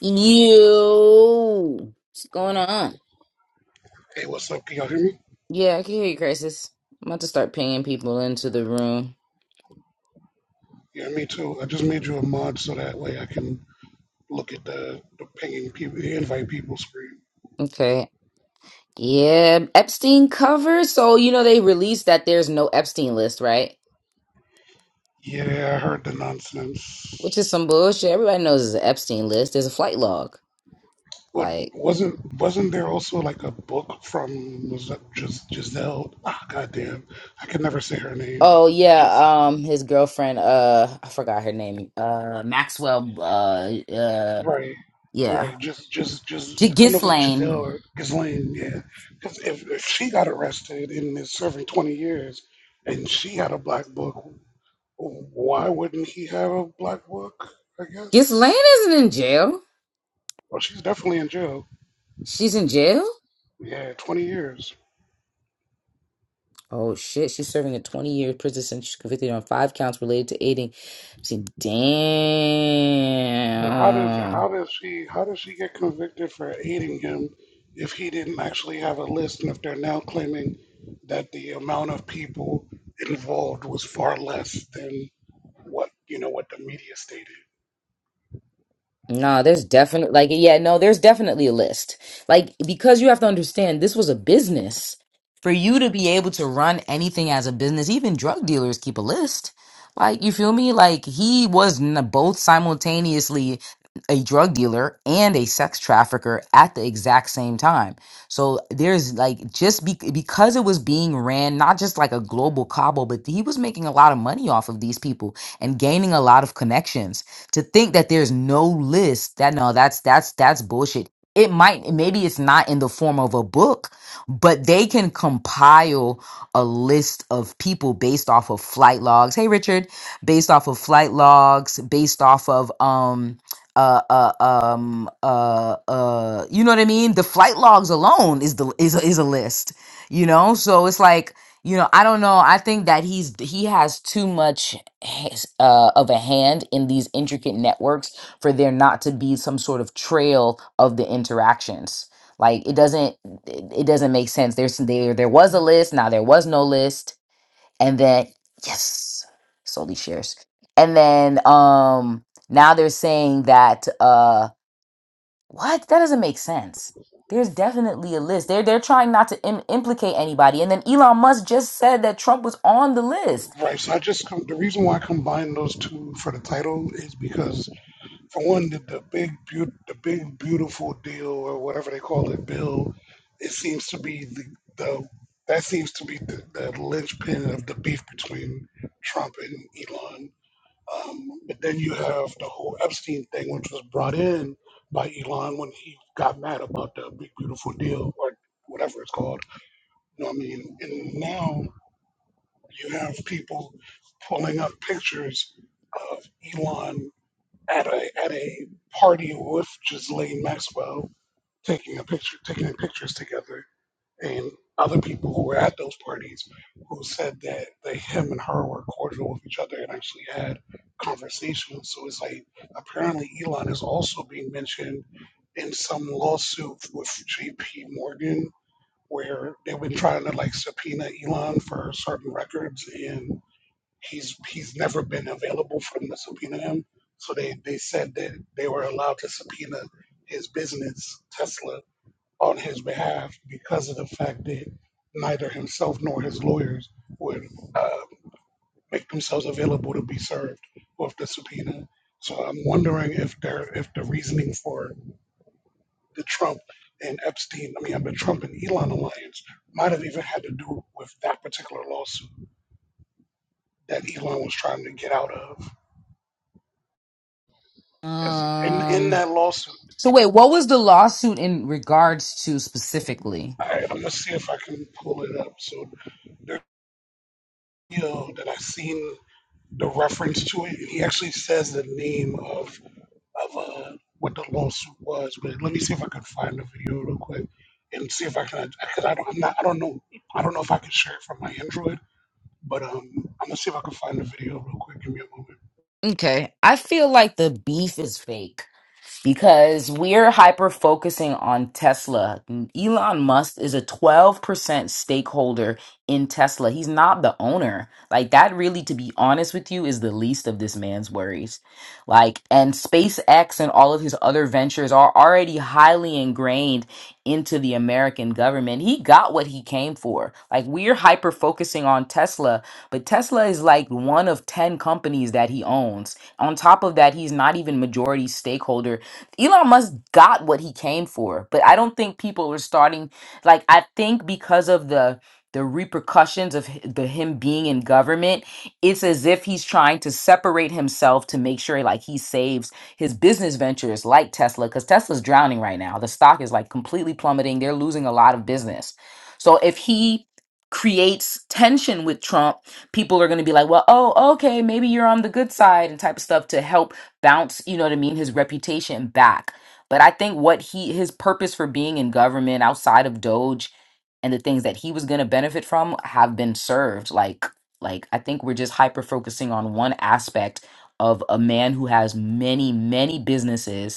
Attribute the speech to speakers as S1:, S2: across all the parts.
S1: You, what's going on?
S2: Hey, what's up? Can y'all hear me?
S1: Yeah, I can hear you, Crisis. I'm about to start pinging people into the room.
S2: Yeah, me too. I just made you a mod so that way I can look at the, the pinging people, the invite people screen.
S1: Okay. Yeah, Epstein cover. So, you know, they released that there's no Epstein list, right?
S2: Yeah, I heard the nonsense.
S1: Which is some bullshit. Everybody knows there's an Epstein list. There's a flight log.
S2: What
S1: Like,
S2: wasn't wasn't there also like a book from was that just Giselle? Ah, goddamn, I can never say her name.
S1: oh,
S2: Just
S1: yeah, um, his girlfriend, uh, I forgot her name, uh, Maxwell, uh, uh,
S2: right,
S1: yeah,
S2: right. Just just just
S1: G-
S2: I don't know if it's Giselle
S1: Ghislaine.
S2: or Ghislaine. Yeah, because if, if she got arrested and is serving twenty years, and she had a black book, Why wouldn't he have a black book? I
S1: Ghislaine
S2: guess.
S1: isn't in jail.
S2: Well, she's definitely in jail.
S1: She's in jail?
S2: Yeah, twenty years.
S1: Oh shit, she's serving a 20 year prison sentence. She's convicted on five counts related to aiding. See,
S2: So how does
S1: damn.
S2: how does she how does she get convicted for aiding him if he didn't actually have a list and if they're now claiming that the amount of people involved was far less than what you know what the media stated.
S1: No, there's definitely like yeah, no, there's definitely a list. Like because you have to understand this was a business. For you to be able to run anything as a business, even drug dealers keep a list. Like you feel me? Like he was n- both simultaneously a drug dealer and a sex trafficker at the exact same time. So there's like just be- because it was being ran not just like a global cobble, but he was making a lot of money off of these people and gaining a lot of connections. To think that there's no list, that no, that's that's that's bullshit. It might maybe it's not in the form of a book, but they can compile a list of people based off of flight logs. Hey Richard, based off of flight logs, based off of um uh, uh um uh uh you know what I mean? The flight logs alone is the is a, is a list, you know? So it's like, you know, I don't know. I think that he's he has too much has, uh, of a hand in these intricate networks for there not to be some sort of trail of the interactions like it doesn't it it doesn't make sense there's there there was a list now there was no list and then yes solely shares and then um now they're saying that uh what that doesn't make sense there's definitely a list they're they're trying not to Im- implicate anybody and then elon musk just said that trump was on the list
S2: Right. So I just com- the reason why I combined those two for the title is because For one, the, the big, beau- the big beautiful deal, or whatever they call it, bill, it seems to be the, the that seems to be the, the linchpin of the beef between Trump and Elon. Um, but then you have the whole Epstein thing, which was brought in by Elon when he got mad about the big beautiful deal or whatever it's called. You know what I mean? And now you have people pulling up pictures of Elon at a at a party with Ghislaine Maxwell, taking a picture, taking pictures together, and other people who were at those parties who said that they him and her were cordial with each other and actually had conversations. So it's like apparently Elon is also being mentioned in some lawsuit with JP Morgan where they've been trying to like subpoena Elon for certain records and. He's he's never been available for them to subpoena him. So they, they said that they were allowed to subpoena his business, Tesla, on his behalf because of the fact that neither himself nor his lawyers would uh, make themselves available to be served with the subpoena. So I'm wondering if there if the reasoning for the Trump and Epstein, I mean, the Trump and Elon alliance might have even had to do with that particular lawsuit that Elon was trying to get out of. It's in in
S1: um
S2: that lawsuit.
S1: So wait, what was the lawsuit in regards to specifically?
S2: I, I'm gonna see if I can pull it up. So the video that I seen the reference to it, and he actually says the name of of uh, what the lawsuit was. But let me see if I can find the video real quick and see if I can. Because I don't, I'm not, I don't know. I don't know if I can share it from my Android. But um, I'm gonna see if I can find the video real quick. Give me a moment.
S1: Okay, I feel like the beef is fake. because we're hyper focusing on Tesla. Elon Musk is a 12% stakeholder in Tesla. He's not the owner. Like, that really, to be honest with you, is the least of this man's worries. Like, and SpaceX and all of his other ventures are already highly ingrained into the American government. He got what he came for. Like, we're hyper focusing on Tesla, but Tesla is like one of 10 companies that he owns. On top of that, he's not even majority stakeholder Elon Musk got what he came for, but I don't think people are starting like I think because of the the repercussions of hi- the him being in government, it's as if he's trying to separate himself to make sure like he saves his business ventures like Tesla cuz Tesla's drowning right now. The stock is like completely plummeting. They're losing a lot of business. So if he creates tension with Trump, people are going to be like, "Well, oh, okay, maybe you're on the good side" and type of stuff to help bounce, you know what I mean, his reputation back. But I think what he his purpose for being in government outside of Doge and the things that he was going to benefit from have been served. Like like I think we're just hyper focusing on one aspect of a man who has many many businesses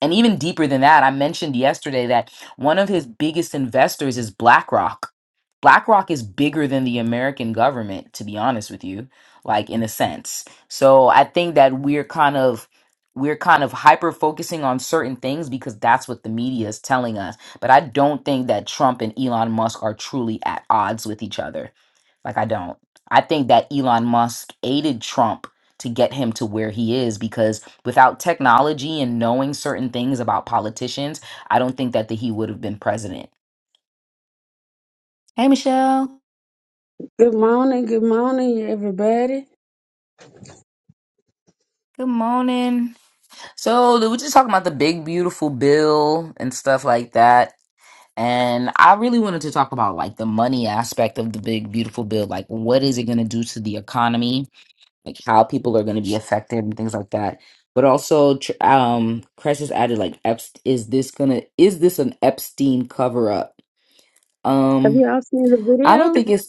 S1: and even deeper than that, I mentioned yesterday that one of his biggest investors is BlackRock. BlackRock is bigger than the American government, to be honest with you, like in a sense. So I think that we're kind of we're kind of hyper focusing on certain things because that's what the media is telling us. But I don't think that Trump and Elon Musk are truly at odds with each other. Like I don't. I think that Elon Musk aided Trump to get him to where he is because without technology and knowing certain things about politicians, I don't think that the, he would have been president. Hey, Michelle.
S3: Good morning, good morning, everybody.
S1: Good morning. So we were just talking about the big beautiful bill and stuff like that. And I really wanted to talk about like the money aspect of the big beautiful bill. Like what is it gonna do to the economy? Like how people are gonna be affected and things like that. But also tr- um Crash has added like Epst- is this gonna is this an Epstein cover up?
S3: Have
S1: Um
S3: you all seen the
S1: I don't
S3: video?
S1: think it's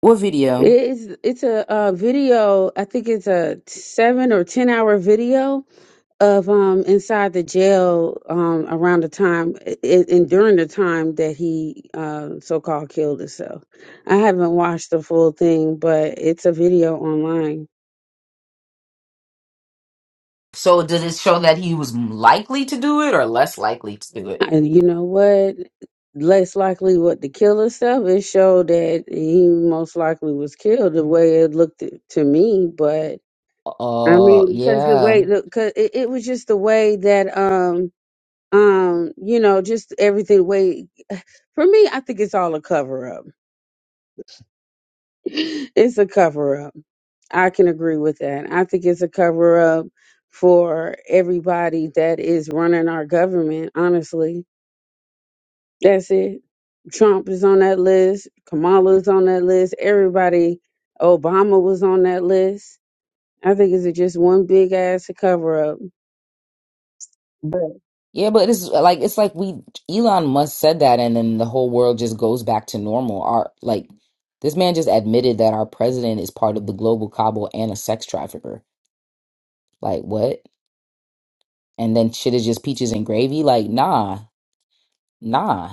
S1: What video?
S3: It's it's a, uh video. I think it's a seven or ten hour video of um inside the jail um around the time i- i- and during the time that he uh, so called killed himself. I haven't watched the full thing, but it's a video online.
S1: So did it show that he was likely to do it or less likely to do it?
S3: And you know what? Less likely what the killer stuff It showed that he most likely was killed the way it looked t- to me. But I
S1: Uh,
S3: mean, because the way,
S1: yeah.
S3: because it, it was just the way that, um, um, you know, just everything. the Way for me, I think it's all a cover up. It's a cover up. I can agree with that. I think it's a cover up for everybody that is running our government. Honestly, That's it. Trump is on that list. Kamala's on that list. Everybody. Obama was on that list. I think it's just one big ass cover up. But
S1: Yeah, but it's like it's like we Elon Musk said that and then the whole world just goes back to normal. Our like this man just admitted that our president is part of the global cabal and a sex trafficker. Like what? And then shit is just peaches and gravy? Like nah. Nah.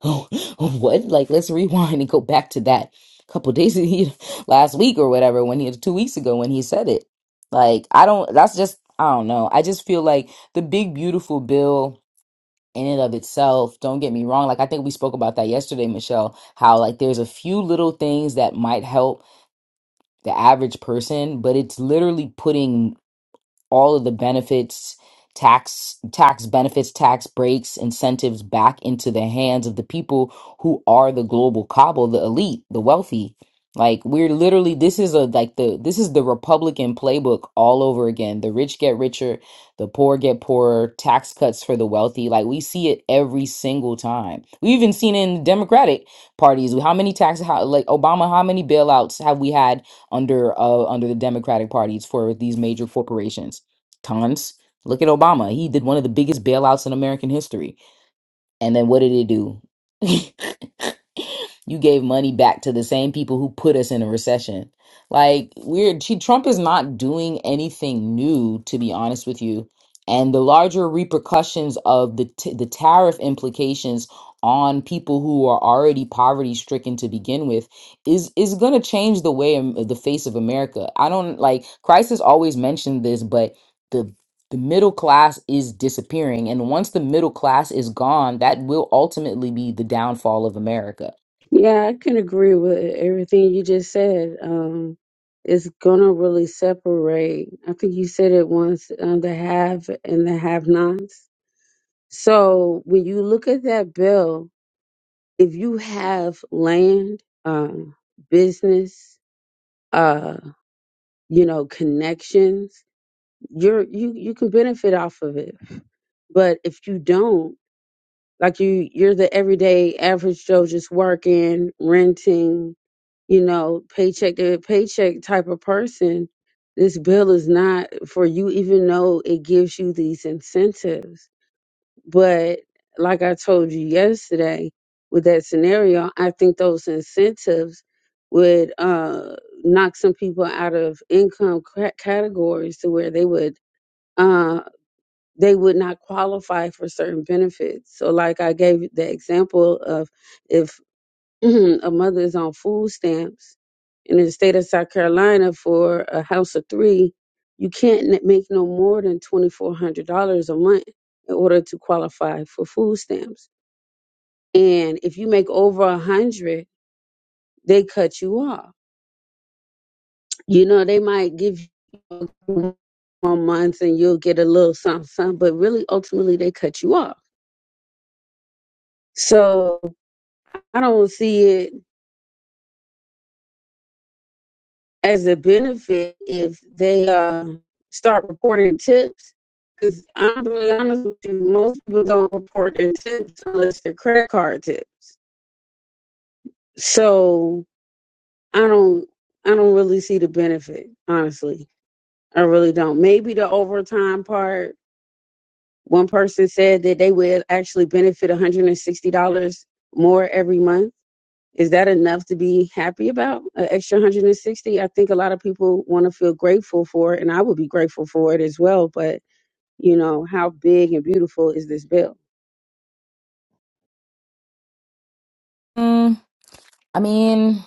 S1: Oh, oh, what? Like, let's rewind and go back to that couple days he, last week or whatever when he two weeks ago when he said it. Like, I don't. That's just I don't know. I just feel like the big beautiful bill in and of itself. Don't get me wrong. Like, I think we spoke about that yesterday, Michelle. How like there's a few little things that might help the average person, but it's literally putting all of the benefits tax tax benefits tax breaks incentives back into the hands of the people who are the global cabal the elite the wealthy like we're literally this is a like the this is the republican playbook all over again the rich get richer the poor get poorer tax cuts for the wealthy like we see it every single time we even seen it in the democratic parties how many tax how, like obama how many bailouts have we had under uh, under the democratic parties for these major corporations Tons. Look at Obama. He did one of the biggest bailouts in American history. And then what did he do? You gave money back to the same people who put us in a recession. Like weird. She Trump is not doing anything new, to be honest with you. And the larger repercussions of the t- the tariff implications on people who are already poverty stricken to begin with is is going to change the way Am- the face of America. I don't like Christ has always mentioned this, but the the middle class is disappearing and once the middle class is gone that will ultimately be the downfall of america
S3: yeah, I can agree with everything you just said. Um, it's gonna really separate. I think you said it once: uh, the have and the have-nots. So when you look at that bill, if you have land, uh, business, uh, you know, connections. you're you you can benefit off of it but if you don't like you you're the everyday average joe just working renting you know paycheck to paycheck type of person this bill is not for you even though it gives you these incentives but like i told you yesterday with that scenario i think those incentives would uh knock some people out of income cra- categories to where they would uh, they would not qualify for certain benefits. So, like I gave the example of if a mother is on food stamps in the state of South Carolina for a house of three, you can't n- make no more than $2,400 a month in order to qualify for food stamps. And if you make over a hundred, they cut you off. You know, they might give you one month and you'll get a little something, something, but really ultimately they cut you off. So I don't see it as a benefit if they uh, start reporting tips. Because I'm really honest with you, most people don't report their tips unless they're credit card tips. So I don't, I don't really see the benefit. Honestly, I really don't. Maybe the overtime part. One person said that they would actually benefit $160 more every month Is that enough to be happy about? An extra 160? I think a lot of people want to feel grateful for it, and I would be grateful for it as well. But, you know, how big and beautiful is this bill?
S1: Mm, I mean,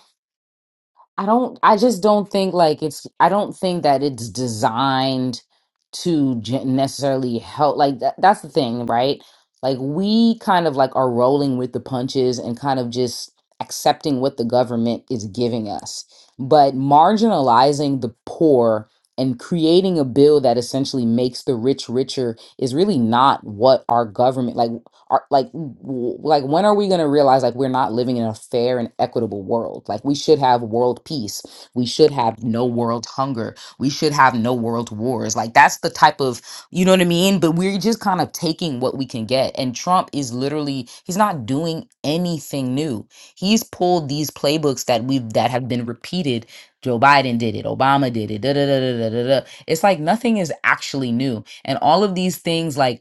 S1: I don't, I just don't think like it's, I don't think that it's designed to ge- necessarily help. Like, that, that's the thing, right? Like, we kind of like are rolling with the punches and kind of just accepting what the government is giving us. But marginalizing the poor and creating a bill that essentially makes the rich richer is really not what our government like are like w- like when are we going to realize like we're not living in a fair and equitable world like we should have world peace we should have no world hunger we should have no world wars like that's the type of you know what i mean but we're just kind of taking what we can get and trump is literally he's not doing anything new he's pulled these playbooks that we've that have been repeated joe biden did it obama did it da, da, da, da, da, da. da. it's like nothing is actually new and all of these things like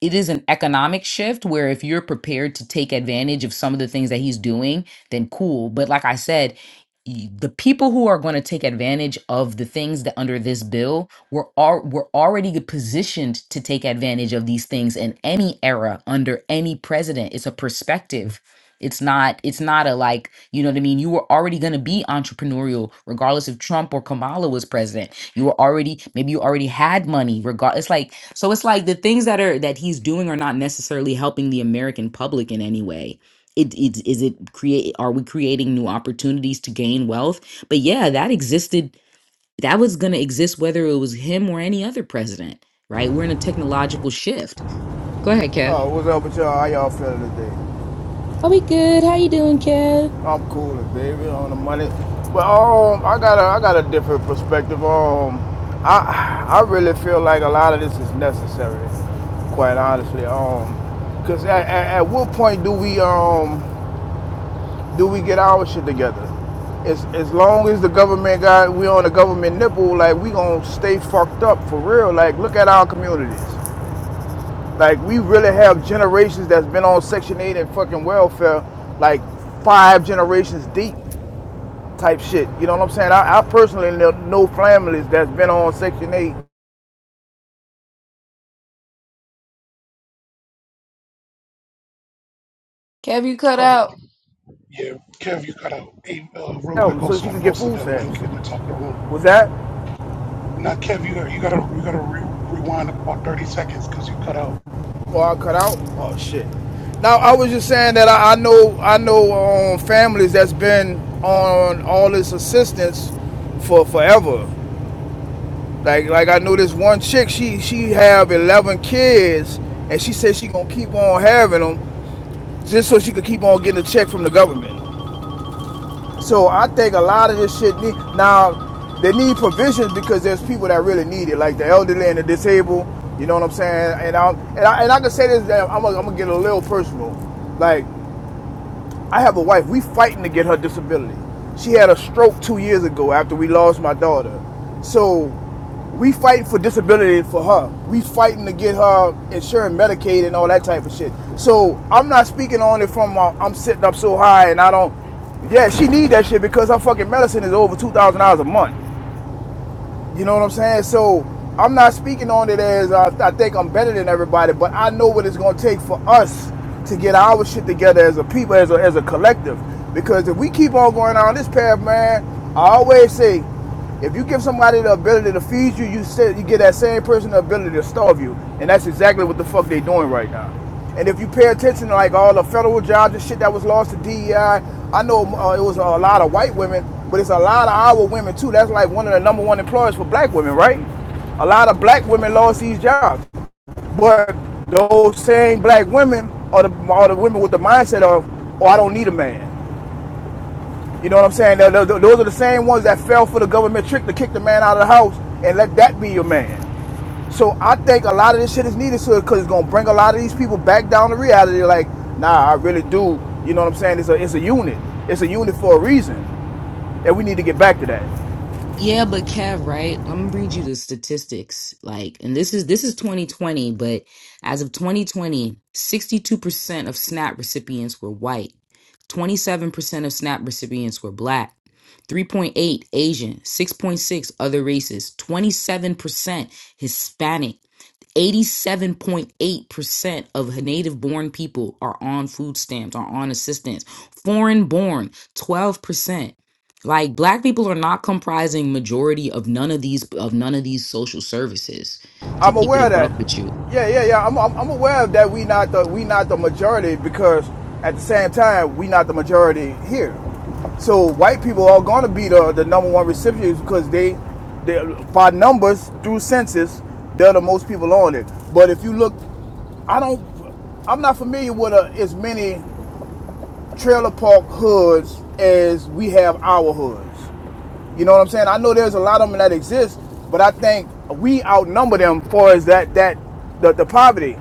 S1: it is an economic shift where if you're prepared to take advantage of some of the things that he's doing, then cool. But like I said, y- the people who are going to take advantage of the things that under this bill were are were already positioned to take advantage of these things in any era under any president. It's a perspective. It's not it's not a like, you know what I mean? You were already going to be entrepreneurial regardless if Trump or Kamala was president you were already maybe you already had money regard it's like so it's like the things that are that he's doing are not necessarily helping the american public in any way it, it is it create are we creating new opportunities to gain wealth but yeah that existed that was going to exist whether it was him or any other president right we're in a technological shift go ahead kev
S4: Oh, what's up with y'all? How y'all feeling today?
S1: are we good how you doing kev
S4: I'm cool today. We on the money, but um, I got a I got a different perspective. Um, I I really feel like a lot of this is necessary, quite honestly. Um, cause at, at, at what point do we um do we get our shit together? As as long as the government got we on the government nipple, like we gonna stay fucked up for real. Like look at our communities. Like we really have generations that's been on Section 8 and fucking welfare, like five generations deep type shit. You know what I'm saying? I, I personally know, families that's been on Section 8
S1: kev you cut
S2: Oh
S1: out
S2: yeah, Kev, you cut out. Hey, uh, real quick.
S4: um, so
S2: Also,
S4: she
S2: I
S4: can get
S2: posted
S4: food
S2: that
S4: stamps.
S2: link at the top of the room.
S4: Was that?
S2: Now, Kev, you got you gotta you gotta re- rewind about thirty seconds because you cut out.
S4: Or I cut out? Oh shit. Now I was just saying that I, I know I know um, families that's been on all this assistance for forever. Like like I know this one chick, she she have eleven kids, and she said she gonna keep on having them just so she could keep on getting a check from the government. So I think a lot of this shit need now they need provisions because there's people that really need it, like the elderly and the disabled. You know what I'm saying? And I and I, and I can say this, I'm gonna, I'm gonna get a little personal. Like I have a wife. We fighting to get her disability. She had a stroke two years ago after we lost my daughter. So we fighting for disability for her. We fighting to get her insurance, Medicaid and all that type of shit. So I'm not speaking on it from uh, I'm sitting up so high and I don't. Yeah, she need that shit because her fucking medicine is over two thousand dollars a month. You know what I'm saying? So I'm not speaking on it as uh, I think I'm better than everybody, but I know what it's going to take for us to get our shit together as a people, as a, as a collective. Because if we keep on going on this path, man, I always say, if you give somebody the ability to feed you, you say, you give that same person the ability to starve you, and that's exactly what the fuck they doing right now. And if you pay attention to like all the federal jobs and shit that was lost to DEI, I I know uh, it was a lot of white women, but it's a lot of our women too. That's like one of the number one employers for black women, right? A lot of black women lost these jobs, but those same black women are the are the women with the mindset of, oh, I don't need a man. You know what I'm saying? Those are the same ones that fell for the government trick to kick the man out of the house and let that be your man. So I think a lot of this shit is needed so because it's gonna bring a lot of these people back down to reality. Like, nah, I really do. You know what I'm saying? It's a it's a unit. It's a unit for a reason, and we need to get back to that.
S1: Yeah, but Kev, right? I'm gonna read you the statistics. Like, and this is this is 2020, but as of 2020, 62% of SNAP recipients were white, 27% of SNAP recipients were black, 3.8 Asian, 6.6 other races, 27% Hispanic, 87.8% of native born people are on food stamps, are on assistance. Foreign born, 12% like black people are not comprising majority of none of these of none of these social services to
S4: I'm
S1: keep it
S4: aware
S1: a
S4: of
S1: buck with you
S4: that. Yeah, yeah, yeah. I'm, I'm, I'm aware of that. We not the we not the majority because at the same time we not the majority here. So white people are going to be the, the number one recipients because they, they by numbers through census they're the most people on it. But if you look, I don't. I'm not familiar with uh as many trailer park hoods as we have our hoods. You know what I'm saying? I know there's a lot of them that exist, but I think we outnumber them for as that that the, the poverty.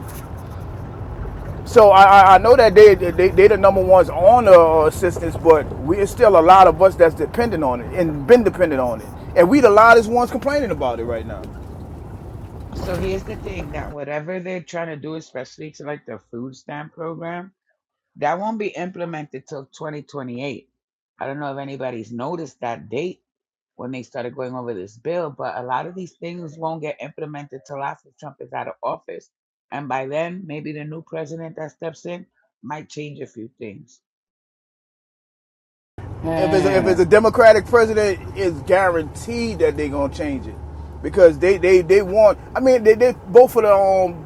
S4: So I, I know that they they they the number ones on the uh, assistance, but we it's still a lot of us that's dependent on it and been dependent on it, and we the loudest ones complaining about it right now.
S5: So here's the thing that whatever they're trying to do, especially to like the food stamp program, that won't be implemented till 2028. I don't know if anybody's noticed that date when they started going over this bill, but a lot of these things won't get implemented till after Trump is out of office. And by then, maybe the new president that steps in might change a few things.
S4: if it's a, if
S1: Hmm.
S4: it's a Democratic president, it's guaranteed that they're gonna change it because they they they want. I mean, they they both of the um,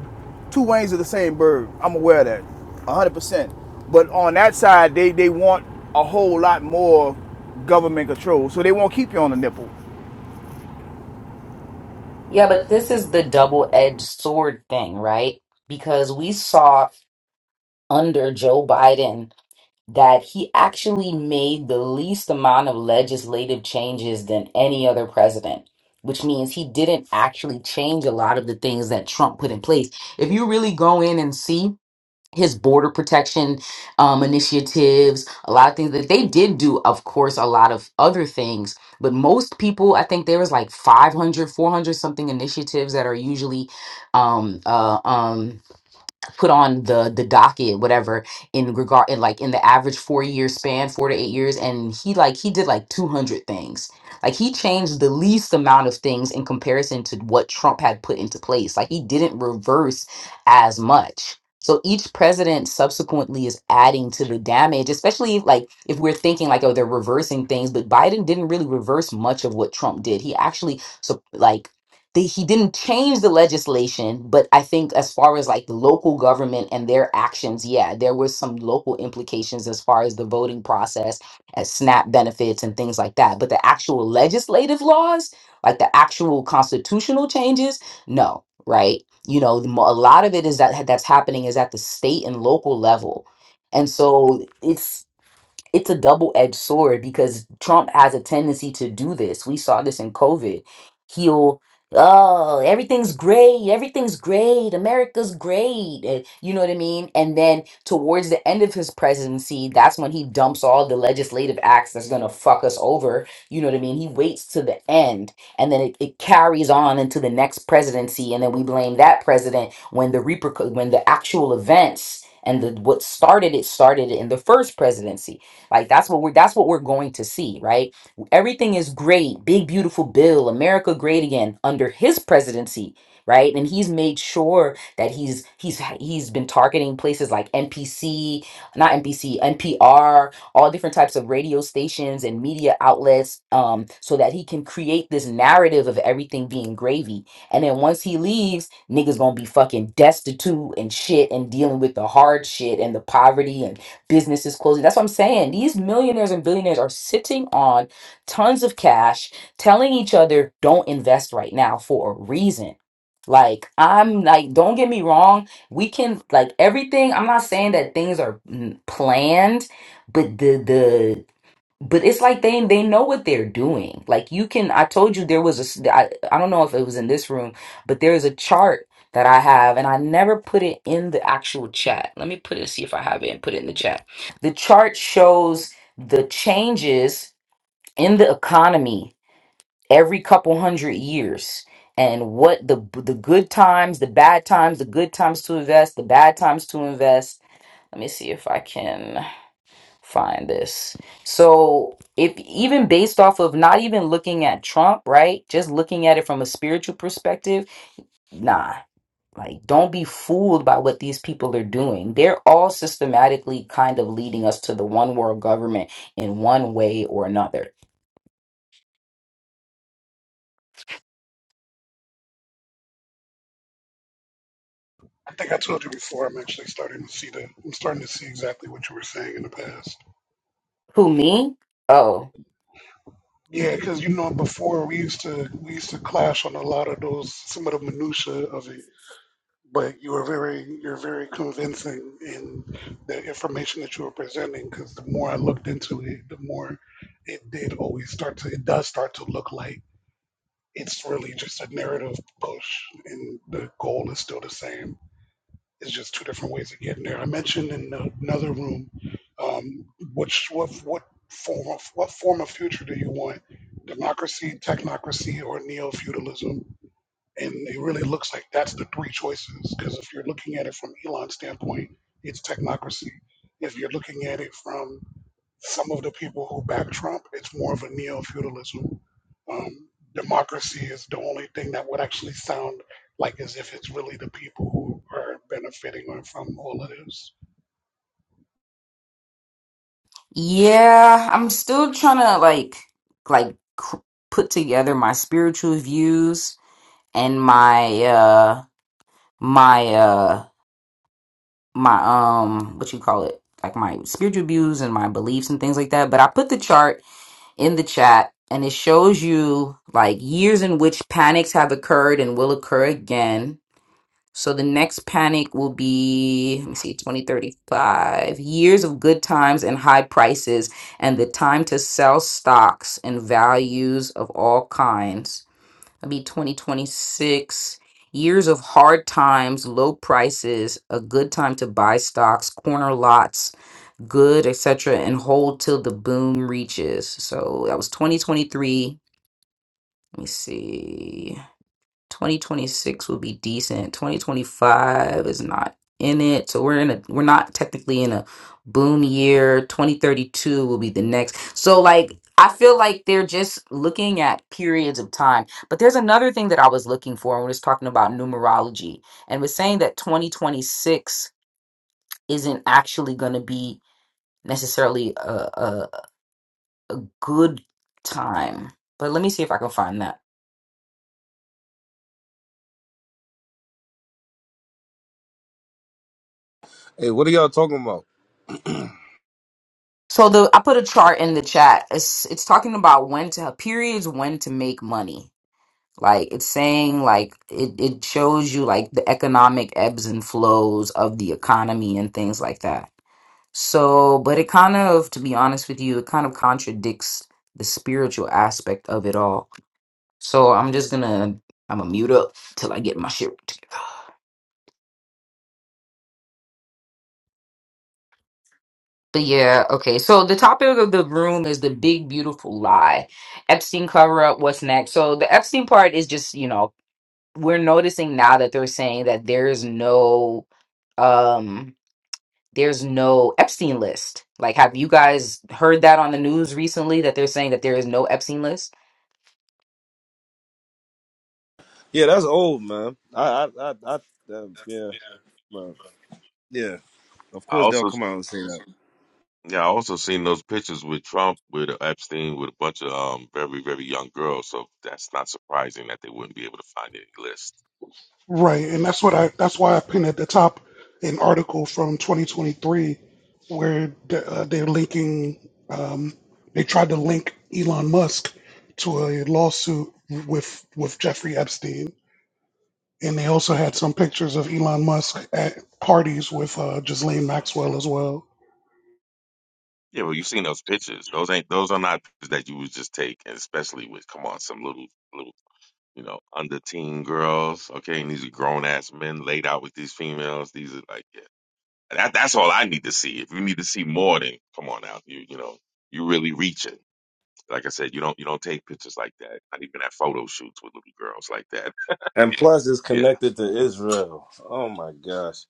S4: two wings of the same bird. I'm aware of that, one hundred percent. But on that side, they they want a whole lot more government control, so they won't keep you on the nipple.
S1: Yeah, but this is the double-edged sword thing, right? Because we saw under Joe Biden that he actually made the least amount of legislative changes than any other president, which means he didn't actually change a lot of the things that Trump put in place. If you really go in and see, his border protection um, initiatives, a lot of things that they did do, of course, a lot of other things. But most people, I think there was like 500, 400 something initiatives that are usually um, uh, um, put on the the docket whatever in regard in like in the average four year span four to eight years and he like he did like 200 things like he changed the least amount of things in comparison to what trump had put into place like he didn't reverse as much so each president subsequently is adding to the damage especially if, like if we're thinking like oh they're reversing things but biden didn't really reverse much of what trump did he actually so like the, he didn't change the legislation, but I think as far as like the local government and their actions, yeah, there was some local implications as far as the voting process, as SNAP benefits and things like that. But the actual legislative laws, like the actual constitutional changes, no, right? You know, the mo- a lot of it is that that's happening is at the state and local level, and so it's it's a double-edged sword because Trump has a tendency to do this. We saw this in COVID. He'll oh everything's great everything's great america's great and you know what i mean and then towards the end of his presidency that's when he dumps all the legislative acts that's gonna fuck us over you know what i mean he waits to the end and then it, it carries on into the next presidency and then we blame that president when the repercu- when the actual events and the what started it started in the first presidency like that's what we're that's what we're going to see, right? Everything is great, big beautiful bill, America great again under his presidency, right? And he's made sure that he's he's he's been targeting places like NPC, not NPC, NPR, all different types of radio stations and media outlets um, so that he can create this narrative of everything being gravy. And then once he leaves, niggas gonna be fucking destitute and shit and dealing with the hard shit and the poverty and businesses closing. That's what I'm saying. These millionaires and billionaires are sitting on tons of cash, telling each other, don't invest right now for a reason. Like, I'm like, don't get me wrong. We can, like, everything. I'm not saying that things are mm, planned, but the, but it's like they they know what they're doing. Like you can, I told you there was a, s- I, I don't know if it was in this room, but there is a chart that I have, and I never put it in the actual chat. Let me put it, see if I have it, and put it in the chat. The chart shows the changes in the economy every couple hundred years. And what the the good times, the bad times, the good times to invest, the bad times to invest. Let me see if I can find this. So, if even based off of not even looking at Trump, right? Just looking at it from a spiritual perspective, nah. Like, don't be fooled by what these people are doing. They're all systematically kind of leading us to the one world government in one way or another.
S2: I think I told you before. I'm actually starting to see the. I'm starting to see exactly what you were saying in the past.
S1: Who, me? Oh,
S2: Yeah, because you know before we used to we used to clash on a lot of those some of the minutia of it. But you were very you're very convincing in the information that you were presenting. Because the more I looked into it, the more it did always start to it does start to look like it's really just a narrative push, and the goal is still the same It's just two different ways of getting there. I mentioned in another room, um, which what what form of what form of future do you want? Democracy, technocracy, or neo feudalism? And it really looks like that's the three choices. Because if you're looking at it from Elon's standpoint, it's technocracy. If you're looking at it from some of the people who back Trump, it's more of a neo feudalism. Um, democracy is the only thing that would actually sound like as if it's really the people who are benefiting from all of this.
S1: yeah. I'm still trying to, like, like, cr- put together my spiritual views and my, uh, my, uh, my um what you call it like my spiritual views and my beliefs and things like that but i put the chart in the chat and it shows you like years in which panics have occurred and will occur again so the next panic will be let me see 2035 years of good times and high prices and the time to sell stocks and values of all kinds it'll be 2026 years of hard times low prices a good time to buy stocks corner lots good etc and hold till the boom reaches so that was 2023 let me see 2026 will be decent. 2025 is not in it. So we're in a we're not technically in a boom year. 2032 will be the next. So like I feel like they're just looking at periods of time. But there's another thing that I was looking for when we was talking about numerology and was saying that 2026 isn't actually going to be necessarily a, a a good time. But let me see if I can find that.
S6: Hey, what are y'all talking about?
S1: So the I put a chart in the chat. It's it's talking about when to have periods when to make money. Like it's saying like it, it shows you like the economic ebbs and flows of the economy and things like that. So but it kind of to be honest with you, it kind of contradicts the spiritual aspect of it all. So I'm just gonna I'm gonna mute up till I get my shit But yeah, okay. So the topic of the room is the big beautiful lie. Epstein cover up, what's next? So the Epstein part is just, you know, we're noticing now that they're saying that there's no um there's no Epstein list. Like have you guys heard that on the news recently that they're saying that there is no Epstein list?
S6: Yeah, that's old, man. I, I, I, I uh, yeah, man. yeah. Of
S7: I
S6: course they'll
S7: also,
S6: come out and say that.
S7: yeah, I also seen those pictures with Trump, with Epstein, with a bunch of um very, very young girls. So that's not surprising that they wouldn't be able to find any list.
S2: Right, and that's what I. That's why I pinned at the top an article from 2023 where the, uh, they're linking. Um, they tried to link Elon Musk to a lawsuit with with Jeffrey Epstein. And they also had some pictures of Elon Musk at parties with uh, Ghislaine Maxwell as well.
S7: Yeah, well, you seen those pictures. Those ain't those are not pictures that you would just take, and especially with come on some little little you know under teen girls. Okay, and these are grown ass men laid out with these females. These are like yeah, that that's all I need to see. If you need to see more, then come on out. You you know you really reaching like I said, you don't you don't take pictures like that. Not even at photo shoots with little girls like that.
S6: And plus, it's
S7: Yeah.
S6: connected to Israel. Oh my gosh,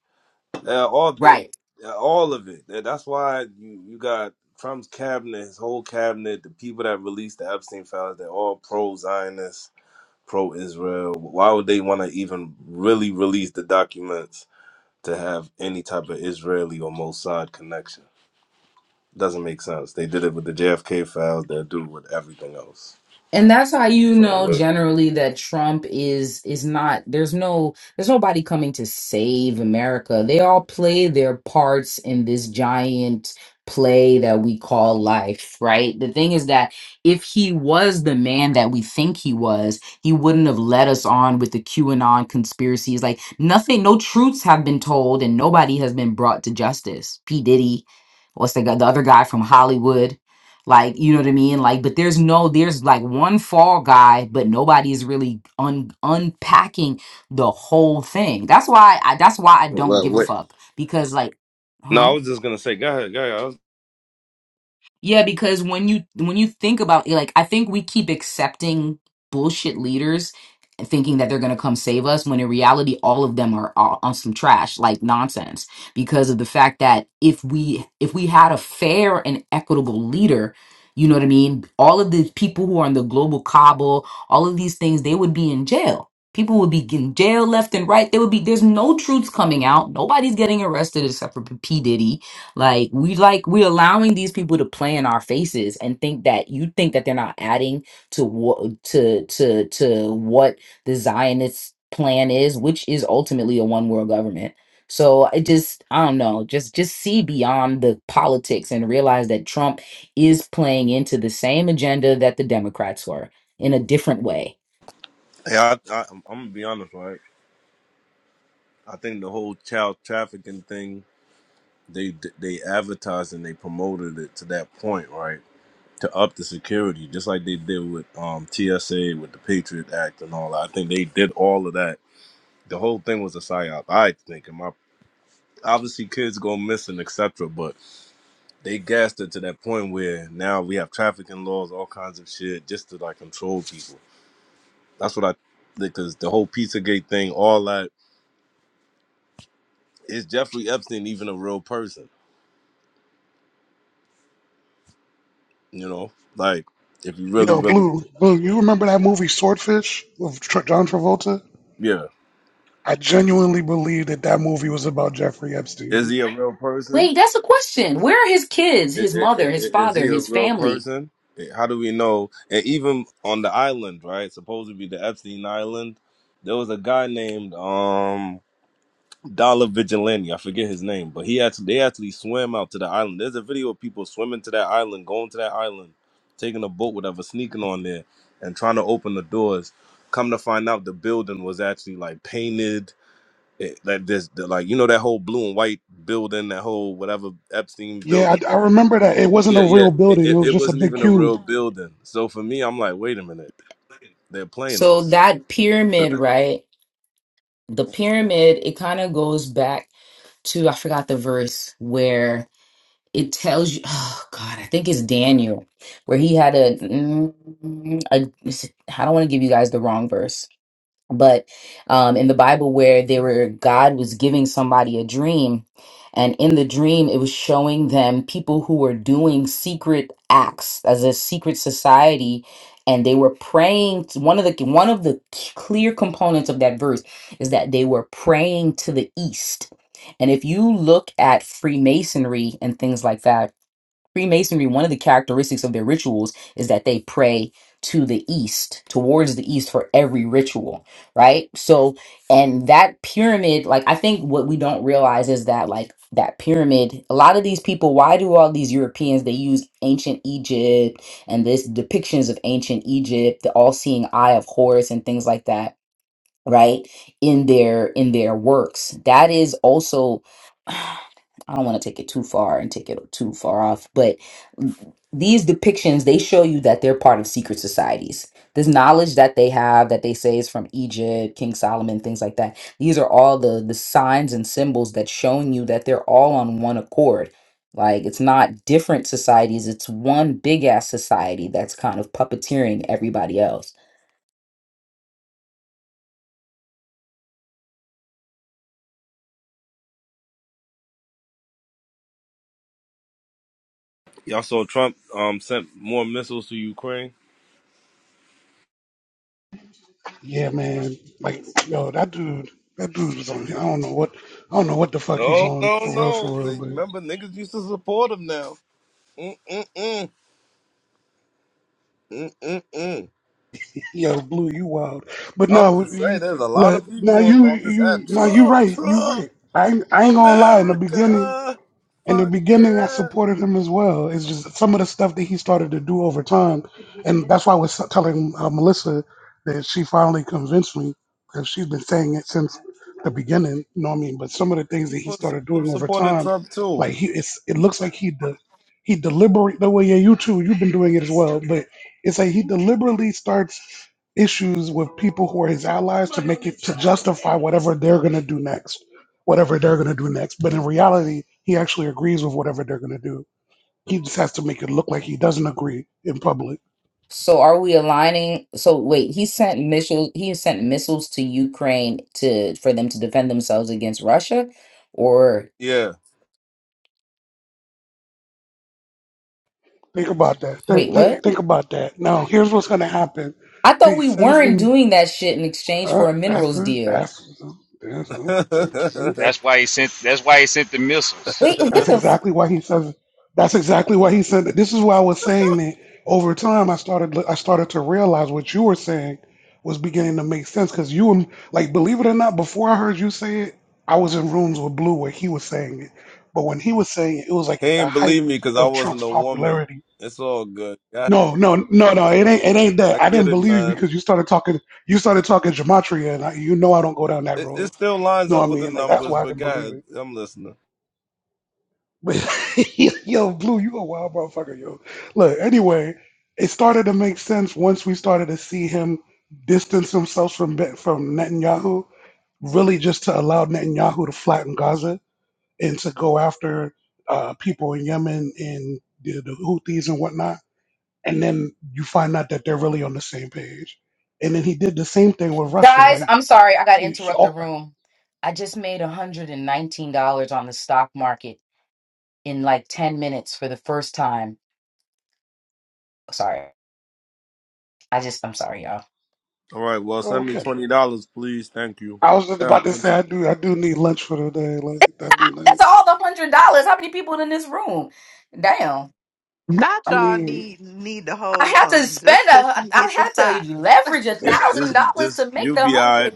S6: yeah, all the, yeah, all of it. Yeah, That's why you, you got Trump's cabinet, his whole cabinet, the people that released the Epstein files. They're all pro Zionist, pro Israel. Why would they want to even really release the documents to have any type of Israeli or Mossad connection? Doesn't make sense. They did it with the JFK files. They'll do it with everything else.
S1: and that's how you
S6: So
S1: know
S6: what?
S1: generally that Trump is is not there's no there's nobody coming to save America. They all play their parts in this giant play that we call life, right? The thing is that if he was the man that we think he was, he wouldn't have led us on with the QAnon conspiracies. Like nothing, no truths have been told and nobody has been brought to justice. P. Diddy, what's the guy, the other guy from Hollywood? Like, you know what I mean? Like, but there's no, there's like one fall guy, but nobody's really un- unpacking the whole thing. That's why I that's why I don't
S6: Well,
S1: give a
S6: wait.
S1: fuck. Because like,
S6: No,
S1: huh?
S6: I was just gonna say. Go ahead. Go ahead. I was,
S1: Yeah, because when you when you think about like I think we keep accepting bullshit leaders and thinking that they're going to come save us when in reality all of them are all on some trash like nonsense because of the fact that if we if we had a fair and equitable leader, you know what I mean, all of the people who are in the global cabal, all of these things they would be in jail. People would be in jail left and right. There would be there's no truths coming out. Nobody's getting arrested except for P Diddy like we like we allowing these people to play in our faces and think that you think that they're not adding to what to to to what the Zionist plan is, which is ultimately a one world government. So I just I don't know, just just see beyond the politics and realize that Trump is playing into the same agenda that the Democrats were in a different way.
S6: hey, I, I, I'm I'm gonna be honest, right? I think the whole child trafficking thing. They they advertised and they promoted it to that point, right? To up the security, just like they did with um, TSA, with the Patriot Act, and all that. I think they did all of that. The whole thing was a psyop. I think, and my obviously kids go missing, etc. they gassed it to that point where now we have trafficking laws, all kinds of shit, just to like control people. That's what I because the whole Pizzagate thing, all that is Jeffrey Epstein even a real person? You know, like if you really,
S2: Yo,
S6: really,
S2: Blue, Blue, you remember that movie Swordfish with Tr- John Travolta?
S6: yeah,
S2: I genuinely believe that that movie was about Jeffrey
S6: is
S2: Epstein.
S6: he a real person?
S1: Wait, that's a question. Where are his kids,
S6: I-
S1: his
S6: I-
S1: mother,
S6: I-
S1: his
S6: I- Is he
S1: father,
S6: a
S1: his
S6: real
S1: family?
S6: person? Eh, How do we know? And even on the island, right? Supposed to be the Epstein Island, there was a guy named um Dollar Vigilante. I forget his name, but he actually they actually swam out to the island. There's a video of people swimming to that island, going to that island, taking a boat, whatever, sneaking on there, and trying to open the doors. Come to find out, the building was actually like painted. It, like this, the, like you know that whole blue and white building, that whole whatever Epstein
S2: Yeah,
S6: building.
S2: I, I remember that. It wasn't
S6: Yeah,
S2: a
S6: yeah.
S2: real
S6: It,
S2: building; it
S6: it,
S2: was
S6: it
S2: just a
S6: wasn't
S2: big
S6: even a
S2: cube.
S6: real building. So for me, I'm like, wait a minute, they're playing
S1: So
S6: us.
S1: that pyramid, right? the pyramid it kind of goes back to i forgot the verse where it tells you oh god i think it's daniel where he had a, mm, a i don't want to give you guys the wrong verse but um, in the Bible where they were God was giving somebody a dream, and in the dream it was showing them people who were doing secret acts as a secret society, and they were praying. t- One of the one of the c- clear components of that verse is that they were praying to the east. And if you look at Freemasonry and things like that, Freemasonry, one of the characteristics of their rituals is that they pray to the east, towards the east for every ritual, right? So, and that pyramid, like, I think what we don't realize is that, like, that pyramid, a lot of these people, why do all these Europeans, they use ancient Egypt and this depictions of ancient Egypt, the all seeing eye of Horus and things like that right in their in their works that is also i don't want to take it too far and take it too far off but these depictions they show you that they're part of secret societies this knowledge that they have that they say is from egypt king solomon things like that these are all the the signs and symbols that's showing you that they're all on one accord like it's not different societies it's one big ass society that's kind of puppeteering everybody else
S6: Y'all saw Trump um sent more missiles to Ukraine.
S2: Yeah, man. Like, yo, that dude, that dude was on. I don't know what, I don't know what the fuck he's
S6: No,
S2: on
S6: no,
S2: for real, for
S6: no.
S2: real.
S6: They-
S2: But
S6: Remember, niggas used to support him now. Mm-mm-mm. Mm-mm-mm.
S2: Yo, Blue, you wild. But
S6: I'm
S2: no,
S6: just saying,
S2: you,
S6: there's a lot
S2: look,
S6: of
S2: now
S6: people on,
S2: you
S6: on this
S2: you
S6: app.
S2: now you
S6: Trump,
S2: right, you
S6: Trump,
S2: right. I ain't, I ain't gonna lie. In the beginning,
S6: America.
S2: in the
S6: Fuck
S2: beginning I
S6: yeah.
S2: supported him as well. It's just some of the stuff that he started to do over time, and that's why I was telling uh, Melissa that she finally convinced me because she's been saying it since the beginning. You know what I mean? But some of the things that he
S6: People,
S2: started
S6: people
S2: doing over
S6: supported
S2: time,
S6: Trump too.
S2: like he, it's it looks like he de- he deliberate No way yeah you too you've been doing it as well, but it's like he deliberately starts issues with people who are his allies to make it to justify whatever they're gonna do next whatever they're going to do next. But in reality, he actually agrees with whatever they're going to do. He just has to make it look like he doesn't agree in public.
S1: So are we aligning? So wait, he sent missiles. He sent missiles to Ukraine to for them to defend themselves against Russia, or
S6: Yeah.
S2: Think about that. Think
S1: wait,
S2: think,
S1: what?
S2: think about that. Now, here's what's going to happen.
S1: I thought
S2: Hey,
S1: we
S2: sends
S1: weren't
S2: them.
S1: doing that shit in exchange
S2: Uh,
S1: for a
S2: that's
S1: minerals
S2: it.
S1: deal.
S2: That's.
S6: he
S2: that's,
S8: That's why he sent. That's why he sent the missiles.
S1: Wait, what
S2: That's
S1: the f-
S2: exactly why he says. That's exactly why he said that. This is why I was saying that over time I started. I started to realize what you were saying was beginning to make sense because you and like believe it or not, before I heard you say it, I was in rooms with Blue where he was saying it. But when he was saying it, it was like at the
S6: ain't
S2: height
S6: believe me because I
S2: of
S6: wasn't
S2: Trump's
S6: a woman.
S2: popularity.
S6: It's all good. I,
S2: No, no, no, no. It ain't. It ain't that.
S6: I
S2: I
S6: get
S2: didn't
S6: it,
S2: believe you
S6: man.
S2: because you started talking. You started talking gematria, and I, you know I don't go down that
S6: It, it
S2: road.
S6: still lines
S2: You know
S6: up
S2: what I
S6: with the
S2: mean? Like that's
S6: numbers,
S2: why I
S6: but
S2: didn't
S6: go
S2: believe
S6: ahead.
S2: it.
S6: I'm listening.
S2: But yo, Blue, you a wild motherfucker, yo. Look, anyway, it started to make sense once we started to see him distance himself from Ben- from Netanyahu, really just to allow Netanyahu to flatten Gaza and to go after uh, people in Yemen and the, the Houthis and whatnot. And then you find out that they're really on the same page. And then he did the same thing with Russia.
S1: guys?
S2: Like
S1: I'm sorry, I got to
S2: he, he
S1: interrupt the
S2: all,
S1: room. I just made $119 on the stock market in like 10 minutes for the first time. Sorry, I just I'm sorry, y'all.
S6: All right. Well, send me
S2: okay.
S6: twenty dollars, please. Thank you.
S2: I was just about
S6: God,
S2: to say
S6: continue.
S2: I do I do need lunch for the day. Like that'd be
S1: That's
S2: nice.
S1: all the hundred dollars. How many people in this room? Damn.
S9: Not
S2: I
S9: y'all
S2: mean,
S9: need need to
S1: I
S9: hold
S1: had to
S9: something just
S1: spend
S9: because
S1: a
S9: she
S1: I
S9: hit the
S1: had
S9: side.
S1: to leverage a
S6: This,
S1: thousand
S6: this,
S1: dollars
S6: this.
S1: to make
S6: You'll
S1: the
S6: be all right.
S1: hundred.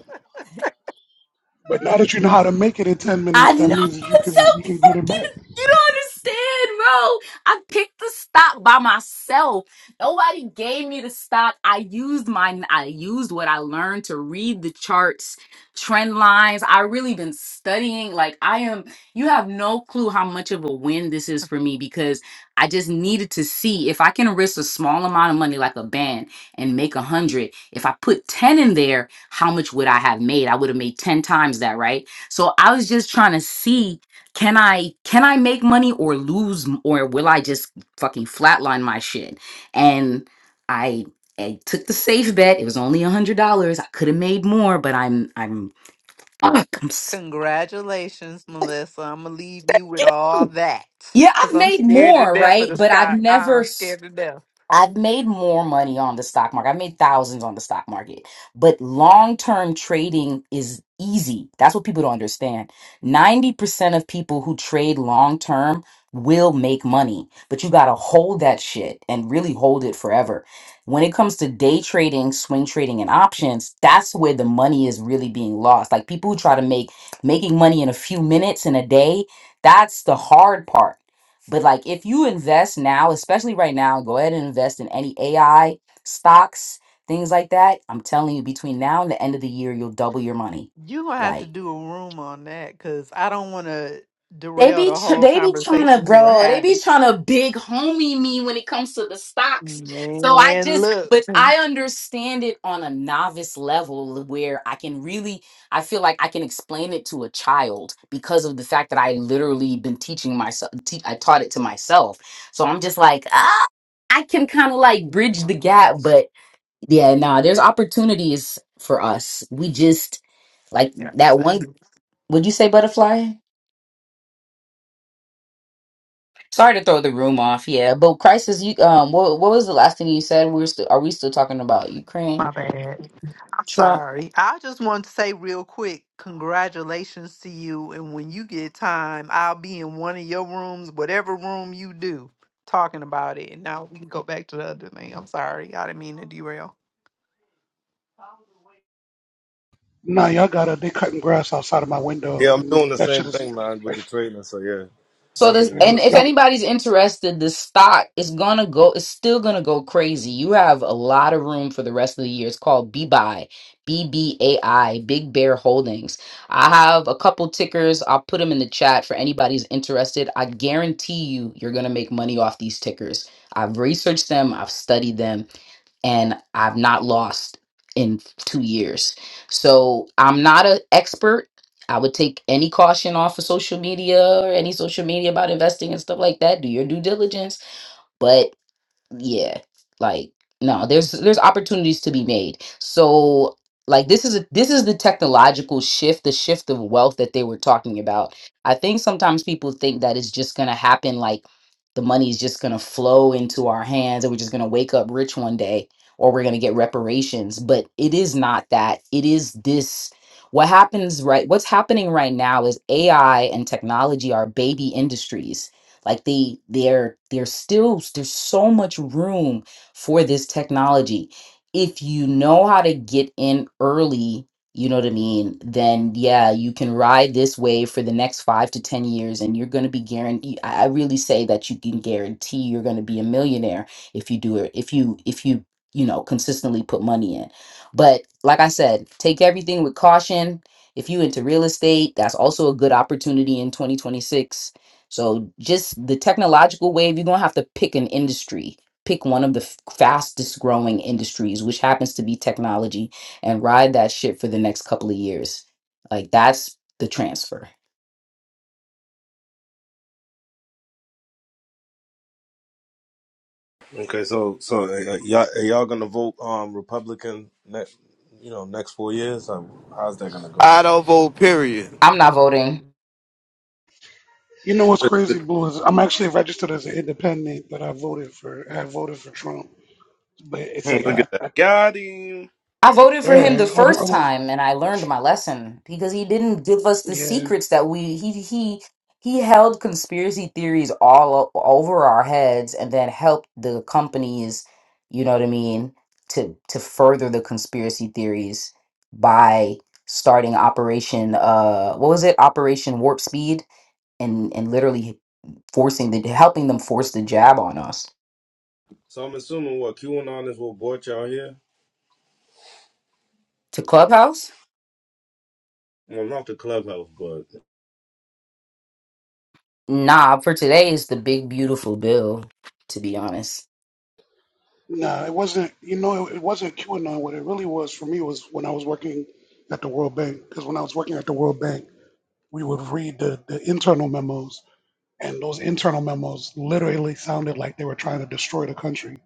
S2: but now that you know how to make it in ten
S1: I
S2: minutes, that
S1: know
S2: means that you
S1: I'm
S2: can
S1: so
S2: you can get it
S1: fucking.
S2: back.
S1: You don't understand, bro. I picked the stock by myself. Nobody gave me the stock. I used my. I used what I learned to read the charts, trend lines. I really been studying. Like I am. You have no clue how much of a win this is for me because I just needed to see if I can risk a small amount of money, like a band, and make a hundred. If I put ten in there, how much would I have made? I would have made ten times that, right? So I was just trying to see can I can I make money or lose m- or will I just fucking flatline my shit? And I I took the safe bet. It was only a hundred dollars. I could have made more, but I'm I'm fuck, I'm so-
S9: Congratulations, Melissa. I'm gonna leave you with all that
S1: yeah,
S9: because
S1: I've
S9: I'm
S1: made
S9: scared to
S1: more,
S9: death
S1: right?
S9: of the
S1: But I've
S9: sky.
S1: never
S9: I'm scared to death.
S1: I've made more money on the stock market. I've made thousands on the stock market. But long term trading is easy. That's what people don't understand. 90% of people who trade long term will make money, but you got to hold that shit and really hold it forever. When it comes to day trading, swing trading and options, that's where the money is really being lost. Like people who try to make making money in a few minutes in a day, that's the hard part but like if you invest now, especially right now, go ahead and invest in any AI stocks, things like that. I'm telling you, between now and the end of the year, you'll double your money.
S9: You gonna have to
S1: Like
S9: do a room on that because I don't want to
S1: they
S9: derail
S1: be
S9: the
S1: tr-
S9: whole
S1: they be trying to
S9: conversation you were
S1: bro. They be
S9: having.
S1: trying to big homie me when it comes to the stocks. So I
S9: Man,
S1: just,
S9: look,
S1: but I
S9: you
S1: understand it on a novice level where I can really, I feel like I can explain it to a child because of the fact that I literally been teaching myself. Te- I taught it to myself. So I'm just like, ah, I can kind of like bridge
S9: a
S1: the gap.
S9: mess.
S1: But yeah, nah, there's opportunities for us. We just like
S9: You have to
S1: that
S9: say.
S1: one. Would you say butterfly? Sorry to throw the room off, yeah. But crisis, you um, what what was the last thing you said? We're still are we still talking about Ukraine,
S9: My bad. I'm
S1: Trump?
S9: sorry. I just wanted to say real quick, congratulations to you. And when you get time, I'll be in one of your rooms, whatever room you do, talking about it. And now we can go back to the other thing. I'm sorry. I didn't mean to derail.
S2: Nah, y'all gotta they cutting grass outside of my window
S6: Yeah, I'm
S2: and
S6: doing the
S2: that shit
S6: same
S2: is
S6: thing, man, with the trailer. So yeah,
S1: So this,
S6: definitely,
S2: man,
S1: and
S6: Melissa.
S1: if
S2: y'all
S1: anybody's interested, the stock is gonna go. It's still gonna go crazy. You have a lot of room for the rest of the year. It's called BBI, B B A I, Big Bear Holdings. I have a couple tickers. I'll put them in the chat for anybody's interested. I guarantee you, you're gonna make money off these tickers. I've researched them. I've studied them and I've not lost in two years. So I'm not an expert. I would take any caution off of social media or any social media about investing and stuff like that. Do your due diligence. But yeah like no there's there's opportunities to be made so like this is a, this is the technological shift the shift of wealth that they were talking about i think sometimes people think that it's just gonna happen like the money is just gonna flow into our hands and we're just gonna wake up rich one day or we're gonna get reparations but it is not that it is this what happens right what's happening right now is ai and technology are baby industries like they they're they're still there's so much room for this technology if you know how to get in early you know what i mean then yeah you can ride this wave for the next five to ten years and you're going to be guaranteed i I really say that you can guarantee you're going to be a millionaire if you do it if you if you you know consistently put money in but like i said take everything with caution if you into real estate that's also a good opportunity in 2026 so just the technological wave, you're gonna have to pick an industry. Pick one of the f- fastest growing industries, which happens to be technology, and ride that shit for the next couple of years. Like that's the transfer.
S6: Okay, so so uh, uh, y'all are y'all gonna vote um Republican next, you know, next four years? Or how's that gonna go?
S4: I don't vote, period.
S1: I'm not voting.
S2: you know what's crazy, Blue, is I'm actually registered as an independent, but I voted for I voted for Trump. But it's like
S6: Look
S2: I,
S6: at that.
S2: I
S6: Got him.
S1: I voted for him the
S2: yeah, I
S1: first
S2: almost
S1: time and I learned my lesson because he didn't give us the
S2: yeah.
S1: secrets that we he he he held conspiracy theories all o- over our heads and then helped the companies, you know what I mean, to to further the conspiracy theories by starting operation uh what was it? Operation Warp Speed and and literally forcing the helping them force the jab on us.
S6: So I'm assuming what QAnon is what brought y'all here.
S1: To Clubhouse?
S6: Well, not the clubhouse, but
S1: Nah, for today is the big beautiful bill, to be honest.
S2: Nah, it wasn't you know, it, it wasn't QAnon. What it really was for me was when I was working at the World Bank. Because when I was working at the World Bank we would read the, the internal memos, and those internal memos literally sounded like they were trying to destroy the country.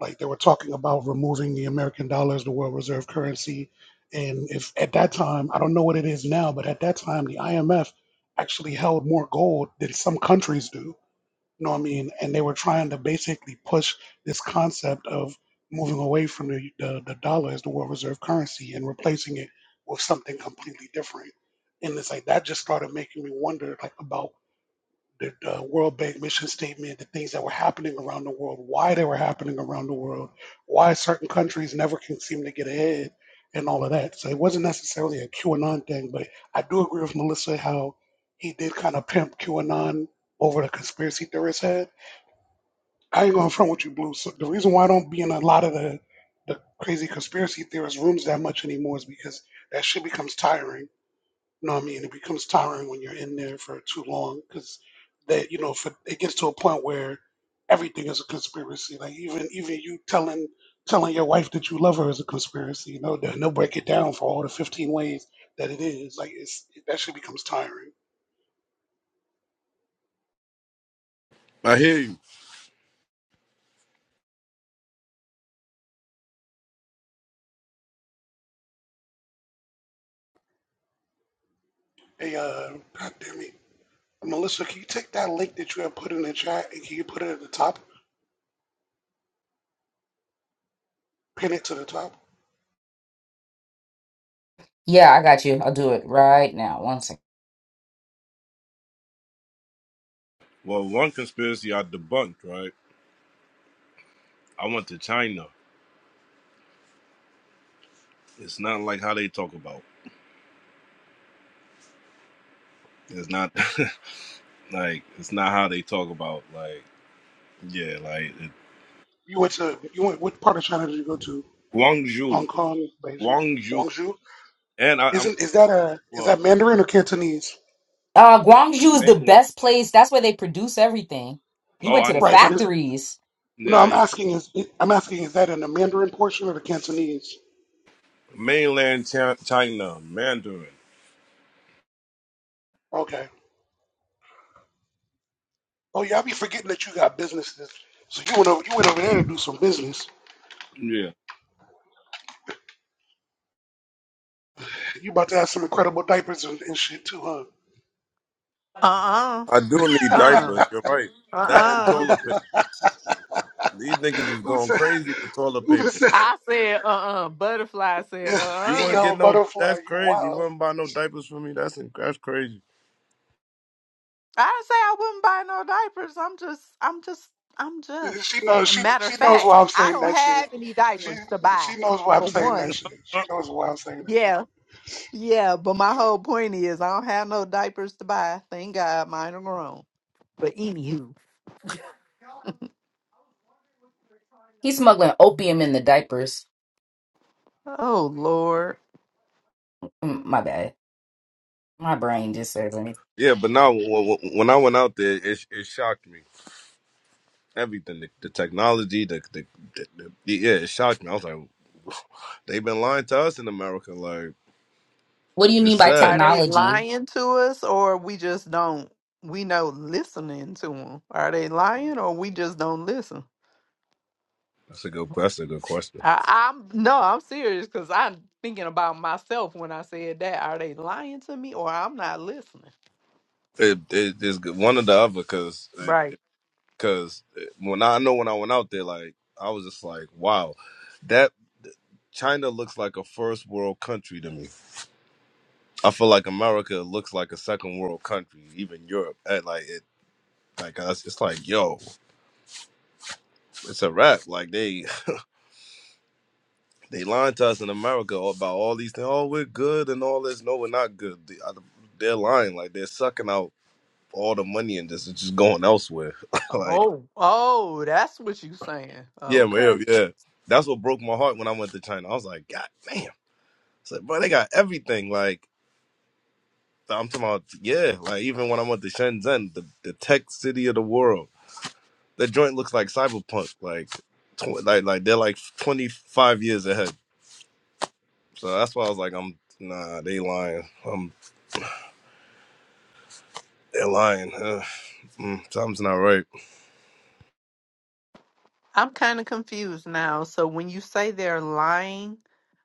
S2: Like they were talking about removing the American dollar as the world reserve currency. And if at that time, I don't know what it is now, but at that time, the IMF actually held more gold than some countries do you know what I mean? And they were trying to basically push this concept of moving away from the, the, the dollar as the world reserve currency and replacing it with something completely different. And it's like that just started making me wonder like about the, the World Bank mission statement, the things that were happening around the world, why they were happening around the world, why certain countries never can seem to get ahead and all of that. So it wasn't necessarily a QAnon thing, but I do agree with Melissa how he did kind of pimp QAnon over the conspiracy theorist head I ain't going to front with you, Blue. So the reason why I don't be in a lot of the, the crazy conspiracy theorist rooms that much anymore is because that shit becomes tiring. You know what I mean? It becomes tiring when you're in there for too long because that you know for it gets to a point where everything is a conspiracy. Like even even you telling telling your wife that you love her is a conspiracy. You know they'll they'll break it down for all the 15 ways that it is. Like it's that shit becomes tiring.
S6: I hear you.
S2: Hey, uh, God damn it. Melissa, can you take that link that you have put in the chat and can you put it at the top? pin it to the top.
S1: Yeah, I got you. I'll do it right now. One second.
S6: Well, one conspiracy I debunked, right? I went to China. It's not like how they talk about. It's not like it's not how they talk about like yeah, like it,
S2: You went to you went what part of China did you go to?
S6: Guangzhou,
S2: Hong Kong, Beijing,
S6: Guangzhou,
S2: Guangzhou.
S6: and I, I'm
S2: Isn't is that a is
S6: well,
S2: that Mandarin or Cantonese?
S1: Uh,
S6: that's
S1: Guangzhou is the
S6: mainland.
S1: best place. That's where they produce everything. You
S6: Oh,
S1: went
S6: I
S1: to the
S6: know.
S2: Right, but is
S1: factories.
S2: no.
S6: Yeah,
S2: I'm
S6: yeah.
S2: asking is I'm asking is that in the Mandarin portion or the Cantonese?
S6: mainland Chi- China, Mandarin.
S2: Okay. Oh yeah, I be forgetting that you got businesses. So you went over you went over there to do some business.
S6: Yeah,
S2: You about to have some incredible diapers and, and shit too, huh?
S9: Uh-uh.
S6: I do need
S9: Uh.
S6: diapers. You're right. That and
S9: Uh-uh.
S6: toilet paper. These niggas was
S2: Who
S6: going
S2: said
S6: crazy for toilet
S2: who just
S6: paper.
S2: said
S9: I said uh-uh. Butterfly said
S6: You wouldn't
S9: uh-uh.
S2: yo
S6: get no.
S2: butterfly?
S6: That's
S2: You
S6: crazy. You
S2: wild.
S6: wouldn't buy no diapers for me. That's that's crazy.
S9: I didn't say I wouldn't buy no diapers. I'm just I'm just I'm
S2: She
S9: just
S2: knows. She
S9: matter
S2: she
S9: of
S2: knows
S9: fact,
S2: why I'm
S9: I
S2: saying
S9: don't
S2: that shit.
S9: have any
S2: She
S9: diapers to buy.
S2: she knows why I'm
S9: For
S2: saying
S9: one.
S2: that shit. She knows why I'm saying that shit.
S9: Yeah, yeah, but my whole point is I don't have no diapers to buy. Thank God mine are grown. But anywho,
S1: He's smuggling opium in the diapers.
S9: oh Lord,
S1: Mm, My bad. My brain just says anything.
S6: yeah, but now when when I went out there, it it shocked me. everything the, the technology the, the, the, the yeah it shocked me i was like they've been lying to us in america like
S1: What do you
S6: it's
S1: mean by
S9: are
S6: sad
S9: they
S1: technology?
S9: lying to us or we just don't? We know listening to them. Are they lying or we just don't listen?
S6: that's a good question good question
S9: I, I'm no, I'm serious because I'm thinking about myself when I said that. Are they lying to me or I'm not listening?
S6: it, it is one or the other because
S9: Right.
S6: because when i I know when i went out there like i was just like wow that china looks like a first world country to me i feel like america looks like a second world country even europe and like it like us it's like yo it's a wrap like they They lying to us in America about all these things. Oh, we're good and all this. No, we're not good. They- uh, They're lying. Like they're sucking out all the money and just It's just going elsewhere. like
S9: Oh, oh, that's what you saying.
S6: yeah,
S9: Okay.
S6: man, yeah. yeah. That's what broke my heart when I went to China. I was like, God damn. I said, bro, they got everything. Like I'm talking about, yeah. Like even when I went to Shenzhen, the, the tech city of the world, the joint looks like cyberpunk. Like, tw- like, like they're like 25 years ahead. So that's why I was like, I'm nah, they lying. I'm they're lying. Mm, something's not right.
S9: I'm kind of confused now. So when you say they're lying,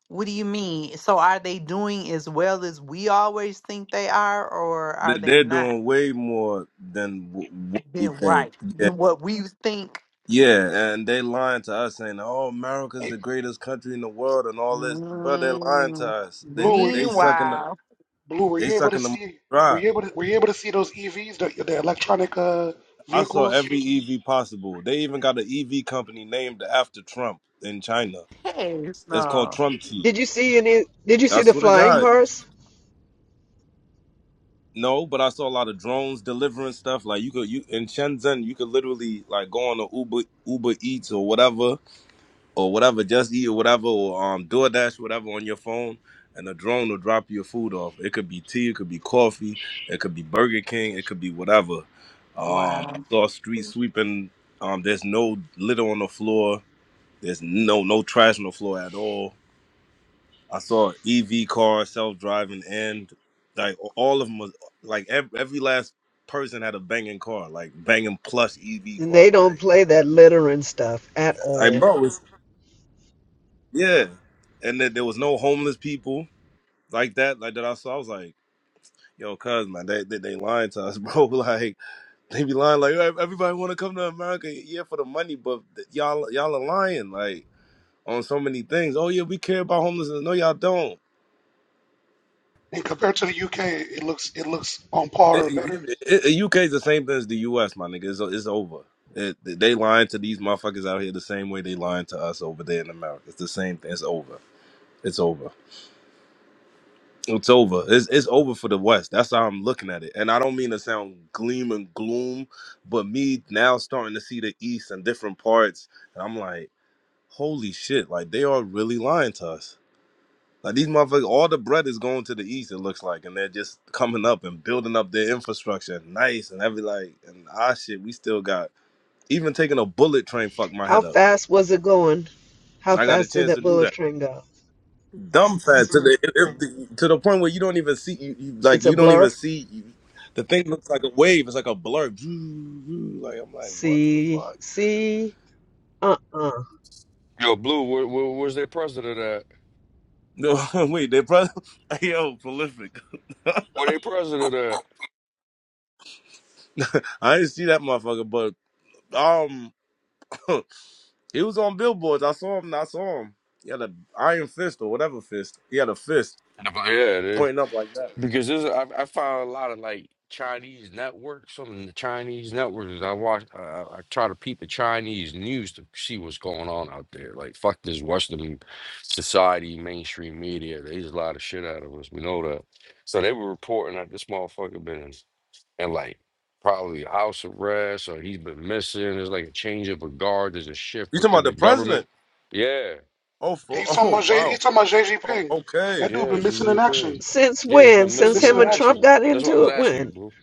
S9: what do you mean? So are they doing as well as we always think they are, or
S6: They-
S9: are they
S6: They're
S9: not?
S6: doing way more than w- what we
S9: Then
S6: think.
S9: right.
S6: Yeah,
S9: Then what we think.
S6: yeah, and they lying to us saying, "Oh, America's
S2: Hey,
S6: the greatest country in the world," and all this, bro. They're lying to
S9: Mm,
S6: us. They
S2: Blue,
S6: they,
S2: were you
S6: they sucking the
S9: meanwhile,
S2: Blue? Were
S6: they
S2: you able to
S6: sucking the money
S2: see? Were
S6: dry.
S2: you able to? Were you able to see those EVs, the, the electronic uh,
S6: I saw
S2: vehicles?
S6: every EV possible. They even got an EV company named after Trump in China.
S9: hey,
S6: It's called
S9: no.
S6: Trump Tea.
S10: Did you see any? Did you see
S6: That's
S10: the
S6: what to
S10: flying
S6: got.
S10: cars?
S6: No, but I saw a lot of drones delivering stuff. Like you could you in Shenzhen, you could literally like go on a Uber Uber Eats or whatever or whatever, just eat or whatever, or um DoorDash, whatever on your phone, and a drone will drop your food off. It could be tea, it could be coffee, it could be Burger King, it could be whatever. Um I
S9: Wow.
S6: saw street sweeping, um there's no litter on the floor, there's no no trash on the floor at all. I saw EV cars, self driving and like all of them was like every, every last person had a banging car, like banging plus EV
S10: And
S6: car,
S10: they don't
S6: like
S10: play that littering stuff at
S6: like
S10: all.
S6: bro, it's, yeah. And that there was no homeless people like that, like that I saw, I was like, yo, cuz man, they, they they lying to us, bro. like they be lying, like "Ev- everybody wanna come to America, yeah, for the money, but th- y'all y'all are lying, like on so many things. Oh yeah, we care about homelessness. No, y'all don't.
S2: And compared to the UK, it looks it looks on par
S6: It,
S2: or better.
S6: it, it, it- UK is the same thing as the US, my nigga. It's, it's over. It, they lying to these motherfuckers out here the same way they lying to us over there in America. It's the same thing. It's over. It's over. It's over. It's it's over for the West. That's how I'm looking at it. And I don't mean to sound gleam and gloom, but me now starting to see the East and different parts, and I'm like, holy shit! Like they are really lying to us. Like these motherfuckers, all the bread is going to the East. It looks like, and they're just coming up and building up their infrastructure, nice and every like, and our shit. We still got even taking a bullet train fucked my
S10: How
S6: head up.
S10: fast was it going? How
S6: I got a
S10: fast did
S6: chance
S10: that
S6: to do that.
S10: bullet train go?
S6: dumbfast to the if- if- to the point where you don't even see you, you like
S10: It's a
S6: you don't even
S10: blur.
S6: see you, the thing looks like a wave. It's like a blur. Like I'm like, what the
S10: See,
S6: fuck?
S10: see, uh, uh
S11: Yo, Blue, where, where, where's their president at?
S6: No, wait, they probably yo prolific.
S11: Where they president at?
S6: I didn't see that motherfucker, but um, he was on billboards. I saw him. I saw him. He had an iron fist or whatever fist. He had a fist
S11: And I'm like, Yeah, they,
S6: pointing up like that.
S11: because this, I, I found a lot of like Chinese networks on the Chinese networks. I watch, I, I I try to peep the Chinese news to see what's going on out there. Like, fuck this Western society, mainstream media. There's a lot of shit out of us. We know that. So they were reporting that this motherfucker been in, in like probably house arrest or he's been missing. There's like a change of a guard. There's a shift
S6: You talking
S11: within
S6: about
S11: the
S6: the
S11: government.
S6: president?
S11: Yeah.
S6: Oh,
S2: Hey,
S6: for
S2: He's talking
S6: oh
S2: about J,
S6: wow.
S2: he's talking about JG
S6: O-
S2: Ping.
S6: Okay.
S2: That dude
S11: Yeah,
S2: been
S11: Xi
S2: missing in
S11: Jinping.
S2: action.
S10: Since
S11: Yeah, he's
S10: when?
S11: been
S2: He been
S10: Since
S11: missing in
S2: missing
S10: him
S2: in
S10: and
S2: action.
S11: action.
S10: Trump got
S11: That's what I
S10: into
S11: was
S10: it?
S11: asking you,
S10: When?
S11: bro.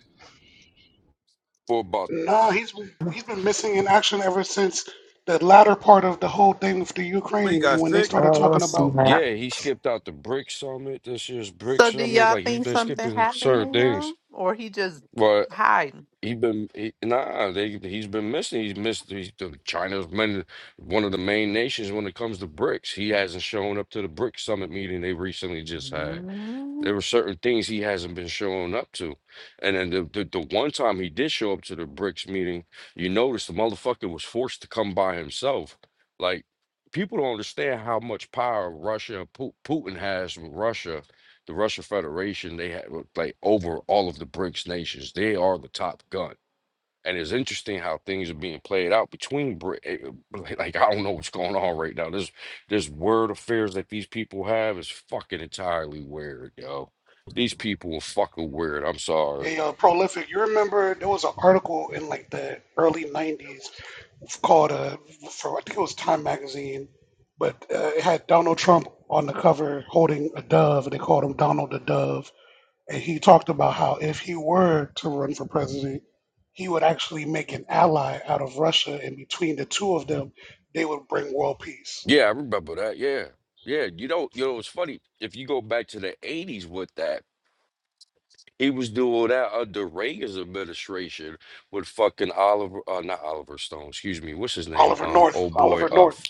S11: For about
S2: Nah, he's been he's been missing in action ever since the latter part of the whole thing with the
S6: What you
S2: Ukraine and
S6: got
S2: when they
S6: sick?
S2: started
S9: Oh,
S2: talking
S9: see
S2: about
S9: that.
S11: yeah, he skipped out the BRIC summit. This year's BRIC
S9: So do
S11: summit,
S9: y'all
S11: like he's
S9: think
S11: been
S9: something
S11: skipping
S9: happened to
S11: certain things.
S9: him, or he just
S11: But
S9: hiding?
S11: he been he, nah, they he's been missing. He's missed. He's, the- China's been one of the main nations when it comes to BRICS. He hasn't shown up to the BRIC summit meeting they recently just had.
S9: Mm,
S11: There were certain things he hasn't been showing up to. And then the, the, the one time he did show up to the BRICS meeting, you notice the motherfucker was forced to come by himself. Like, people don't understand how much power Russia, Pu- Putin has with Russia, the Russia Federation, they have like over all of the BRICS nations. They are the top gun and it's interesting how things are being played out between Brit. eh, eh, Like I don't know what's going on right now. This this word affairs that these people have is fucking entirely weird, yo. These people are fucking weird. I'm sorry.
S2: Hey, uh, prolific. You remember there was an article in like the early '90s called uh, for I think it was Time magazine, but uh, it had Donald Trump on the cover holding a dove, and they called him Donald the Dove. And he talked about how if he were to run for president, he would actually make an ally out of Russia, and between the two of them, they would bring world peace.
S11: Yeah, I remember that. Yeah, yeah. You know, you know. It's funny if you go back to the '80s with that. He was doing that under Reagan's administration with fucking Oliver, uh, not Oliver Stone. Excuse me. What's his name?
S2: Oliver
S11: Um,
S2: North.
S11: oh boy,
S2: Oliver
S11: uh,
S2: North.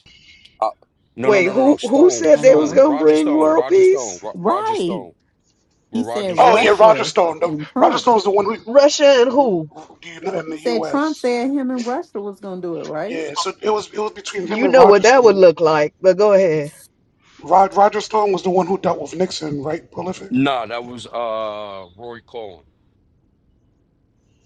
S11: Uh, no, no,
S10: Wait,
S11: no, no,
S10: who
S11: no.
S10: who
S11: Stone,
S10: said
S9: I
S10: they
S9: know
S10: was
S9: it.
S11: Stone,
S10: gonna
S11: Roger
S10: bring
S11: Stone,
S10: world
S11: Roger Stone,
S10: peace?
S11: Ro- Roger
S9: Right.
S11: Stone. We're
S9: He
S11: Roger
S9: said
S2: Oh yeah,
S11: Stone.
S2: Roger
S9: Russia
S2: Stone. The,
S9: and
S2: Roger
S9: Trump.
S2: Stone's the one who.
S10: Russia and who?
S2: Do you know in
S9: You
S2: the
S9: said Trump
S2: U.S.?
S9: said him and Russia was gonna do it, right?
S2: Yeah, so it was it was between him
S10: You
S2: and
S10: know
S2: Roger
S10: what that would
S2: Stone.
S10: look like, but go ahead.
S2: Rod Roger Stone was the one who dealt with Nixon, right? Prolific.
S11: Nah, that was uh Roy Cohen.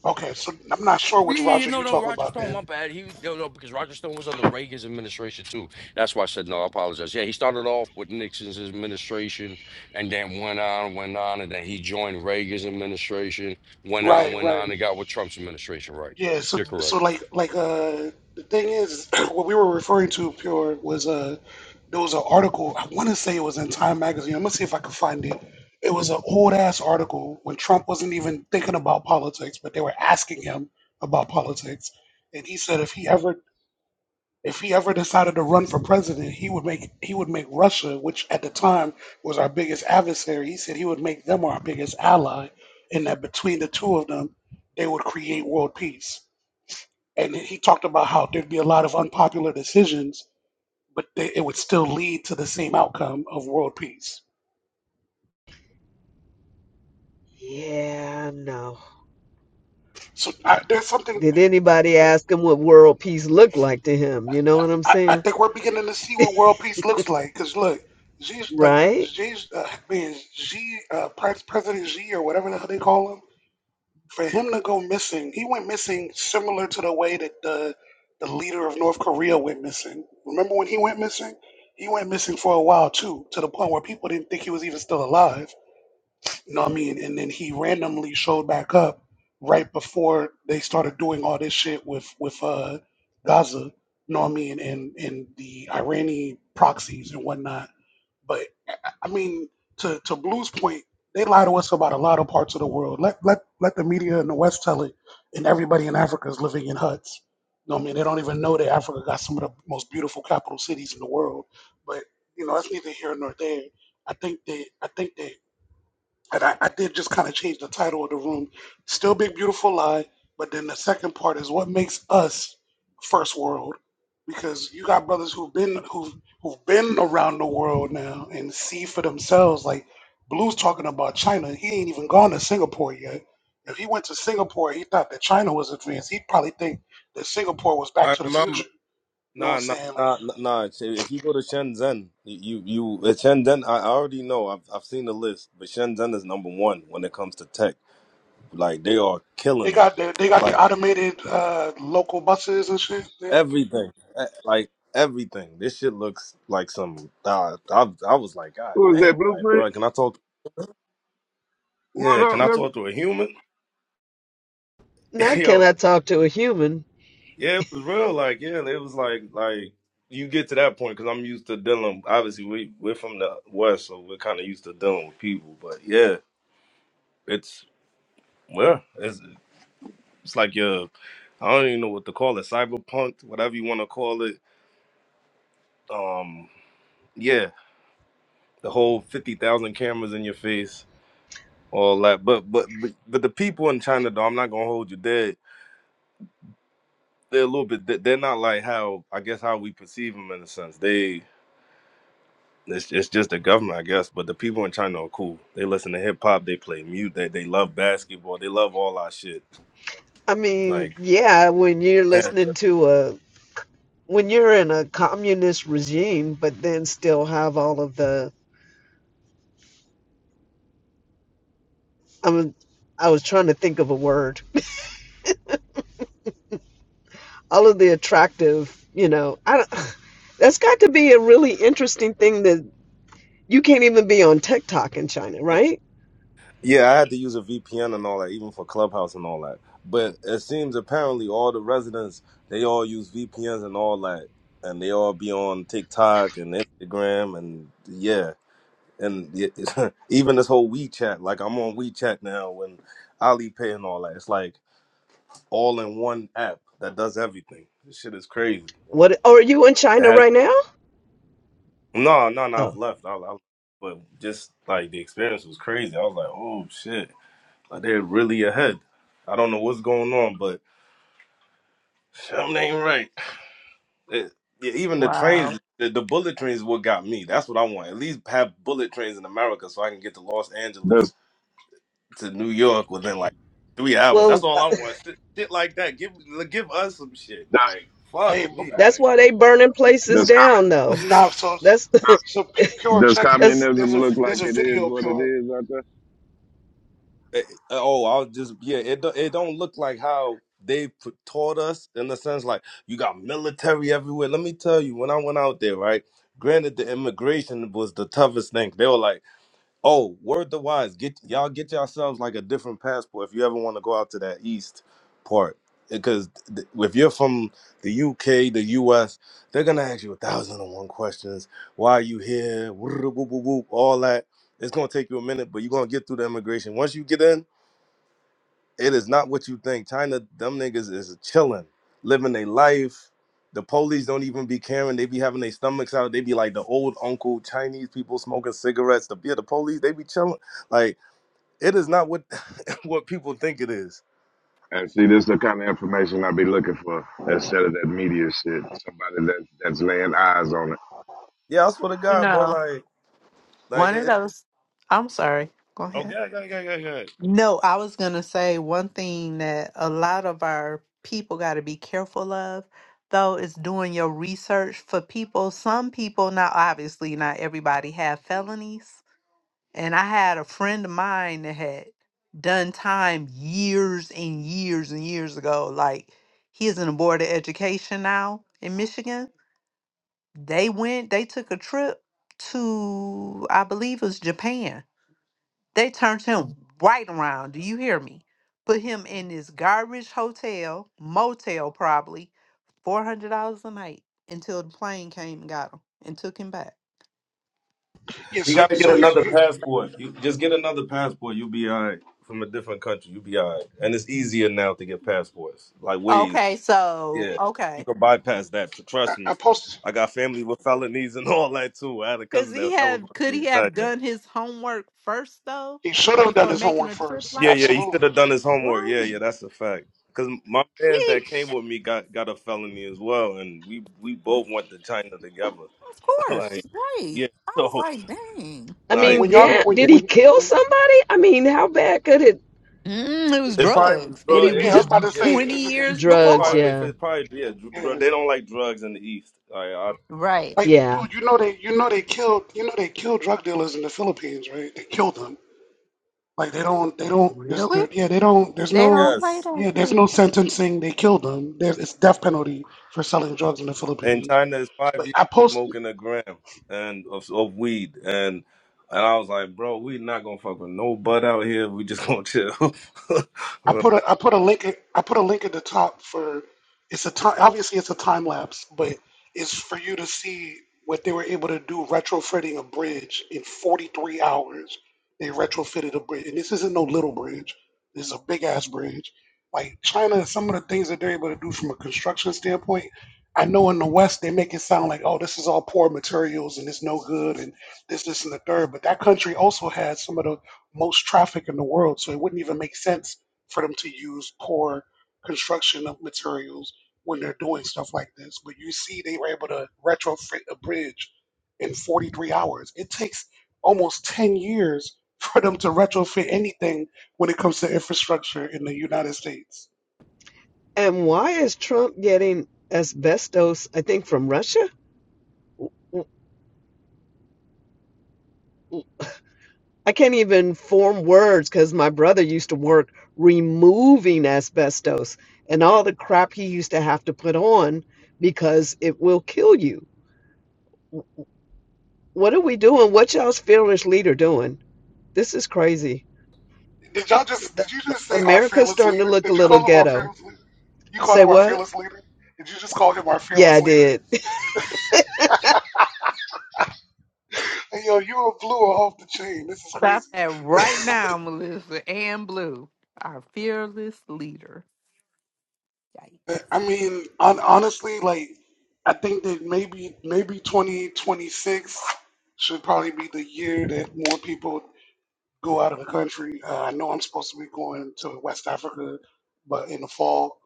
S2: Okay, so I'm not sure
S11: Oh yeah,
S2: which
S11: yeah, yeah,
S2: Roger
S11: no,
S2: you
S11: no,
S2: talking
S11: Roger
S2: about
S11: Stone. My
S2: then.
S11: bad. He no, no, because Roger Stone was under Reagan's administration too. That's why I said no. I apologize. Yeah, he started off with Nixon's administration, and then went on, went on, and then he joined Reagan's administration. Went on,
S2: Right,
S11: went on,
S2: right.
S11: and got with Trump's administration. Right?
S2: Yeah, so
S11: You're
S2: so
S11: correct.
S2: like like uh the thing is what we were referring to pure was uh there was an article I want to say it was in Time magazine. I'm gonna see if I can find it. It was an old ass article when Trump wasn't even thinking about politics, but they were asking him about politics, and he said if he ever if he ever decided to run for president, he would make he would make Russia, which at the time was our biggest adversary, he said he would make them our biggest ally, and that between the two of them, they would create world peace. And he talked about how there'd be a lot of unpopular decisions, but they, it would still lead to the same outcome of world peace.
S10: Yeah, no.
S2: So I, there's something
S10: Did anybody ask him what world peace looked like to him? You know what I'm
S2: I, I
S10: saying?
S2: think we're beginning to see what world peace looks like. Because look, Xi, like,
S10: Right?
S2: Xi, uh, man, Xi, uh, Pres- President Xi or whatever the hell they call him for him to go missing, he went missing similar to the way that the the leader of North Korea went missing. Remember when he went missing? He went missing for a while too, to the point where people didn't think he was even still alive. You know what I mean? And then he randomly showed back up right before they started doing all this shit with with uh, Gaza. You know what I mean? And and the Iranian proxies and whatnot. but. I mean, to to Blue's point, they lie to us about a lot of parts of the world. Let let let the media in the West tell it, and everybody in Africa is living in huts. You know what I mean, they don't even know that Africa got some of the most beautiful capital cities in the world. But you know, that's neither here nor there. I think that I think that and I, I did just kind of change the title of the room. Still big beautiful lie, but then the second part is what makes us first world, because you got brothers who've been who've who've been around the world now and see for themselves. Like Blue's talking about China, he ain't even gone to Singapore yet. If he went to Singapore, he thought that China was advanced. He'd probably think that Singapore was Back
S6: I
S2: to the
S6: remember.
S2: Future. You know what I'm
S6: Nah, nah,
S2: saying? Like
S6: nah, nah. nah. If you go to Shenzhen, you you at Shenzhen, I I already know. I've I've seen the list, but Shenzhen is number one when it comes to tech. Like they are
S2: they
S6: killing it.
S2: got the, they got the
S6: Like
S2: automated uh, local buses and shit there.
S6: everything, Eh, like everything. This shit looks like some. Uh, I I was like, God
S12: Who is that
S6: damn, like,
S12: blueprint?
S6: bro, can I talk?
S12: What
S6: Yeah, can
S12: up,
S6: I
S12: nigga?
S6: talk to a human?
S10: Not can
S6: Yo,
S10: I talk to a human?
S6: yeah, it was real. Like, yeah, it was like like. You get to that point because I'm used to dealing. Obviously, we we're from the west, so we're kind of used to dealing with people. But yeah, It's well, it's it's like your I don't even know what to call it, cyberpunk, whatever you want to call it. Um, yeah, the whole fifty thousand cameras in your face, all that. But but but but the people in China, though, I'm not gonna hold you. They they're a little bit. they- They're not like how I guess how we perceive them in a sense. They it's it's just the government, I guess. But the people in China are cool. They listen to hip hop. They play mute. They they love basketball. They love all our shit.
S10: I mean,
S6: Like.
S10: yeah, when you're
S6: yeah.
S10: listening to a when you're in a communist regime, but then still have all of the I mean I was trying to think of a word all of the attractive, you know, I don't, that's got to be a really interesting thing that you can't even be on TikTok in China, right?
S6: Yeah, I had to use a VPN and all that, even for Clubhouse and all that. But it seems apparently all the residents they all use VPNs and all that, and they all be on TikTok and Instagram and yeah, and y- even this whole WeChat. Like I'm on WeChat now and Alipay and all that. It's like all in one app that does everything. This shit is crazy.
S10: What or are you in
S6: It
S10: China
S6: has
S10: right now?
S6: no, no, no. I've
S10: Oh,
S6: left. I, I, but just like the experience was crazy. I was like, oh shit. Like, they're really ahead. I don't know what's going on, but something ain't right. It- yeah, even the trains,
S9: Wow.
S6: the, the bullet trains, is what got me. That's what I want. At least have bullet trains in America, so I can get to Los Angeles
S12: Does
S6: to New York within like three hours. That's
S10: well, uh,
S6: all I want. Shit, shit like that. Give give us some shit.
S12: does
S6: Like fuck
S2: Hey,
S6: me. like,
S10: that's why they burning places
S12: does com-
S10: down, though.
S2: No, so
S10: That's
S12: does
S2: so Pu- pure
S12: does
S2: check it.
S10: that's.
S2: There's
S12: communism
S2: a
S12: look like
S2: there's a
S12: it is
S2: video of
S12: what it
S2: pure.
S12: is out there?
S6: Eh, eh, oh, I'll just yeah. It do- it don't look like how they put, taught us in the sense like you got military everywhere. Let me tell you, when I went out there, right? Granted, the immigration was the toughest thing. They were like, "Oh, word the wise, get y'all get yourselves like a different passport if you ever want to go out to that east part." Because th- if you're from the UK, the US, they're gonna ask you a thousand and one questions. Why are you here? All that. It's gonna take you a minute, but you're gonna get through the immigration. Once you get in, it is not what you think. China, them niggas is chilling, living their life. The police don't even be caring. They be having their stomachs out. They be like the old uncle Chinese people smoking cigarettes. The yeah, the police they be chilling. Like it is not what what people think it is.
S12: And see, this is the kind of information I be looking for instead of that media shit. Somebody that that's laying eyes on it.
S6: Yeah, I swear to
S9: you
S6: God, bro.
S9: know,
S6: Like like
S9: one of
S6: it,
S9: those. I'm sorry. Go
S6: Okay,
S9: ahead.
S6: okay, okay, okay. okay.
S9: No, I was going to say one thing that a lot of our people got to be careful of, though, is doing your research for people. Some people, not obviously, not everybody have felonies. And I had a friend of mine that had done time years and years and years ago. Like he's in the board of education now in Michigan. They went, they took a trip to, I believe it was Japan. They turned him right around. Do you hear me? Put him in this garbage hotel, motel probably, $400 a night until the plane came and got him and took him back.
S2: Yeah,
S6: you
S2: so
S6: gotta get
S2: so here,
S6: another
S2: here
S6: passport. You just get another passport. You'll be all right from a different country. You'll be all right. And it's easier now to get passports, like ways.
S9: Okay, so,
S6: Yeah, you
S9: okay.
S6: can bypass that. tr-
S2: I,
S6: Trust me.
S2: I posted.
S6: I got family with felonies and all that too. I had a
S9: Does
S6: cousin
S9: he
S6: that that was
S9: have? Could
S6: working in
S9: he have
S6: China.
S9: done his homework first though,
S2: He should have done
S9: before
S2: his
S9: making
S2: homework
S9: a trip
S2: first.
S6: Yeah,
S9: like
S6: yeah, he
S9: that?
S6: should
S2: Absolutely.
S6: have done his homework. Yeah,
S9: Right.
S6: yeah, that's a fact. Cause my fans that came
S9: Sheesh.
S6: with me got got a felony as well, and we we
S9: Like,
S6: both went to China together.
S9: Of
S6: like,
S9: course. Right.
S6: yeah,
S9: I was
S6: so
S9: like, dang.
S10: I
S2: And
S6: like
S10: mean,
S2: when y'all
S6: it
S10: damn,
S2: get when
S10: did
S2: you-
S10: he
S2: when,
S10: kill
S2: when
S10: somebody? I mean, how bad could it?
S9: Mm, it was
S6: it probably was
S9: drugs,
S10: What
S9: and
S6: drug.
S10: he
S9: it
S6: It,
S2: yeah, I
S10: do?
S9: was
S2: was
S6: it,
S2: about to
S6: it,
S2: say if,
S9: twenty
S2: if,
S9: years
S6: it
S10: Drugs,
S9: before.
S6: probably if
S10: yeah,
S6: it probably yeah, dr- dr-
S2: yeah,
S6: they don't like drugs in the East. I, I
S9: Right.
S2: like
S10: yeah.
S2: dude, you know they you know they killed you know they killed drug dealers in the Philippines, right? They killed them. Like they don't they don't there's
S9: Really?
S2: there, yeah they don't
S6: yeah,
S2: there's
S9: They
S2: no
S9: don't play
S6: yes,
S9: that
S2: yeah there's
S9: shit.
S2: no sentencing. They killed them. There's it's death penalty for selling drugs in the
S6: In
S2: Philippines.
S6: China, it's five
S2: Like
S6: years
S2: I post.
S6: smoking a gram and of, of weed, and and I was like, bro, we not gonna fuck with no bud out here. We just gonna chill.
S2: I put a I put a link I put a link at the top for it's a time obviously it's a time lapse, but it's for you to see what they were able to do retrofitting a bridge in 43 hours. They retrofitted a bridge, and this isn't no little bridge. This is a big ass bridge. Like China, some of the things that they're able to do from a construction standpoint, I know in the West they make it sound like, oh, this is all poor materials and it's no good and this, this, and the third. But that country also has some of the most traffic in the world, so it wouldn't even make sense for them to use poor construction of materials when they're doing stuff like this. But you see, they were able to retrofit a bridge in 43 hours. It takes almost 10 years for them to retrofit anything when it comes to infrastructure in the United States.
S10: And why is Trump getting asbestos? I think from Russia. I can't even form words because my brother used to work removing asbestos and all the crap he used to have to put on because it will kill you. What are we doing? What y'all's fearless leader doing? This is crazy.
S2: Did y'all just, did you just say our
S10: America's
S2: fearless
S10: starting to
S2: leader?
S10: look a
S2: Did you
S10: little
S2: call him our
S10: ghetto.
S2: fearless leader? You called
S10: Say
S2: him our
S10: what?
S2: fearless leader? Did you just call him our
S10: Yeah, I
S2: fearless leader?
S10: did.
S2: Hey, yo, you a blue off the chain. This is
S9: Stop that right
S2: crazy.
S9: now, Melissa and Blue, our fearless leader. Yikes.
S2: I mean, on, honestly, like I think that maybe maybe 2026 should probably be the year that more people go out of the country. Uh, I know I'm supposed to be going to West Africa, but in the fall,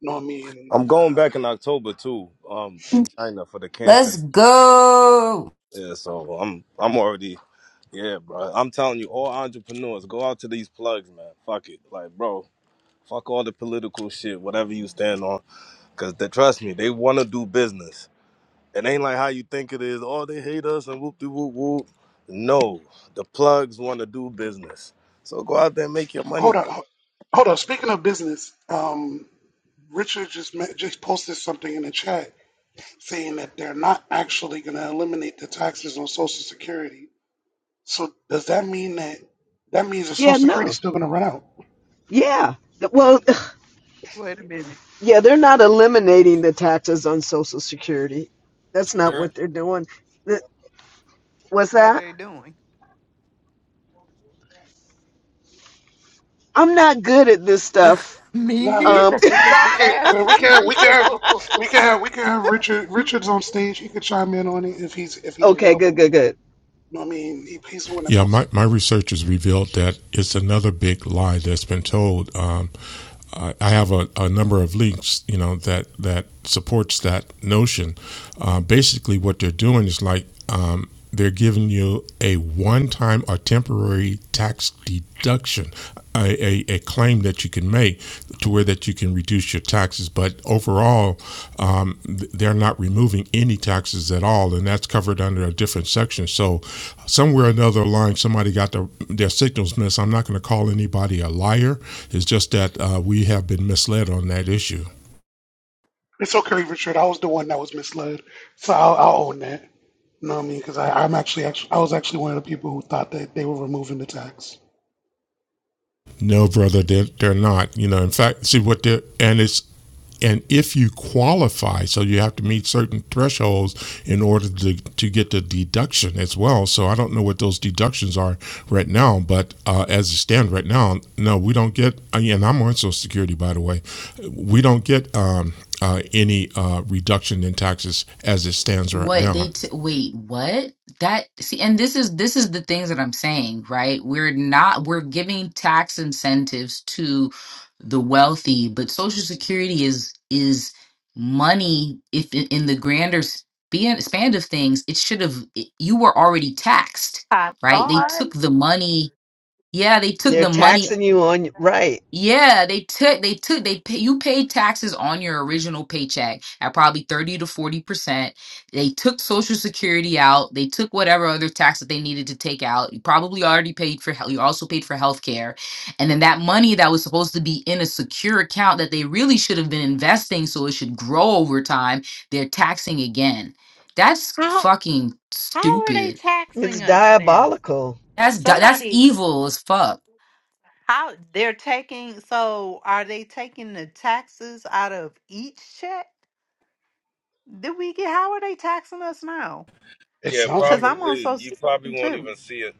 S2: you know what I mean?
S6: I'm going
S2: Uh,
S6: back in October too, um, in China for the
S1: Let's
S6: Canton.
S1: go.
S6: Yeah, so I'm I'm already yeah, bro. I'm telling you, all entrepreneurs go out to these plugs, man. Fuck it, like, bro, fuck all the political shit, whatever you stand on, because they, trust me, they want to do business. It ain't like how you think it is. Oh, they hate us and whoop de whoop whoop. No, the plugs want to do business. So go out there and make your
S2: hold
S6: money.
S2: on, ho- hold on. Speaking of business, um, Richard just met, just posted something in the chat saying that they're not actually going to eliminate the taxes on Social Security. So does that mean that that means that Social
S10: Yeah,
S2: Security is
S10: no.
S2: still going to run out?
S10: Yeah. Well,
S9: Wait a minute.
S10: yeah, they're not eliminating the taxes on Social Security. That's not what
S11: Sure.
S10: they're doing. Th- What's
S9: What are
S10: that?
S9: they doing?
S10: I'm not good at this stuff.
S9: Me
S2: No, we,
S10: Um,
S9: neither.
S2: we can we
S9: Stop
S2: can uh, we
S9: asking
S2: can
S9: you.
S2: we can have we can have we can have Richard Richard's on stage. He could chime in on it if he's if he's
S10: okay, good,
S2: available.
S10: good, good.
S2: You know what I mean? He, he's the one that
S13: Yeah,
S2: posted.
S13: my, my research has revealed that it's another big lie that's been told. Um, I have a, a number of links, you know, that that supports that notion. Uh, basically, what they're doing is like um, they're giving you a one-time or temporary tax deduction, a, a a, a, claim that you can make to where that you can reduce your taxes. But overall, um, they're not removing any taxes at all, and that's covered under a different section. So somewhere another line, somebody got their, their signals missed. I'm not going to call anybody a liar. It's just that uh, we have been misled on that issue.
S2: It's okay, Richard. I was the one that was misled, so I'll, I'll own that. You know what I mean? Because I'm actually, actually I was actually one of the people who thought that they were removing the tax.
S13: No, brother, they're, they're not. You know, in fact, see what they're, and it's, and if you qualify, so you have to meet certain thresholds in order to, to get the deduction as well. So I don't know what those deductions are right now, but uh, as it stands right now, no, we don't get, uh, and I'm on Social Security, by the way, we don't get um, uh, any uh, reduction in taxes as it stands right
S1: What they
S13: now.
S1: t wait, what? That see, and this is this is the things that I'm saying, right? We're not we're giving tax incentives to the wealthy, but Social Security is is money. If in, in the grander span, span of things, it should have it- you were already taxed,
S9: I
S1: right? They
S9: thought.
S1: took the money. Yeah, they took
S10: They're
S1: the money
S10: taxing you on, right.
S1: yeah, they took they took they pay, you paid taxes on your original paycheck at probably 30 to 40%. They took social security out, they took whatever other tax that they needed to take out. You probably already paid for hel- you also paid for health care. And then that money that was supposed to be in a secure account that they really should have been investing so it should grow over time, they're taxing again. That's
S9: How
S1: fucking
S9: how are they
S1: stupid.
S10: It's
S9: taxing us then?
S10: diabolical.
S1: That's du- that's
S9: Somebody
S1: evil as fuck.
S9: how they're taking so are they taking the taxes out of each check? Did we get how are they taxing us now?
S2: It
S6: Yeah,
S2: sounds
S9: Because
S2: like it.
S9: I'm on
S6: probably.
S9: social
S6: You probably
S9: security
S6: won't
S9: too.
S6: even see it.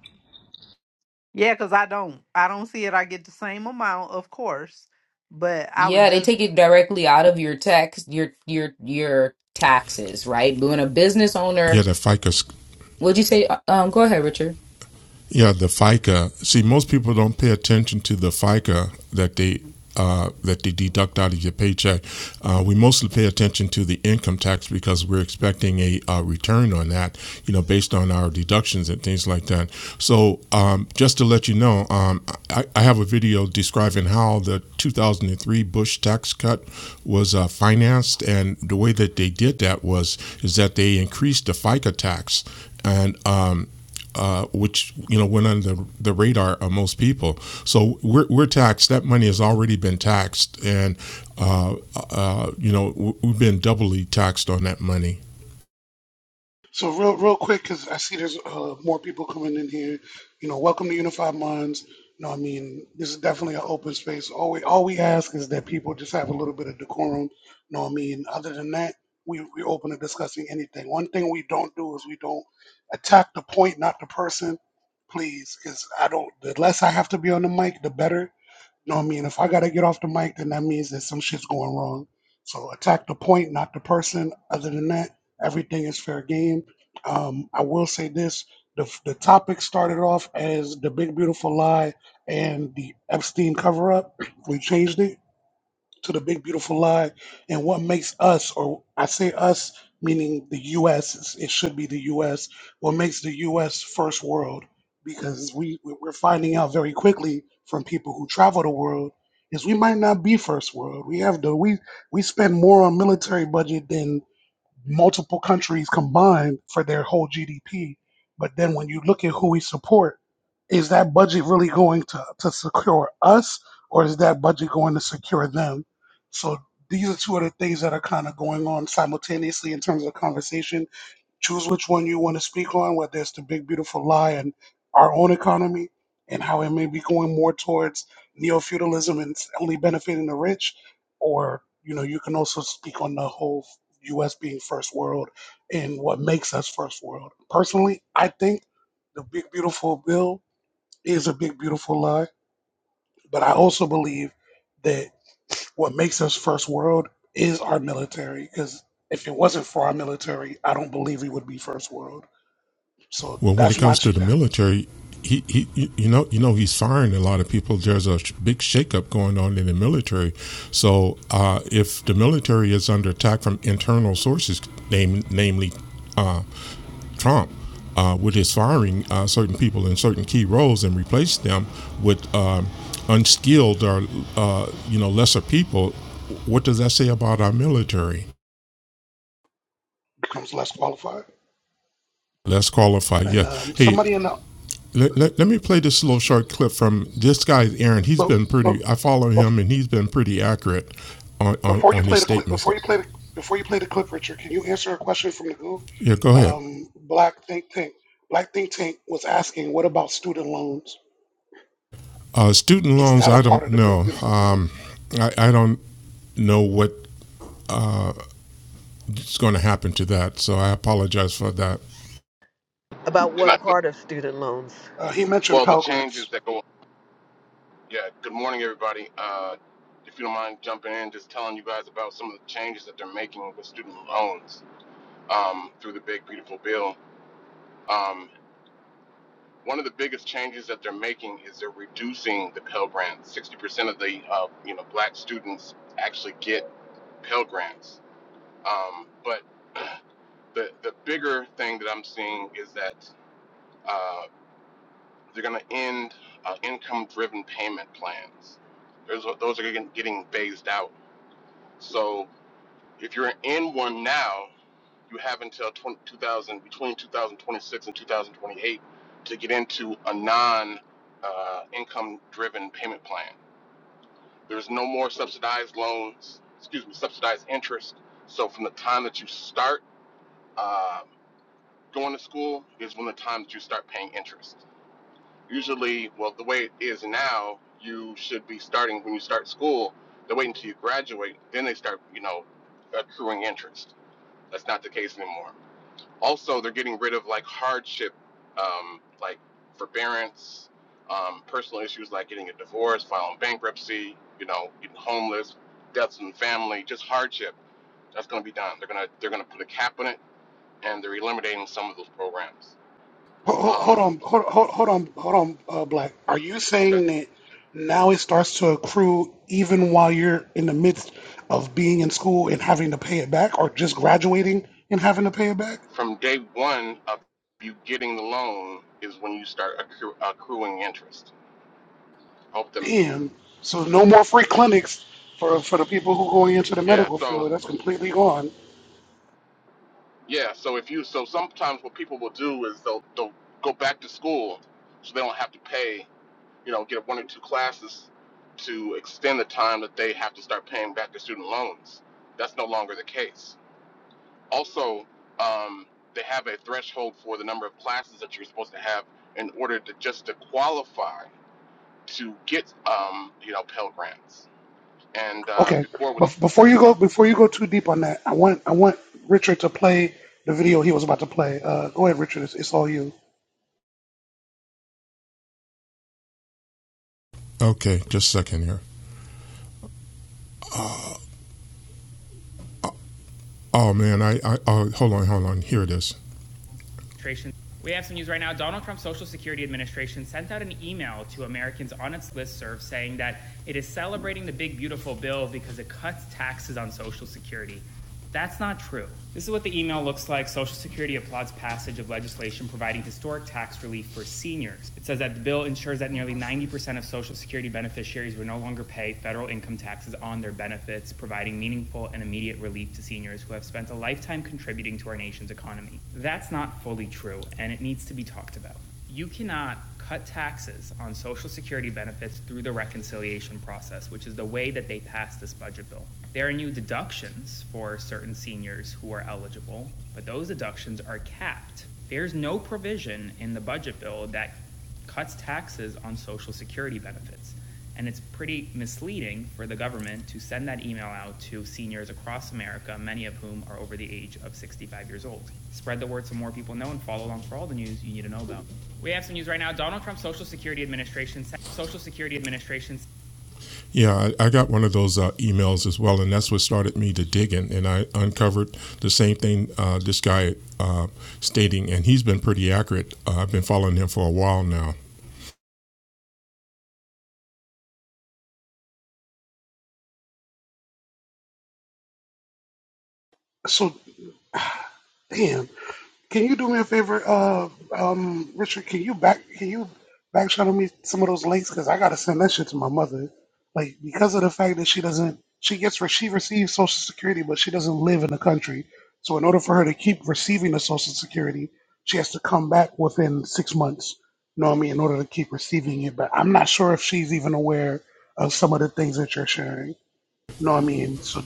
S9: Yeah, because I don't I don't see it. I get the same amount, of course, but I would
S1: Yeah, they
S9: just
S1: take it directly out of your tax, your your your taxes, right? But when a business
S13: Yeah,
S1: owner,
S13: the FICA
S1: would you say? Uh, Um, go ahead, Richard.
S13: Yeah, the FICA. See, most people don't pay attention to the FICA that they uh, that they deduct out of your paycheck. Uh, we mostly pay attention to the income tax because we're expecting a, uh return on that, you know, based on our deductions and things like that. So, um, just to let you know, um, I, I have a video describing how the 2003 Bush tax cut was uh, financed, and the way that they did that was is that they increased the FICA tax and um, uh, which you know went under the, the radar of most people. So we're, we're taxed. That money has already been taxed, and uh, uh, you know we've been doubly taxed on that money.
S2: So real, real quick, because I see there's uh, more people coming in here. You know, welcome to Unified Minds. You know, I mean, this is definitely an open space. All we all we ask is that people just have a little bit of decorum. You know, what I mean, other than that, we we're open to discussing anything. One thing we don't do is we don't attack the point, not the person. Please, because I don't. The less I have to be on the mic, the better. You know what I mean? If I gotta get off the mic, then that means that some shit's going wrong. So attack the point, not the person. Other than that, everything is fair game. Um, I will say this: the the topic started off as the Big Beautiful Lie and the Epstein cover up. We changed it to the big beautiful lie and what makes us or i say us meaning the us it's- it should be the us what makes the us first world because we we're finding out very quickly from people who travel the world is we might not be first world we have the we we spend more on military budget than multiple countries combined for their whole GDP. But then when you look at who we support, is that budget really going to, to secure us or is that budget going to secure them? So these are two of the things that are kind of going on simultaneously in terms of conversation Choose which one you want to speak on, whether it's the big, beautiful lie and our own economy and how it may be going more towards neo feudalism and it's only benefiting the rich, or you know, you can also speak on the whole U.S. being first world and what makes us first world. Personally, I think the big, beautiful bill is a big, beautiful lie, but I also believe that what makes us first world is our military because if it wasn't for our military, I don't believe we would be first world. So
S13: Well, when it
S2: that's my
S13: comes to
S2: two.
S13: the
S2: that-
S13: military, he, he you know you know he's firing a lot of people. There's a big shakeup going on in the military. So uh, if the military is under attack from internal sources, name, namely uh, Trump, uh, with his firing uh, certain people in certain key roles and replace them with um, unskilled or uh, you know lesser people, what does that say about our military?
S2: becomes less qualified.
S13: Less qualified,
S2: And
S13: yes.
S2: um,
S13: Hey,
S2: somebody in the
S13: Let, let, let me play this little short clip from this guy, Aaron. He's
S2: but
S13: been
S2: but.
S13: pretty, I follow
S2: but
S13: him and he's been pretty accurate on, on,
S2: Before you
S13: on
S2: play
S13: his
S2: the clip,
S13: statements.
S2: before you play the before you play the clip, Richard, can you answer a question from the Google?
S13: Yeah, go ahead.
S2: Um, Black Think Tank, Black Think Tank was asking, "What about student loans?
S13: Uh, student
S2: Is
S13: loans,
S2: that a
S13: I
S2: part
S13: don't
S2: of the big
S13: know.
S2: beautiful bill?"
S13: Um, I, I don't know what's going to happen to that, so I apologize for that.
S10: About
S14: Can
S10: what
S14: I,
S10: part of student loans?
S2: Uh, he mentioned
S14: well, the changes
S2: Pelgrins.
S14: that go. Yeah. Good morning, everybody. Uh, if you don't mind jumping in, just telling you guys about some of the changes that they're making with student loans um, through the Big Beautiful Bill. Um, one of the biggest changes that they're making is they're reducing the Pell Grant. Sixty percent of the uh, you know black students actually get Pell Grants, um, but the the bigger thing that I'm seeing is that. uh, They're going to end uh, income-driven payment plans. Those are, those are getting, getting phased out. So if you're in one now, you have until 20, two thousand, between 2026 and 2028 to get into a non uh, income driven payment plan. There's no more subsidized loans, excuse me, subsidized interest. So from the time that you start uh, going to school is when the time that you start paying interest. Usually, well, the way it is now, you should be starting when you start school. They wait until you graduate, then they start, you know, accruing interest. That's not the case anymore. Also, they're getting rid of like hardship, um, like forbearance, um, personal issues like getting a divorce, filing bankruptcy, you know, getting homeless, deaths in the family, just hardship. That's going to be done. They're gonna they're gonna put a cap on it, and they're eliminating some of those programs.
S2: Ho- ho- Hold
S14: Um,
S2: on, hold, hold, hold on, hold on, uh, Black. Are you
S14: okay.
S2: saying that now it starts to accrue even while you're in the midst of being in school and having to pay it back, or just graduating and having to pay it back?
S14: From day one of you getting the loan is when you start accru- accruing interest. Hope them.
S2: Damn. So no more free clinics for for the people who going into the
S14: Yeah.
S2: medical
S14: So
S2: field. That's completely gone.
S14: yeah. So if you so sometimes what people will do is they'll they'll go back to school so they don't have to pay. You know, get one or two classes to extend the time that they have to start paying back their student loans. That's no longer the case. Also, um, they have a threshold for the number of classes that you're supposed to have in order to just to qualify to get um, you know Pell grants. And uh,
S2: Okay.
S14: before
S2: Bef- before you go, before you go too deep on that, I want I want Richard to play the video he was about to play. Uh, go ahead, Richard. It's, it's all you.
S13: Okay, just a second here. Oh man, I, I oh, hold on, hold on. Here it is. Yeah, I, I got one of those uh, emails as well, and that's what started me to digging. And I uncovered the same thing uh, this guy uh, stating, and he's been pretty accurate. Uh, I've been following him for a while now.
S2: So damn. Can you do me a favor, uh, um, Richard? Can you back can you back channel me some of those links? Cause I gotta send that shit to my mother. Like because of the fact that she doesn't, she gets re- she receives Social Security, but she doesn't live in the country. So in order for her to keep receiving the Social Security, she has to come back within six months. You know what I mean? In order to keep receiving it, but I'm not sure if she's even aware of some of the things that you're sharing. You know what I mean? So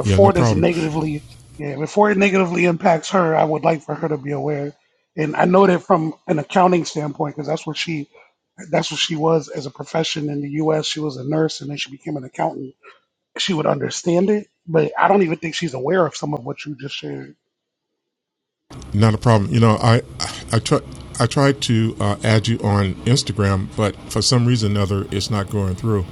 S13: Yeah, no
S2: this
S13: problem.
S2: negatively, yeah, before it negatively impacts her, I would like for her to be aware. And I know that from an accounting standpoint, because that's what she, that's what she was as a profession in the U.S. She was a nurse, and then she became an accountant. She would understand it, but I don't even think she's aware of some of what you just shared.
S13: Not a problem. You know, I I try. I tried to uh, add you on Instagram, but for some reason or other, it's not going through.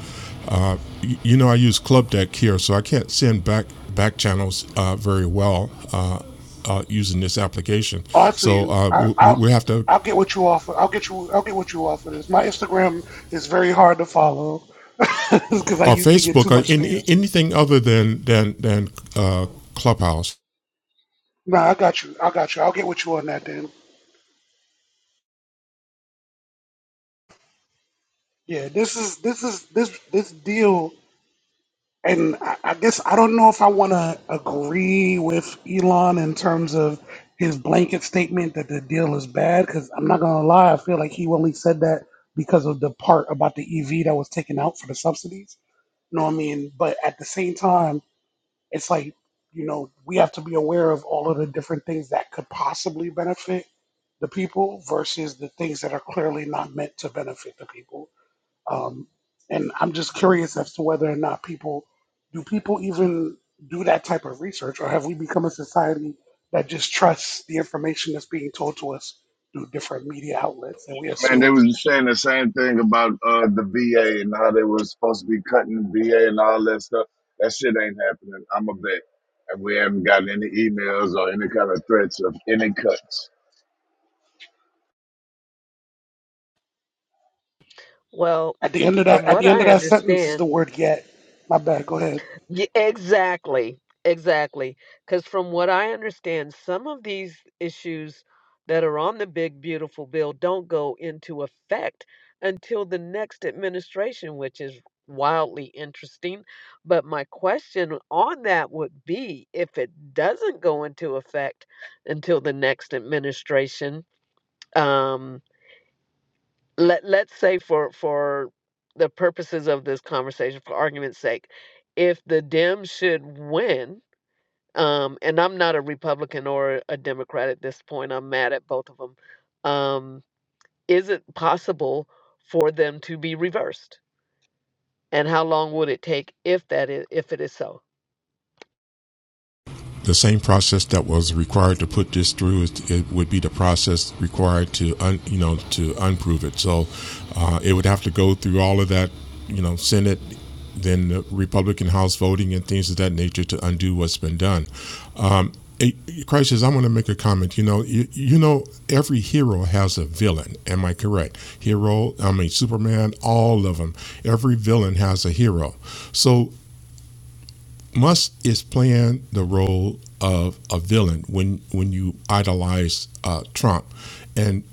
S13: Uh, y- you know, I use Club Deck here, so I can't send back back channels uh, very well uh, uh, using this application.
S2: Also,
S13: So
S2: you,
S13: uh,
S2: I,
S13: we,
S2: I'll,
S13: we have to
S2: I'll get what you offer. I'll get you. I'll get what you offer. This my Instagram is very hard to follow because I
S13: or
S2: used to get too
S13: Facebook or
S2: much
S13: in, in
S2: spam.
S13: anything other than than than uh, Clubhouse,
S2: No, I got you. I got you. I'll get with you on that then. Yeah, this is this is this this deal, and I, I guess I don't know if I want to agree with Elon in terms of his blanket statement that the deal is bad. Because I'm not gonna lie, I feel like he only said that because of the part about the EV that was taken out for the subsidies. You know what I mean? But at the same time. it's like you know we have to be aware of all of the different things that could possibly benefit the people versus the things that are clearly not meant to benefit the people um, and i'm just curious as to whether or not people do people even do that type of research or have we become a society that just trusts the information that's being told to us through different media outlets and we
S12: Man, they
S2: assume
S12: was saying the same thing about uh the VA and how they was supposed to be cutting VA and all that stuff. That shit ain't happening. I'm a bet. And we haven't gotten any emails or any kind of threats of any cuts.
S10: Well,
S2: at the end of that
S10: from
S2: at
S10: what
S2: the end of
S10: I
S2: that sentence is
S10: understand,
S2: the word yet my bad go ahead
S10: Ye- exactly, exactly. Because from what I understand, some of these issues that are on the big beautiful bill don't go into effect until the next administration, which is wildly interesting. But my question on that would be if it doesn't go into effect until the next administration. Um, let let's say for for the purposes of this conversation for argument's sake if the Dems should win um and i'm not a republican or a democrat at this point i'm mad at both of them um is it possible for them to be reversed and how long would it take if that is if it is so?
S13: the same process that was required to put this through is, it would be the process required to un, you know to unprove it. So uh, it would have to go through all of that you know Senate, then the Republican House voting and things of that nature to undo what's been done. Um, Crisis. I want to make a comment. You know, you, you know, every hero has a villain. Am I correct? Hero. I mean, Superman. All of them. Every villain has a hero. So Musk is playing the role of a villain when when you idolize uh, Trump, and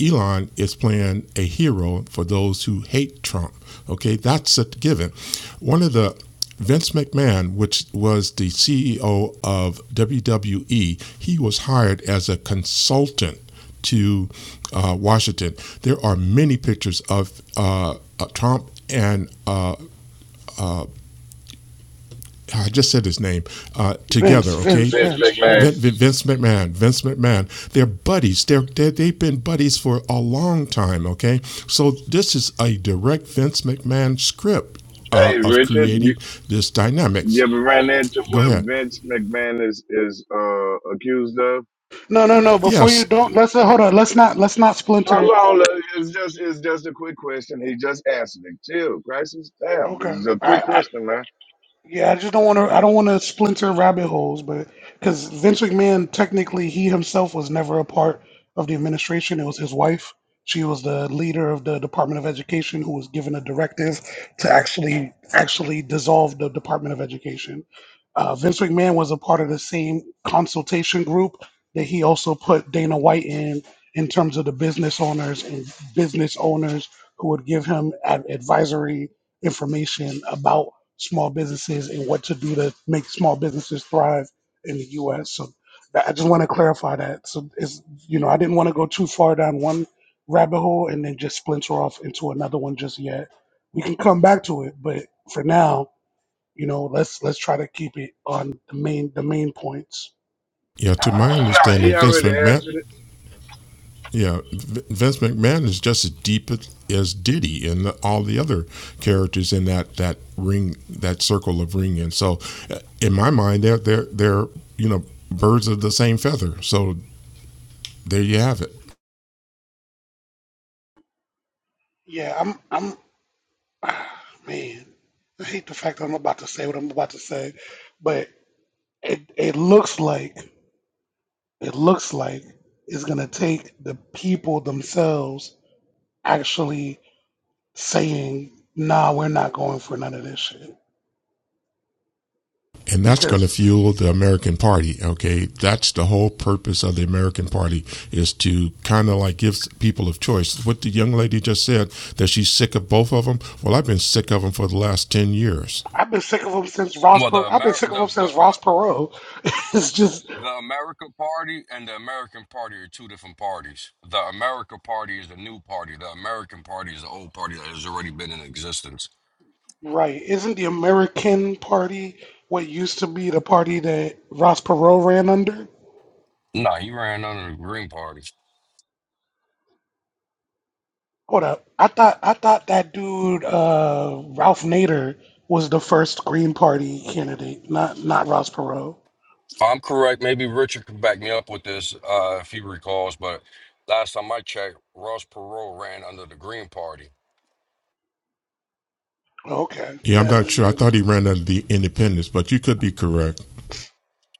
S13: Elon is playing a hero for those who hate Trump. Okay, that's a given. One of the Vince McMahon, which was the CEO of WWE, he was hired as a consultant to uh, Washington. There are many pictures of uh, uh, Trump and uh, I just said his name uh, together.
S2: vince
S13: Okay.
S2: vince
S12: Rich
S2: vince
S12: big man.
S2: vince
S13: Vince McMahon, Vince McMahon, they're buddies. They're, they they've been buddies for a long time. Okay, so this is a direct Vince McMahon script uh,
S12: Hey,
S13: of
S12: Richard,
S13: creating this
S12: You
S13: dynamics.
S12: ever ran into
S13: Go
S12: what
S13: ahead.
S12: Vince McMahon is is uh, accused of?
S2: No, no, no. Before you
S13: Yes,
S2: don't let's hold on. Let's not let's not
S12: How
S2: splinter.
S12: long? It's just it's just a quick question. He just answered it. Chill, crisis. Damn, this
S2: Okay.
S12: is a quick
S2: I, I
S12: question, man.
S2: Yeah, I just don't want to. I don't want to splinter rabbit holes, but because Vince McMahon, technically, he himself was never a part of the administration. It was his wife. She was the leader of the Department of Education, who was given a directive to actually actually dissolve the Department of Education. Uh, Vince McMahon was a part of the same consultation group that he also put Dana White in, in terms of the business owners and business owners who would give him ad- advisory information about small businesses and what to do to make small businesses thrive in the U.S. So that- I just want to clarify that. So it's you know I didn't want to go too far down one rabbit hole and then just splinter off into another one just yet. We can come back to it, but for now, you know, let's let's try to keep it on the main the main points.
S13: yeah. To my understanding,
S12: He
S13: Vince
S12: already
S13: McMahon
S12: answered it.
S13: Yeah, Vince McMahon is just as deep as- Diddy and the- all the other characters in that, that ring, that circle of ring. And so, uh, in my mind, they're they're they're you know birds of the same feather. So there you have it.
S2: Yeah, I'm I'm man. I hate the fact that I'm about to say what I'm about to say, but it it looks like. it looks like it's going to take the people themselves actually saying, nah, we're not going for none of this shit.
S13: And that's going to
S2: Because
S13: fuel the American Party. Okay, that's the whole purpose of the American Party is to kind of like give people of choice. What the young lady just said that she's sick of both of them. Well, I've been sick of them for the last ten years.
S2: I've been sick of them since Ross.
S11: Well,
S2: Per-
S11: the
S2: I've been
S11: Amer-
S2: sick of
S11: the
S2: them
S11: the
S2: since
S11: Amer-
S2: Ross Perot. it's just
S11: The American Party and the American Party are two different parties. The America Party is the new party. The American Party is the old party that has already been in existence.
S2: right. Isn't the American Party what used to be the party that Ross Perot ran under?
S11: Nah, he ran under the Green Party. If
S2: Hold up. I thought I thought that dude uh, Ralph Nader was the first Green Party candidate, not not Ross Perot.
S11: I'm correct, maybe Richard can back me up with this uh, if he recalls, but last time I checked, Ross Perot ran under the Green Party.
S2: Oh, Okay.
S13: Yeah, I'm
S2: Nah, nah,
S13: not sure.
S2: yeah,
S13: I thought he ran under the independents, but you could be correct.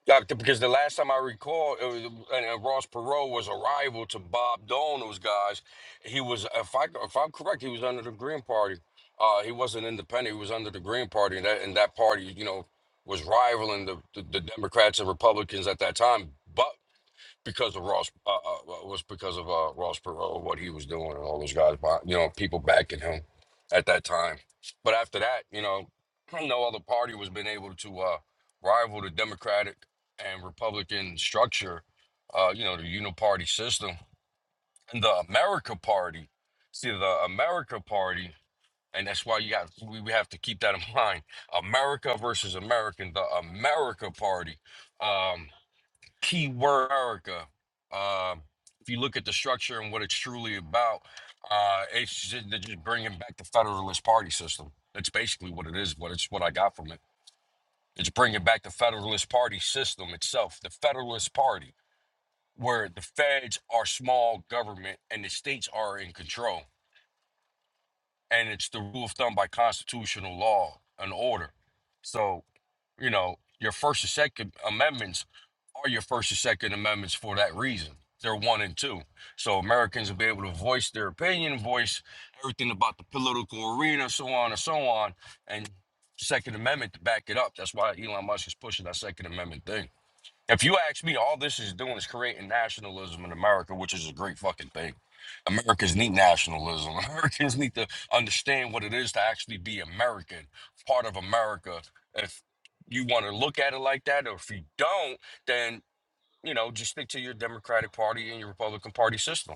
S11: Doctor, because the last time I recall, it was, and, and uh, Ross Perot was a rival to Bob Dole and those guys. He was, if I if I'm correct, he was under the Green Party. Uh, he wasn't independent. He was under the Green Party, and that and that party, you know, was rivaling the, the, the Democrats and Republicans at that time. But because of Ross uh, uh, uh, was because of uh, Ross Perot, what he was doing, and all those guys, behind- you know, people backing him at that time. But after that, you know, no other party was been able to uh, rival the Democratic and Republican structure, uh, you know, the uniparty system and the America Party. See, the America Party, and that's why you got we, we have to keep that in mind. America versus American, the America Party. Um, keyword America. Um, if you look at the structure and what it's truly about, uh, it's just, they're just bringing back the Federalist Party system. That's basically what it is. What it's what I got from it. It's bringing back the Federalist Party system itself. The Federalist Party, where the feds are small government and the states are in control, and it's the rule of thumb by constitutional law and order. So You know, your first and second amendments are your first and second amendments for that reason. They're one and two. So Americans will be able to voice their opinion, voice everything about the political arena, so on and so on, and Second Amendment to back it up. That's why Elon Musk is pushing that Second Amendment thing. If you ask me, all this is doing is creating nationalism in America, which is a great fucking thing. Americans need nationalism. Americans need to understand what it is to actually be American, part of America. If you want to look at it like that, or if you don't, then you know, just stick to your Democratic Party and your Republican Party system.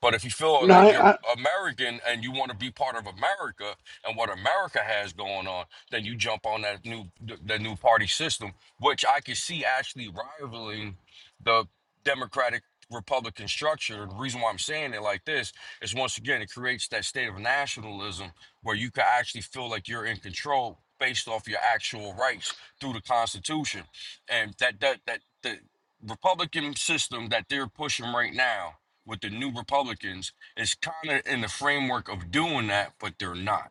S11: But if you feel
S2: No,
S11: like you're
S2: I, I
S11: American and you want to be part of America and what America has going on, then you jump on that new th- that new party system, which I can see actually rivaling the Democratic Republican structure. The reason why I'm saying it like this is once again it creates that state of nationalism where you can actually feel like you're in control based off your actual rights through the Constitution and that that that that Republican system that they're pushing right now with the new Republicans is kind of in the framework of doing that, but they're not,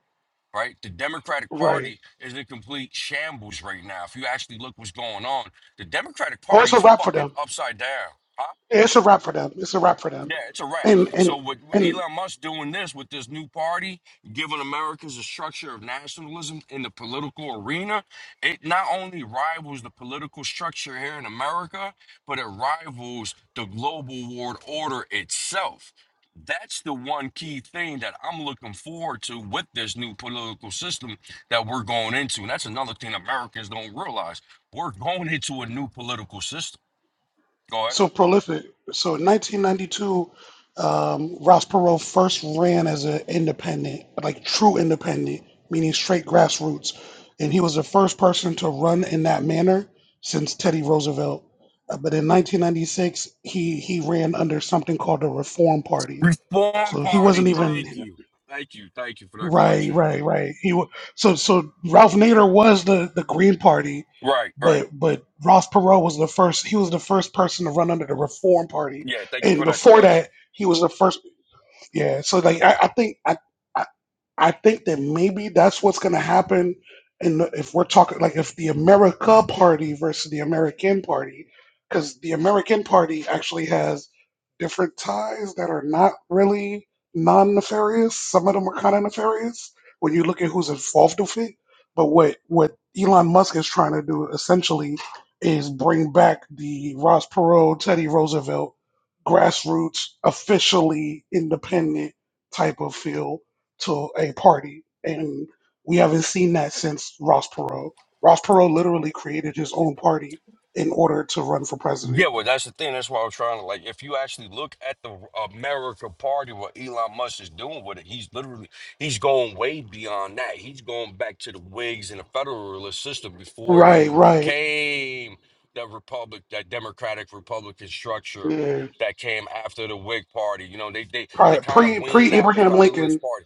S11: right? The Democratic
S2: right.
S11: Party is in complete shambles right now. If you actually look what's going on, the Democratic
S2: Oh, it's a
S11: Party's
S2: wrap for
S11: fucking
S2: them.
S11: upside down. I
S2: Yeah, It's a wrap for them. It's a wrap for them.
S11: yeah, it's a wrap.
S2: And and
S11: So with
S2: and
S11: Elon Musk doing this with this new party, giving Americans a structure of nationalism in the political arena, it not only rivals the political structure here in America, but it rivals the global world order itself. That's the one key thing that I'm looking forward to with this new political system that we're going into. And that's another thing Americans don't realize. We're going into a new political system. Go ahead.
S2: so prolific. So in 1992, um, Ross Perot first ran as an independent, like true independent, meaning straight grassroots, and he was the first person to run in that manner since Teddy Roosevelt. Uh, but in 1996, he he ran under something called the Reform Party.
S11: Reform
S2: So he
S11: Party.
S2: wasn't
S11: Thank
S2: even.
S11: you. Thank you. Thank you for that
S2: Right,
S11: correction.
S2: right, right. He wa so so Ralph Nader was the the Green Party,
S11: Right, right.
S2: but but Ross Perot was the first. He was the first person to run under the Reform Party,
S11: Yeah, thank you
S2: and
S11: for that
S2: before
S11: correction.
S2: that, he was the first. Yeah. So like I, I think I. I think that maybe that's what's going to happen. And if we're talking like if the America Party versus the American Party, because the American Party actually has different ties that are not really non nefarious. Some of them are kind of nefarious when you look at who's involved with it. But what what Elon Musk is trying to do essentially is bring back the Ross Perot, Teddy Roosevelt grassroots, officially independent type of feel to a party, and we haven't seen that since Ross Perot. Ross Perot literally created his own party in order to run for
S11: Yeah,
S2: president.
S11: well, that's the thing. That's why I was trying to like. If you actually look at the America Party, what Elon Musk is doing with it, he's literally he's going way beyond that. He's going back to the Whigs and the Federalist system before it
S2: Right,
S11: even
S2: right.
S11: became that Republic, that Democratic Republican structure
S2: Yeah.
S11: that came after the Whig Party. You know, they they they
S2: Pri-
S11: kind of
S2: Pre pre
S11: weaned out the
S2: Abraham
S11: Federalist
S2: Lincoln,
S11: Party.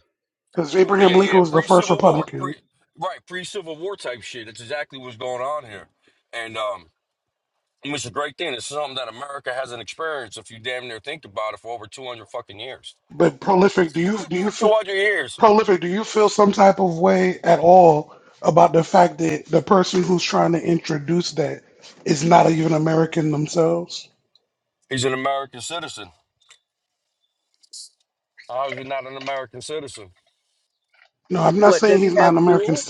S2: because
S11: Right, oh,
S2: Abraham
S11: yeah, yeah,
S2: Lincoln
S11: yeah.
S2: was the
S11: Pre
S2: first
S11: Civil War,
S2: Republican.
S11: pre right, pre Civil War type shit. That's exactly what's going on here, and um, and it's a great thing. It's something that America hasn't experienced. If you damn near think about it, for over two hundred fucking years,
S2: But prolific, do you do you feel,
S11: two hundred years,
S2: prolific? Do you feel some type of way at all about the fact that the person who's trying to introduce that is not even American themselves?
S11: he's an American citizen. How is he not an American citizen?
S2: No, I'm not
S10: What
S2: saying
S10: does he
S2: he's not an
S10: have
S2: American.
S10: dual?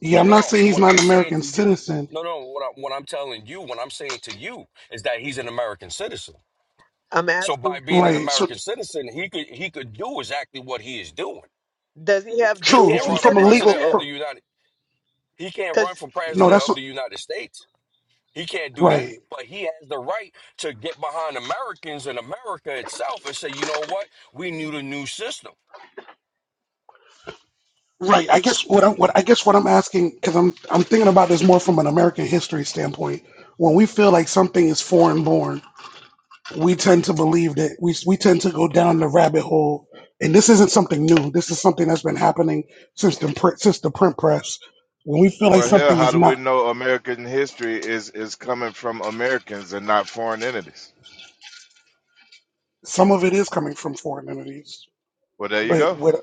S2: Yeah,
S11: No,
S2: I'm
S11: no,
S2: not
S11: no.
S2: saying he's
S11: What
S2: not an
S11: I'm saying
S2: American
S11: to you,
S2: citizen.
S11: no, no. What I, what I'm telling you, what I'm saying to you is that he's an American citizen.
S10: I'm
S11: So by
S10: asking,
S11: being an
S2: Right. So
S11: American citizen, he could he could do exactly what he is doing.
S10: does he have
S11: He
S2: true.
S11: can't
S10: dual
S2: f-
S11: run for
S2: From a
S11: president
S2: legal.
S11: of
S10: citizenship?
S11: the
S2: From,
S11: United. He can't run
S10: Cause
S11: for
S2: no,
S11: president
S2: that's
S11: of
S2: what,
S11: the United States. He can't do that.
S2: right.
S11: But he has the right to get behind Americans and America itself and say, you know what? We need a new system.
S2: Right. I guess what I'm what I guess what I'm asking because I'm I'm thinking about this more from an American history standpoint. When we feel like something is foreign born, we tend to believe that we we tend to go down the rabbit hole. And this isn't something new. This is something that's been happening since the print since the print press. When we feel like
S12: Well, hell,
S2: something
S12: how
S2: is
S12: do we
S2: not,
S12: know American history is is coming from Americans and not foreign entities?
S2: some of it is coming from foreign entities.
S12: Well, there you
S2: But
S12: go.
S2: what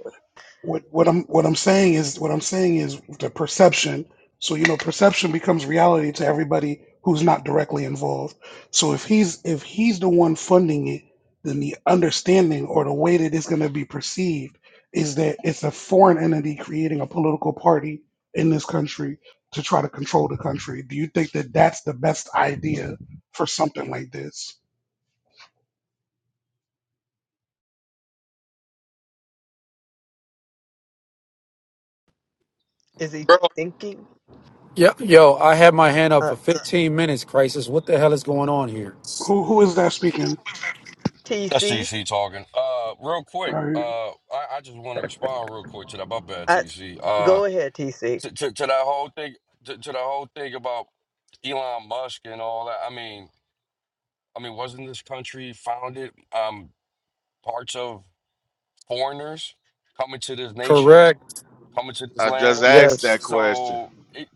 S2: what what I'm what I'm saying is what I'm saying is the perception. So you know, perception becomes reality to everybody who's not directly involved. So if he's if he's the one funding it, then the understanding or the way that it's going to be perceived is that it's a foreign entity creating a political party in this country to try to control the country. Do you think that that's the best idea for something like this?
S10: is he thinking
S15: Yo, yo, I had my hand up
S10: uh,
S15: for 15 minutes, Crisis. What the hell is going on here?
S2: Who who is that speaking?
S11: That's
S10: TC?
S11: TC talking. Uh, real
S2: All
S11: quick.
S2: right.
S11: Uh, I, I just want to respond real quick to that. My bad, TC. Uh,
S10: go ahead, TC.
S11: to, to, to that whole thing, to, to the whole thing about Elon Musk and all that. I mean, I mean, wasn't this country founded um parts of foreigners coming to this nation?
S15: Correct.
S11: coming to this
S12: I just
S11: land.
S12: asked that
S15: Yes.
S12: question.
S11: So it,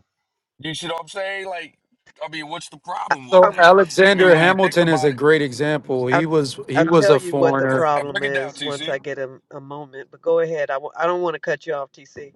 S11: you should know what I'm saying? Like, I mean, what's the problem with
S15: So
S11: that? I mean,
S15: Alexander
S11: when you think
S15: Hamilton is
S11: about
S15: a
S11: it,
S15: great example. He
S10: I'll,
S15: was he
S10: I'll
S15: was
S10: tell
S15: a
S10: you what the
S11: go
S15: foreigner.
S11: ahead,
S10: problem
S11: break it down,
S10: is once
S11: TC.
S10: I get a, a moment, but go ahead. I w- I don't want to cut you off, TC.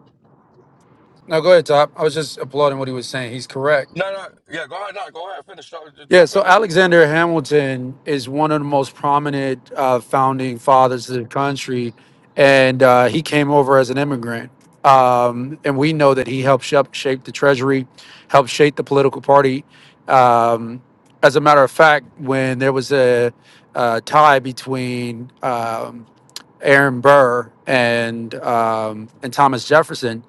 S15: Now go ahead, Top. I was just applauding what he was saying. He's correct.
S11: No, no, yeah, go ahead, no, go ahead, finish, uh,
S15: Yeah,
S11: jump
S15: so
S11: in there.
S15: Alexander Hamilton is one of the most prominent uh, founding fathers of the country, and uh, he came over as an immigrant. Um, and we know that he helped shape, shape the Treasury, helped shape the political party. Um, as a matter of fact, when there was a, uh tie between um, Aaron Burr and um, and Thomas Jefferson,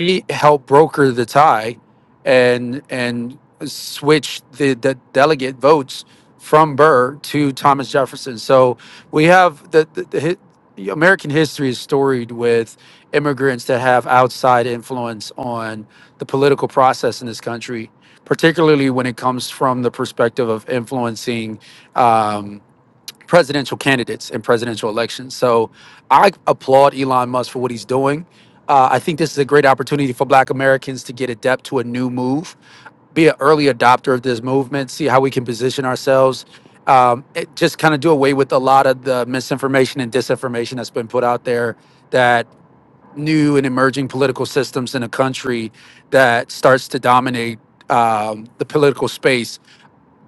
S15: he helped broker the tie and and switch the, the delegate votes from Burr to Thomas Jefferson. So we have the, the, the hi- American history is storied with immigrants that have outside influence on the political process in this country, particularly when it comes from the perspective of influencing um, presidential candidates and presidential elections. So I applaud Elon Musk for what he's doing. Uh, I think this is a great opportunity for Black Americans to get adept to a new move, be an early adopter of this movement, see how we can position ourselves, um, it just kind of do away with a lot of the misinformation and disinformation that's been put out there that new and emerging political systems in a country that starts to dominate um, the political space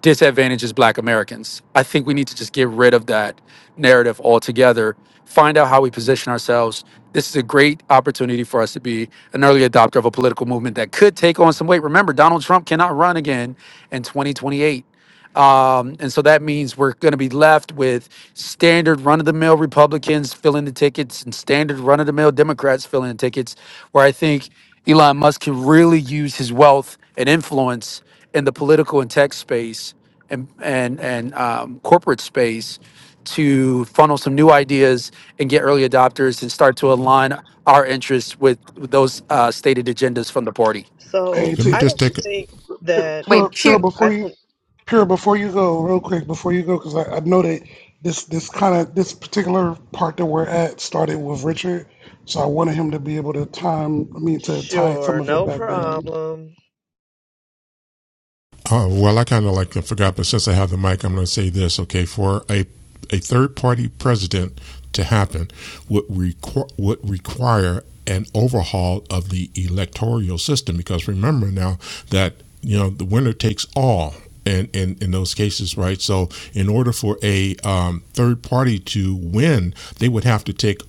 S15: disadvantages black Americans. I think we need to just get rid of that narrative altogether, find out how we position ourselves. This is a great opportunity for us to be an early adopter of a political movement that could take on some weight. Remember, Donald Trump cannot run again in 2028. Um, and so that means we're going to be left with standard run of the mill Republicans filling the tickets and standard run of the mill Democrats filling the tickets, where I think Elon Musk can really use his wealth and influence in the political and tech space and, and, and um, corporate space to funnel some new ideas and get early adopters and start to align our interests with with those uh, stated agendas from the party.
S10: So
S2: Hey,
S13: Let me
S2: T-
S10: I
S13: just
S10: don't
S13: take.
S10: think
S2: Pure,
S10: that
S2: Pure,
S1: Wait,
S10: I,
S2: Pure,
S1: pure,
S10: I
S2: before you
S10: don't,
S2: Pure, before you go, real quick, before you go, because I, I know that this this kind of this particular part that we're at started with Richard, so I wanted him to be able to time. I mean, to tie some
S10: sure,
S2: of it
S10: no
S2: back down.
S10: problem.
S13: Uh, well, I kind of like I forgot, but since I have the mic, I'm going to say this. Okay, for a a third party president to happen would requ- would require an overhaul of the electoral system because remember now that you know the winner takes all in, in, in those cases right so in order for a um, third party to win they would have to take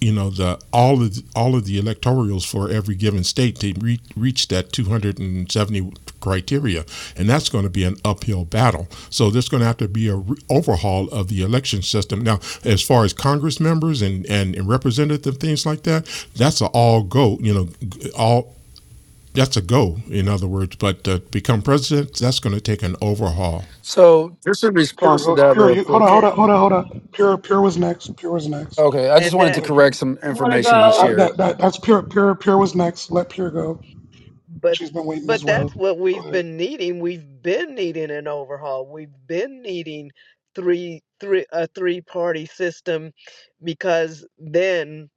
S13: you know the all of the, all of the electorals for every given state to re- reach that 270 criteria and that's going to be an uphill battle so there's going to have to be a re- overhaul of the election system now as far as congress members and, and and representative things like that that's an all go you know all that's a go in other words but to become president that's going to take an overhaul
S15: So, just in
S2: Pure,
S15: response to
S2: go,
S15: that,
S2: pure,
S15: real
S2: you hold on,
S15: quick.
S2: hold
S10: And,
S2: on, hold on, hold on. Pure, pure was next. Pure was next.
S15: Okay, I just
S10: and
S15: wanted
S2: Go
S15: to
S10: that,
S2: ahead,
S15: correct
S2: pure.
S15: some information he
S2: Uh,
S15: shared.
S2: that, that that's pure. Pure, pure was next. Let pure go.
S10: but,
S2: She's been waiting as
S10: but that's
S2: well.
S10: what
S2: Go
S10: we've
S2: ahead.
S10: been needing. We've been needing an overhaul. We've been needing three, three, a three party system because then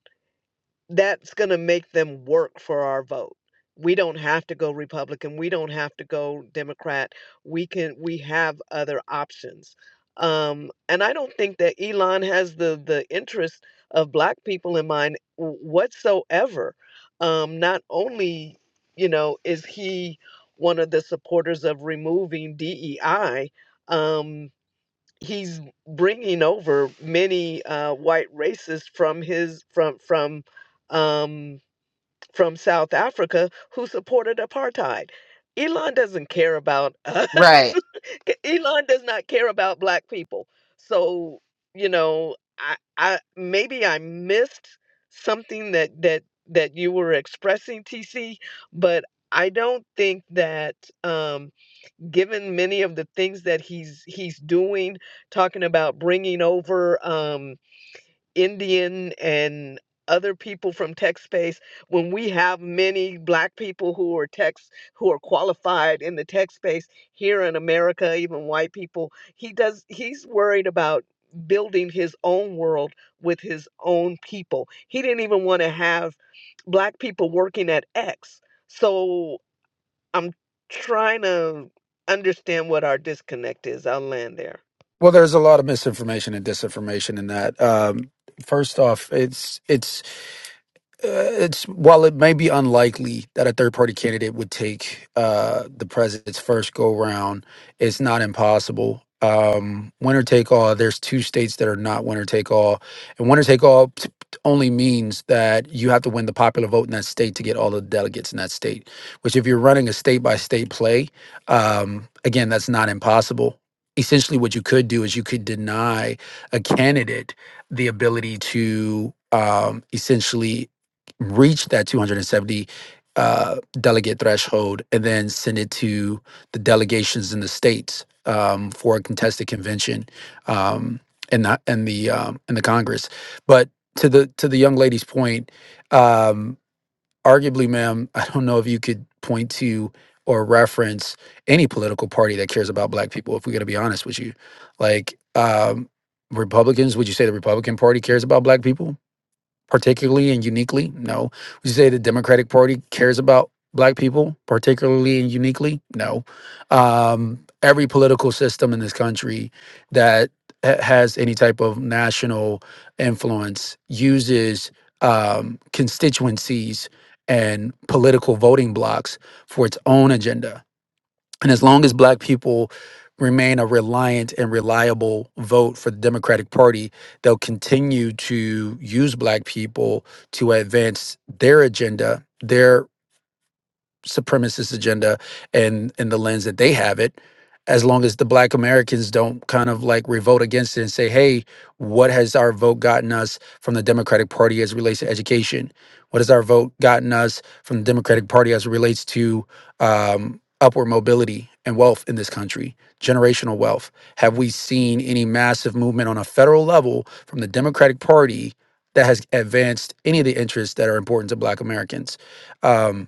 S10: that's going to make them work for our vote. We don't have to go Republican. We don't have to go Democrat. We can. We have other options. Um, and I don't think that Elon has the the interest of black people in mind w- whatsoever. Um, not only, you know, is he one of the supporters of removing DEI. Um, he's bringing over many uh, white racists from his from from um, from South Africa who supported apartheid. Elon doesn't care about us.
S1: right.
S10: Elon does not care about black people. So you know, I, I maybe I missed something that that that you were expressing, TC, but I don't think that. Um, given many of the things that he's he's doing talking about bringing over um indian and other people from tech space when we have many black people who are techs who are qualified in the tech space here in america even white people he does he's worried about building his own world with his own people he didn't even want to have black people working at x so I'm trying to understand what our disconnect is. I'll land there.
S15: Well, there's a lot of misinformation and disinformation in that. Um, first off, it's it's uh, it's while it may be unlikely that a third party candidate would take uh, the president's first go round, it's not impossible. Um, winner take all. There's two states that are not winner take all, and winner take all t- only means that you have to win the popular vote in that state to get all the delegates in that state. Which, if you're running a state by state play, um, again, that's not impossible. Essentially, what you could do is you could deny a candidate the ability to um, essentially reach that 270 uh, delegate threshold and then send it to the delegations in the states um, for a contested convention um, and the and the um, and the Congress. But to the to the young lady's point, um, arguably, ma'am, I don't know if you could point to or reference any political party that cares about Black people. If we're going to be honest with you, like um, Republicans, would you say the Republican Party cares about Black people? particularly and uniquely? No. Would you say the Democratic Party cares about black people, particularly and uniquely? No. Um, every political system in this country that ha- has any type of national influence uses um, constituencies and political voting blocks for its own agenda and as long as black people remain a reliant and reliable vote for the Democratic Party, they'll continue to use black people to advance their agenda, Their supremacist agenda and and the lens that they have it as long as the black americans don't kind of like revolt against it and say hey what has our vote gotten us from the democratic party as it relates to education what has our vote gotten us from the democratic party as it relates to um, upward mobility and wealth in this country generational wealth have we seen any massive movement on a federal level from the democratic party that has advanced any of the interests that are important to black americans um,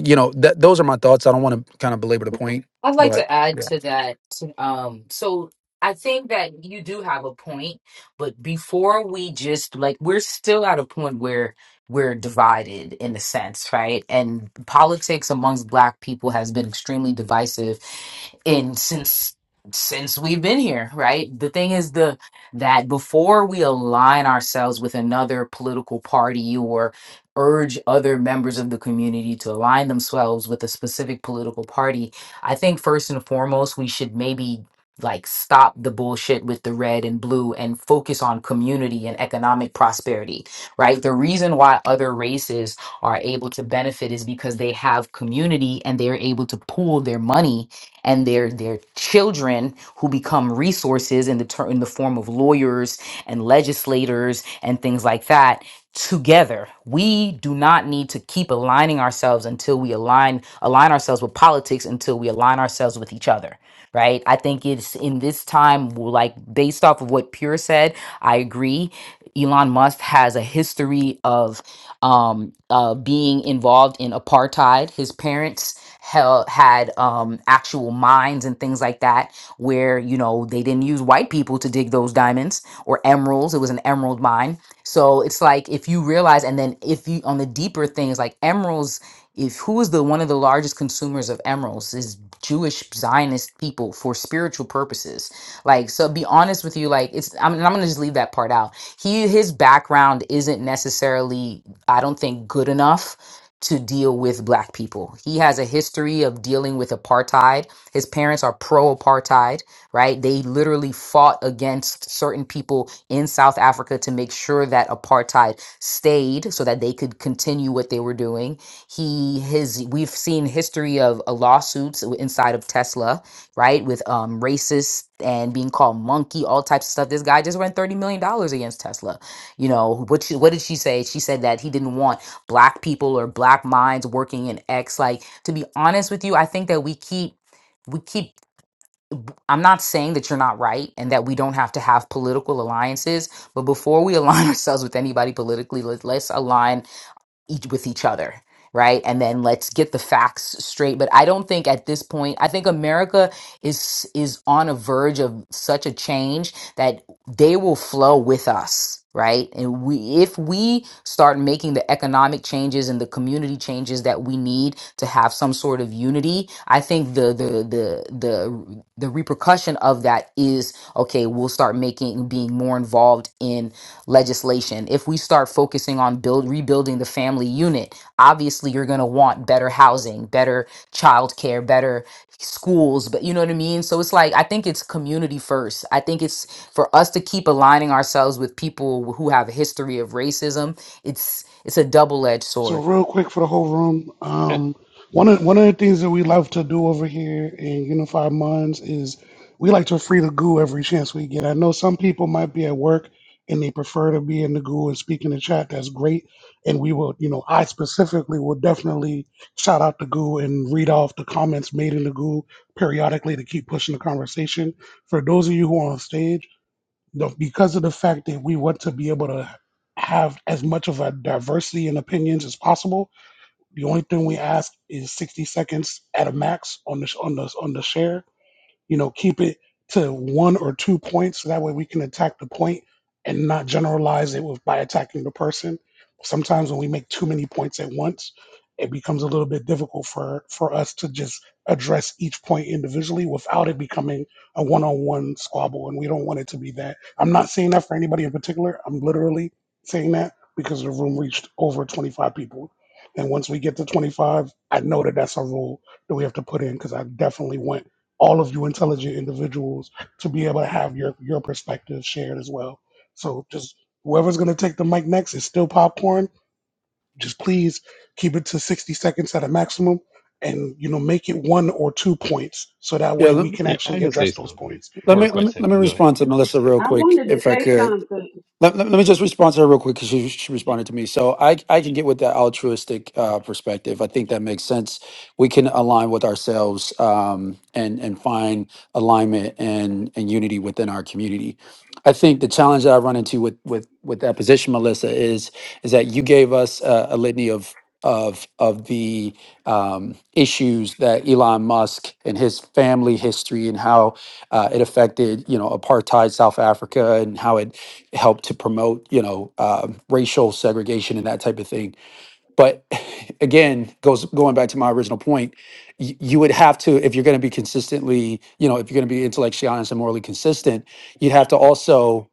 S15: you know, that those are my thoughts. I don't want to kind of belabor the point,
S1: I'd like
S15: but
S1: to add
S15: yeah.
S1: to that. Um, so I think that you do have a point, but before we just like, we're still at a point where we're divided in a sense, right? And politics amongst Black people has been extremely divisive in since since we've been here right the thing is the that before we align ourselves with another political party or urge other members of the community to align themselves with a specific political party I think first and foremost, we should maybe like stop the bullshit with the red and blue and focus on community and economic prosperity, right? The reason why other races are able to benefit is because they have community and they're able to pool their money and their their children who become resources in the ter- in the form of lawyers and legislators and things like that together. We do not need to keep aligning ourselves until we align align ourselves with politics until we align ourselves with each other. Right? I think it's in this time like based off of what Pure said, I agree. Elon Musk has a history of um, uh, being involved in apartheid. His parents held, had um, actual mines and things like that, where you know they didn't use white people to dig those diamonds or emeralds. It was an emerald mine so it's like if you realize, and then if you on the deeper things like emeralds, if who is the one of the largest consumers of emeralds is Jewish Zionist people for spiritual purposes. Like, so be honest with you, like it's I'm, and I'm gonna just leave that part out. He his background isn't necessarily, I don't think, good enough to deal with black people. He has a history of dealing with apartheid. His parents are pro apartheid right? They literally fought against certain people in South Africa to make sure that apartheid stayed so that they could continue what they were doing. He his we've seen history of uh, lawsuits w- inside of Tesla, right? With um racists and being called monkey, all types of stuff. This guy just ran 30 million dollars against Tesla. You know, what she, what did she say? She said that he didn't want black people or black minds working in X like to be honest with you, I think that we keep we keep I'm not saying that you're not right and that we don't have to have political alliances, but before we align ourselves with anybody politically, let, us align each with each other right and then let's get the facts straight but i don't think at this point i think america is is on a verge of such a change that they will flow with us right and we if we start making the economic changes and the community changes that we need to have some sort of unity i think the the the the the repercussion of that is okay we'll start making being more involved in legislation, if we start focusing on build rebuilding the family unit, obviously you're going to want better housing, better childcare, better schools, but you know what I mean? So it's like I think it's community first. I think it's for us to keep aligning ourselves with people who have a history of racism. It's it's a double-edged
S2: So
S1: sword.
S2: real quick for the whole room,
S16: Uh,
S2: um, one of one of the things that we love to do over here in Unified Minds is we like to free the goo every chance we get. I know some people might be at work and they prefer to be in the goo and speak in the chat. That's great, and we will, you know, I specifically will definitely shout out the goo and read off the comments made in the goo periodically to keep pushing the conversation. For those of you who are on stage the, because of the fact that we want to be able to have as much of a diversity in opinions as possible. The only thing we ask is 60 seconds at a max on the on the on the share you know, keep it to one or two points. So that way we can attack the point and not generalize it with by attacking the person. Sometimes when we make too many points at once, it becomes a little bit difficult for for us to just address each point individually without it becoming a one-on-one squabble. And we don't want it to be that. I'm not saying that for anybody in particular. I'm literally saying that because the room reached over 25 people. And once we get to 25, I know that that's a rule that we have to put in because I definitely went all of you intelligent individuals to be able to have your your perspective shared as well. So just whoever's gonna take the mic next is still popcorn. Just please keep it to sixty seconds at a maximum, and you know make it one or two points so that
S15: Yeah,
S2: way
S15: let,
S2: we can
S16: yeah, I
S2: actually
S16: can say
S2: address those
S16: something
S2: points.
S15: let
S16: for a
S15: me let
S16: quick
S15: me let me
S16: second. Go ahead.
S15: respond to Melissa real
S3: I
S15: quick,
S3: wanted to
S15: if I
S3: say
S15: could.
S3: something.
S15: Let, let, let me just respond to her real quick because she, she
S16: Y-
S15: responded to me. So I, I can get with that altruistic uh, perspective. I think that makes sense. We can align with ourselves um, and and find alignment and and unity within our community. I think the challenge that I run into with with with that position, Melissa, is is that you gave us a, a litany of of of the um, issues that Elon Musk and his family history and how uh, it affected you know apartheid South Africa and how it help to promote you know um racial segregation and that type of thing but again goes going back to my original point y- you would have to if you're going to be consistently you know if you're going to be intellectually honest and morally consistent you'd have to also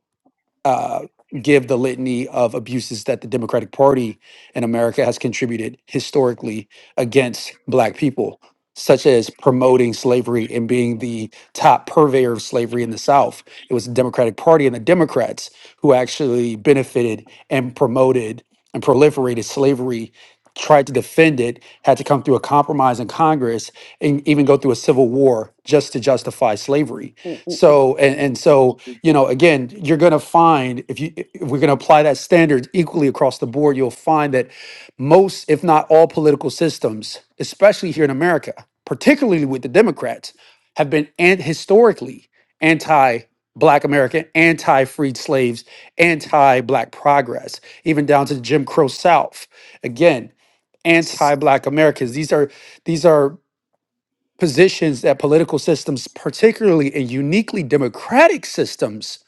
S15: uh, give the litany of abuses that the Democratic Party in America has contributed historically against Black people, such as promoting slavery and being the top purveyor of slavery in the South. It was the Democratic Party and the Democrats who actually benefited and promoted and proliferated slavery. Tried to defend it, had to come through a compromise in Congress and even go through a civil war just to justify slavery. So, and, and so you know again you're going to find if you if we're going to apply that standard equally across the board you'll find that most if not all political systems especially here in america particularly with the democrats have been and historically anti black america anti freed slaves anti black progress even down to the jim crow south again anti black americans these are these are positions that political systems particularly and uniquely democratic systems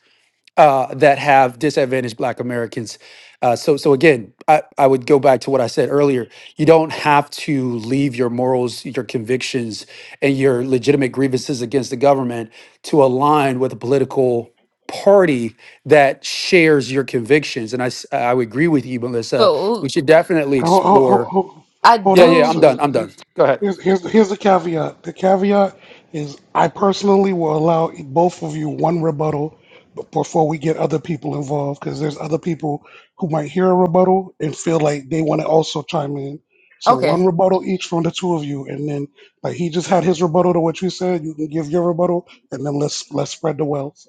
S15: uh, that have disadvantaged Black Americans. Uh, so, so again, I, I would go back to what I said earlier. You don't have to leave your morals, your convictions, and your legitimate grievances against the government to align with a political party that shares your convictions. And I, s- I would agree with you, Melissa.
S1: So
S15: We should definitely
S2: Hold, hold,
S15: explore.
S2: hold,
S1: I
S2: hold
S15: Yeah,
S2: on.
S15: yeah, I'm
S1: do.
S2: So
S15: done. I'm done. Go ahead.
S2: here's, here's, here's the caveat. The caveat is I personally will allow both of you one rebuttal b- before we get other people involved because there's other people who might hear a rebuttal and feel like they want to also chime in. So
S1: Okay.
S2: one rebuttal each from the two of you, and then like he just had his rebuttal to what you said. You can give your rebuttal, and then let's let's spread the wealth.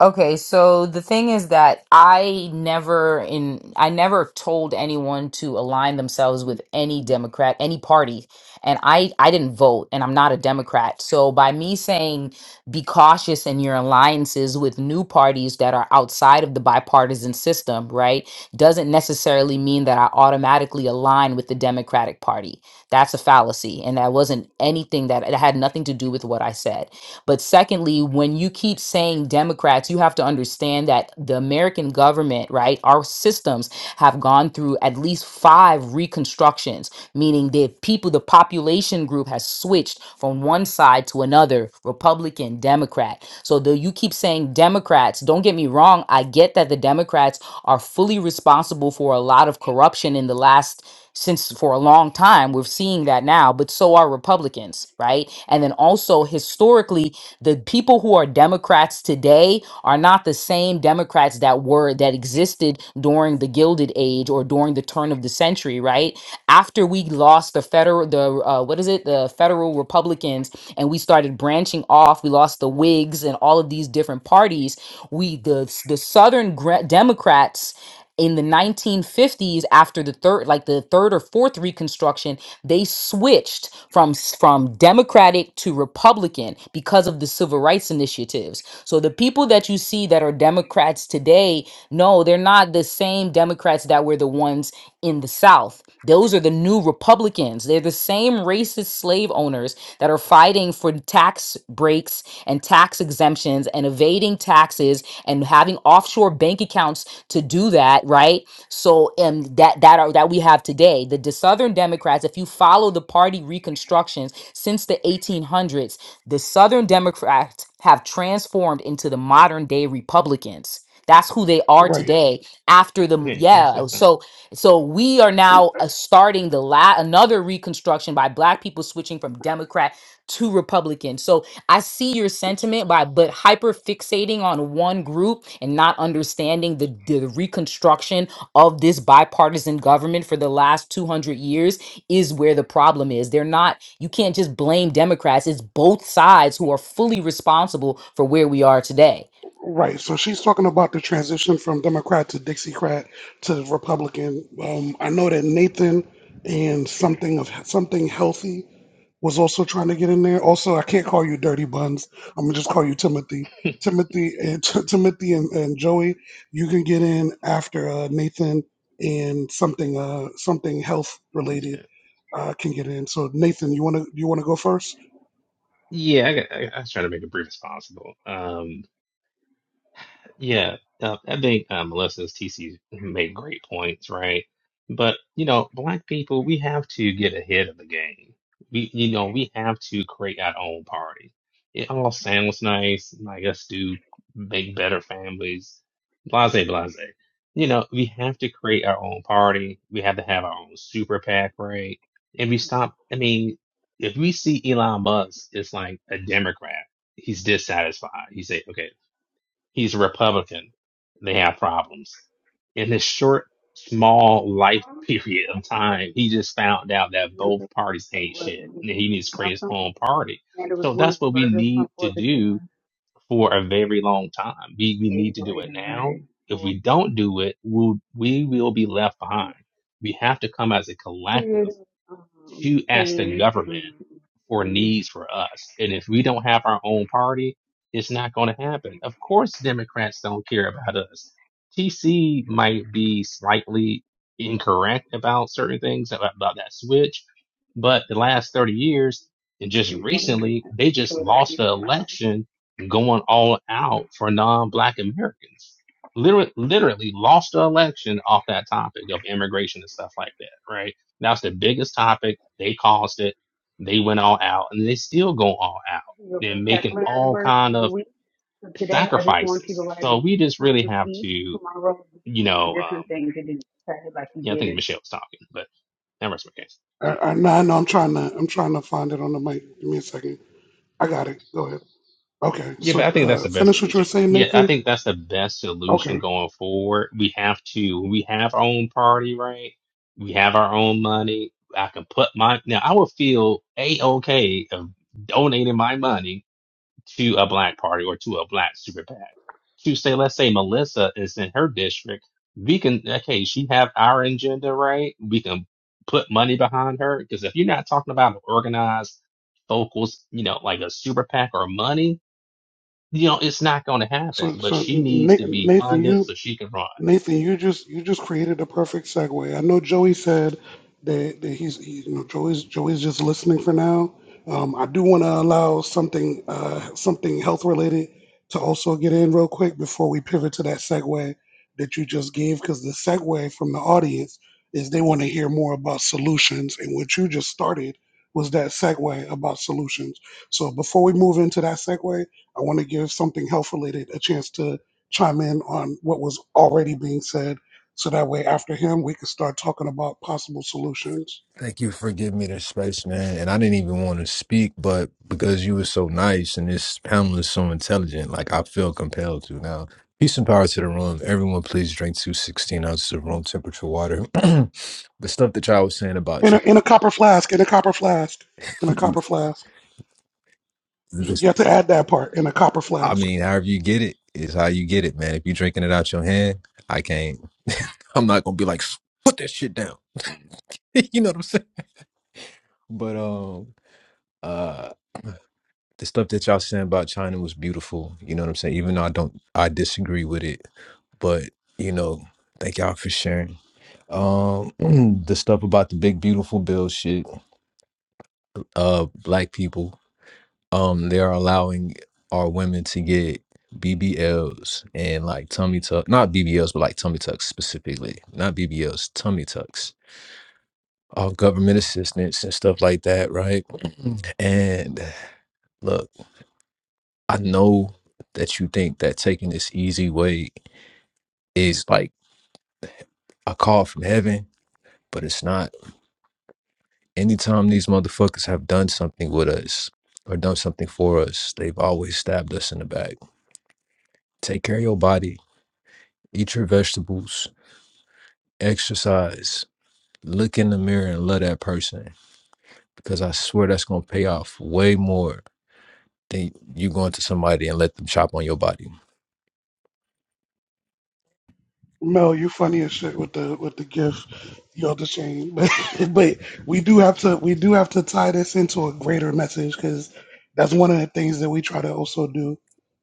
S1: Okay, so the thing is that I never in I never told anyone to align themselves with any Democrat, any party. And I I didn't vote and I'm not a Democrat. So by me saying be cautious in your alliances with new parties that are outside of the bipartisan system, right, doesn't necessarily mean that I automatically align with the Democratic Party. That's a fallacy and that wasn't anything that it had nothing to do with what I said. But secondly, when you keep saying Democrats, you have to understand that the American government, right, our systems have gone through at least five reconstructions, meaning the people, the population group has switched from one side to another, Republican, Democrat. So though you keep saying Democrats, don't get me wrong, I get that the Democrats are fully responsible for a lot of corruption in the last since for a long time we're seeing that now but so are republicans right and then also historically the people who are democrats today are not the same democrats that were that existed during the gilded age or during the turn of the century right after we lost the federal the uh, what is it the federal republicans and we started branching off we lost the whigs and all of these different parties we the the southern gra- democrats in the 1950s after the third like the third or fourth reconstruction they switched from s- from democratic to republican because of the civil rights initiatives so the people that you see that are democrats today no they're not the same democrats that were the ones in the South. Those are the new Republicans. They're the same racist slave owners that are fighting for tax breaks and tax exemptions and evading taxes and having offshore bank accounts to do that, right? So um that that are that we have today. The, the Southern Democrats, if you follow the party reconstructions since the 1800s, the Southern Democrats have transformed into the modern day Republicans. That's who they are
S2: Right.
S1: today after the
S16: Yeah, can I say
S1: yeah.
S16: something?
S1: So so we are now uh, starting the la- another reconstruction by black people switching from Democrat to Republican. So I see your sentiment by but hyper fixating on one group and not understanding the, the reconstruction of this bipartisan government for the last 200 years is where the problem is. They're not you can't just blame Democrats. It's both sides who are fully responsible for where we are today.
S2: Right. So she's talking about the transition from Democrat to Dixiecrat to Republican. Um, I know that Nathan and something of something healthy was also trying to get in there. Also, I can't call you Dirty Buns. I'm gonna just call you Timothy. Timothy and Timothy and, and Joey, you can get in after uh, Nathan and something uh, something health related
S16: yeah,
S2: uh, can get in. So Nathan, you wanna you wanna go first?
S16: yeah. I, got- I, I was trying to make it brief as possible. Um, Yeah, uh, I think uh, Melissa's TC made great points, right? But you know, black people, we have to get ahead of the game. We, you know, we have to create our own party. It all sounds nice, like us do make better families, blase, blase. You know, we have to create our own party. We have to have our own super PAC, right? And we stop. I mean, if we see Elon Musk, it's like a Democrat. He's dissatisfied. He say, okay. He's a Republican. They have problems. In this short, small life period of time, he just found out that both
S3: What-
S16: parties hate shit
S3: what-
S16: and he
S3: it
S16: needs to create
S3: sounds
S16: his
S3: something.
S16: own party.
S3: And it was
S16: So
S3: one
S16: that's
S3: of the
S16: what we
S3: burgers from
S16: need to
S3: Fourth of
S16: do
S3: July.
S16: for a very long time. We, we need
S3: Days
S16: to do it
S3: later,
S16: now.
S3: right?
S16: If we don't do it, we'll, we will be left behind. We have to come as a collective
S3: creative um,
S16: to ask the
S3: things,
S16: government
S3: um,
S16: for
S3: um,
S16: needs for us. And if we don't have our own party, it's not going to happen. Of course, Democrats don't care about us. TC might be slightly incorrect about certain things about, about that switch, but the last 30 years and just recently, they just lost the election going all out for non-black Americans. Literally, literally lost the election off that topic of immigration and stuff like that, right? That was the biggest topic. They caused it. They went all out and they still go all out. They're making all kind of sacrifices. So we just really have to,
S3: each
S16: you
S3: role
S16: know, um,
S3: exactly like you
S16: yeah, I
S3: did
S16: think
S3: it.
S16: Michelle was talking, but that was my case.
S2: I, I, no, no, I'm trying to I'm trying to find it on the mic. Give me a second. I got it. Go ahead. Okay,
S16: Yeah, but
S2: so
S16: I think that's
S2: uh,
S16: the best
S2: finish what you were
S16: solution.
S2: saying,
S16: Yeah, I
S2: Nathan.
S16: think that's the best solution
S2: Okay,
S16: going forward. We have to, we have our own party, right? We have our own money. I can put my, now I would feel a-okay of donating my money to a black party or to a black super PAC. To say, let's say Melissa is in her district, we can okay, she have our agenda right. We can put money behind her because if you're not talking about an organized focus, you know, like a super PAC or money, you know, it's not going to happen.
S2: so
S16: But
S2: so
S16: she needs
S2: Na-
S16: to be
S2: Nathan, you
S16: funded so she can run.
S2: Nathan, you just you just created a perfect segue. I know Joey said that, that he's he, you know Joey's Joey's just listening for now. Um, I do want to allow something uh, something health related to also get in real quick before we pivot to that segue that you just gave because the segue from the audience is they want to hear more about solutions and what you just started was that segue about solutions. So before we move into that segue, I want to give something health related a chance to chime in on what was already being said so that way after him we can start talking about possible solutions
S17: Thank you for giving me this space, man. And I didn't even want to speak, but because you were so nice and this panel is so intelligent, like I feel compelled to now. Peace and power to the room. Everyone, please drink two sixteen ounces of room temperature water. the stuff that y'all was saying about
S2: in a,
S17: China,
S2: in a copper flask in a copper flask in a
S17: you-
S2: copper flask you
S17: this,
S2: have to add that part in a copper
S17: I
S2: flask
S17: mean, however you get it is how you get it, man. If you're drinking it out your hand, I can't, I'm not going to be like, put that shit down. you know what I'm saying? But, um, uh, the stuff that y'all saying about China was beautiful. You know what I'm saying? Even though I don't, I disagree with it. But you know, thank y'all for sharing. Um, the stuff about the big beautiful bill shit. Uh, black people, um, they are allowing our women to get BBLs and like tummy tuck, not BBLs, but like tummy tucks specifically, not BBLs, tummy tucks. All government assistance and stuff like that, right? And look. I know that you think that taking this easy way is like a call from heaven, but it's not. Anytime these motherfuckers have done something with us or done something for us, they've always stabbed us in the back. Take care of your body, eat your vegetables, exercise, look in the mirror and love that person because I swear that's going to pay off way more than you going to somebody and let them chop on your body.
S2: Mel, you funny as shit with the with the gift, you the chain. But but we do have to we do have to tie this into a greater message because that's one of the things that we try to also do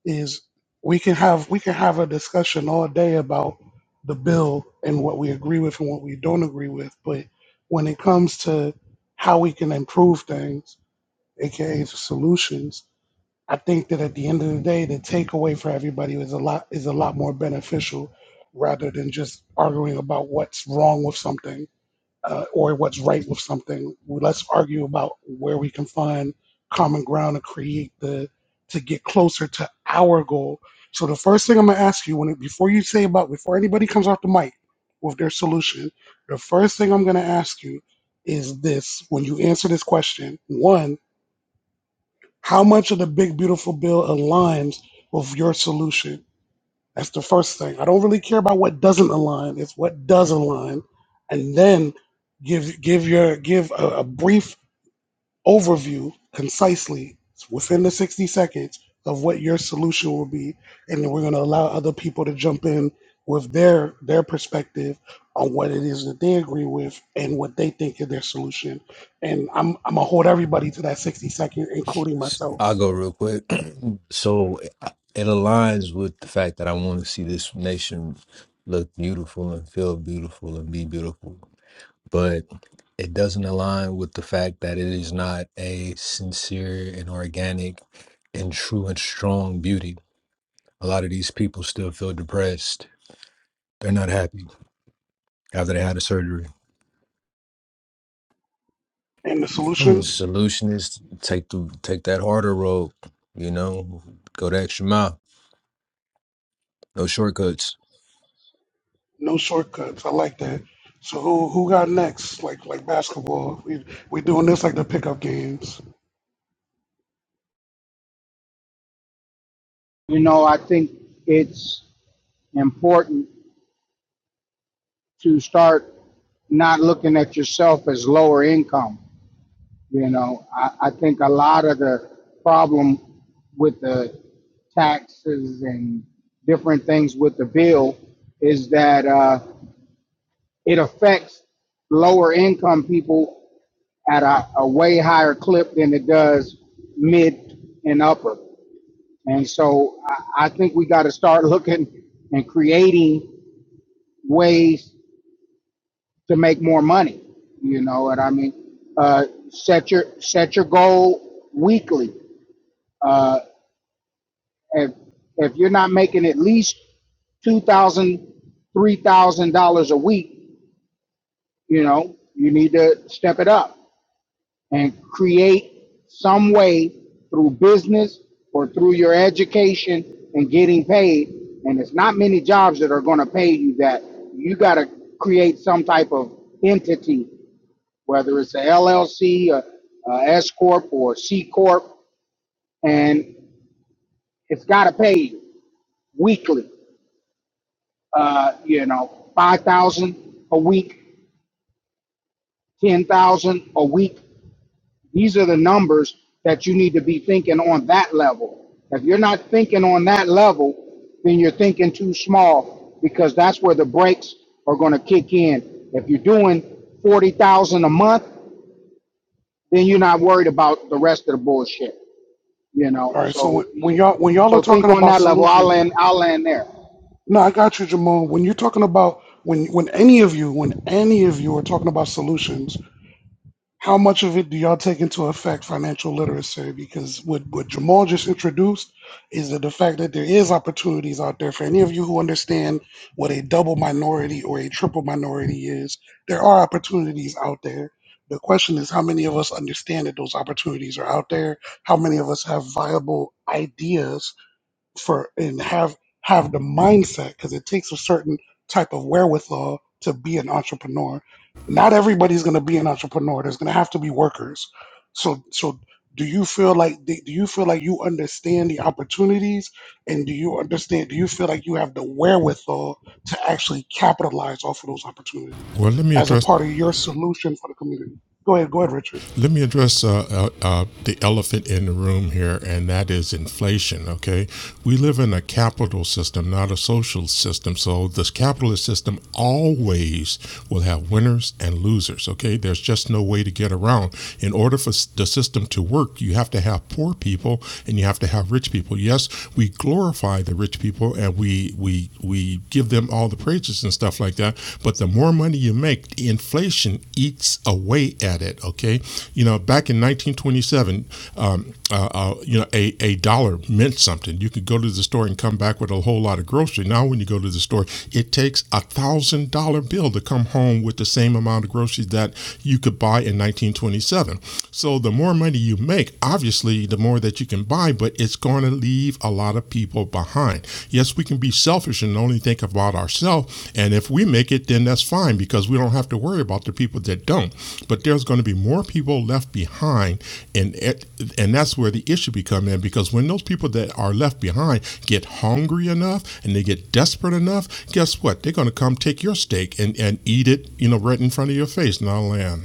S2: is we can have we can have a discussion all day about the bill and what we agree with and what we don't agree with. But when it comes to how we can improve things, aka solutions, I think that at the end of the day, the takeaway for everybody is a lot is a lot more beneficial rather than just arguing about what's wrong with something uh, or what's right with something. Let's argue about where we can find common ground to create the to get closer to our goal. So the first thing I'm gonna ask you when it, before you say about before anybody comes off the mic with their solution, the first thing I'm gonna ask you is this: when you answer this question, one how much of the big beautiful bill aligns with your solution? That's the first thing. I don't really care about what doesn't align. It's what does align, and then give give your give a, a brief overview concisely within the 60 seconds of what your solution will be and then we're going to allow other people to jump in with their their perspective on what it is that they agree with and what they think is their solution and i'm i'm gonna hold everybody to that 60 second including
S17: S-
S2: myself
S17: I'll go real quick. so I- it aligns with the fact that I want to see this nation look beautiful and feel beautiful and be beautiful. but it doesn't align with the fact that it is not a sincere and organic and true and strong beauty. A lot of these people still feel depressed. They're not happy after they had a surgery.
S2: and the
S17: The
S2: solution
S17: solution is take the take that harder road, you know, go the extra mile. No shortcuts.
S2: No shortcuts. I like that. So who who got next? Like like basketball. We we doing this like the pickup games.
S18: You know, I think it's important to start not looking at yourself as lower income. You know, I, I think a lot of the problem with the taxes and different things with the bill is that uh, it affects lower income people at a, a way higher clip than it does mid and upper. And so I, I think we got to start looking and creating ways to make more money. You know what I mean? Uh, set your set your goal weekly. Uh, if if you're not making at least two thousand, dollars, three thousand dollars a week, you know you need to step it up and create some way through business or through your education and getting paid. And it's not many jobs that are going to pay you that. You got to create some type of entity whether it's a LLC, a, a S corp, or C corp, and it's got to pay you weekly. Uh, you know, five thousand dollars a week, ten thousand dollars a week. These are the numbers that you need to be thinking on that level. If you're not thinking on that level, then you're thinking too small because that's where the brakes are going to kick in. If you're doing forty thousand dollars a month, then you're not worried about the rest of the bullshit. you know.
S2: All right. So
S18: So
S2: when, when y'all when y'all are
S18: so think
S2: talking
S18: on
S2: about
S18: that level. I'll
S2: solutions,
S18: land I'll land there.
S2: no, I got you, Jamal. When you're talking about when when any of you when any of you are talking about solutions, How much of it do y'all take into effect financial literacy? Because what, what Jamal just introduced is that the fact that there is opportunities out there for any of you who understand what a double minority or a triple minority is. There are opportunities out there. The question is how many of us understand that those opportunities are out there? How many of us have viable ideas for and have have the mindset because it takes a certain type of wherewithal to be an entrepreneur. Not everybody's going to be an entrepreneur. There's going to have to be workers. So so do you feel like do you feel like you understand the opportunities and do you understand do you feel like you have the wherewithal to actually capitalize off of those opportunities
S13: well let me
S2: as a
S13: address
S2: part of your solution for the community? Go ahead, go ahead, Richard.
S13: let me address uh, uh, uh, the elephant in the room here, and that is inflation. Okay, we live in a capital system, not a social system. So this capitalist system always will have winners and losers. Okay, there's just no way to get around. In order for the system to work, you have to have poor people and you have to have rich people. Yes, we glorify the rich people and we we we we give them all the praises and stuff like that. But the more money you make, the inflation eats away at it. Okay, you know, back in 1927, um, uh, uh, you know, a, a dollar meant something. You could go to the store and come back with a whole lot of grocery. Now, when you go to the store, it takes a thousand dollar bill to come home with the same amount of groceries that you could buy in 1927. So the more money you make, obviously, the more that you can buy, but it's going to leave a lot of people behind. Yes, we can be selfish and only think about ourselves. And if we make it, then that's fine because we don't have to worry about the people that don't. But there's going to be more people left behind. And, and that's where the issue becomes in because when those people that are left behind get hungry enough and they get desperate enough, guess what? They're going to come take your steak and, and eat it, you know, right in front of your face. Now, land.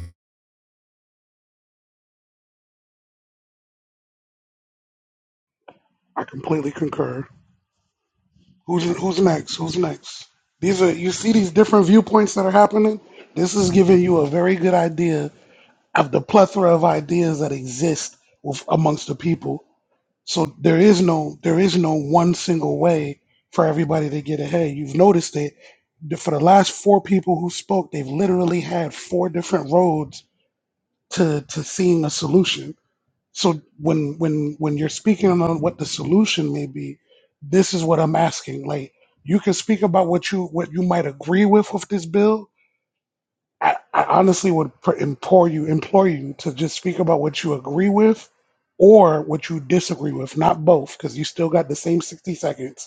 S2: I completely concur. Who's who's next? Who's next? These are you see these different viewpoints that are happening. This is giving you a very good idea of the plethora of ideas that exist with, amongst the people. So there is no there is no one single way for everybody to get ahead. You've noticed it the- for the last four people who spoke. They've literally had four different roads to to seeing a solution so when when when you're speaking on what the solution may be this is what i'm asking like you can speak about what you what you might agree with with this bill i, I honestly would pr- implore you implore you to just speak about what you agree with or what you disagree with not both because you still got the same 60 seconds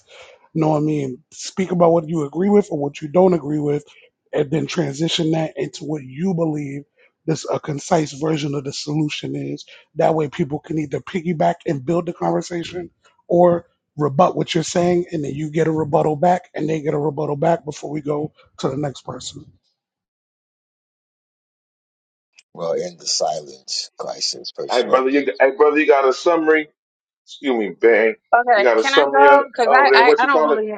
S2: you know what I mean? Speak about what you agree with or what you don't agree with, and then transition that into what you believe this a concise version of the solution is. That way people can either piggyback and build the conversation or rebut what you're saying and then you get a rebuttal back and they get a rebuttal back before we go to the next person.
S19: Well, in the silence crisis,
S20: Hey
S19: first of all,
S20: brother, you hey brother, you got a summary? Excuse me, bang. You
S3: Okay,
S20: got a
S3: can I
S20: summary o-
S3: go? Because
S20: over
S3: I,
S20: there? What
S3: I, I
S20: you
S3: don't
S20: call it?
S3: really.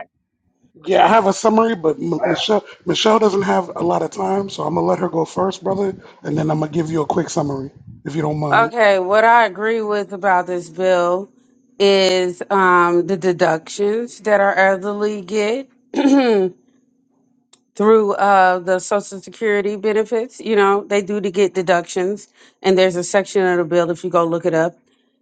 S2: Yeah, I have a summary, but M-
S20: I-
S2: Michelle Michelle doesn't have a lot of time, so I'm gonna let her go first, brother, and then I'm gonna give you a quick summary if you don't mind.
S3: Okay, what I agree with about this bill is um, the deductions that our elderly get. through uh, the Social Security benefits. You know, they do to get deductions, and there's a section of the bill if you go look it up.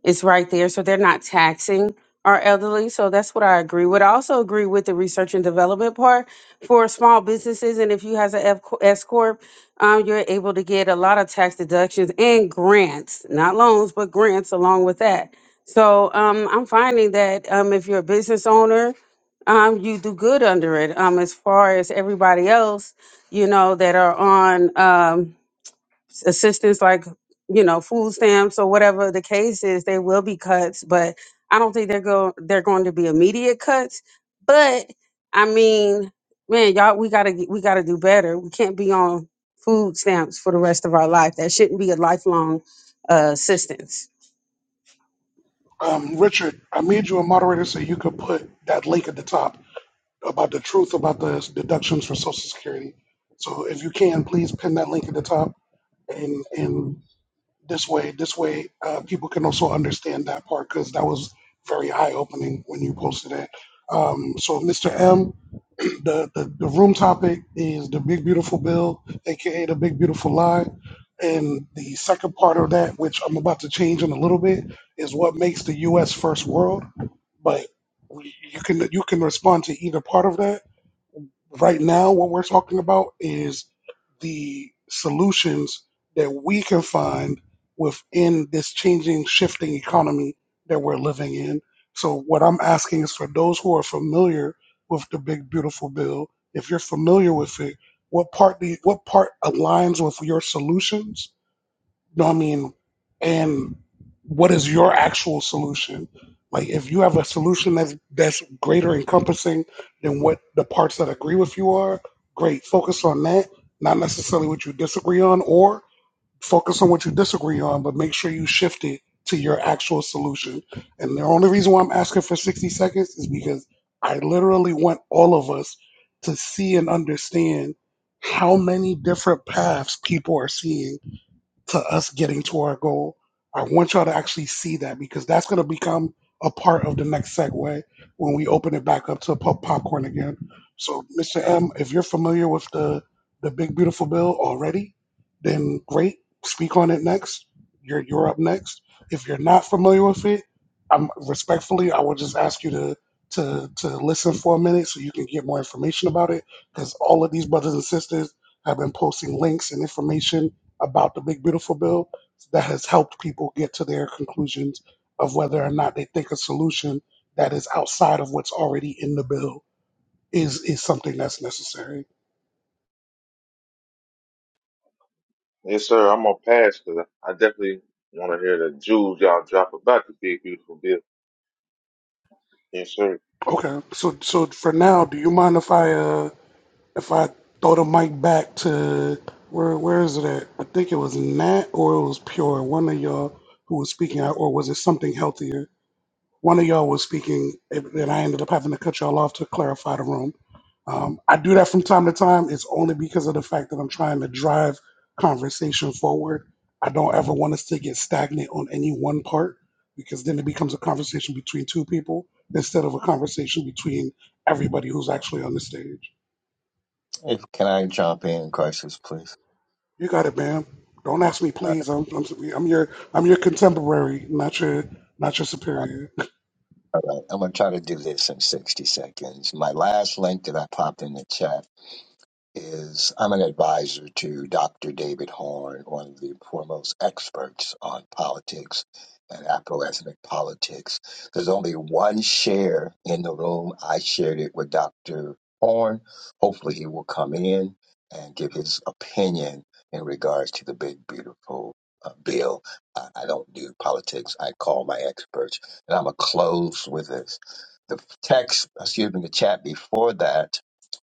S3: It's right there, so they're not taxing our elderly. So that's what I agree with. I also agree with the research and development part for small businesses, and if you has an F- S corp, um, you're able to get a lot of tax deductions and grants, not loans, but grants along with that. So um, I'm finding that um, if you're a business owner um, you do good under it. Um, as far as everybody else, you know, that are on um, s- assistance like, you know, food stamps or whatever the case is, they will be cuts, but I don't think they're go they're going to be immediate cuts. But I mean, man, y'all, we gotta get- we gotta do better. We can't be on food stamps for the rest of our life. That shouldn't be a lifelong uh, assistance.
S2: Um, Richard, I made you a moderator so you could put that link at the top. about the truth about the deductions for Social Security. So if you can, please pin that link at the top, and and this way, this way, uh, people can also understand that part because that was very eye opening when you posted it. Um, so Mr. M, the, the the room topic is the Big Beautiful Bill, aka the Big Beautiful Lie, and the second part of that, which I'm about to change in a little bit, is what makes the U.S. first world. But we- you can you can respond to either part of that Right now, what we're talking about is the solutions that we can find within this changing, shifting economy that we're living in. So, what I'm asking is for those who are familiar with the Big Beautiful Bill, if you're familiar with it, what part do you, what part aligns with your solutions you know what I mean? And what is your actual solution? Like if you have a solution that's that's greater encompassing than what the parts that agree with you are, great. Focus on that, not necessarily what you disagree on, or focus on what you disagree on, but make sure you shift it to your actual solution. And the only reason why I'm asking for 60 seconds is because I literally want all of us to see and understand how many different paths people are seeing to us getting to our goal. I want y'all to actually see that because that's going to become a part of the next segue when we open it back up to pop- popcorn again. So, Mr. M, if you're familiar with the the big beautiful bill already, then great. Speak on it next. You're you're up next. If you're not familiar with it, I'm respectfully, I will just ask you to to to listen for a minute so you can get more information about it because all of these brothers and sisters have been posting links and information about the big beautiful bill that has helped people get to their conclusions of whether or not they think a solution that is outside of what's already in the bill is is something that's necessary.
S20: yes, sir. I'm gonna pass because I I definitely want to hear the jewels y'all drop about the big beautiful bill. Yes, sir.
S2: Okay, so so for now, do you mind if I uh if I throw the mic back to where where is it at? I think it was Nat or it was Pure, one of y'all who was speaking out, or was it something healthier? one of y'all was speaking, and I ended up having to cut y'all off to clarify the room. Um, I do that from time to time. It's only because of the fact that I'm trying to drive conversation forward. I don't ever want us to get stagnant on any one part because then it becomes a conversation between two people instead of a conversation between everybody who's actually on the stage.
S19: if can I jump in, crisis, please?
S2: You got it, man. Don't ask me,
S19: Uh,
S2: please. I'm, I'm, I'm your I'm your contemporary, not your not your
S19: all
S2: superior.
S19: right, I'm gonna try to do this in 60 seconds. My last link that I popped in the chat. is I'm an advisor to Dr. David Horn, one of the foremost experts on politics and Afroethnic politics. There's only one share in the room. I shared it with Dr. Horn. Hopefully, he will come in and give his opinion in regards to the big, beautiful uh, bill. I, I don't do politics. I call my experts, and I'm gonna close with this. The text, excuse me, the chat before that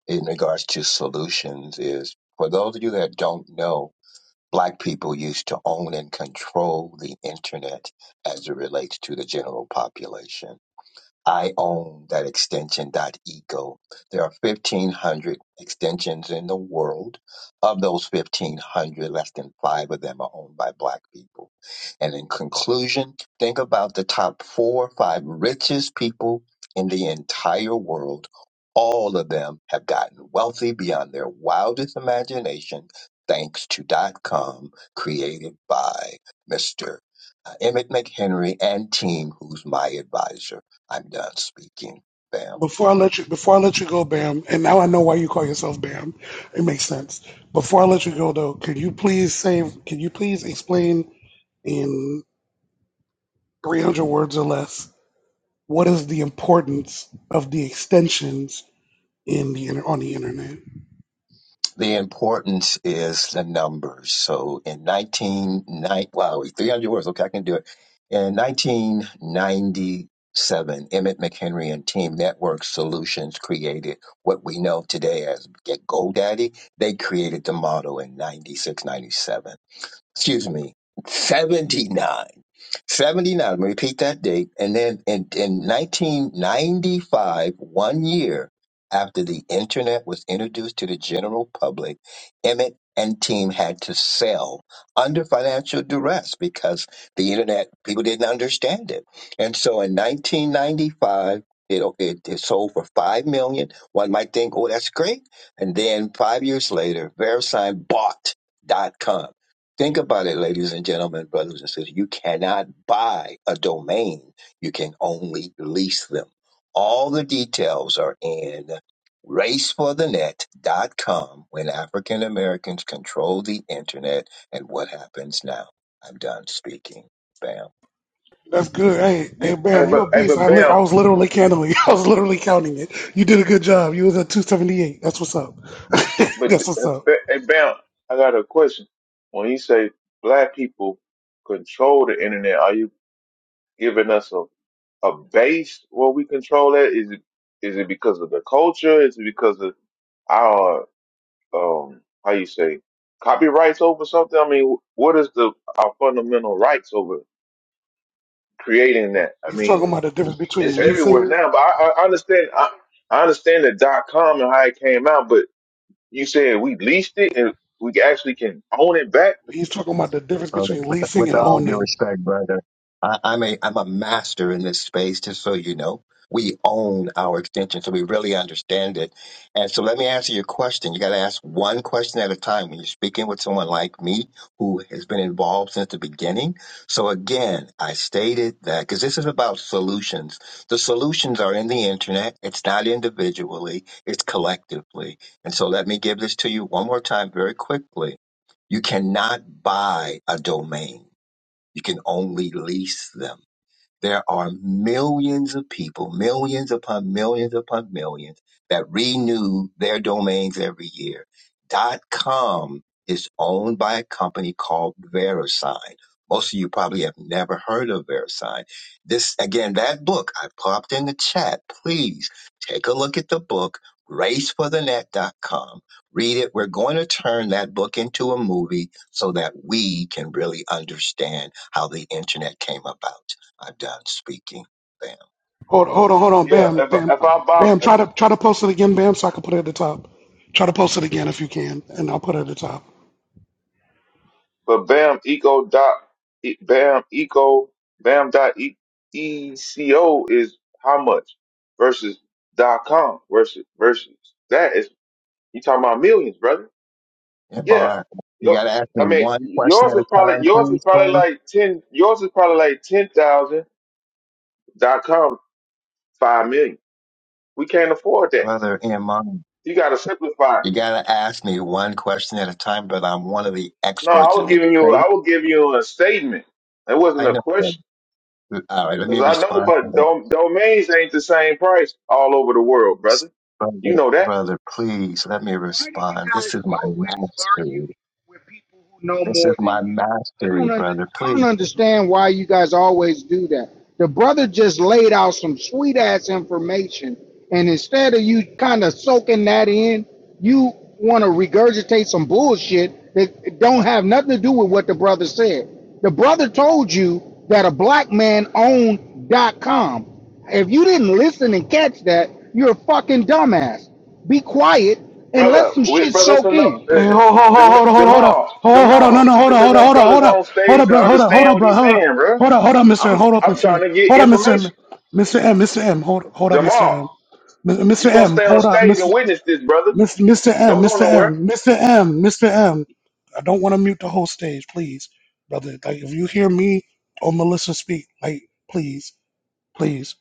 S19: in regards to solutions is for those of you that don't know, black people used to own and control the internet as it relates to the general population I own that extension dot .ego. There are 1,500 extensions in the world. Of those 1,500, less than five of them are owned by black people. And in conclusion, think about the top four or five richest people in the entire world. All of them have gotten wealthy beyond their wildest imagination thanks to dot com created by Mr. Emmett McHenry and team who's my advisor. I'm done speaking, Bam.
S2: Before I let you, before I let you go, Bam, and now I know why you call yourself Bam. It makes sense. Before I let you go, though, could you please save? can you please explain in 300 words or less what is the importance of the extensions in the inter- on the internet?
S19: The importance is the numbers. So in 1990, wow, 300 words. Okay, I can do it. In 1997, Emmett McHenry and Team Network Solutions created what we know today as Get GoDaddy. They created the model in 96, 97. Excuse me, 79. 79, repeat that date. And then in, in 1995, one year after the internet was introduced to the general public, Emmett and team had to sell under financial duress because the internet, people didn't understand it. And so in 1995, it, it, it sold for five million. One might think, oh, that's great. And then five years later, VeriSign bought dot com. Think about it, ladies and gentlemen, brothers and sisters. You cannot buy a domain. You can only lease them. All the details are in race for the net dot com. when African Americans control the internet and what happens now. I'm done speaking. Bam.
S2: That's good. Hey, hey,
S20: You, hey,
S2: Bam, you
S20: but
S2: a
S20: hey,
S2: beast.
S20: but
S2: I lit- I
S20: bam,
S2: was literally counting. I was literally counting it. You did a good job. You was at two seventy eight. That's what's up.
S20: but
S2: That's what's up.
S20: hey, bam. I got a question. When you say black people control the internet, are you giving us a a base where we control that? Is it is it because of the culture? Is it because of our um how you say copyrights over something? I mean, what is the our fundamental rights over creating that? I
S2: He's talking
S20: mean,
S2: about the difference
S20: it's
S2: between
S20: everywhere
S2: leasing.
S20: now. But I, I understand I, I understand the dot com and how it came out. But you said we leased it and we actually can own it back.
S2: He's talking about the difference
S19: Uh,
S2: between
S19: with
S2: leasing
S19: with
S2: and
S19: all due
S2: owning.
S19: respect, brother, I, I'm a I'm a master in this space. Just so you know, we own our extension, so we really understand it. And so, let me answer your question. You got to ask one question at a time when you're speaking with someone like me who has been involved since the beginning. So again, I stated that because this is about solutions. The solutions are in the internet. It's not individually; it's collectively. And so, let me give this to you one more time, very quickly you cannot buy a domain. You can only lease them. There are millions of people, millions upon millions upon millions that renew their domains every year. Dot com is owned by a company called VeriSign. Most of you probably have never heard of VeriSign. This, again, that book I popped in the chat. Please take a look at the book, race for the net dot com. Read it. We're going to turn that book into a movie so that we can really understand how the internet came about. I'm done speaking. Bam.
S2: Hold, hold on, hold on,
S20: Yeah,
S2: Bam,
S20: if I-
S2: Bam,
S20: if I buy
S2: Bam. Try to try to post it again, Bam, so I can put it at the top. Try to post it again if you can, and I'll put it at the top.
S20: for Bam Eco dot E- Bam Eco Bam dot E E C O is how much versus dot com versus versus that is you talking about millions, brother. Yeah.
S19: MR, you
S20: Yo-
S19: got to ask
S20: I
S19: me
S20: mean,
S19: one question
S20: yours
S19: at
S20: is
S19: a
S20: probably
S19: time,
S20: yours is
S19: please,
S20: probably
S19: brother.
S20: like ten. Yours is probably like ten thousand. Dot com five million. We can't afford that.
S19: Brother MR,
S20: You got to simplify. it.
S19: you got to ask me one question at a time, but I'm one of the
S20: No, I
S19: experts in
S20: was
S19: this
S20: giving you.
S19: space.
S20: I was giving you a statement. It wasn't
S19: I
S20: a
S19: know.
S20: question
S19: Brother. All right, let
S20: because
S19: me
S20: I know,
S19: respond to
S20: but
S19: that.
S20: dom- domains ain't the same price all over the world, brother. You
S19: Brother,
S20: know that,
S19: brother, please let me
S18: Why do you
S19: respond.
S18: guys
S19: This is my
S18: always argue
S19: mastery.
S18: with people who know
S19: This is
S18: more than
S19: my
S18: you? I
S19: mastery,
S18: don't under,
S19: brother.
S18: I don't
S19: Please.
S18: understand why you guys always do that. The brother just laid out some sweet ass information, and instead of you kind of soaking that in, you want to regurgitate some bullshit that don't have nothing to do with what the brother said. The brother told you that a black man owned dot com. If you didn't listen and catch that, you're a fucking dumbass. Be quiet and let
S20: brother.
S18: some
S20: We,
S18: shit
S20: brother, it's
S18: soak
S20: enough. Uh, uh,
S18: in.
S2: Hey, hold, hold, hold, hold, hold, hold up.
S20: Jamal,
S2: Hold, hold on. No,
S20: Jamal,
S2: no, hold
S20: it's
S2: on, hold on,
S20: enough
S2: hold on,
S20: brothers
S2: hold
S20: on
S2: up. Hold
S20: stage
S2: up,
S20: to
S2: brother. Hold up, hold
S20: understand
S2: up,
S20: what
S2: brother.
S20: he's
S2: Hold up.
S20: saying, bro.
S2: Hold up, hold up, Mr. M.
S20: I'm
S2: Hold up,
S20: I'm
S2: Mr. M.
S20: trying to get
S2: Hold up, Mr.
S20: information.
S2: M. Mr. M, Mr. M. Hold, hold up, Mr.
S20: Jamal,
S2: M. M-
S20: you
S2: Mr.
S20: gonna
S2: M,
S20: stay on
S2: hold up,
S20: stage
S2: Mr.
S20: and witness this, brother.
S2: Mr. M,
S20: Don't go
S2: Mr.
S20: nowhere.
S2: M, Mr. M, Mr. M. I don't want to mute the whole stage, please, brother. Like, if you hear me or Melissa speak, like, please, please.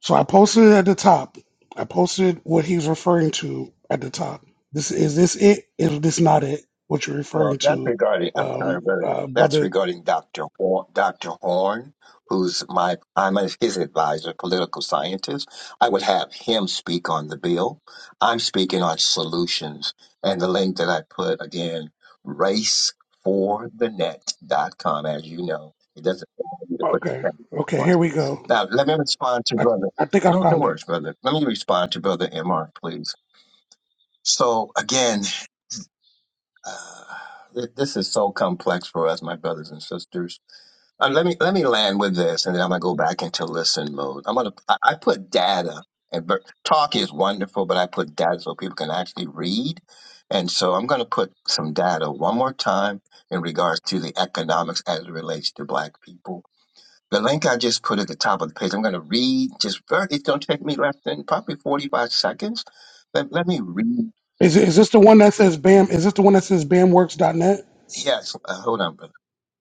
S2: So I posted it at the top. I posted what he's referring to at the top. This is this it? Is this not it? What you're
S19: Well,
S2: referring
S19: that's
S2: to,
S19: regarding. I'm sorry,
S2: um,
S19: brother.
S2: uh,
S19: That's
S2: brother?
S19: regarding Dr. Horn, Dr. Horn, who's my I'm his advisor, political scientist. I would have him speak on the bill. I'm speaking on solutions, and the link that I put again, raceforthenet.com. As you know, it doesn't allow you to put the
S2: Okay,
S19: president
S2: okay.
S19: twice.
S2: Here we go.
S19: Now, let me respond to
S2: I,
S19: brother.
S2: I think I
S19: No, no
S2: found it.
S19: worries, brother. Let me respond to brother Mr. Please. So again. Uh, th- this is so complex for us, my brothers and sisters. Uh, let me let me land with this, and then I'm gonna go back into listen mode. I'm gonna I, I put data, and but talk is wonderful, but I put data so people can actually read, and so I'm gonna put some data one more time in regards to the economics as it relates to Black people. The link I just put at the top of the page, I'm gonna read just very. It's gonna take me less than probably 45 seconds. Let, let me read.
S2: Is it, is this the one that says BAM? Is this the one that says BAMWorks.net?
S19: Yes, uh, hold on, brother.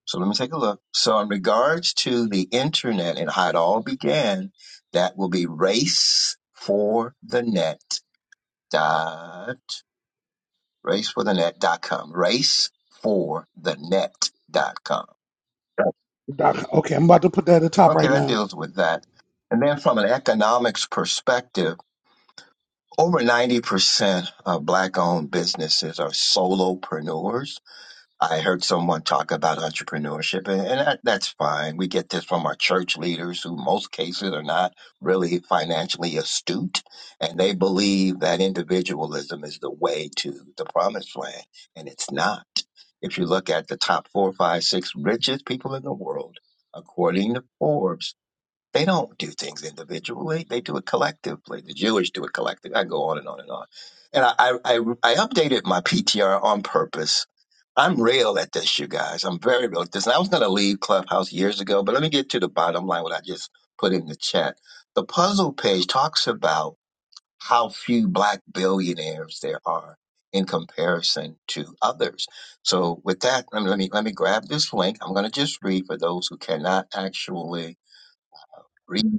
S19: So let me take a look. So in regards to the internet and how it all began, that will be race for the net dot race for the net dot com. Race for the net dot com.
S2: Doc- Okay, I'm about to put that at the top
S19: Okay,
S2: right
S19: that
S2: now.
S19: deals with that. And then from an economics perspective, over 90% of black owned businesses are solopreneurs I heard someone talk about entrepreneurship, and, and that, that's fine. We get this from our church leaders, who most cases are not really financially astute, and they believe that individualism is the way to the promised land, and it's not. If you look at the top four, five, six richest people in the world, according to Forbes, they don't do things individually. They do it collectively. The Jewish do it collectively. I go on and on and on. And I, I, I, I updated my PTR on purpose. I'm real at this, you guys. I'm very real at this. And I was going to leave Clubhouse years ago, but let me get to the bottom line, what I just put in the chat. The puzzle page talks about how few black billionaires there are in comparison to others. So with that, let me, let me, let me grab this link. I'm going to just read for those who cannot actually read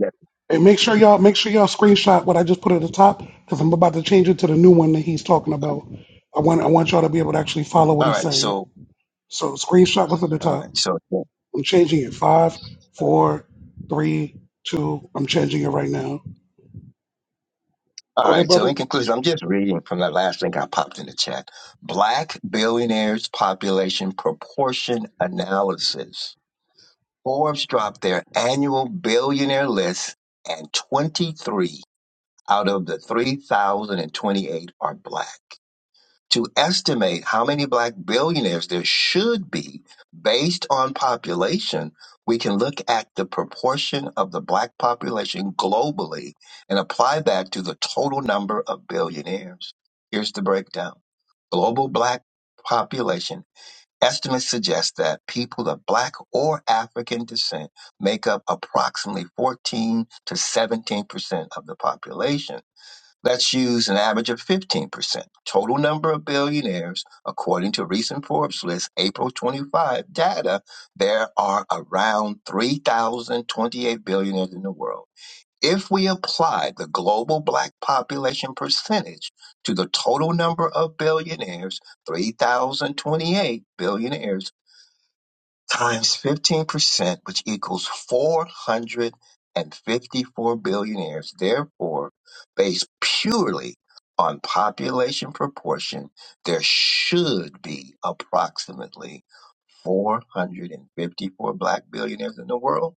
S2: And make sure y'all make sure y'all screenshot what I just put at the top because I'm about to change it to the new one that he's talking about. I want I want y'all to be able to actually follow what
S19: All
S2: he's
S19: right.
S2: saying.
S19: So,
S2: So screenshot what's at the
S19: all
S2: top.
S19: right. So, all
S2: I'm changing it. Five, four, three, two. I'm changing it right now. Go ahead,
S19: right. So,
S2: brother.
S19: in conclusion, I'm just reading from that last link I popped in the chat. Black billionaires population proportion analysis. Forbes dropped their annual billionaire list, and 23 out of the 3,028 are black. to estimate how many black billionaires there should be based on population, we can look at the proportion of the black population globally and apply that to the total number of billionaires. Here's the breakdown global black population, estimates suggest that people of black or African descent make up approximately 14 to 17 percent of the population. Let's use an average of 15%. Total number of billionaires, according to recent Forbes list, April 25 data, there are around 3,028 billionaires in the world. If we apply the global black population percentage to the total number of billionaires, 3,028 billionaires, times 15%, which equals 454 billionaires, therefore, based purely on population proportion, there should be approximately 454 black billionaires in the world.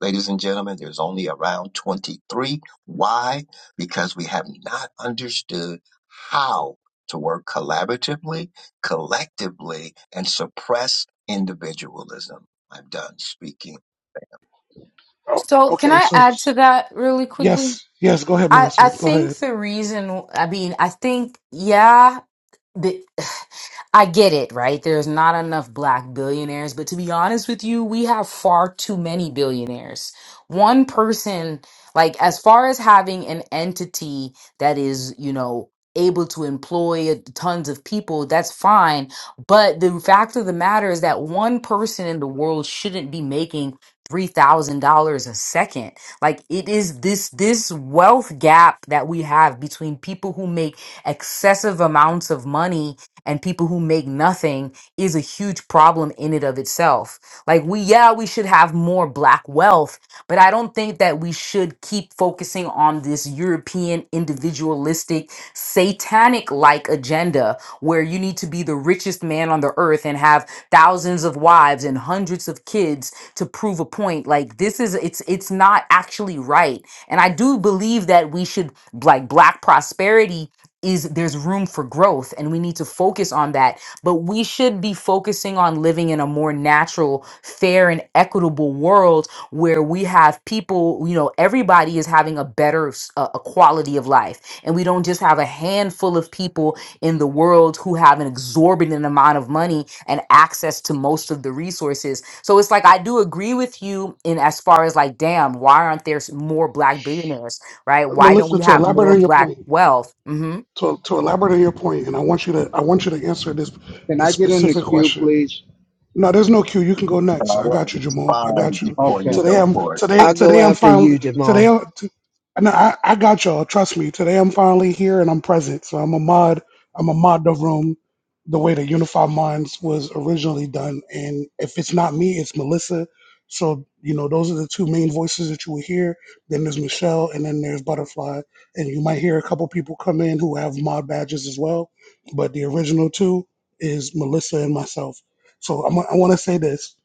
S19: Ladies and gentlemen, there's only around 23. Why? Because we have not understood how to work collaboratively, collectively, and suppress individualism. I'm done speaking.
S2: Oh,
S1: So, can
S2: okay.
S1: I
S2: So
S1: add to
S2: this-
S1: that really quickly?
S2: yes, yes. Go ahead,
S1: I I
S2: Melissa. Go
S1: think
S2: ahead,
S1: the reason I mean I think yeah the I get it, right? There's not enough black billionaires, but to be honest with you, we have far too many billionaires. One person, like, as far as having an entity that is, you know, able to employ tons of people, that's fine. But the fact of the matter is that one person in the world shouldn't be making $3,000 a second. Like it is this this wealth gap that we have between people who make excessive amounts of money and people who make nothing is a huge problem in and of itself. Like we yeah, we should have more black wealth, but I don't think that we should keep focusing on this European individualistic satanic like agenda where you need to be the richest man on the earth and have thousands of wives and hundreds of kids to prove a point. Like this is it's it's not actually right. And I do believe that we should like black prosperity is there's room for growth and we need to focus on that but we should be focusing on living in a more natural fair and equitable world where we have people you know everybody is having a better s- a a quality of life and we don't just have a handful of people in the world who have an exorbitant amount of money and access to most of the resources so it's like I do agree with you in as far as like damn why aren't there s- more black billionaires right why don't
S2: Melissa.
S1: we
S2: To
S1: have
S2: elaborate
S1: more
S2: on your
S1: black
S2: point,
S1: wealth Mm-hmm.
S2: to, to elaborate on your point, and I want you to I want you to answer this
S18: Can
S2: this
S18: I get in the
S2: specific
S18: queue,
S2: question
S18: please?
S2: No, there's no queue. You can go
S19: I
S2: next. I
S19: want to
S2: got you, Jamal. I
S19: respond
S2: got you.
S19: before
S18: Okay.
S19: you
S2: Today
S19: go
S2: I'm
S19: forward.
S2: today
S10: I'll go
S2: today I'm
S10: after
S2: finally
S10: you,
S2: today.
S10: Jamal.
S2: I- t- No, I I got y'all. Trust me. Today I'm finally here and I'm present. So I'm a mod. I'm a mod the room, the way that Unified Minds was originally done. And if it's not me, it's Melissa. So you know those are the two main voices that you will hear. Then there's Michelle, and then there's Butterfly. And you might hear a couple people come in who have mod badges as well. But the original two is Melissa and myself. So I'm, I want to say this.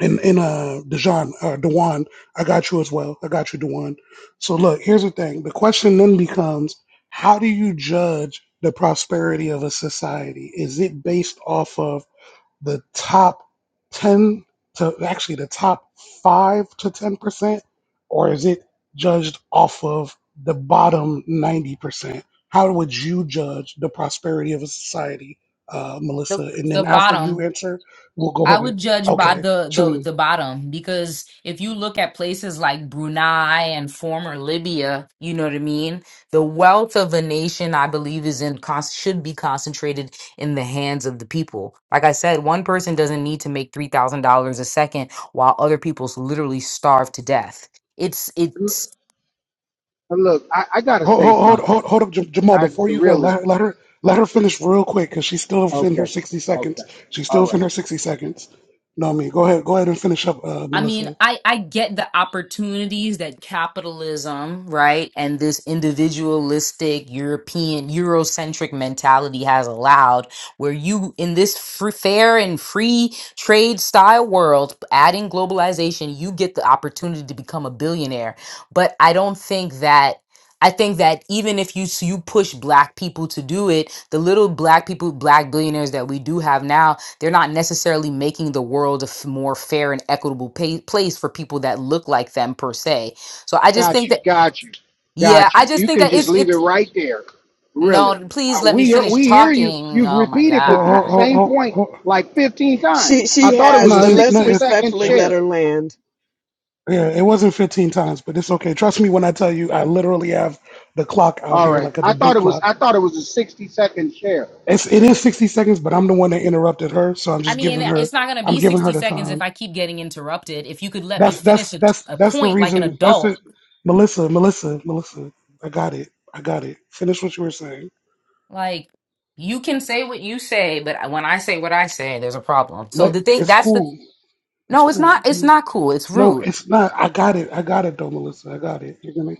S2: And, and uh, Dejan, uh, Dewan, I got you as well. I got you, Dewan. So look, here's the thing. The question then becomes, how do you judge the prosperity of a society? Is it based off of the top 10 to actually the top 5 to 10% or is it judged off of the bottom 90% how would you judge the prosperity of a society uh,
S1: the
S2: melissa and then
S1: the
S2: after you
S1: bottom
S2: answer we'll go
S1: i
S2: ahead and
S1: would judge by
S2: okay
S1: the
S2: so
S1: the
S2: then
S1: the bottom because if you look at places like brunei and former libya you know what i mean the wealth of a nation i believe is in con- should be concentrated in the hands of the people like i said one person doesn't need to make $3000 a second while other people's literally starve to death it's
S18: L-
S1: it's
S18: Look, I, I gotta
S2: hold
S18: say
S2: hold
S18: something.
S2: hold, hold up Jam- jamal
S18: I
S2: before you go
S18: really.
S2: let, let her let her finish real quick because she's still within her
S18: Okay.
S2: 60
S18: Okay.
S2: seconds she's still
S18: All
S2: within
S18: right.
S2: her 60 seconds no i mean go ahead go ahead and finish up uh,
S1: I mean,
S2: melissa
S1: I I get the opportunities that capitalism, right, and this individualistic European Eurocentric mentality has allowed, where you in this free, fair and free trade style world, adding globalization, you get the opportunity to become a billionaire. But I don't think that. I think that even if you s- you push black people to do it, the little black people, black billionaires that we do have now, they're not necessarily making the world a f- more fair and equitable pay- place for people that look like them per se. So I just
S18: Got
S1: think
S18: you.
S1: that
S18: Got you.
S1: yeah,
S18: Got you.
S1: I just
S18: You
S1: think
S18: can
S1: that
S18: just
S1: it's
S18: leave it
S1: it's
S18: right there. Really.
S1: no,
S18: Uh,
S1: please let
S18: we
S1: me
S18: hear,
S1: finish
S18: we hear you.
S1: talking.
S18: You've
S1: Oh my
S18: repeated the po-
S1: god.
S18: same point
S2: Hold,
S18: like 15 times.
S10: She
S18: I
S10: she
S18: thought it
S10: has,
S18: was a
S2: No,
S10: but
S2: it's,
S10: let's
S2: no,
S18: 60
S2: it's
S18: second
S10: respectfully
S2: it,
S10: let
S18: share.
S10: her land.
S2: yeah, it wasn't 15 times, but it's okay. Trust me when I tell you, I literally have the clock out
S18: All
S2: here
S18: right.
S2: like a
S18: I thought
S2: debate
S18: it was
S2: clock.
S18: I thought it was a 60 second share.
S2: It's it is 60 seconds, but I'm the one that interrupted her, so I'm
S1: I
S2: just
S1: mean,
S2: giving her
S1: it's not going to
S2: I'm
S1: be
S2: giving her
S1: 60
S2: the
S1: seconds if
S2: time.
S1: I keep getting interrupted. If you could let me
S2: That's
S1: finish
S2: that's
S1: a,
S2: that's
S1: a
S2: that's the
S1: point like an
S2: reason. That's
S1: adult,
S2: it, Melissa, Melissa, Melissa. I got it. I got it. Finish what you were saying.
S1: like you can say what you say, but when I say what I say, there's a problem. So
S2: Let
S1: the thing
S2: it's
S1: that's the
S2: cool. It's
S1: no, it's
S2: cool.
S1: not it's
S2: You-
S1: not cool. It's
S2: No,
S1: rude.
S2: it's not. I got it. I got it though, Melissa. I got it. You're gonna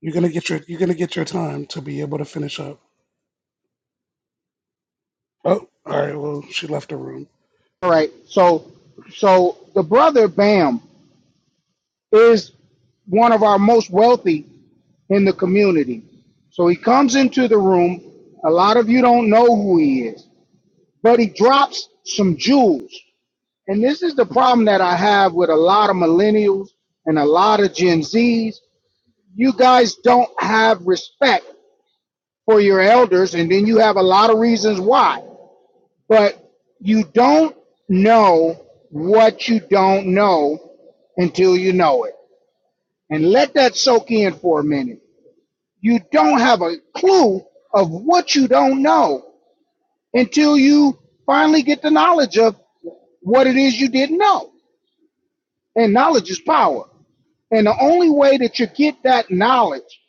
S2: you're gonna get your you're gonna get your time to be able to finish up. Oh, all right. Well, she left the room.
S18: All right. So, so the brother Bam is one of our most wealthy in the community. So he comes into the room. A lot of you don't know who he is, but he drops some jewels. And this is the problem that I have with a lot of millennials and a lot of Gen Zs. You guys don't have respect for your elders, and then you have a lot of reasons why. but you don't know what you don't know until you know it. And let that soak in for a minute. You don't have a clue of what you don't know until you finally get the knowledge of what it is you didn't know. And knowledge is power. And the only way that you get that knowledge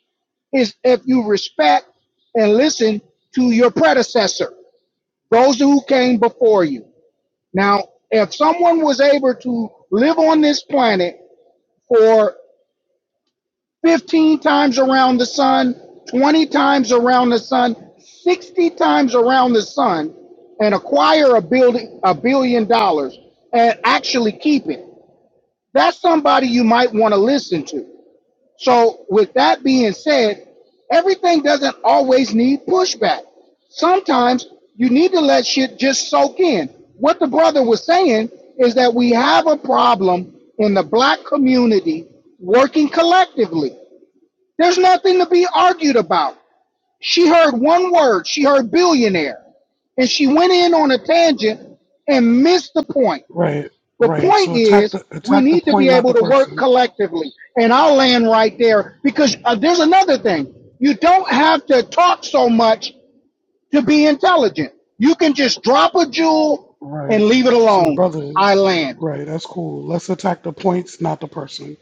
S18: is if you respect and listen to your predecessor, those who came before you. Now, if someone was able to live on this planet for 15 times around the sun, 20 times around the sun, 60 times around the sun, and acquire a building a billion dollars and actually keep it, that's somebody you might want to listen to. So, with that being said, everything doesn't always need pushback. Sometimes you need to let shit just soak in. What the brother was saying is that we have a problem in the black community working collectively. There's nothing to be argued about. She heard one word, she heard billionaire, and she went in on a tangent and missed the point.
S2: Right,
S18: The
S2: right.
S18: point
S2: So attack
S18: is,
S2: the
S18: we
S2: attack the
S18: need to be
S2: point, not
S18: able
S2: the
S18: to work
S2: person.
S18: collectively. And I'll land right there because uh, there's another thing. You don't have to talk so much to be intelligent. You can just drop a jewel and
S2: Right.
S18: leave it
S2: So
S18: alone.
S2: brother,
S18: I land
S2: right. That's cool. Let's attack the points, not the person.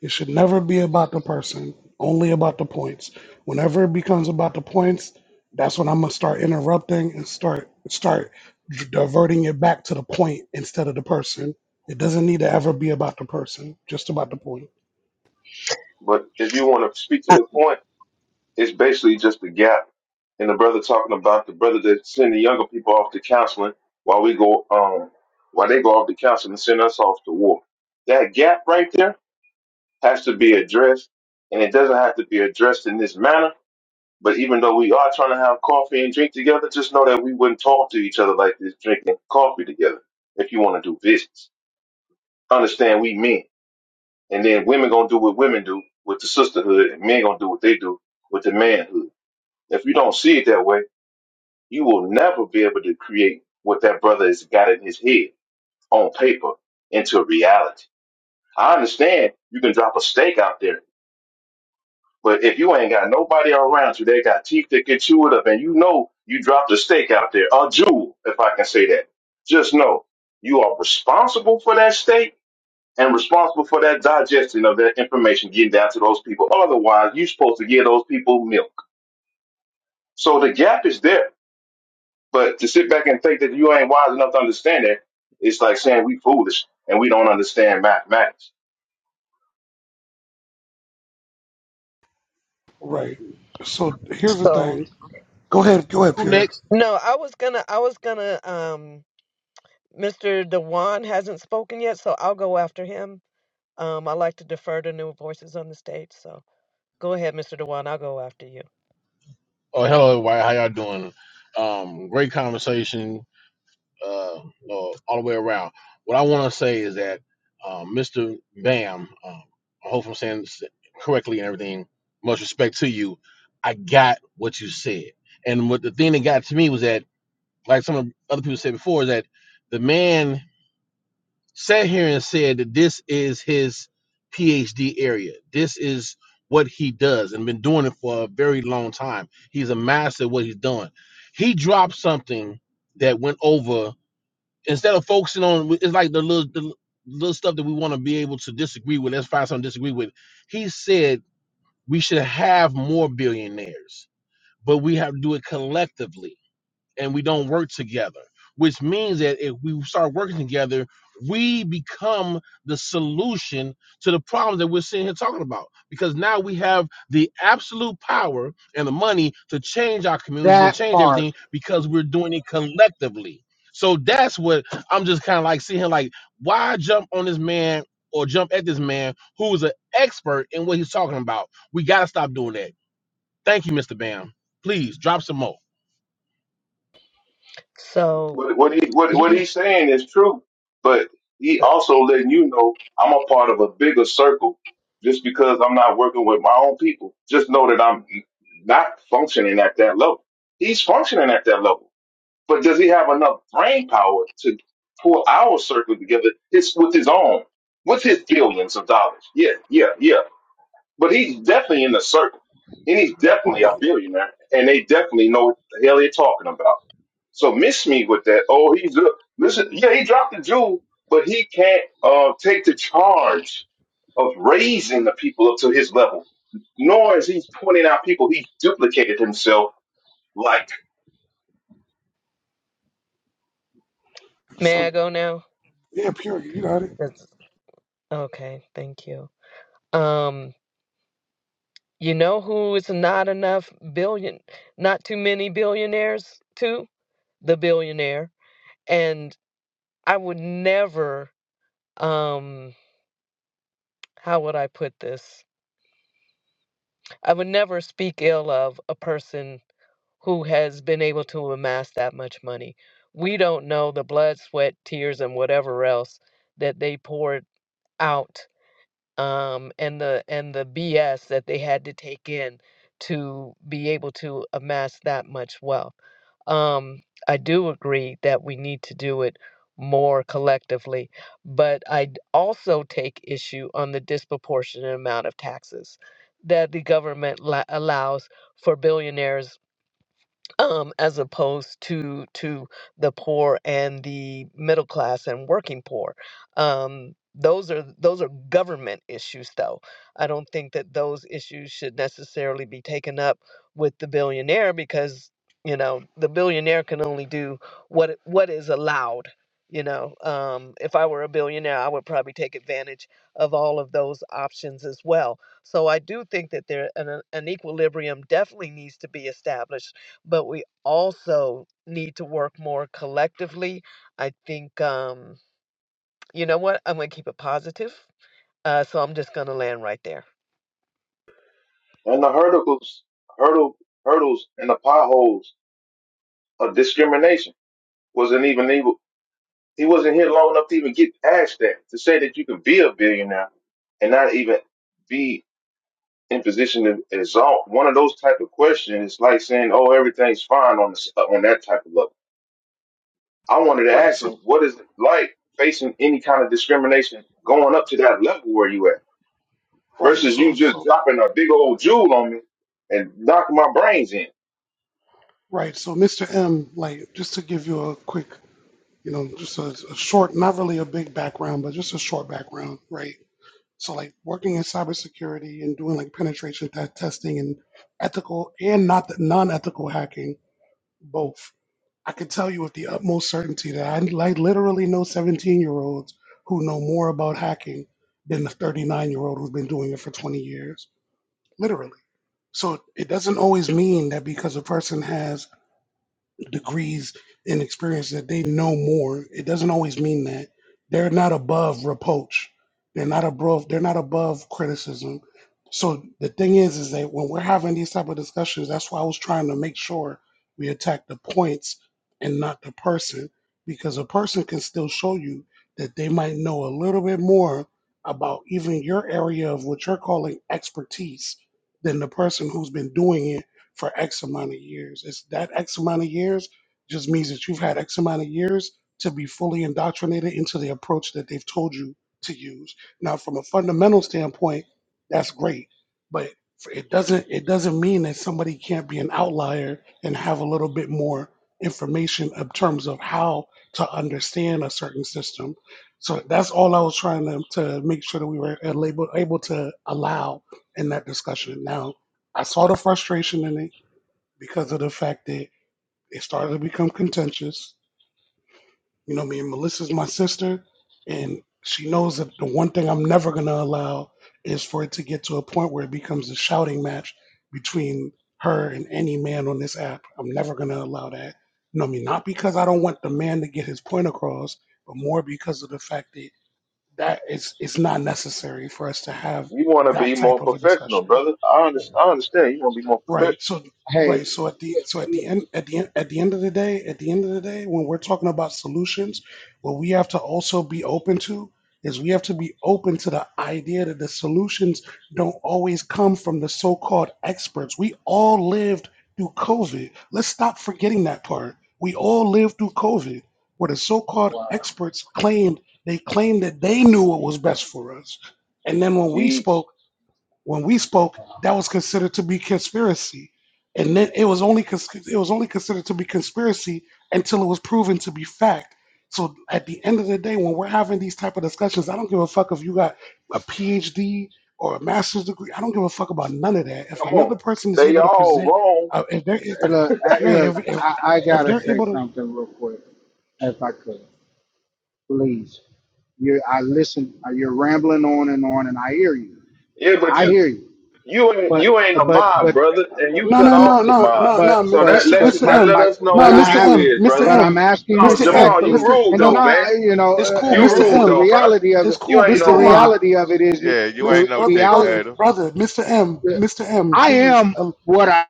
S2: It should never be about the person, only about the points. Whenever it becomes about the points, that's when I'm gonna start interrupting and start start d- diverting it back to the point instead of the person. It doesn't need to ever be about the person, just about the point.
S20: But if you want to speak to
S10: Uh,
S20: the point, it's basically just a gap. And the brother talking about the brother that send the younger people off to counseling while we go um while they go off to counseling and send us off to war. That gap right there has to be addressed and it doesn't have to be addressed in this manner. But even though we are trying to have coffee and drink together, just know that we wouldn't talk to each other like this drinking coffee together if you want to do business. Understand we men. And then women gonna do what women do with the sisterhood, and men gonna do what they do with the manhood. If you don't see it that way, you will never be able to create what that brother has got in his head on paper into reality. I understand you can drop a stake out there, but if you ain't got nobody around you, they got teeth that can chew it up, and you know you dropped a stake out there, a jewel, if I can say that. Just know you are responsible for that stake and responsible for that digestion of that information getting down to those people. Otherwise, you're supposed to give those people milk. So the gap is there. But to sit back and think that you ain't wise enough to understand that, it's like saying we foolish and we don't understand mathematics.
S2: Right. So here's the
S10: So
S2: thing. Go ahead. Go ahead,
S21: who
S2: Pierre.
S21: next?
S10: no, I was gonna, I was gonna. Um, Mr. Dewan hasn't spoken yet, so I'll go after him. Um, I like to defer to new voices on the stage, so go ahead, Mr. Dewan. I'll go after you.
S21: Oh, hello, everybody. How y'all doing? Um, great conversation, uh, uh, all the way around. What I want to say is that um, Mr. Bam, um, I hope I'm saying this correctly and everything. Much respect to you. I got what you said, and what the thing that got to me was that, like some of the other people said before, is that the man. sat here and said that this is his PhD area. This is what he does and been doing it for a very long time. He's a master at what he's doing. He dropped something that went over instead of focusing on it's like the little the little stuff that we want to be able to disagree with. Let's find something to disagree with. He said we should have more billionaires, but we have to do it collectively and we don't work together, which means that if we start working together, we become the solution to the problems that we're sitting here talking about. Because now we have the absolute power and the money to change our communities and
S18: that
S21: change
S18: part.
S21: everything because we're doing it collectively. So that's what I'm just kind of like seeing like, why jump on this man or jump at this man who is an expert in what he's talking about? We got to stop doing that. Thank you, Mr. Bam. Please drop some more.
S10: So
S20: What, what he what, what
S10: he,
S20: he's saying is true, but he
S10: uh,
S20: also letting you know I'm a part of a bigger circle. Just because I'm not working with my own people, just know that I'm not functioning at that level. He's functioning at that level But does he have enough brain power to pull our circle together his, with his own, with his billions of dollars? Yeah, yeah, yeah. But he's definitely in the circle. And he's definitely a
S2: Right.
S20: billionaire. And they definitely know what the hell they're talking about. So miss me with that. Oh, he's a, listen. Yeah, he dropped the jewel, but he can't uh, take the charge of raising the people up to his level. Nor is he pointing out people he duplicated himself like.
S10: may
S2: So
S10: I go now?
S2: yeah, pure. You got it.
S10: That's- okay, thank you. Um, You know who is not enough billion, not too many billionaires too? The billionaire. And I would never, um, how would I put this? I would never speak ill of a person who has been able to amass that much money. We don't know the blood, sweat, tears, and whatever else that they poured out um, and the and the BS that they had to take in to be able to amass that much wealth. Um, I do agree that we need to do it more collectively, but I d- also take issue on the disproportionate amount of taxes that the government la- allows for billionaires um, as opposed to to the poor and the middle class and working poor. Um, those are those are government issues, though. I don't think that those issues should necessarily be taken up with the billionaire because you know the billionaire can only do what what is allowed. You know, um, if I were a billionaire, I would probably take advantage of all of those options as well. So I do think that there an, an equilibrium definitely needs to be established but we also need to work more collectively. I think, um, you know what? I'm going to keep it positive. Uh, so I'm just going to land right there.
S20: And the hurdles, hurdle, hurdles, and the potholes of discrimination wasn't even able. He wasn't here long enough to even get past that. To say that you could be a billionaire and not even be in position to exalt one of those type of questions is like saying, "Oh, everything's fine on this, on that type of level." I wanted to
S2: Right.
S20: ask
S2: So
S20: him, "What is it like facing any kind of discrimination going up to that level where you at?"
S2: right.
S20: Versus you
S2: So
S20: just
S2: so
S20: dropping a big old jewel on me and knocking my brains in.
S2: right. So Mr. M, like just to give you a quick, you know, just a, a short, not really a big background, but just a short background, right? So like working in cybersecurity and doing like penetration te- testing and ethical and not non-ethical hacking, both. I can tell you with the utmost certainty that I like literally know 17-year-olds who know more about hacking than the 39-year-old who's been doing it for 20 years, literally So it doesn't always mean that because a person has degrees and experience that they know more. It doesn't always mean that they're not above reproach. They're not above. They're not above criticism. So the thing is, is that when we're having these type of discussions, that's why I was trying to make sure we attack the points and not the person, because a person can still show you that they might know a little bit more about even your area of what you're calling expertise than the person who's been doing it for X amount of years. It's that X amount of years just means that you've had X amount of years to be fully indoctrinated into the approach that they've told you to use. Now, from a fundamental standpoint, that's great, but it doesn't it doesn't mean that somebody can't be an outlier and have a little bit more information in terms of how to understand a certain system. So that's all I was trying to, to make sure that we were able, able to allow in that discussion. Now, I saw the frustration in it because of the fact that it started to become contentious. You know, me and Melissa's my sister, and she knows that the one thing I'm never going to allow is for it to get to a point where it becomes a shouting match between her and any man on this app. I'm never going to allow that. You know, what I mean, not because I don't want the man to get his point across, but more because of the fact that that is it's not necessary for us to have
S20: You want to be
S2: that
S20: more
S2: type of a
S20: professional,
S2: discussion.
S20: brother. I, under, I understand. You want to be more
S2: Right.
S20: professional.
S2: So
S18: Hey,
S2: right. So at the so at the end at the end at the end of the day, at the end of the day, when we're talking about solutions, what we have to also be open to is we have to be open to the idea that the solutions don't always come from the so-called experts. We all lived through COVID. Let's stop forgetting that part. We all lived through COVID, where the so-called experts claimed they claimed that they knew what was best for us. And then when we spoke,
S20: Teach.
S2: when we spoke, that was considered to be conspiracy, and then it was only cons- it was only considered to be conspiracy until it was proven to be fact. So at the end of the day, when we're having these type of discussions, I don't give a fuck if you got a PhD or a master's degree. I don't give a fuck about none of that. If
S20: Come on.
S2: another person is
S20: They
S2: able to
S20: all
S2: present,
S20: wrong.
S2: uh, if they're if,
S18: look, I,
S2: yeah,
S18: look,
S2: if, if
S18: I, I
S2: if
S18: gotta
S2: they're
S18: say
S2: able to
S18: something real quick, if I could, please. You, I listen. uh, You're rambling on and on, and I hear you.
S20: Yeah, but
S18: I
S20: you
S18: hear you.
S20: you ain't
S18: But,
S20: you ain't a
S18: but,
S20: mob,
S18: but
S20: brother, and you
S2: no,
S20: cut
S2: no, no,
S20: off the
S2: no,
S20: mob.
S2: no, no,
S18: but
S20: So that
S18: but
S2: Mr.
S20: lets you
S18: but
S2: Mr.
S18: my
S20: that
S2: M,
S20: let
S18: my
S20: us know
S2: no,
S18: but
S20: who
S18: I
S2: Mr.
S20: you
S18: have
S2: M,
S20: is,
S2: Mr.
S20: brother.
S18: but
S2: M,
S18: I'm asking
S20: No,
S2: Mr. M,
S20: Jamal, you
S18: respectfully,
S2: Mr.
S20: rude
S18: and then
S2: No,
S20: though,
S18: I
S20: man.
S18: you know,
S2: It's cool,
S20: You
S18: uh, uh,
S2: Mr.
S18: but
S20: rude
S18: the
S2: M.
S20: though, bruh.
S18: reality of
S2: It's
S18: it,
S20: You
S2: cool,
S20: ain't
S18: the
S2: Mr.
S20: no mob.
S2: M.
S18: reality of it is the
S12: Yeah, you
S2: Miss
S18: the
S12: ain't no
S2: brother,
S18: reality.
S2: brother,
S12: dictator.
S2: brother, Mr. M, Mr. M,
S18: I
S2: please,
S18: am
S2: um,
S18: what I.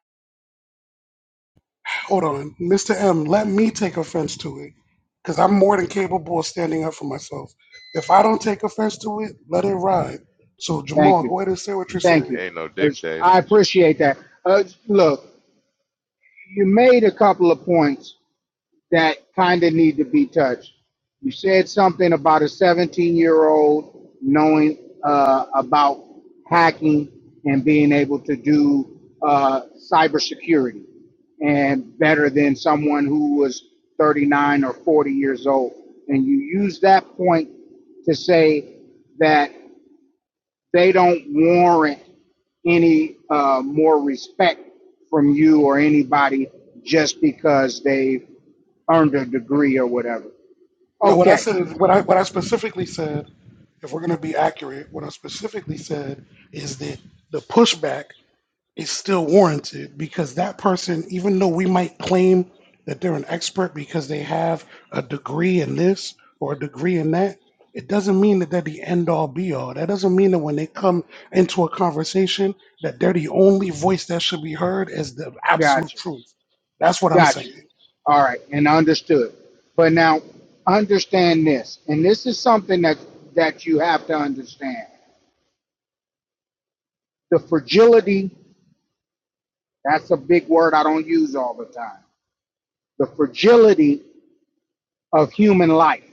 S2: hold on, Mr. M. Let me take offense to it, because I'm more than capable of standing up for myself. If I don't take offense to it, let it ride. So
S18: Thank
S2: Jamal,
S18: you,
S2: go ahead and say what you're
S18: thank
S12: You
S18: you.
S2: saying.
S12: ain't no dictator.
S18: I appreciate that. Uh, look, you made a couple of points, that kind of need to be touched. You said something about a 17 year old knowing uh, about hacking and being able to do uh, cybersecurity and better than someone who was 39 or 40 years old. And you use that point to say that they don't warrant any uh, more respect from you or anybody just because they've earned a degree or whatever.
S2: No, what I
S18: Okay,
S2: said is what I what I specifically said. If we're gonna be accurate, what I specifically said is that the pushback it's still warranted because that person, even though we might claim that they're an expert because they have a degree in this or a degree in that, it doesn't mean that they're the end all be all. That doesn't mean that when they come into a conversation that they're the only voice that should be heard as the absolute
S18: gotcha,
S2: truth. That's what I'm
S18: gotcha.
S2: saying.
S18: All right, and understood. But now understand this, and this is something that that you have to understand. The fragility, that's a big word I don't use all the time. The fragility of human life.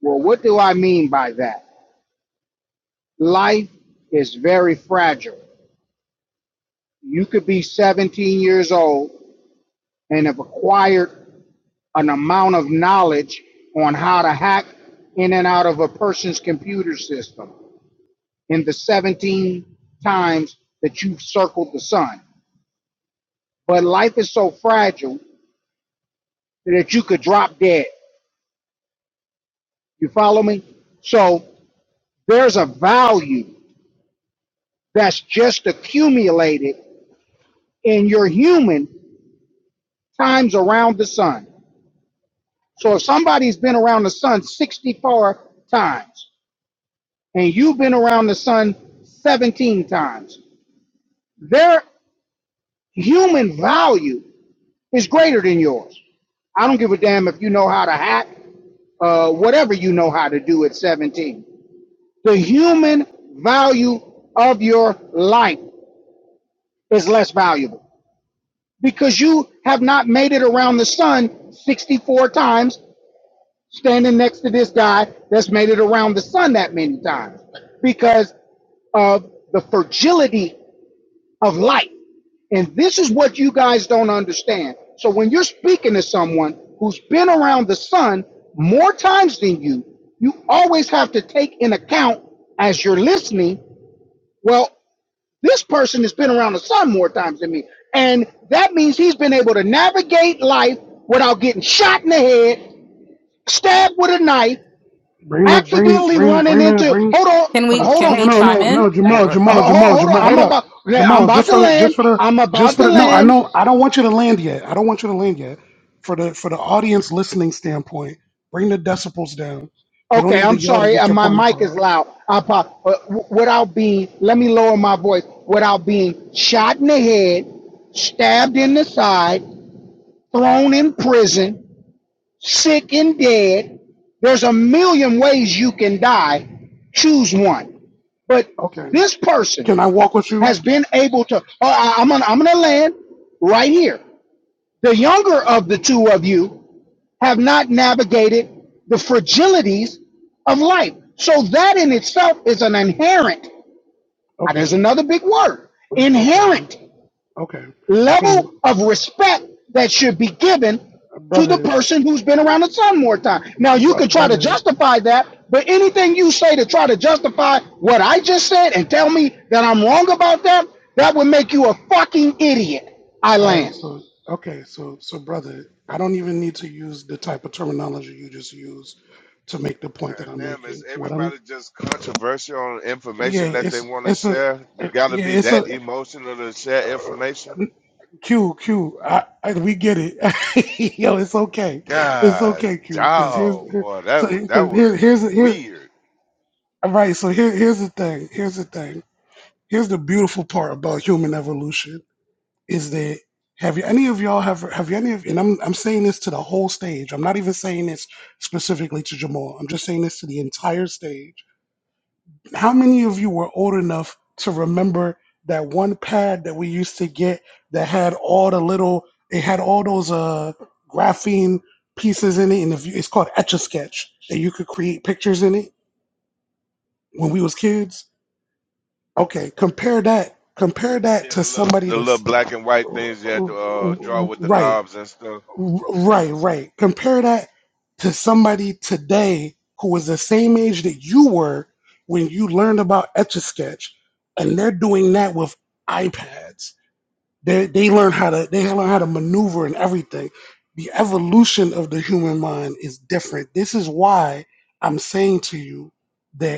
S18: Well, what do I mean by that? Life is very fragile. You could be 17 years old and have acquired an amount of knowledge on how to hack in and out of a person's computer system in the 17 times that you've circled the sun. But life is so fragile that you could drop dead. You follow me? So there's a value that's just accumulated in your human times around the sun. So if somebody's been around the sun 64 times and you've been around the sun 17 times, there Human value is greater than yours. I don't give a damn if you know how to hack, uh, whatever you know how to do at 17. The human value of your life is less valuable because you have not made it around the sun 64 times, standing next to this guy that's made it around the sun that many times because of the fragility of light. And this is what you guys don't understand. So when you're speaking to someone who's been around the sun more times than you, you always have to take in account as you're listening, well, this person has been around the sun more times than me. And that means he's been able to navigate life without getting shot in the head, stabbed with a knife,
S2: Bring the bring
S18: accidentally
S2: bring
S18: running
S2: bring the
S18: into,
S2: bring
S18: hold
S1: Can
S18: on,
S2: for
S1: we
S18: hold
S2: the
S1: can
S18: on,
S2: no
S1: we
S2: no
S1: chime
S2: no
S1: in
S2: no Jamal
S1: or
S2: Jamal
S18: hold,
S2: Jamal
S18: hold on,
S2: Jamal
S18: I'm
S2: hold up
S18: about, I'm
S2: Jamal
S18: about
S2: just
S18: to
S2: for the just
S18: land,
S2: for the
S18: I'm
S2: just
S18: about
S2: for
S18: to
S2: the no I
S18: land.
S2: know I don't want you to land yet I don't want you to land yet for the for the audience listening standpoint bring the decibels down you don't
S18: Okay,
S2: need to
S18: I'm
S2: yell to
S18: sorry.
S2: get
S18: Uh,
S2: your
S18: my
S2: point
S18: mic is
S2: across
S18: loud. I pop. Uh, w- without being, let me lower my voice. Without being shot in the head, stabbed in the side, thrown in prison, sick and dead. There's a million ways you can die. Choose one. But
S2: okay
S18: this person
S2: can I walk with you
S18: has been able to. Oh, I, I'm gonna, I'm gonna land right here. The younger of the two of you have not navigated the fragilities of life. So that in itself is an inherent, ah, there's
S2: okay
S18: another big word,
S2: okay
S18: inherent
S2: okay
S18: level
S2: can
S18: of respect that should be given to the
S2: brother
S18: person who's been around the sun more time. Now you
S2: bro,
S18: can try to
S2: brother
S18: justify that, but anything you say to try to justify what I just said and tell me that I'm wrong about that, that would make you a fucking idiot. I
S2: All right,
S18: land.
S2: so okay, so so brother, I don't even need to use the type of terminology you just used to make the point that
S12: God
S2: I'm
S12: damn,
S2: making.
S12: is
S2: What I'm
S12: everybody just controversial on information
S2: yeah,
S12: that they
S2: it's
S12: want to
S2: it's a
S12: share? You got to
S2: yeah,
S12: be
S2: it's a
S12: that emotional to share information.
S2: uh, Q Q. I, I we get it. Yo, it's okay, it's
S12: God,
S2: okay, Q. Because here's
S12: dog,
S2: here-
S12: boy,
S2: so
S12: that was that
S2: because
S12: was
S2: here, here's here's
S12: weird.
S2: all right. So here here's the thing. Here's the thing. Here's the beautiful part about human evolution. is that have you any of y'all have have you any of and I'm I'm saying this to the whole stage. I'm not even saying this specifically to Jamal. I'm just saying this to the entire stage. How many of you were old enough to remember that one pad that we used to get that had all the little it had all those uh graphene pieces in it and if you, it's called etch a sketch and you could create pictures in it when we was kids. Okay, compare that compare that
S12: Yeah,
S2: to
S12: the little
S2: somebody
S12: the little
S2: that's
S12: black and white things you had to uh, draw with the
S2: right
S12: knobs and stuff.
S2: R- Right, right. Compare that to somebody today who was the same age that you were when you learned about Etch a Sketch, and they're doing that with iPads. They they learn how to they learn how to maneuver and everything. The evolution of the human mind is different. This is why I'm saying to you that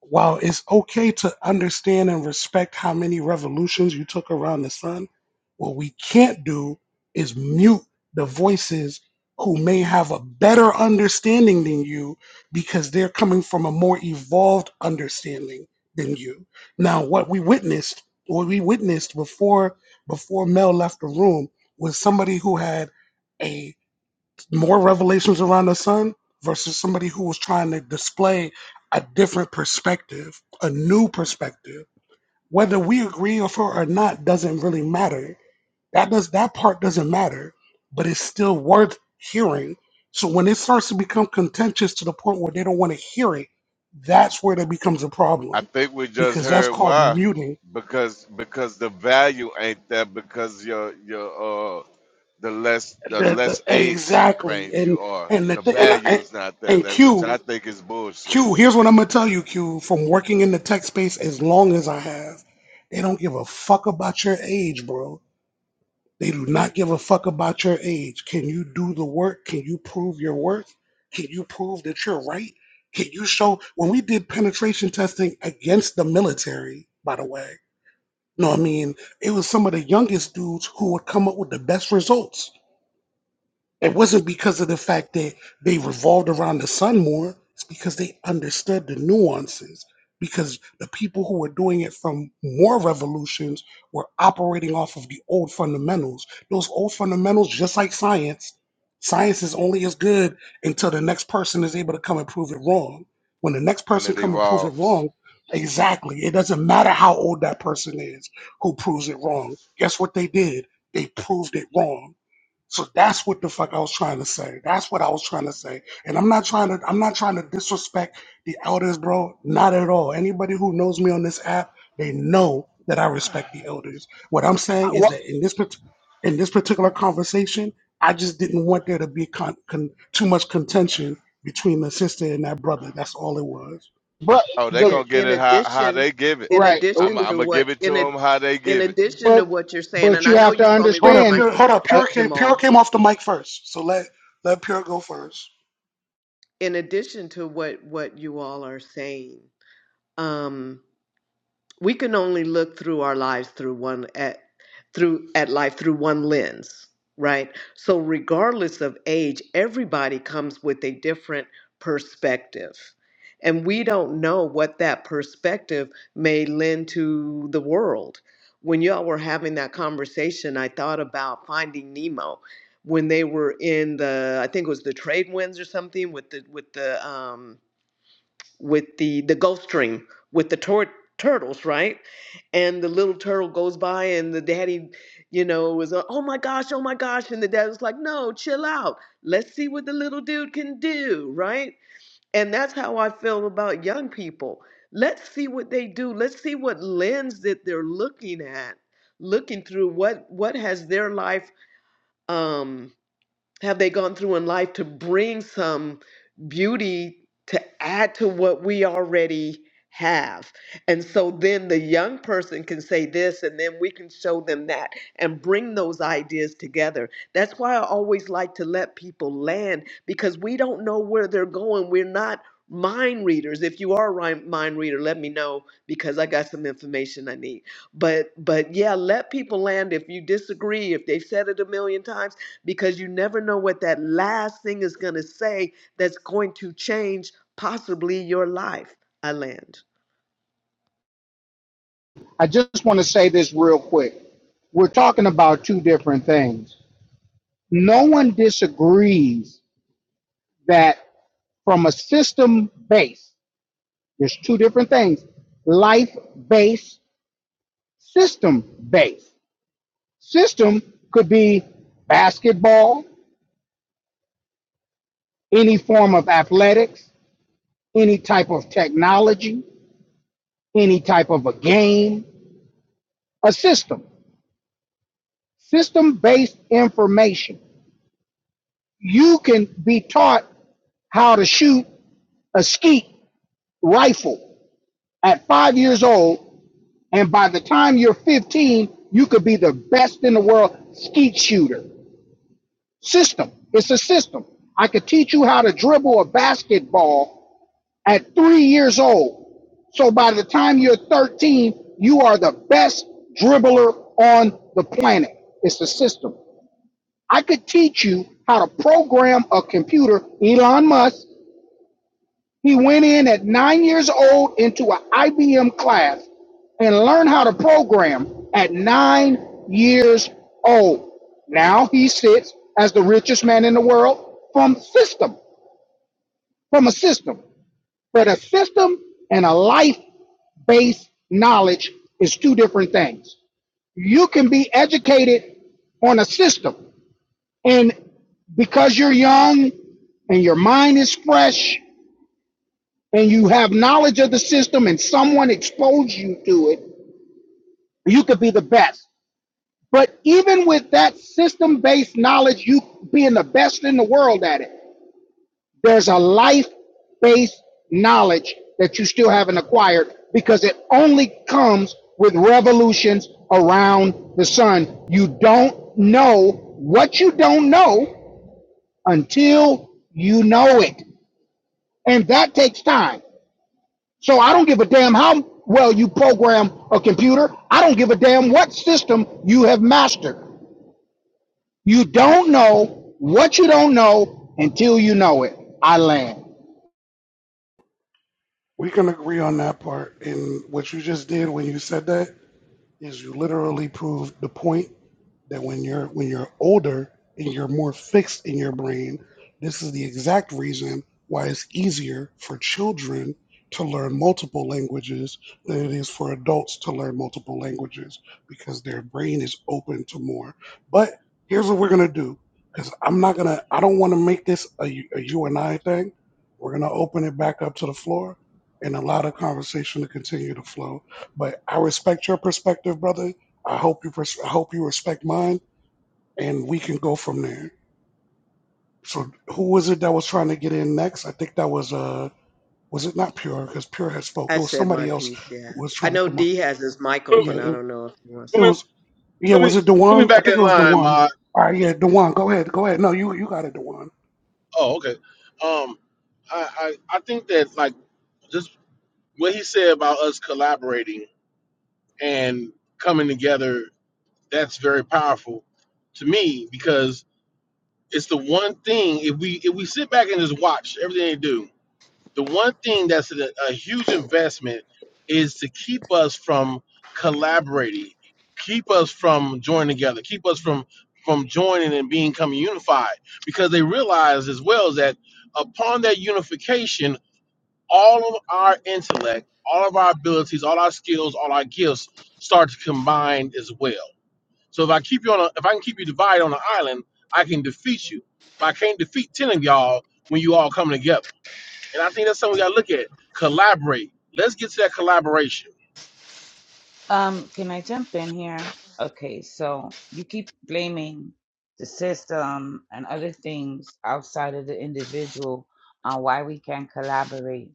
S2: while it's okay to understand and respect how many revolutions you took around the sun, what we can't do is mute the voices who may have a better understanding than you because they're coming from a more evolved understanding than you. Now, what we witnessed, what we witnessed before before Mel left the room was somebody who had a more revelations around the sun versus somebody who was trying to display a different perspective, a new perspective. Whether we agree with her or not doesn't really matter. That does that part doesn't matter, but it's still worth hearing. So when it starts to become contentious to the point where they don't want to hear it, that's where that becomes a
S12: I
S2: problem
S12: think we just
S2: because that's
S12: heard
S2: called
S12: why,
S2: muting.
S12: because because the value ain't there because your your uh the less the
S2: The, the,
S12: less age
S2: exactly,
S12: range
S2: and
S12: you are,
S2: and the,
S12: the
S2: thi- and
S12: value
S2: and
S12: is not there.
S2: and
S12: That which
S2: Q.
S12: I think is bullshit.
S2: Q, here's what I'm gonna tell you, Q, from working in the tech space as long as I have, they don't give a fuck about your age, bro. They do not give a fuck about your age. Can you do the work? Can you prove your worth? Can you prove that you're right? Can you show when we did penetration testing against the military, by the way? No, I mean, it was some of the youngest dudes who would come up with the best results it wasn't because of the fact that they revolved around the sun more. It's because they understood the nuances. Because the people who were doing it from more revolutions were operating off of the old fundamentals. Those old fundamentals, just like science, science is only as good until the next person is able to come and prove it wrong. When the next
S12: when
S2: person
S12: it
S2: come and prove it
S12: evolves.
S2: wrong, exactly, it doesn't matter how old that person is who proves it wrong. Guess what they did? They proved it wrong so that's what the fuck I was trying to say. That's what I was trying to say. And I'm not trying to I'm not trying to disrespect the elders, bro. Not at all. Anybody who knows me on this app, they know that I respect the elders. What I'm saying is
S18: Well,
S2: that in this part- in this particular
S12: Uh,
S2: conversation, I just didn't want there to be con- con- too much contention between the sister and that brother. That's all it was.
S18: but
S12: Oh, they're
S18: the
S10: in,
S12: gonna get
S10: in
S12: it how how
S10: addition
S12: they give it.
S10: in
S18: right.
S12: I'm
S10: addition
S12: I'm
S10: to
S12: gonna
S10: what
S12: give it to
S10: in a,
S12: them how they
S10: in
S12: give it.
S10: addition to
S18: But
S10: what you're saying
S18: but
S10: and i
S18: you
S10: know
S18: have
S10: you
S18: to
S10: saw me
S2: Hold
S10: raise
S2: up,
S10: my
S18: understand.
S2: pure. Hold
S10: hand
S2: up,
S18: Uh,
S2: pure came. Pure
S10: jamal
S2: came off the mic first, so let let pure go first.
S10: in addition to what what you all are saying, um, we can only look through our lives through one at through at life through one lens right so regardless of age everybody comes with a different perspective and we don't know what that perspective may lend to the world when y'all were having that conversation i thought about finding nemo when they were in the i think it was the trade winds or something with the with the um with the the Gulf Stream with the tur- turtles, right? And the little turtle goes by, and the daddy, you know, was uh, oh my gosh, oh my gosh, and the dad was like, no, chill out, let's see what the little dude can do, right? And that's how I feel about young people. Let's see what they do. Let's see what lens that they're looking at, looking through. What what has their life? Um, have they gone through in life to bring some beauty to add to what we already have? And so then the young person can say this, and then we can show them that and bring those ideas together. That's why I always like to let people land because we don't know where they're going. We're not mind readers if you are a ri- mind reader let me know because i got some information i need but but yeah let people land if you disagree if they've said it a million times because you never know what that last thing is going to say that's going to change possibly your life. I land.
S18: I just want to say this real quick. We're talking about two different things. No one disagrees that from a system base, there's two different things: life base, system base. System could be basketball, any form of athletics, any type of technology, any type of a game, a system. System based information you can be taught how to shoot a skeet rifle at five years old, and by the time you're 15, you could be the best in the world skeet shooter. System. It's a system. I could teach you how to dribble a basketball at three years old. So by the time you're 13, you are the best dribbler on the planet. It's a system. I could teach you how to program a computer. Elon Musk He went in at nine years old into an IBM class and learned how to program at nine years old. Now he sits as the richest man in the world from system, from a system. But a system and a life based knowledge is two different things. You can be educated on a system, and because you're young and your mind is fresh and you have knowledge of the system and someone exposed you to it, you could be the best. But even with that system based knowledge, you being the best in the world at it, there's a life based knowledge that you still haven't acquired because it only comes with revolutions around the sun. You don't know what you don't know until you know it. And that takes time. So I don't give a damn how well you program a computer. I don't give a damn what system you have mastered. You don't know what you don't know until you know it. I land.
S2: We can agree on that part. And what you just did when you said that is you literally prove the point that when you're when you're older and you're more fixed in your brain, this is the exact reason why it's easier for children to learn multiple languages than it is for adults to learn multiple languages because their brain is open to more. But here's what we're gonna do because I'm not gonna I don't want to make this a, you- a you and I thing. We're gonna open it back up to the floor and allow the conversation to continue to flow. But I respect your perspective, brother I hope you pres- I hope you respect mine, and we can go from there. So, who was it that was trying to get in next? I think that was uh, was it not Pure? Because Pure had spoke.
S10: I
S2: It was
S10: said my
S2: somebody else
S10: piece, yeah.
S2: who was
S10: I
S2: trying to
S10: know
S2: come off.
S10: D has his mic
S21: But,
S2: Yeah,
S10: open. I
S2: it,
S10: don't know if he wants
S21: but,
S2: it
S10: to.
S2: was. Yeah,
S21: put
S2: was
S21: me
S2: it
S21: put me
S2: Dewan? I
S21: back
S2: think it
S21: in
S2: was
S21: line,
S2: Dewan.
S21: Ma.
S2: All right, yeah, Dewan, go ahead, go ahead. No, you you got it, Dewan.
S21: Oh, okay. Um, I, I I think that like just what he said about us collaborating and coming together, that's very powerful to me because it's the one thing if we if we sit back and just watch everything they do, the one thing that's a, a huge investment is to keep us from collaborating keep us from joining together keep us from from joining and being becoming unified because they realize as well is that upon that unification all of our intellect all of our abilities all our skills all our gifts start to combine as well so if i keep you on a if i can keep you divided on an island i can defeat you but i can't defeat 10 of y'all when you all come together and I think that's something we gotta look at. Collaborate. Let's get to that collaboration.
S5: Um, can I jump in here? Okay, so you keep blaming the system and other things outside of the individual on why we can't collaborate.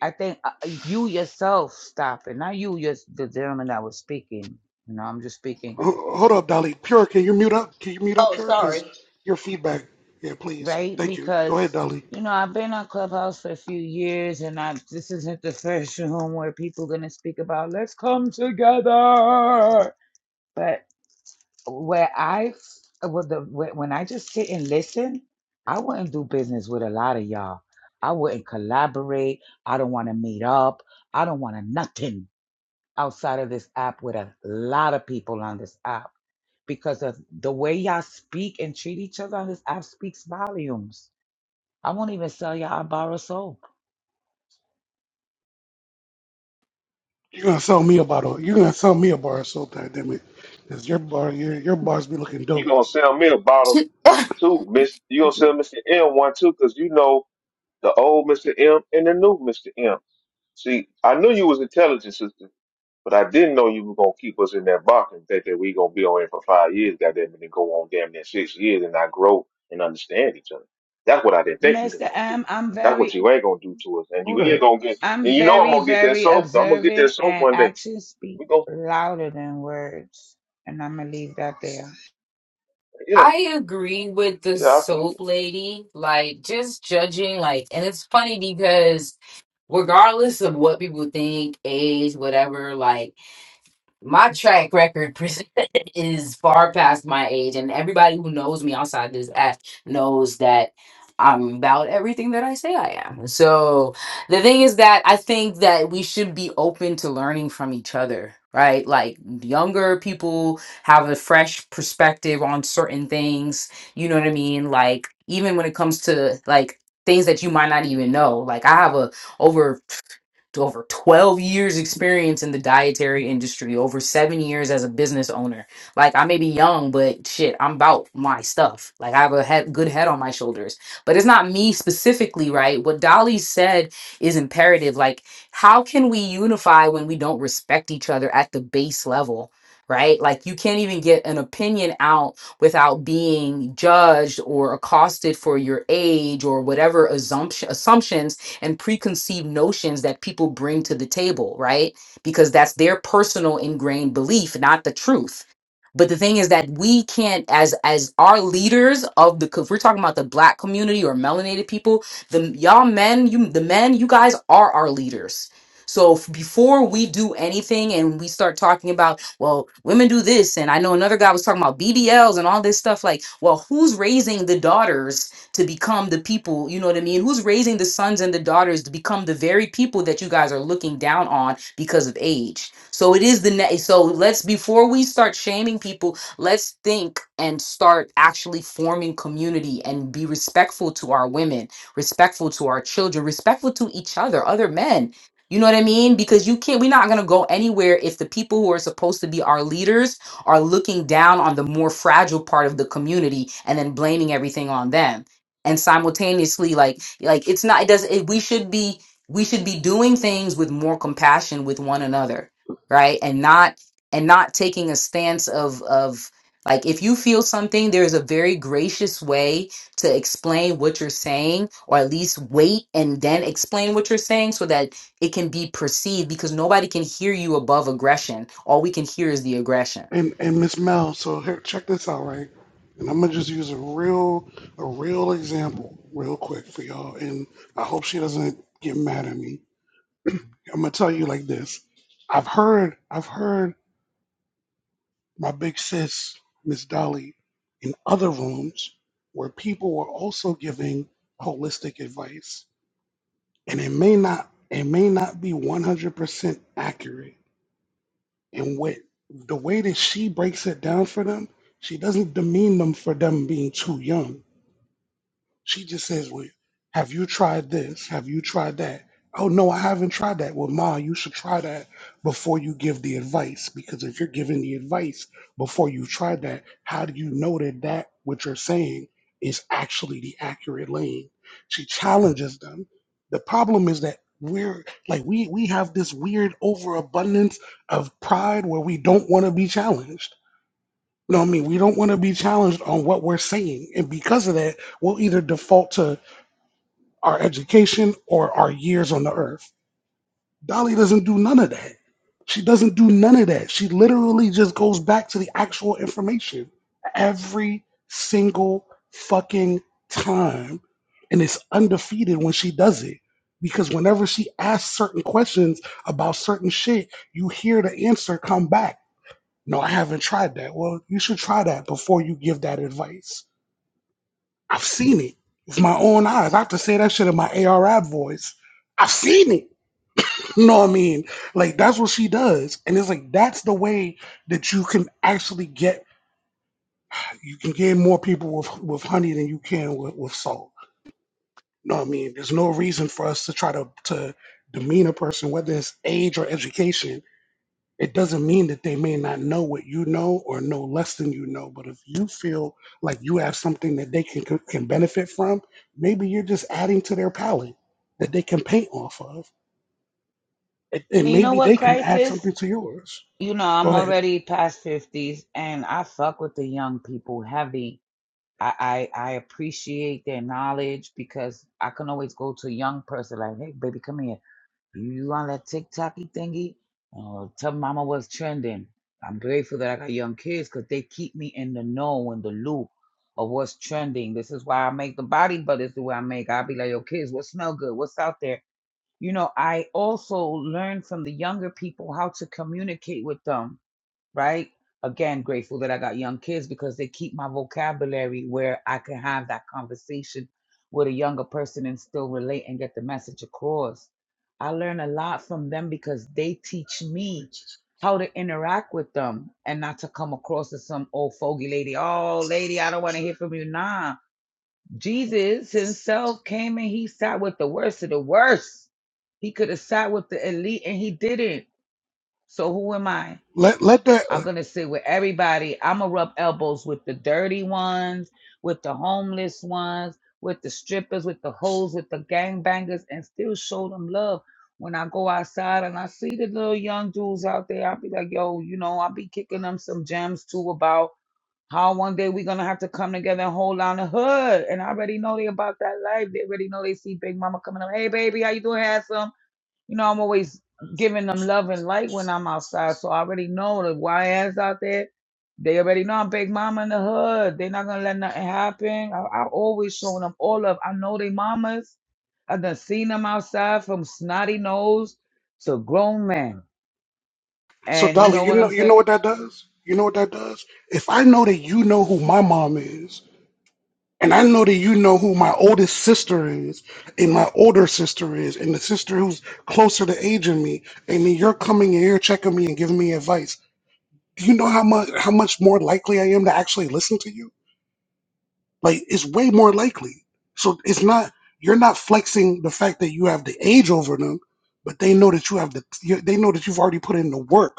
S5: I think uh, uh, you yourself stop it, not you, just the gentleman that was speaking. You know, I'm just speaking,
S2: H- Hold up, Dolly. Pure, can you mute up? Can you mute up,
S10: Oh,
S2: Pure?
S10: sorry.
S2: Because your feedback. Yeah, please.
S5: right?
S2: Thank you. Go ahead,
S5: Because
S2: Dolly.
S5: you know, I've been on Clubhouse for a few years, and I this isn't the first room where people gonna speak about let's come together. But where I f- with the wh- when I just sit and listen, I wouldn't do business with a lot of y'all. I wouldn't collaborate. I don't want to meet up. I don't want to nothing outside of this app with a lot of people on this app because of the way y'all speak and treat each other on this app speaks volumes. I won't even sell y'all a bar of soap.
S2: You're gonna sell me a bottle. You're gonna sell me a bar of soap, goddammit. Cause your bar, your your bars be looking
S20: You
S2: dope.
S20: gonna sell me a bottle too, Miss. You gonna sell Mister M one too, cause you know the old Mister M and the new Mister M. See, I knew you was intelligent, sister. But I didn't know you were gonna keep us in that box and think that we gonna be on here for five years, goddamn it, and go on damn near six years and not grow and understand each other. That's what I didn't think you was
S5: Mr.
S20: gonna do.
S5: M, I'm
S20: That's what
S5: very,
S20: you ain't gonna do to us. And you
S2: Hold
S20: ain't
S2: up.
S20: gonna get
S5: I'm
S20: and you know I'm
S5: very,
S20: gonna get that
S5: very
S20: soap. I'm gonna get that
S5: observant
S20: soap
S5: and
S20: one day.
S5: actions speak
S20: We go
S5: louder than words. And I'm gonna leave that there.
S20: yeah,
S1: I agree with the
S20: yeah, I feel
S1: soap
S20: you.
S1: lady. Like, just judging, like, and it's funny because regardless of what people think, age, whatever, like my track record pres- is far past my age, and everybody who knows me outside this app knows that I'm about everything that I say I am. So the thing is that I think that we should be open to learning from each other, right? Like younger people have a fresh perspective on certain things. You know what I mean? Like even when it comes to like things that you might not even know. Like I have a over to over 12 years experience in the dietary industry, over seven years as a business owner. Like I may be young, but shit, I'm about my stuff. Like I have a head, good head on my shoulders, but it's not me specifically, right? What Dolly said is imperative. Like how can we unify when we don't respect each other at the base level? Right? Like, you can't even get an opinion out without being judged or accosted for your age or whatever assumption, assumptions and preconceived notions that people bring to the table, right? Because that's their personal ingrained belief, not the truth. But the thing is that we can't, as as our leaders of the, if we're talking about the black community or melanated people, the y'all men, you the men, you guys are our leaders. So f- before we do anything and we start talking about, well, women do this, and I know another guy was talking about BBLs and all this stuff. Like, well, who's raising the daughters to become the people, you know what I mean? Who's raising the sons and the daughters to become the very people that you guys are looking down on because of age? So it is the ne- so let's before we start shaming people, let's think and start actually forming community and be respectful to our women, respectful to our children, respectful to each other, other men. You know what I mean? Because you can't, we're not going to go anywhere if the people who are supposed to be our leaders are looking down on the more fragile part of the community and then blaming everything on them and simultaneously like like it's not it does it, we should be we should be doing things with more compassion with one another right and not and not taking a stance of of like if you feel something there's a very gracious way to explain what you're saying or at least wait and then explain what you're saying so that it can be perceived because nobody can hear you above aggression all we can hear is the aggression
S2: And and Miss Mel, so here check this out, right? And I'm gonna just use a real a real example real quick for y'all. And I hope she doesn't get mad at me. I'm gonna tell you like this. I've heard I've heard my big sis, Miss Dolly, in other rooms where people were also giving holistic advice. And it may not it may not be 100% accurate And what the way that she breaks it down for them, she doesn't demean them for them being too young. She just says, "Well, have you tried this? Have you tried that?" Oh no, I haven't tried that. Well, Ma, you should try that before you give the advice, because if you're giving the advice before you've tried that, how do you know that that what you're saying is actually the accurate lane? She challenges them. The problem is that we're like we we have this weird overabundance of pride where we don't want to be challenged. You know what I mean? We don't want to be challenged on what we're saying, and because of that, we'll either default to our education, or our years on the earth. Dolly doesn't do none of that. She doesn't do none of that. She literally just goes back to the actual information every single fucking time. And it's undefeated when she does it. Because whenever she asks certain questions about certain shit, you hear the answer come back. No, I haven't tried that. Well, you should try that before you give that advice I've seen it with my own eyes. I have to say that shit in my ARAB voice. I've seen it. You know what I mean? Like that's what she does, and it's like that's the way that you can actually get you can get more people with with honey than you can with with salt. You know what I mean? There's no reason for us to try to to demean a person, whether it's age or education It doesn't mean that they may not know what you know or know less than you know, but if you feel like you have something that they can can benefit from, maybe you're just adding to their palette that they can paint off of, and, and
S5: And you know
S2: maybe they
S5: what,
S2: can add
S5: crisis?
S2: something to yours.
S5: You know,
S2: Go
S5: I'm
S2: ahead.
S5: already past fifties, and I fuck with the young people heavy. I, I I appreciate their knowledge because I can always go to a young person like, "Hey, baby, come here. You on that TikToky thingy? Oh, tell mama what's trending." I'm grateful that I got young kids because they keep me in the know in the loop of what's trending. This is why I make the body butters the way I make. I'll be like, "Yo, kids, what smell good? What's out there?" you know, I also learned from the younger people how to communicate with them, right? Again, grateful that I got young kids because they keep my vocabulary where I can have that conversation with a younger person and still relate and get the message across. I learn a lot from them because they teach me how to interact with them and not to come across as some old fogey lady. Oh, lady, I don't want to hear from you. nah. Jesus himself came and he sat with the worst of the worst. He could have sat with the elite and he didn't. So who am I?
S2: Let let that.
S5: I'm
S2: Uh,
S5: going to sit with everybody. I'm going to rub elbows with the dirty ones, with the homeless ones, with the strippers, with the hoes, with the gangbangers, and still show them love. When I go outside and I see the little young dudes out there, I'll be like, yo, you know, I'll be kicking them some gems too about how one day we gonna have to come together and hold down the hood. And I already know they about that life. They already know they see Big Mama coming up. Hey baby, how you doing, handsome? You know, I'm always giving them love and light when I'm outside. So I already know the YS out there. They already know I'm Big Mama in the hood. They're not gonna let nothing happen. I, I always showing them all of I know they mamas. I done seen them outside from snotty nose to grown man.
S2: so
S5: And you
S2: Dolly,
S5: know
S2: you
S5: what I'm
S2: know you know
S5: saying?
S2: what that does. You know what that does. If I know that you know who my mom is, And I know that you know who my oldest sister is, and my older sister is, and the sister who's closer to age than me. And then you're coming and you're checking me and giving me advice. Do you know how much how much more likely I am to actually listen to you? Like it's way more likely. So it's not you're not flexing the fact that you have the age over them, but they know that you have the you, they know that you've already put in the work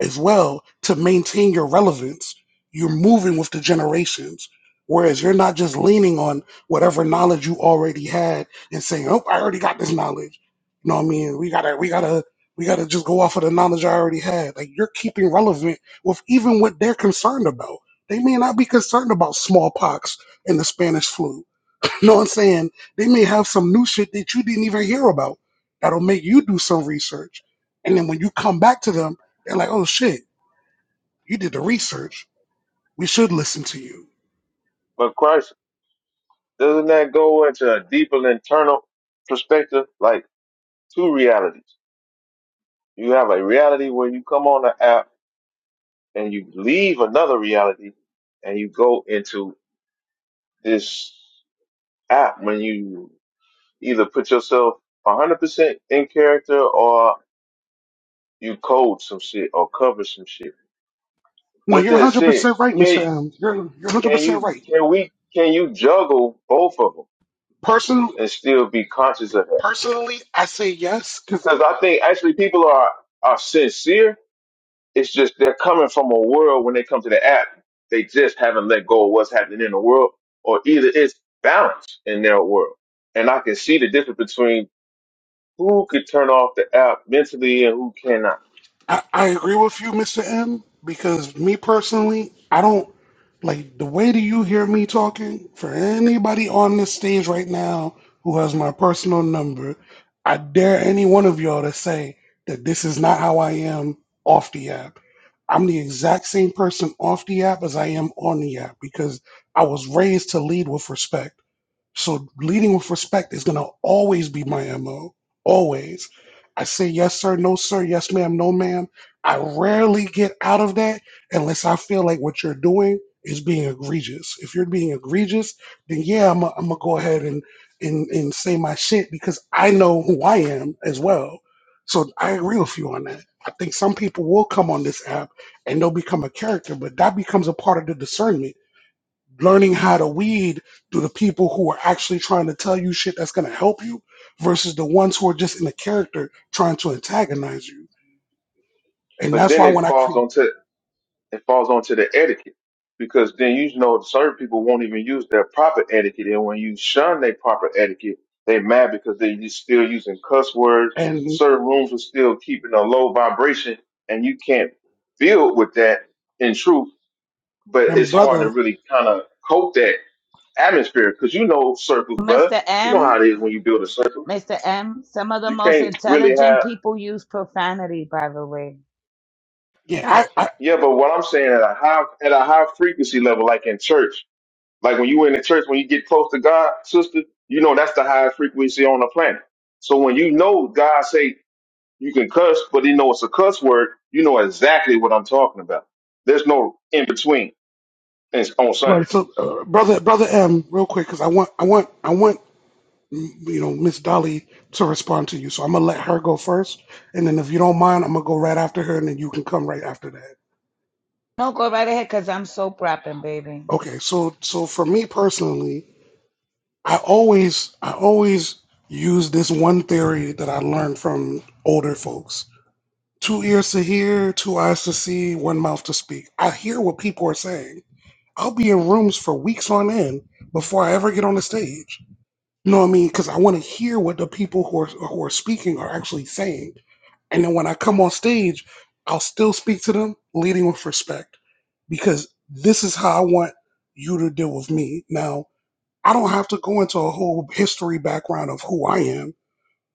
S2: as well to maintain your relevance. You're moving with the generations, whereas you're not just leaning on whatever knowledge you already had and saying, "Oh, I already got this knowledge." You know what I mean? We gotta, we gotta, we gotta just go off of the knowledge I already had. Like you're keeping relevant with even what they're concerned about. They may not be concerned about smallpox and the Spanish flu. You know what I'm saying they may have some new shit that you didn't even hear about that'll make you do some research. And then when you come back to them, they're like, oh shit, you did the research. We should listen to you.
S20: But Christ, doesn't that go into a deeper internal perspective? Like two realities. You have a reality where you come on the app and you leave another reality and you go into this. apt when you either put yourself 100% in character or you code some shit or cover some shit.
S2: No,
S20: With
S2: you're
S20: that said,
S2: 100% right,
S20: can
S2: Mr. M. You're, you're
S20: can
S2: 100%
S20: you
S2: right.
S20: can we can you juggle both of them
S2: Person,
S20: and still be conscious of that?
S2: personally, I say yes 'cause
S20: Because I think actually people are are sincere. It's just they're coming from a world when they come to the app, they just haven't let go of what's happening in the world, or either it's balance in their world. And I can see the difference between. who could turn off the app mentally and who cannot.
S2: I, I agree with you, Mr. M, because me personally, I don't like the way that you hear me talking. For anybody on this stage right now who has my personal number, I dare any one of y'all to say that this is not how I am off the app. I'm the exact same person off the app as I am on the app because I was raised to lead with respect. So leading with respect is gonna always be my MO. Always. I say yes sir, no sir, yes ma'am, no ma'am. I rarely get out of that unless I feel like what you're doing is being egregious. If you're being egregious, then yeah, I'm gonna go ahead and, and and say my shit because I know who I am as well. So I agree with you on that. I think some people will come on this app and they'll become a character, but that becomes a part of the discernment learning how to weed through the people who are actually trying to tell you shit that's going to help you versus the ones who are just in the character trying to antagonize you. And
S20: But
S2: that's
S20: then
S2: why
S20: it
S2: when I
S20: falls
S2: create
S20: onto it falls onto the etiquette because then you know certain people won't even use their proper etiquette, and when you shun their proper etiquette, they mad because they you still using cuss words.
S2: and
S20: Certain rooms are still keeping a low vibration, and you can't build with that in truth. But
S2: and
S20: it's hard to
S2: brother,
S20: really kind of cope that atmosphere because you know circles, brother.
S5: Mr.
S20: You know
S5: M.
S20: how it is when you build a circle.
S5: Mr. M, some of the
S20: You
S5: most
S20: can't really have
S5: intelligent people use profanity, by the way.
S2: yeah, I, I
S20: Yeah, but what I'm saying at a high at a high frequency level, like in church, like when you in the church, when you get close to God, sister, you know that's the highest frequency on the planet. So when you know God say you can cuss, but you know it's a cuss word, you know exactly what I'm talking about. There's no in between. It's on Sunday.
S2: right. So uh, brother, brother M, real quick because I want I want I want you know Miss Dolly to respond to you. So I'm gonna let her go first, and then if you don't mind, I'm gonna go right after her, and then you can come right after that.
S5: No, go right ahead because I'm soap rapping, baby.
S2: Okay. So so for me personally. I always I always use this one theory that I learned from older folks. Two ears to hear, two eyes to see, one mouth to speak. I hear what people are saying. I'll be in rooms for weeks on end before I ever get on the stage. You know what I mean? Because I want to hear what the people who are who are speaking are actually saying. And then when I come on stage, I'll still speak to them, leading with respect. Because this is how I want you to deal with me. Now I don't have to go into a whole history background of who I am,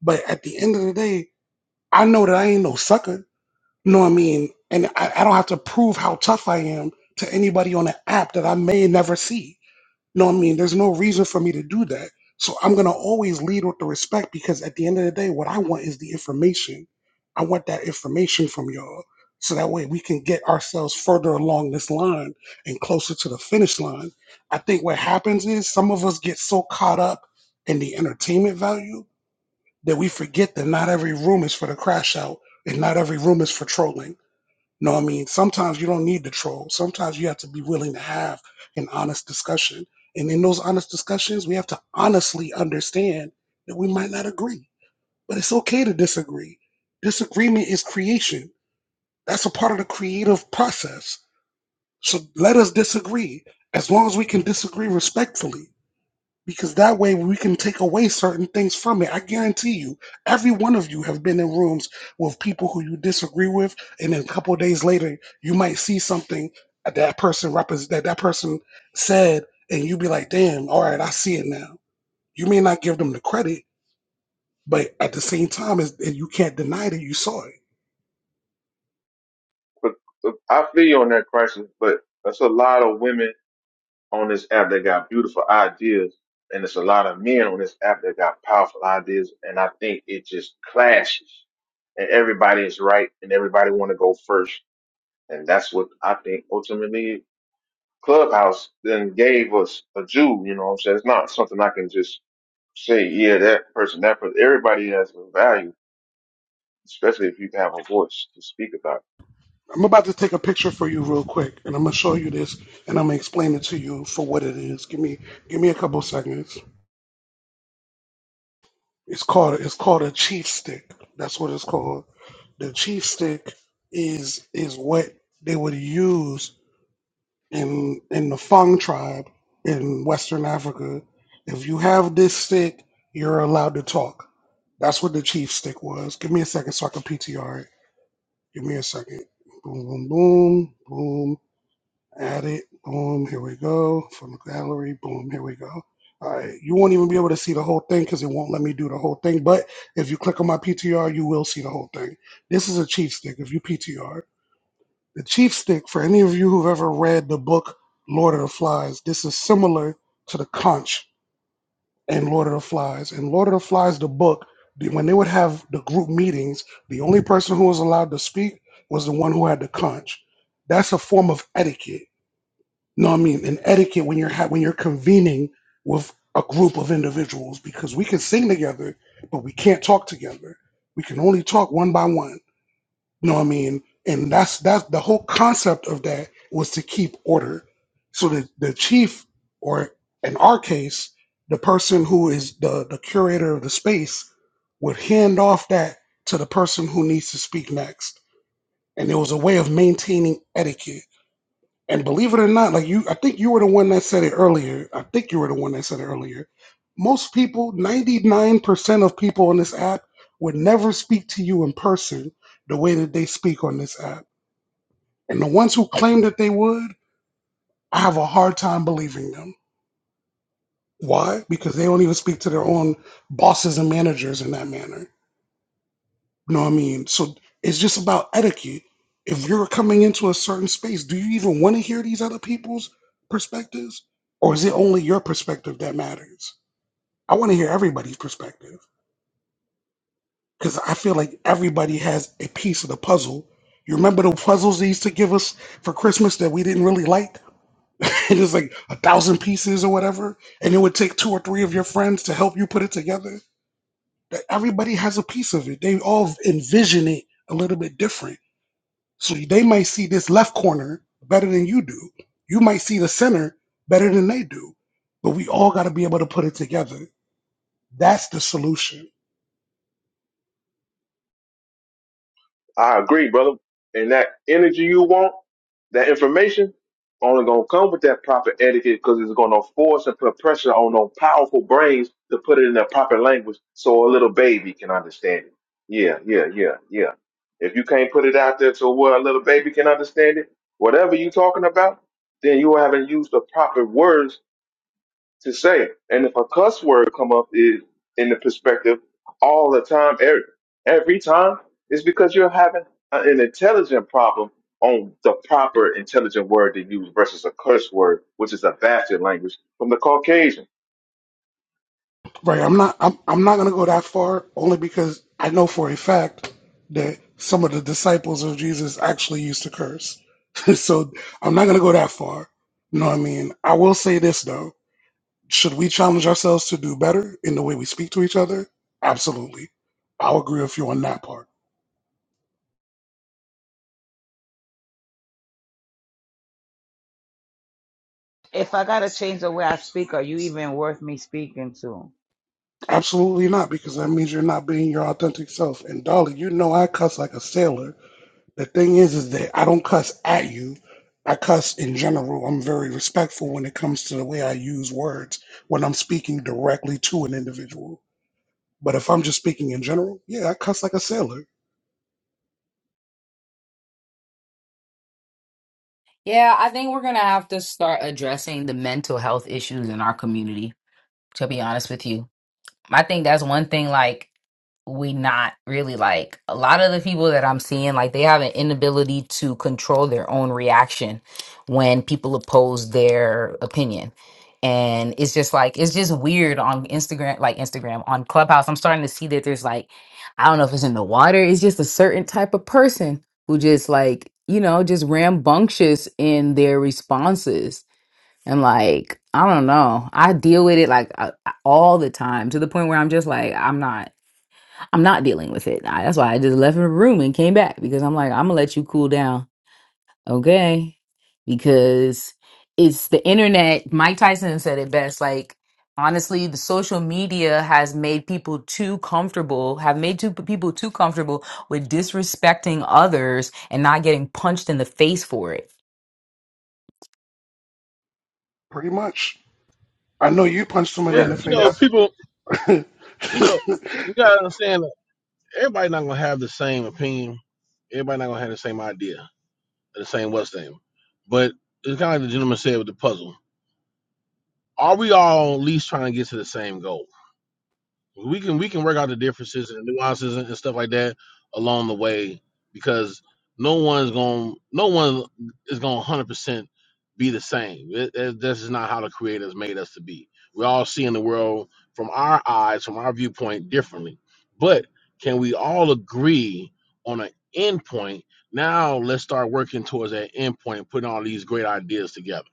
S2: but at the end of the day, I know that I ain't no sucker. You know what I mean? And I, I don't have to prove how tough I am to anybody on an app that I may never see. No, I mean, there's no reason for me to do that. So I'm gonna always lead with the respect because at the end of the day, what I want is the information. I want that information from y'all. So that way we can get ourselves further along this line and closer to the finish line. I think what happens is some of us get so caught up in the entertainment value that we forget that not every room is for the crash out and not every room is for trolling no, I mean, sometimes you don't need the troll. Sometimes you have to be willing to have an honest discussion. And in those honest discussions, we have to honestly understand that we might not agree, but it's okay to disagree. Disagreement is creation. That's a part of the creative process. So let us disagree as long as we can disagree respectfully because that way we can take away certain things from it. I guarantee you, every one of you have been in rooms with people who you disagree with, and then a couple of days later, you might see something that that person represent that that person said, and you be like, "Damn, all right, I see it now." You may not give them the credit, but at the same time, is you can't deny that you saw it.
S20: But, but I feel you on that crisis, but that's a lot of women on this app that got beautiful ideas, and it's a lot of men on this app that got powerful ideas, and I think it just clashes. And everybody is right, and everybody want to go first, and that's what I think ultimately Clubhouse then gave us a Jew. You know what I'm saying? It's not something I can just say, yeah, that person, that person. Everybody has a value, especially if you have a voice to speak about. it.
S2: I'm about to take a picture for you real quick, and I'm gonna show you this, and I'm gonna explain it to you for what it is. Give me, give me a couple seconds. It's called it's called a chief stick. That's what it's called. The chief stick is is what they would use in in the Fang tribe in Western Africa. If you have this stick, you're allowed to talk. That's what the chief stick was. Give me a second so I can PTR it. Give me a second. Boom, boom, boom, boom. Add it. Boom. Here we go. From the gallery. Boom. Here we go. All right. You won't even be able to see the whole thing because it won't let me do the whole thing. But if you click on my PTR, you will see the whole thing. This is a chief stick. If you PTR, the chief stick, for any of you who've ever read the book Lord of the Flies, this is similar to the conch in Lord of the Flies. In Lord of the Flies, the book, when they would have the group meetings, the only person who was allowed to speak was the one who had the conch. That's a form of etiquette no, I mean an etiquette when you're ha- when you're convening with a group of individuals because we can sing together, but we can't talk together. We can only talk one by one. No, I mean, and that's that's the whole concept of that was to keep order. So the the chief, or in our case, the person who is the the curator of the space, would hand off that to the person who needs to speak next, and it was a way of maintaining etiquette and believe it or not, like you, I think you were the one that said it earlier. I think you were the one that said it earlier. Most people, 99% of people on this app would never speak to you in person the way that they speak on this app. And the ones who claim that they would, I have a hard time believing them. Why? Because they don't even speak to their own bosses and managers in that manner. You know what I mean? So it's just about etiquette. If you're coming into a certain space, do you even want to hear these other people's perspectives? Or is it only your perspective that matters? I want to hear everybody's perspective because I feel like everybody has a piece of the puzzle. You remember the puzzles they used to give us for Christmas that we didn't really like? it was like a thousand pieces or whatever, and it would take two or three of your friends to help you put it together. That everybody has a piece of it. They all envision it a little bit different So they might see this left corner better than you do. You might see the center better than they do. But we all got to be able to put it together. That's the solution.
S20: I agree, brother. And that energy you want, that information, only gonna come with that proper etiquette because it's gonna force and put pressure on those powerful brains to put it in the proper language so a little baby can understand it. Yeah, yeah, yeah, yeah. If you can't put it out there to where a little baby can understand it, whatever you talking about, then you haven't used the proper words to say. And if a cuss word come up is in the perspective all the time, every, every time, it's because you're having a- an intelligent problem on the proper intelligent word to use versus a curse word, which is a bastard language from the Caucasian.
S2: Right. I'm not I'm, I'm not going to go that far only because I know for a fact that some of the disciples of Jesus actually used to curse. so I'm not going to go that far. You know what I mean? I will say this though. Should we challenge ourselves to do better in the way we speak to each other? Absolutely. I'll agree with you on that part.
S5: If I got to change the way I speak, are you even worth me speaking to?
S2: Absolutely not, because that means you're not being your authentic self. And Dolly, you know I cuss like a sailor. The thing is, is that I don't cuss at you. I cuss in general. I'm very respectful when it comes to the way I use words when I'm speaking directly to an individual. But if I'm just speaking in general, yeah, I cuss like a sailor,
S1: yeah i think we're gonna have to start addressing the mental health issues in our community to be honest with you. I think that's one thing like we not really like a lot of the people that I'm seeing like they have an inability to control their own reaction when people oppose their opinion. And it's just like it's just weird on Instagram like Instagram on Clubhouse. I'm starting to see that there's like I don't know if it's in the water, it's just a certain type of person who just like, you know, just rambunctious in their responses and like, I don't know. I deal with it like uh, uh, all the time to the point where I'm just like, I'm not, I'm not dealing with it. I, that's why I just left the room and came back because I'm like, I'm gonna let you cool down, okay? Because it's the internet. Mike Tyson said it best. Like, honestly, the social media has made people too comfortable, have made two people too comfortable with disrespecting others and not getting punched in the face for it
S2: pretty much. I know you punched somebody
S21: Well,
S2: in
S20: Yeah,
S2: the
S21: you know,
S20: yeah,
S2: face.
S21: people, you know, you gotta understand that everybody not gonna have the same opinion. Everybody not gonna have the same idea, the same what's name. But it's kind of like the gentleman said with the puzzle. Are we all at least trying to get to the same goal? we can we can work out the differences and nuances and, stuff like that along the way because no one's going no one is going to 100% be the same That- that- that's just not how the creators made us to be we all see in the world from our eyes from our viewpoint differently but can we all agree on an end point now let's start working towards that end point and putting all these great ideas together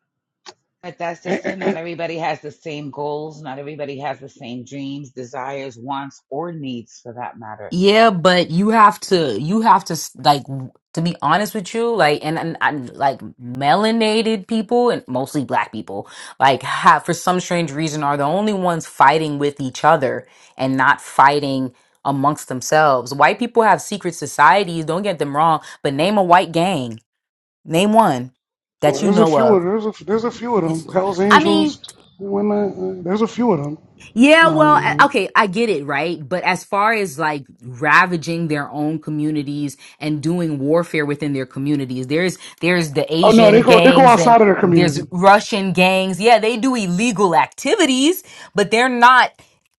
S5: But that's
S2: And-
S5: just it.
S2: and-
S5: Not
S2: and-
S5: everybody has the same goals. Not everybody has the same dreams, desires, wants, or needs for that matter.
S1: Yeah, but you have to, you have to, s- like, w- to be honest with you, like, and, and, and like melanated people and mostly black people, like, have for some strange reason are the only ones fighting with each other and not fighting amongst themselves. White people have secret societies, don't get them wrong, but name a white gang, name one
S2: well,
S1: that you
S2: there's a
S1: know
S2: few of
S1: of.
S2: there's a there's a few of them. Hell's
S1: I mean,
S2: Angels, and whatnot. eh, There's a few of them.
S1: Yeah,
S2: No, I
S1: well, a-
S2: mean.
S1: okay, I get it, right? But as far as like ravaging their own communities and doing warfare within their communities, there's there's the
S2: Oh no, they
S1: Asian
S2: go they go
S1: gangs and
S2: outside of their
S1: there's
S2: community.
S1: Russian gangs. Yeah, they do illegal activities, but they're not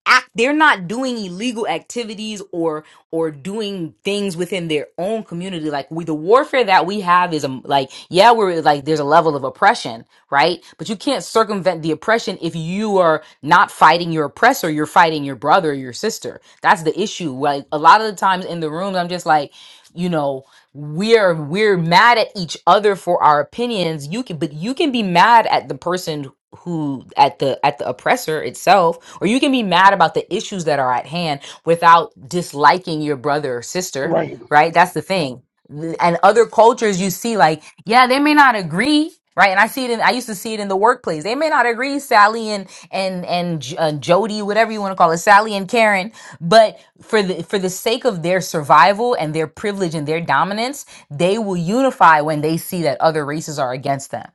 S1: act they're not doing illegal activities or or doing things within their own community like we the warfare that we have is um, like yeah we're like there's a level of oppression right? But you can't circumvent the oppression if you are not fighting your oppressor, you're fighting your brother or your sister. That's the issue. Like a lot of the times in the rooms, I'm just like, you know, we're we're mad at each other for our opinions. You can but you can be mad at the person who at the at the oppressor itself or you can be mad about the issues that are at hand without disliking your brother or sister
S2: Right.
S1: right that's the thing and other cultures you see like yeah they may not agree right and i see it in i used to see it in the workplace they may not agree sally and and and J- uh, jody whatever you want to call it sally and karen but for the for the sake of their survival and their privilege and their dominance they will unify when they see that other races are against them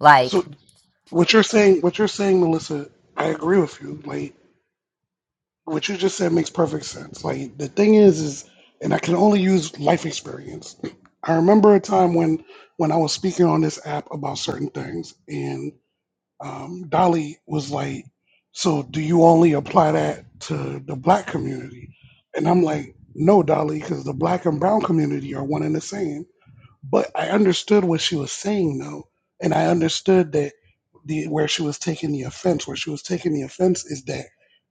S1: like
S2: So what you're saying what you're saying, Melissa, I agree with you. Like what you just said makes perfect sense. Like the thing is is and I can only use life experience. I remember a time when when I was speaking on this app about certain things and um, Dolly was like, So do you only apply that to the black community? And I'm like, No, Dolly, because the black and brown community are one and the same But I understood what she was saying though, and I understood that the where she was taking the offense, where she was taking the offense is that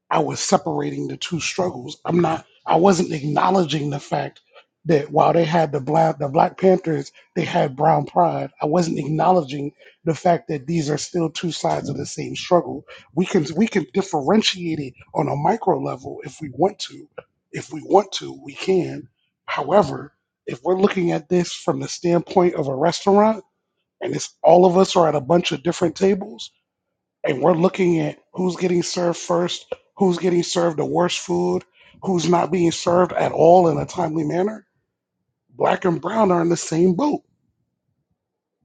S2: I was separating the two struggles. I'm not. I wasn't acknowledging the fact that while they had the black the Black Panthers, they had Brown Pride. I wasn't acknowledging the fact that these are still two sides of the same struggle. We can we can differentiate it on a micro level if we want to. If we want to, we can. However, if we're looking at this from the standpoint of a restaurant and it's all of us are at a bunch of different tables and we're looking at who's getting served first, who's getting served the worst food, who's not being served at all in a timely manner, black and brown are in the same boat.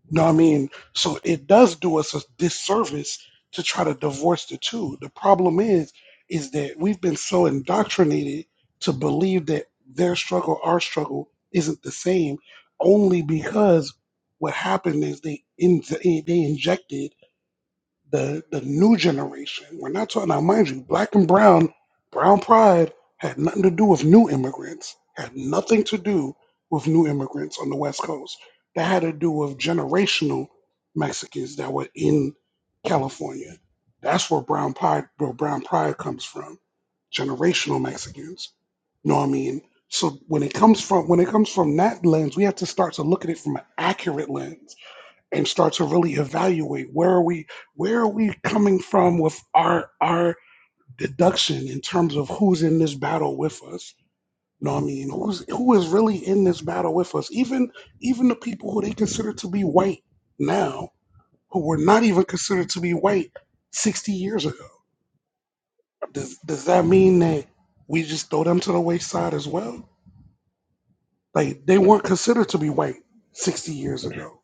S2: You know what I mean? So it does do us a disservice to try to divorce the two. The problem is, is that we've been so indoctrinated to believe that their struggle, our struggle, isn't the same, only because what happened is they in, they injected the the new generation. We're not talking now, mind you, black and brown, brown pride had nothing to do with new immigrants, had nothing to do with new immigrants on the West Coast. That had to do with generational Mexicans that were in California. That's where brown pride where brown pride comes from. Generational Mexicans. You know what I mean? So when it comes from when it comes from that lens, we have to start to look at it from an accurate lens and start to really evaluate where are we where are we coming from with our our deduction in terms of who's in this battle with us you know what i mean who's who is really in this battle with us even even the people who they consider to be white now who were not even considered to be white 60 years ago does does that mean that we just throw them to the wayside as well like they weren't considered to be white 60 years ago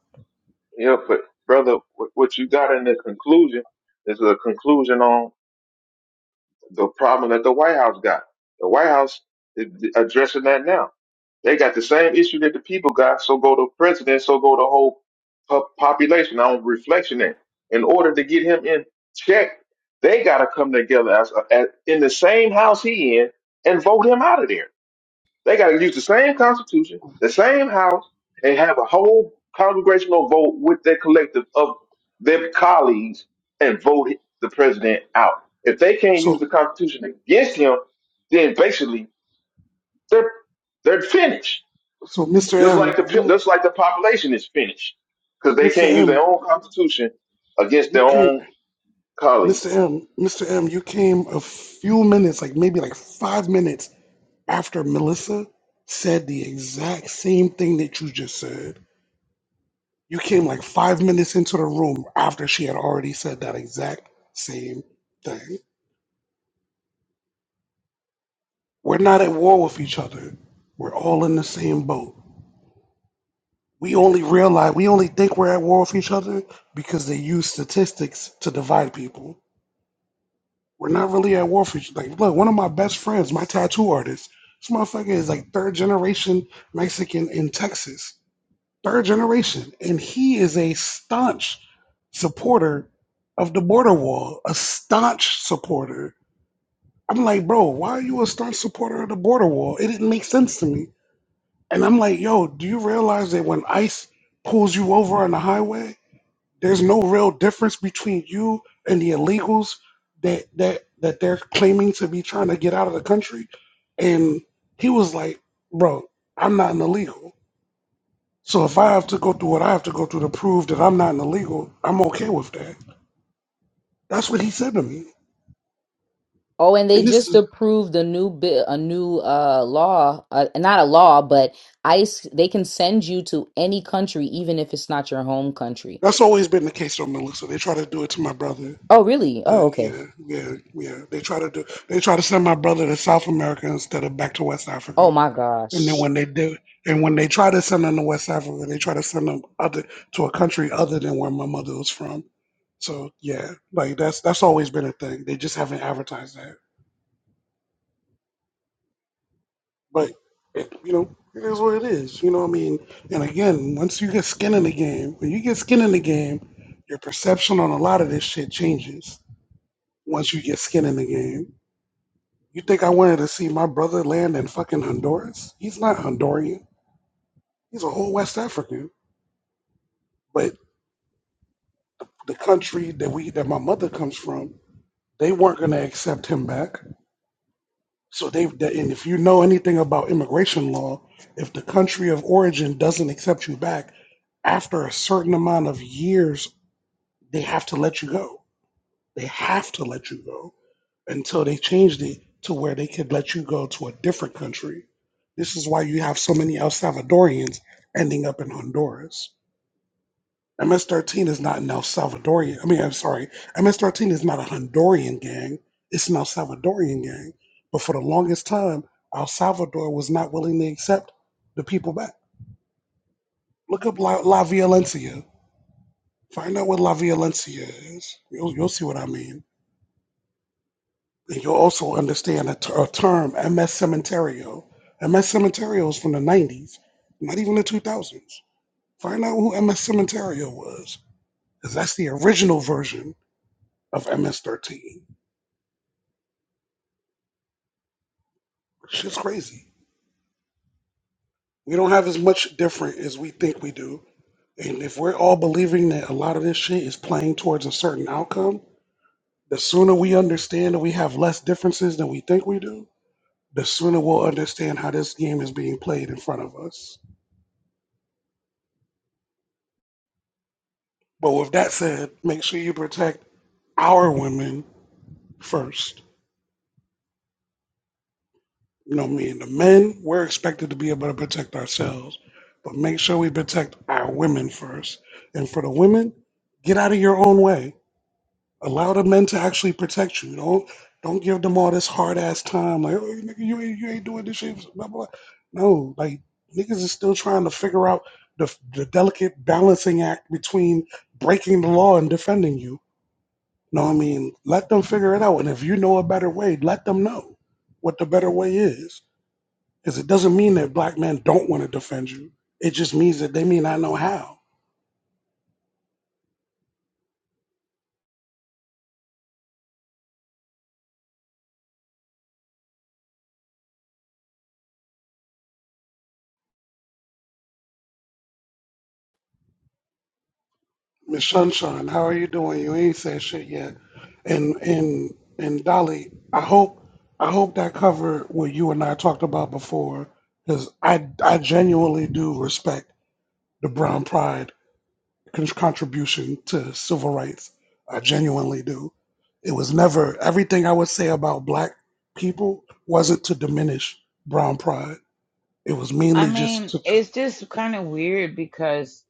S20: yeah. But brother, what what you got in the conclusion is a conclusion on the problem that the White House got. The White House is addressing that now They got the same issue that the people got, so go the president, so go the whole po- population. I'm reflection that in order to get him in check, they got to come together as, as in the same house he in and vote him out of there. They got to use the same constitution, the same house, and have a whole congregational vote with their collective of their colleagues and vote the president out. If they can't use
S2: so
S20: the constitution against him, then basically they're they're finished
S2: so mr
S20: just like
S2: m
S20: the pe-
S2: you
S20: just like the population is finished because they
S2: mr
S20: can't use their
S2: m
S20: own constitution against
S2: you
S20: their
S2: can't
S20: own colleague.
S2: Mr. M, Mr. M, you came a few minutes, like maybe like five minutes after Melissa said the exact same thing that you just said. You came like five minutes into the room after she had already said that exact same thing. We're not at war with each other. We're all in the same boat. We only realize, we only think we're at war with each other because they use statistics to divide people. We're not really at war for each like look, one of my best friends, my tattoo artist, this motherfucker is like third generation Mexican in Texas. Third generation. And he is a staunch supporter of the border wall. A staunch supporter. I'm like, bro, why are you a staunch supporter of the border wall? It didn't make sense to me. And I'm like, yo, do you realize that when ICE pulls you over on the highway, there's no real difference between you and the illegals that that that they're claiming to be trying to get out of the country. And he was like, "Bro, I'm not an illegal. So if I have to go through what I have to go through to prove that I'm not an illegal, I'm okay with that." That's what he said to me.
S1: Oh, and they
S2: And this
S1: just
S2: is
S1: approved a new bill, a new uh law, uh, not a law, but ICE. They can send you to any country, even if it's not your home country.
S2: that's always been the case on Melissa. They try to do it to my brother,
S1: Oh, really? Oh,
S2: but
S1: okay.
S2: yeah, yeah, yeah. They try to do they try to send my brother to South America instead of back to West
S1: Oh
S2: Africa.
S1: my
S2: And then
S1: gosh.
S2: when they do, and when they try to send them to West Africa, they try to send them other to a country other than where my mother was from. So yeah, like that's that's always been a thing. They just haven't advertised that. But it, you know, it is what it is. You know what I mean? And again, once you get skin in the game, when you get skin in the game, your perception on a lot of this shit changes. Once you get skin in the game, you think I wanted to see my brother land in fucking Honduras? He's not Honduran. He's a whole West African. But the country that we that my mother comes from, they weren't going to accept him back. So they and if you know anything about immigration law, if the country of origin doesn't accept you back after a certain amount of years, they have to let you go. They have to let you go until they changed it to where they could let you go to a different country. This is why you have so many El Salvadorians ending up in Honduras MS-13 is not an El Salvadorian. I mean, I'm sorry. MS-13 is not a Honduran gang. It's an El Salvadorian gang. But for the longest time, El Salvador was not willing to accept the people back. Look up La, La Violencia. Find out what La Violencia is. You'll, you'll see what I mean. And you'll also understand a, ter- a term, MS Cementerio. MS Cementerio is from the 90s, not even the 2000s. Find out who MS Cementerio was, because that's the original version of MS-13 Shit's crazy. We don't have as much different as we think we do. And if we're all believing that a lot of this shit is playing towards a certain outcome, the sooner we understand that we have less differences than we think we do, the sooner we'll understand how this game is being played in front of us. But with that said, make sure you protect our women first. You know, me and the men, we're expected to be able to protect ourselves. But make sure we protect our women first. And for the women, get out of your own way Allow the men to actually protect you. Don't don't give them all this hard ass time. Like, oh, nigga, you ain't you ain't doing this shit. Blah, blah. blah." No, like niggas is still trying to figure out the the delicate balancing act between breaking the law and defending you. No, I mean, let them figure it out. And if you know a better way, let them know what the better way is. Because it doesn't mean that black men don't want to defend you. It just means that they may not know how. Miss Sunshine, how are you doing? You ain't said shit yet. And and and Dolly, I hope I hope that covered what you and I talked about before, because I I genuinely do respect the Brown Pride con- contribution to civil rights. I genuinely do. It was never everything I would say about black people wasn't to diminish Brown Pride. It was
S5: I
S2: mainly just
S5: mean,
S2: to tr-
S5: it's just kind of weird because,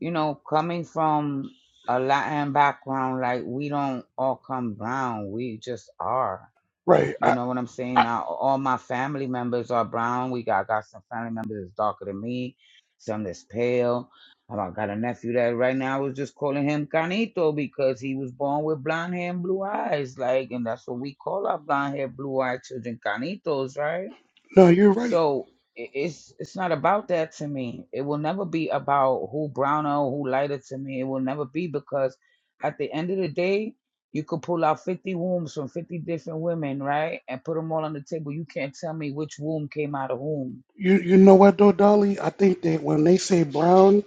S5: you know, coming from a Latin background, like we don't all come brown. We just are.
S2: right.
S5: You
S2: I,
S5: know what I'm saying?
S2: I,
S5: Now, all my family members are brown. We got, got some family members that's darker than me, some that's pale. Um, I got a nephew that right now I was just calling him Canito because he was born with blonde hair and blue eyes. Like, and that's what we call our blonde hair, blue eyed children, Canitos, right?
S2: no, you're right.
S5: So i- it's it's not about that to me. It will never be about who browner or who lighter to me. It will never be because at the end of the day, you could pull out 50 wombs from 50 different women, right? And put them all on the table. You can't tell me which womb came out of whom.
S2: You you know what though, Dolly? I think that when they say brown,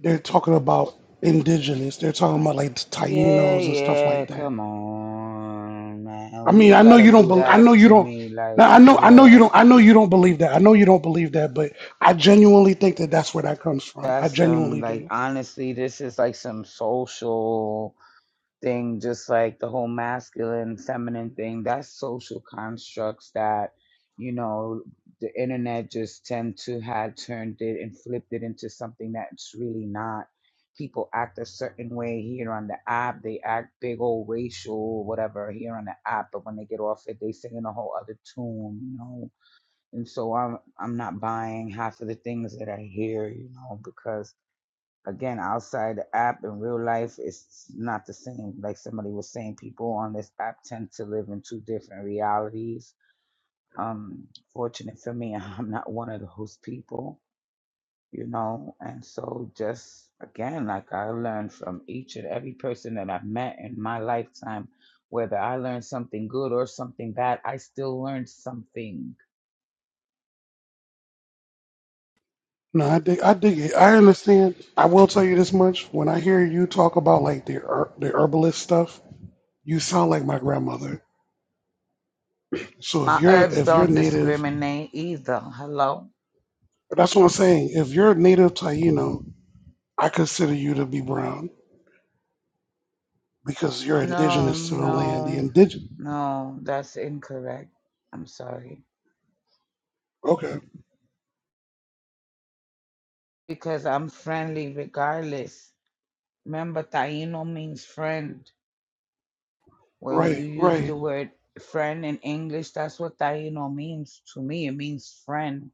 S2: they're talking about indigenous. They're talking about like
S5: Yeah,
S2: Tainos and stuff
S5: yeah,
S2: like that.
S5: come on, man.
S2: I
S5: We
S2: mean,
S5: don't
S2: I know
S5: gotta
S2: you don't.
S5: do
S2: Bel I
S5: that
S2: know you
S5: to
S2: don't.
S5: me, like
S2: Now I
S5: for
S2: know I know you
S5: real.
S2: don't. I know you don't believe that. I know you don't believe that. But I genuinely think that that's where that comes from.
S5: That's
S2: I
S5: some
S2: genuinely
S5: like
S2: do.
S5: honestly, this is like some social. thing, just like the whole masculine, feminine thing, that's social constructs that, you know, the internet just tend to have turned it and flipped it into something that's really not. People act a certain way here on the app. They act big old racial, whatever, here on the app. But when they get off it, they sing in a whole other tune, you know. And so I'm I'm not buying half of the things that I hear, you know, because again outside the app in real life it's not the same like somebody was saying people on this app tend to live in two different realities um fortunate for me i'm not one of those people you know and so just again like i learned from each and every person that i've met in my lifetime whether i learned something good or something bad i still learned something
S2: No, I dig. I dig it. I understand. I will tell you this much: when I hear you talk about like the her- the herbalist stuff, you sound like my grandmother. So if
S5: my
S2: you're
S5: herbs
S2: if you're
S5: don't
S2: native,
S5: discriminate either hello
S2: that's what I'm saying. If you're a native Taino I consider you to be brown because you're
S5: No,
S2: indigenous to the land. The
S5: no,
S2: indigenous.
S5: no, that's incorrect. I'm sorry.
S2: Okay.
S5: Because I'm friendly regardless. Remember, Taino means friend. Well, you
S2: Right,
S5: use
S2: right.
S5: the word friend in English, that's what Taino means to me. It means friend.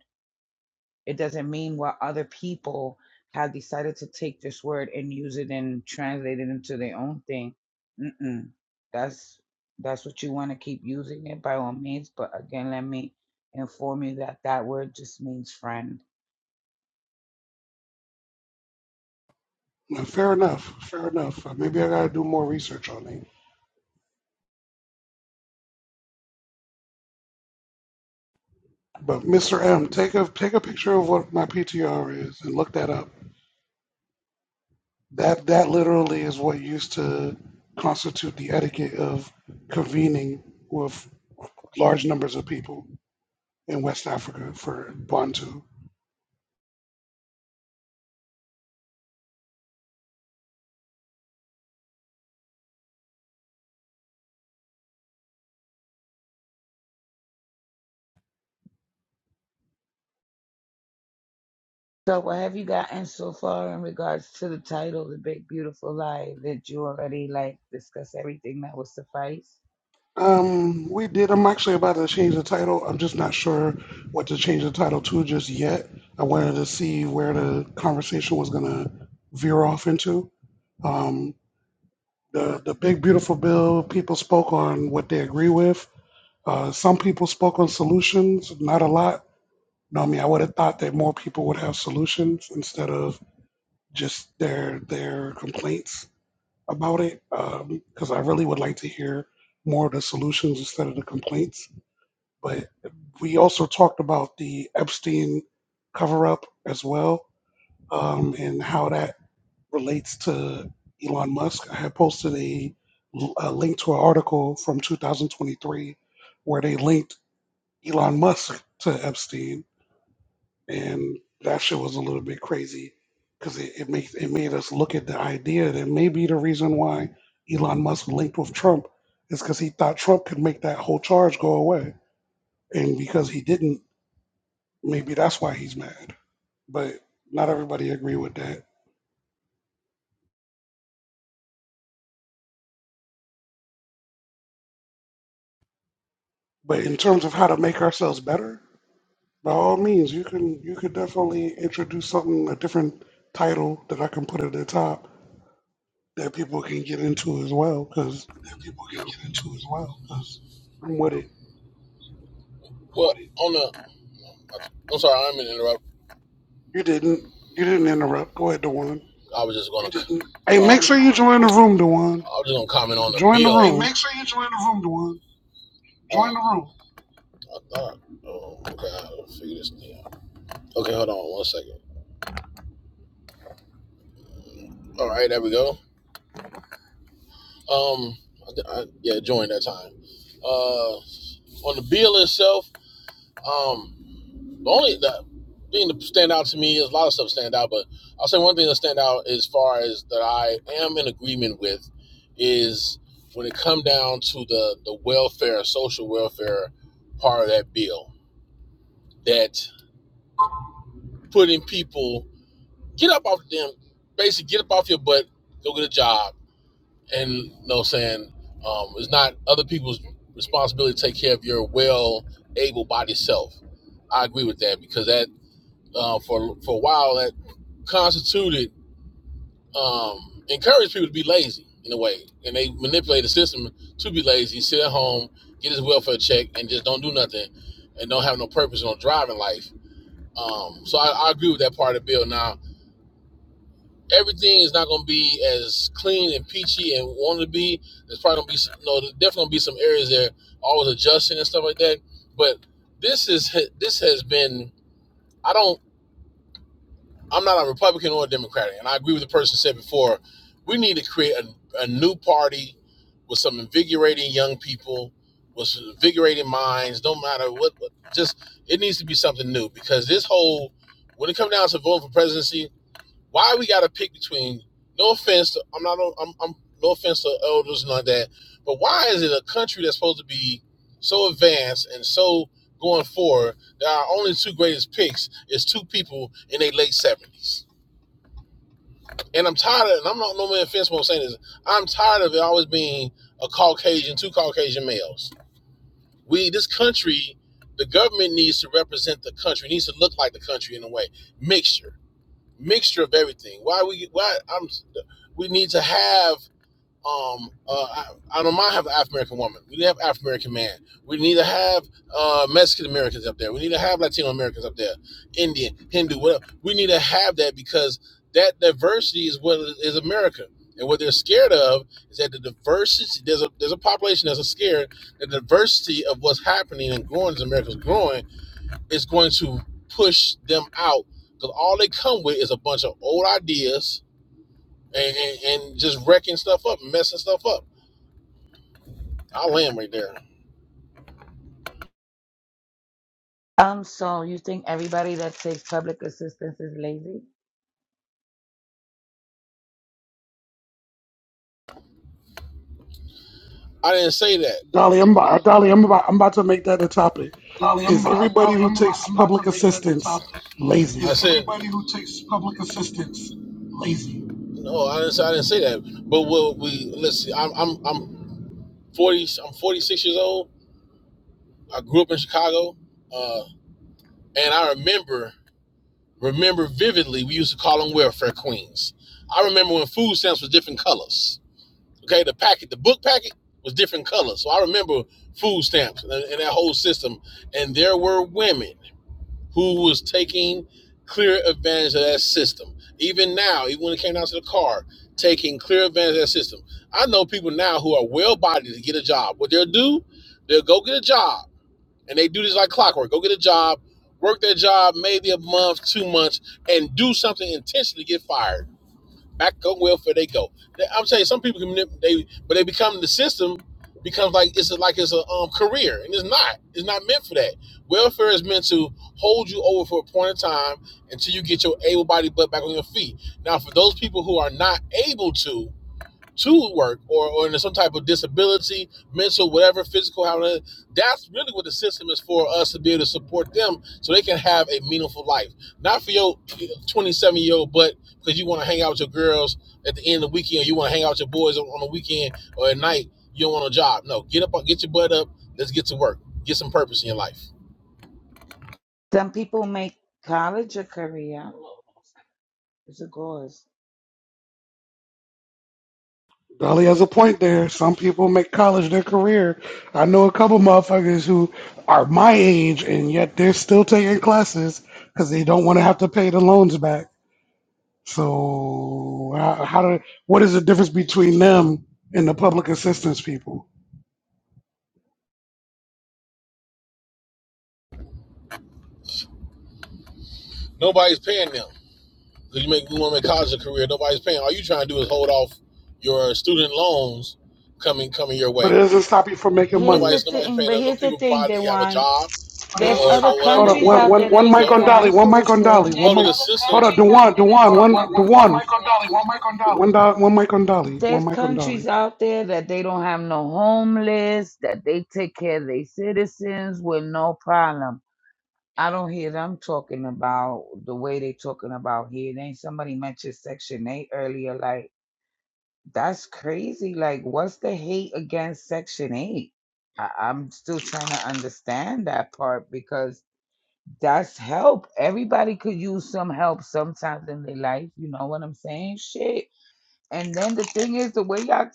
S5: It doesn't mean what other people have decided to take this word and use it and translate it into their own thing. Mm-mm. That's that's what you want to keep using it by all means. But again, let me inform you that that word just means friend.
S2: Now, Fair enough. Fair enough. Uh, Maybe I gotta do more research on it. But Mr. M, take a take a picture of what my PTR is and look that up. That that literally is what used to constitute the etiquette of convening with large numbers of people in West Africa for Bantu.
S5: So what have you gotten so far in regards to the title, The Big Beautiful Lie? Did you already like discuss everything that would suffice?
S2: Um, we did. I'm actually about to change the title. I'm just not sure what to change the title to just yet. I wanted to see where the conversation was gonna veer off into. Um, the the big beautiful bill. People spoke on what they agree with. Uh, some people spoke on solutions. Not a lot. No, I mean I would have thought that more people would have solutions instead of just their their complaints about it. Because I really would like to hear more of the solutions instead of the complaints but we also talked about the Epstein cover up as well um, and how that relates to Elon Musk. I had posted a, a link to an article from 2023 where they linked Elon Musk to Epstein, and that shit was a little bit crazy because it, it, made, it made us look at the idea that maybe the reason why Elon Musk linked with Trump is because he thought Trump could make that whole charge go away. And because he didn't, maybe that's why he's mad. but not everybody agree with that. But in terms of how to make ourselves better, by all means, you can you could definitely introduce something a different title that I can put at the top that people can get into as well. Because
S21: that people
S2: you
S21: can
S2: know
S21: get into as well 'cause-
S2: I'm with it.
S21: well on the i'm sorry i'm interrupting.
S2: You didn't you didn't interrupt. Go ahead, Dewan.
S21: I was just gonna, didn't,
S2: Hey,
S21: you uh,
S2: make
S21: didn't
S2: sure you
S21: interrupt.
S2: join
S21: Go
S2: the
S21: ahead,
S2: room,
S21: Dewan.
S2: Dewan.
S21: I was just gonna comment on the
S2: Join the
S21: bill. Hey,
S2: room,
S21: make sure you join the room, Dewan. Join the room. I thought. Oh, okay. I'll figure this thing out. Okay, hold on one second. All right, there we go. Um, I, I, yeah, join that time. Uh, on the bill itself, um, The only the thing that stand out to me is a lot of stuff stand out, but I'll say one thing that stand out as far as that I am in agreement with is when it come down to the the welfare, social welfare part of that bill that putting people get up off them, basically get up off your butt, go get a job, and you know saying um, it's not other people's responsibility to take care of your well able bodied self. I agree with that because that uh, for for a while that constituted um, encouraged people to be lazy in a way, and they manipulated the system to be lazy, sit at home, get his welfare check, and just don't do nothing, and don't have no purpose, no drive in life. Um, so I, I agree with that part of the bill. Now everything is not going to be as clean and peachy and wanted to be. There's probably going to be some, no, there's definitely going to be some areas that are always adjusting and stuff like that. But this is this has been. I don't. I'm not a Republican or a Democrat, and I agree with the person said before. We need to create a, a new party with some invigorating young people, with some invigorating minds. No matter what, what- just it needs to be something new because this whole when it comes down to voting for presidency, why we got to pick between? No offense, to, I'm not. I'm, I'm no offense to elders, and of that. But why is it a country that's supposed to be so advanced and so going forward that our only two greatest picks is two people in their late seventies? And I'm tired of. And I'm not no more offense. What I'm saying is, I'm tired of it always being a Caucasian, two Caucasian males. We this country, the government needs to represent the country. Needs to look like the country in a way, mixture mixture of everything. Why we why I'm we need to have um uh I, I don't mind have an African American woman. We need to have African American man. We need to have uh Mexican Americans up there. We need to have Latino Americans up there, Indian, Hindu, whatever. We need to have that because that diversity is what is America. And what they're scared of is that the diversity there's a there's a population that's scared the diversity of what's happening and growing as America's growing is going to push them out because all they come with is a bunch of old ideas and, and, and just wrecking stuff up, messing stuff up. I'll land right there.
S5: Um, so you think everybody that takes public assistance is lazy?
S21: I didn't say that.
S2: Dolly. I'm about, Dolly. I'm about I'm about to make that a topic.
S21: Dolly, I'm
S2: Is
S21: about,
S2: everybody
S21: Dolly,
S2: who
S21: I'm about,
S2: takes
S21: I'm about to
S2: public
S21: make that the
S2: assistance
S21: topic.
S2: lazy?
S21: Is said everybody who takes public assistance lazy? no. I didn't. Say, I didn't say that. But what we let's see. I'm I'm I'm forty. I'm forty six years old. I grew up in Chicago, uh, and I remember. remember vividly, we used to call them welfare queens. I remember when food stamps were different colors. Okay, the packet, the book packet was different colors. So I remember food stamps and, and that whole system. And there were women who was taking clear advantage of that system. Even now, even when it came down to the car, taking clear advantage of that system. I know people now who are well bodied to get a job. What they'll do, they'll go get a job and they do this like clockwork. Go get a job, work their job maybe a month, two months, and do something intentionally get fired. Back on welfare they go. I'm saying some people can they but they become the system becomes like it's a, like it's a um, career and it's not. It's not meant for that. Welfare is meant to hold you over for a point in time until you get your able-bodied butt back on your feet. Now, for those people who are not able to, to work or, or in some type of disability, mental, whatever, physical, however, that's really what the system is for us to be able to support them so they can have a meaningful life. Not for your 27 year old, but because you want to hang out with your girls at the end of the weekend, or you want to hang out with your boys on, on the weekend or at night, you don't want a job. No, get up, get your butt up, let's get to work, get some purpose in your life.
S5: Some people make college a career. It's a cause.
S2: Dolly has a point there. Some people make college their career. I know a couple motherfuckers who are my age and yet they're still taking classes because they don't want to have to pay the loans back. So how, how do what is the difference between them and the public assistance people?
S21: Nobody's paying them because You make you want to make college a career. Nobody's paying. All you trying to do is hold off your student loans coming coming your
S2: But
S21: way
S2: it doesn't stop you from making
S5: Here's
S2: money.
S5: the
S21: Nobody's nobody's
S5: thing,
S21: paying
S5: but
S21: them. Them
S5: here's the
S21: people
S5: thing,
S21: probably have a
S5: Dewan.
S21: job But or,
S5: There's
S21: or, what's or
S5: other
S21: probably whatever.
S2: Hold on,
S5: countries
S2: one,
S21: gonna
S5: out
S2: one,
S5: there
S21: make
S2: one
S5: that
S21: the
S2: mic
S5: take
S21: money.
S2: on
S5: care of
S2: Dolly,
S5: its
S21: no.
S2: one mic on Dolly, one
S5: citizens.
S21: Public
S2: mic. Hold
S21: assistance.
S2: on, Dewan, Dewan,
S21: Hold on, one,
S2: one,
S21: one, one
S2: Dewan,
S21: mic on Dolly, one mic on Dolly.
S2: one, do, one mic on Dolly, one
S5: There's
S2: mic on
S5: countries
S2: Dolly.
S5: out there that they don't have no homeless, that they take care of their citizens with no problem. I don't hear them talking about the way they talking about here. Then somebody mentioned Section 8 earlier. Like, that's crazy. Like, what's the hate against Section 8? I- I'm still trying to understand that part because That's help. Everybody could use some help sometimes in their life. You know what I'm saying? Shit. And then the thing is, the way y'all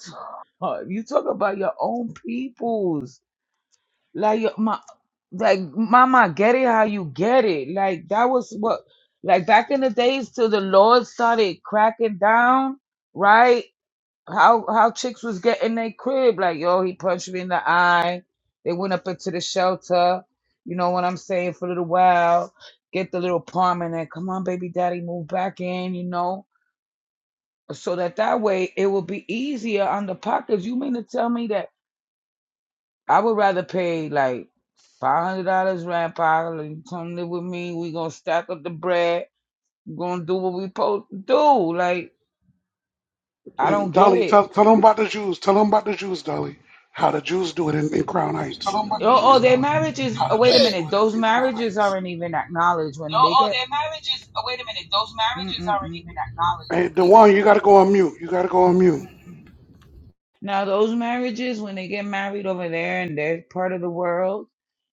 S5: talk, you talk about your own peoples. Like your my, like mama, get it how you get it. Like that was what, like back in the days till the Lord started cracking down, right? how how chicks was getting their crib like yo he punched me in the eye they went up into the shelter you know what i'm saying for a little while get the little apartment and come on baby daddy move back in you know so that that way it will be easier on the pockets you mean to tell me that i would rather pay like $500 rent pile and come live with me we gonna stack up the bread we gonna do what we supposed to do like i
S2: And
S5: don't get
S2: Dolly,
S5: it
S2: tell, tell them about the Jews, tell them about the Jews, Dolly, how the Jews do it in, in Crown
S21: tell
S2: Heights.
S21: them about the
S5: Oh, oh,
S21: Jews,
S5: their
S21: Dolly.
S5: marriages.
S21: How
S5: Oh,
S21: the Jews
S5: wait a
S21: do
S5: minute. Those
S21: it in Crown
S5: marriages
S21: Heights.
S5: aren't even acknowledged
S21: No,
S5: when they
S21: oh,
S5: get.
S21: their marriages. marriages Wait a minute. Those marriages aren't
S5: Mm-mm-mm.
S21: even acknowledged when
S2: Hey,
S21: they get.
S2: Dewan, you gotta go on mute, you gotta go on mute.
S5: Now, those marriages, when they get married over there and they're part of the world,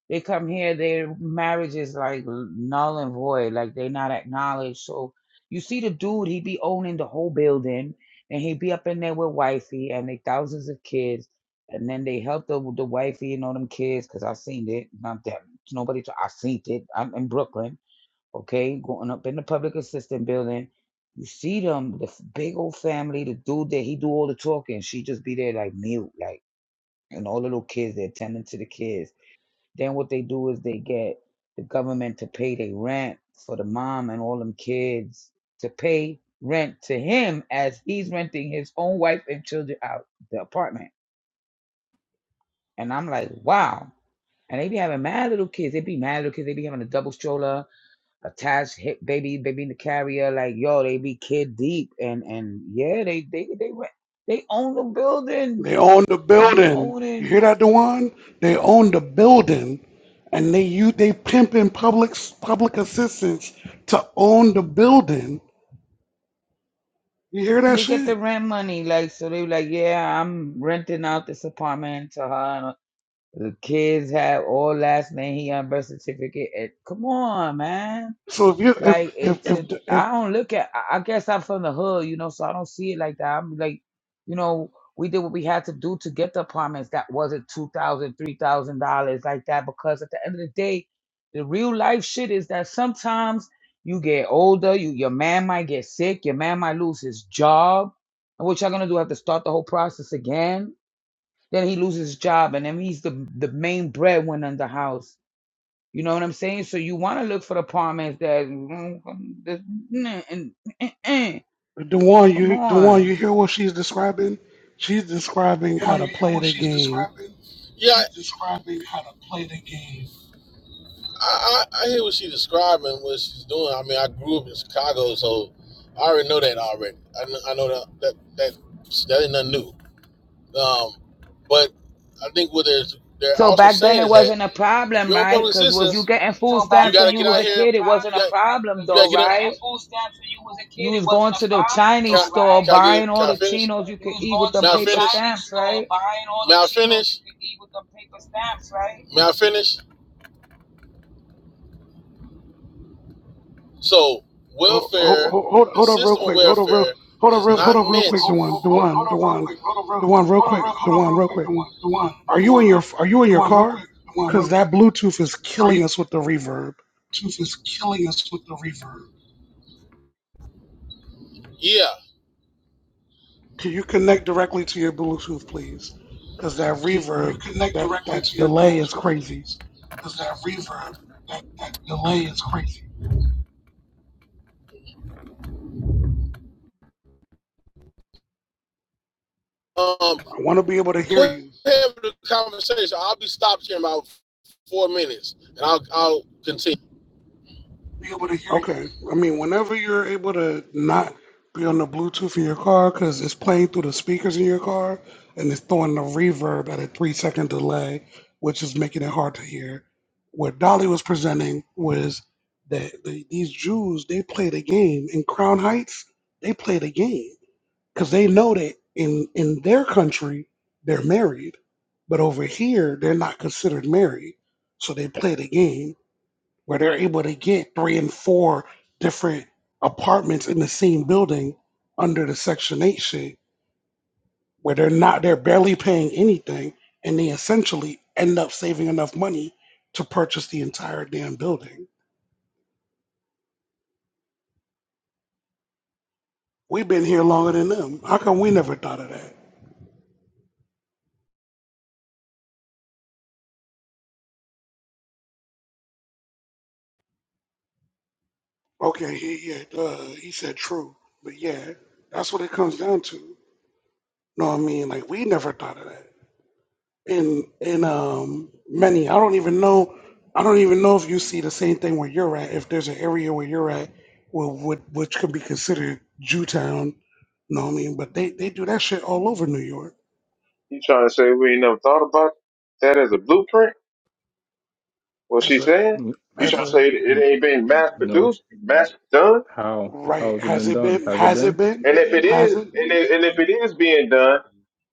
S5: they come here, their marriage is like null and void. Like they're not acknowledged. So you see the dude, he be owning the whole building and he be up in there with wifey and they thousands of kids. And then they help the, the wifey and all them kids because I seen it. Not that nobody, t- I seen it. I'm in Brooklyn. okay, going up in the public assistant building. You see them, the f- big old family, the dude that he do all the talking. She just be there like mute, like, and all the little kids, they're attending to the kids. Then what they do is they get the government to pay their rent for the mom and all them kids to pay rent to him as he's renting his own wife and children out the apartment. And I'm like, wow. And they be having mad little kids. They be mad little kids. They be having a double stroller attached hit baby baby in the carrier like yo they be kid deep and and yeah they they they rent- they own the building
S2: They own the
S5: they be
S2: building. You
S5: owning
S2: hear that, Dewan? They own the building, and they you they pimping public public assistance to own the building. You hear
S5: and
S2: that
S5: they get the
S2: shit?
S5: rent money like so they be like yeah i'm renting out this apartment to her and the kids have all last name he on birth certificate and, come on man
S2: So if you if
S5: Like
S2: if
S5: it's
S2: if
S5: a,
S2: if,
S5: I don't look at. I I guess I'm from the hood, you know, so I don't see it like that. I'm like, you know, we did what we had to do to get the apartments. That wasn't two thousand, three thousand dollars like that. Because at the end of the day, the real life shit is that sometimes you get older, you your man might get sick, your man might lose his job, and what y'all gonna do? Have to start the whole process again? Then he loses his job, and then he's the the main breadwinner in the house you know what I'm saying? So you want to look for apartments that mm, mm, this- mm, mm, mm, mm.
S2: The one
S5: come
S2: you, the one
S5: on.
S2: you hear what she's describing? She's describing how
S21: Well,
S2: to
S21: you hear
S2: play
S21: what
S2: the
S21: she's
S2: game.
S21: describing? yeah, She's describing how to play the game. I, I, I hear what she's describing, what she's doing. I mean, I grew up in Chicago, so I already know that already. I, kn- I know that that that that ain't nothing new. Um, but I think what they're they're
S5: So
S21: also
S5: back then
S21: saying
S5: it
S21: is that
S5: wasn't a
S21: if
S5: problem,
S21: you're on
S5: right?
S21: public
S5: Because was you
S21: assistance,
S5: getting food
S21: So back you
S5: stamps
S21: got
S5: when
S21: to
S5: you
S21: get
S5: was
S21: out
S5: a
S21: here. a You
S5: kid? It wasn't a
S21: got right?
S5: problem
S21: Because you got to
S5: though,
S21: get you up. getting
S5: right?
S21: food stamps when you was a
S5: You
S21: kid, it
S5: was going
S21: wasn't a
S5: to the
S21: problem though, Can
S5: Chinese
S21: I, though, right?
S5: store
S21: can I
S5: buying
S21: get
S5: all
S21: can I
S5: the
S21: finish?
S5: chinos you
S21: You
S5: could
S21: was
S5: eat with
S21: going to
S5: them
S21: May the
S5: paper
S21: finish? Chinese
S5: stamps,
S21: store
S5: right?
S21: buying all May them I so finish? you could eat with the paper stamps, right? May I finish? So
S2: Hold,
S21: welfare,
S2: hold,
S21: the
S2: hold up, real
S21: system of
S2: quick. Hold up, real,
S21: welfare
S2: hold up,
S21: is
S2: real, hold
S21: not
S2: up,
S21: Hold,
S2: real
S21: meant.
S2: quick. The
S21: hold,
S2: one,
S21: hold,
S2: the
S21: hold, hold
S2: one, the
S21: up real
S2: one,
S21: quick. Hold up real,
S2: the one, real
S21: hold up
S2: quick.
S21: real,
S2: The
S21: hold up
S2: one,
S21: real
S2: real
S21: quick. The
S2: quick.
S21: one, the one,
S2: Are
S21: the
S2: you in your,
S21: one,
S2: are you in
S21: the
S2: your
S21: one real
S2: car?
S21: quick. The one real
S2: Cause
S21: quick.
S2: that Bluetooth is
S21: Are you
S2: killing us with the reverb.
S21: Bluetooth is killing us with the reverb? Yeah,
S2: Can you connect directly to your Bluetooth, please? Cause that
S21: Can you
S2: reverb,
S21: connect
S2: that
S21: directly
S2: that
S21: to your
S2: delay is
S21: Bluetooth,
S2: crazy.
S21: please? Because that reverb, that, that delay is crazy. um,
S2: I want to be able to
S21: go
S2: hear
S21: ahead
S2: you.
S21: the conversation. I'll be stopped here in about four minutes, and I'll I'll continue. Be able to hear you.
S2: Okay. I mean, whenever you're able to not be on the Bluetooth in your car because it's playing through the speakers in your car and it's throwing the reverb at a three second delay, which is making it hard to hear. What Dolly was presenting was that the, these Jews, they played a game in Crown Heights. They played a game because they know that in, in their country, they're married, but over here, they're not considered married. So they played a game where they're able to get three and four different apartments in the same building under the Section 8 shit, where they're not, they're barely paying anything, and they essentially end up saving enough money to purchase the entire damn building. We've been here longer than them. How come we never thought of that? Okay, he, yeah, uh, he said true, but yeah, that's what it comes down to. know what I mean? Like, we never thought of that. in in um many. I don't even know. I don't even know if you see the same thing where you're at. If there's an area where you're at, well, what which could be considered Jewtown, you know what I mean? But they they do that shit all over New York
S20: You trying to say we ain't never thought about that as a blueprint? What she
S2: as a
S20: saying?
S22: N-
S20: You
S2: as
S20: trying to
S2: a
S20: say it it
S22: n-
S20: ain't been mass
S22: No.
S20: produced, mass done?
S22: How? How
S2: right.
S22: has it
S2: Has
S22: been
S2: it
S22: done?
S2: been?
S22: Has it
S2: Has
S22: been?
S2: it been?
S20: And if it
S2: Has
S20: is,
S2: it?
S20: and if, and if it is being done,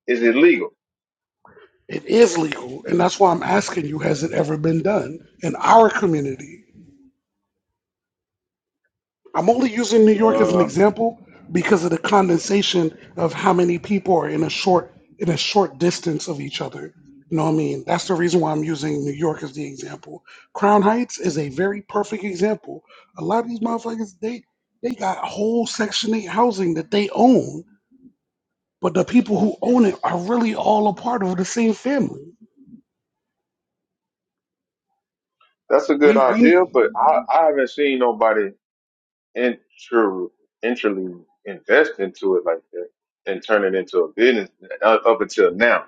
S20: is illegal.
S2: It is legal, and that's why I'm asking you: Has it ever been done in our community? I'm only using New York as an
S20: Uh,
S2: example because of the condensation of how many people are in a short in a short distance of each other. You know what I mean? That's the reason why I'm using New York as the example. Crown Heights is a very perfect example. A lot of these motherfuckers, they they got whole Section 8 housing that they own, but the people who own it are really all a part of the same family.
S20: that's a good
S2: We
S20: idea,
S2: we
S20: but I, I haven't seen nobody intra, intrally invest into it like that and turn it into a business uh, up until now.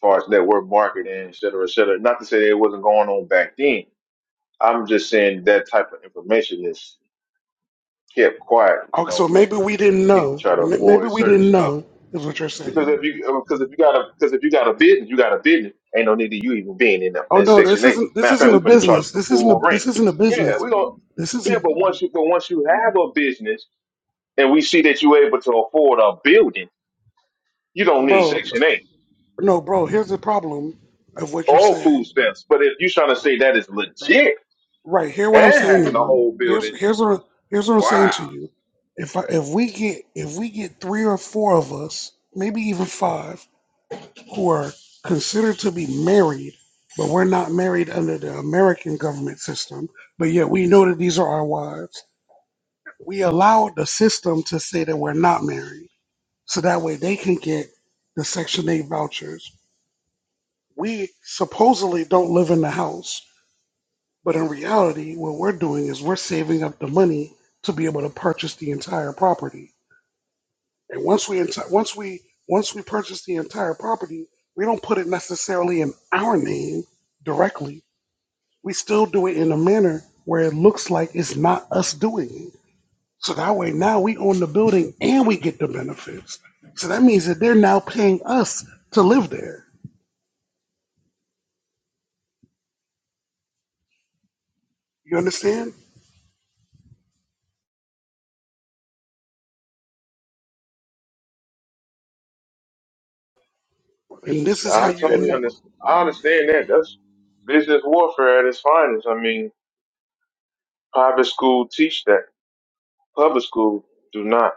S20: far as network marketing, et cetera, et cetera. Not to say that it wasn't going on back then. I'm just saying that type of information is kept quiet. You
S2: okay,
S20: know,
S2: so maybe we didn't
S20: people
S2: know,
S20: try to
S2: but maybe
S20: avoid
S2: we
S20: certain
S2: didn't
S20: stuff
S2: know is what you're saying.
S20: because if you uh, because if you got a because if you got a business, you got a business. Ain't no need of you even being in, the,
S2: Oh
S20: in
S2: no, this
S20: Section Eight.
S2: isn't this
S20: Matter of fact,
S2: isn't
S20: we
S2: a
S20: finna charge
S2: business.
S20: the
S2: This isn't a
S20: full rent.
S2: this isn't a
S20: Yeah,
S2: business.
S20: we gonna
S2: This
S20: yeah,
S2: isn't
S20: but once you but once you have a business and we see that you're able to afford a building, you don't need
S2: bro.
S20: Section Eight.
S2: No, bro, here's the problem of what you're
S20: All food
S2: saying.
S20: stamps. But if you're trying to say that is legit,
S2: Right, hear what I'm
S20: and
S2: saying to
S20: having a
S2: you.
S20: whole building.
S2: Here's here's what here's what I'm
S20: Wow,
S2: saying to you. If I, if we get if we get three or four of us, maybe even five, who are considered to be married, but we're not married under the American government system, but yet we know that these are our wives. We allow the system to say that we're not married. so that way they can get the Section 8 vouchers. We supposedly don't live in the house, but in reality, what we're doing is we're saving up the money to be able to purchase the entire property. And once we enti- once we once we purchase the entire property, we don't put it necessarily in our name directly. We still do it in a manner where it looks like it's not us doing it. So that way now we own the building and we get the benefits. So that means that they're now paying us to live there You understand? And this is how
S20: I
S2: you end
S20: totally
S2: up.
S20: understand. I understand that. That's business warfare at its finest. I mean, private school teach that, public school do not.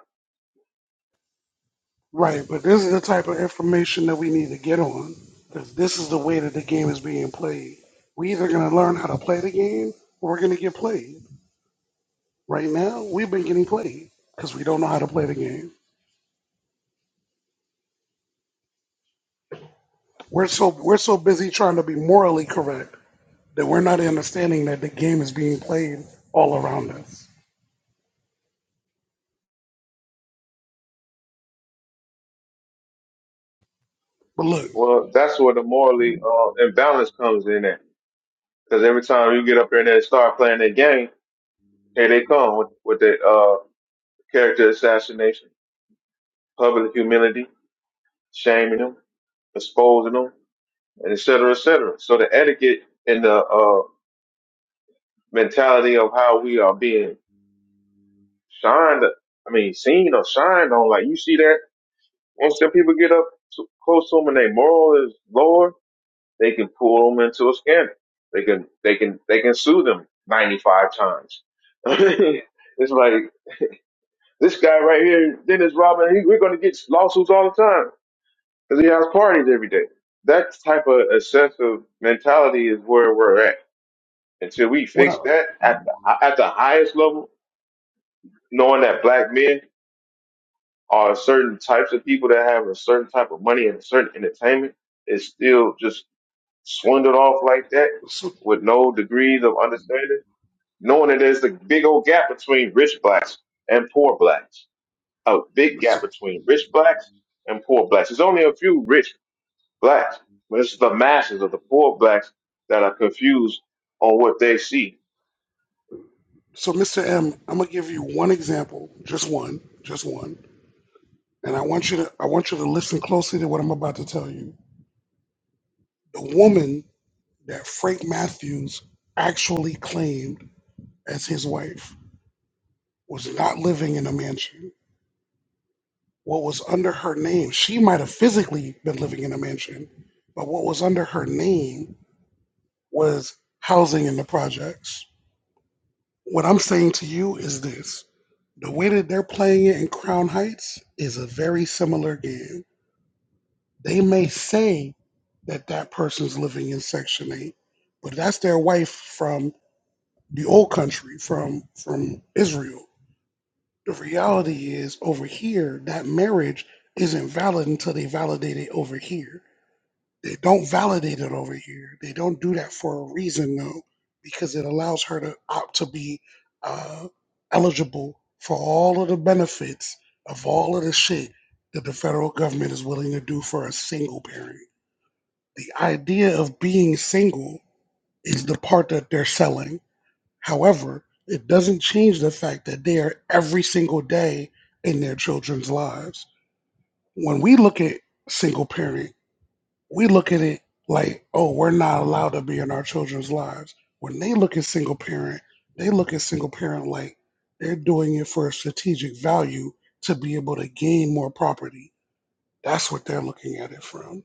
S2: Right, but this is the type of information that we need to get on because this is the way that the game is being played. we either going to learn how to play the game or we're going to get played. Right now, we've been getting played because we don't know how to play the game. We're so we're so busy trying to be morally correct that we're not understanding that the game is being played all around us. But look,
S20: Well, that's where the morally uh, imbalance comes in at. Because every time you get up there and they start playing that game, here they come with, with the uh, character assassination, public humility, shaming them, exposing them, and et cetera, et cetera. So the etiquette and the uh, mentality of how we are being shined. I mean, seen or shined on. Like you see that once them people get up to, close to them and their moral is lower, they can pull them into a scandal. They can they can they can sue them ninety five times. it's like this guy right here, Dennis Robin. He, we're going to get lawsuits all the time because he has parties every day. That type of excessive mentality is where we're at. Until we
S2: what I
S20: fix that at the, at the highest level, knowing that black men are certain types of people that have a certain type of money and a certain entertainment is still just swindled off like that
S2: so
S20: with no degrees of understanding, knowing that there's a big old gap between rich blacks and poor blacks, a big
S2: so,
S20: gap between rich blacks and poor blacks. There's only a few rich blacks, but it's the masses of the poor blacks that are confused on what they see.
S2: so Mr. M, I'm gonna give you one example, just one, just one And I want you to I want you to listen closely to what I'm about to tell you. The woman that Frank Matthews actually claimed as his wife was not living in a mansion. What was under her name, she might have physically been living in a mansion, but what was under her name was housing in the projects. What I'm saying to you is this. The way that they're playing it in Crown Heights is a very similar game They may say that that person's living in Section 8, but that's their wife from the old country, from from Israel. The reality is over here, that marriage isn't valid until they validate it over here. They don't validate it over here. They don't do that for a reason though, because it allows her to opt to be uh, eligible for all of the benefits of all of the shit that the federal government is willing to do for a single parent the idea of being single is the part that they're selling. However, it doesn't change the fact that they are every single day in their children's lives. When we look at single parenting, we look at it like, oh, we're not allowed to be in our children's lives. When they look at single parent, they look at single parent like they're doing it for a strategic value to be able to gain more property. That's what they're looking at it from.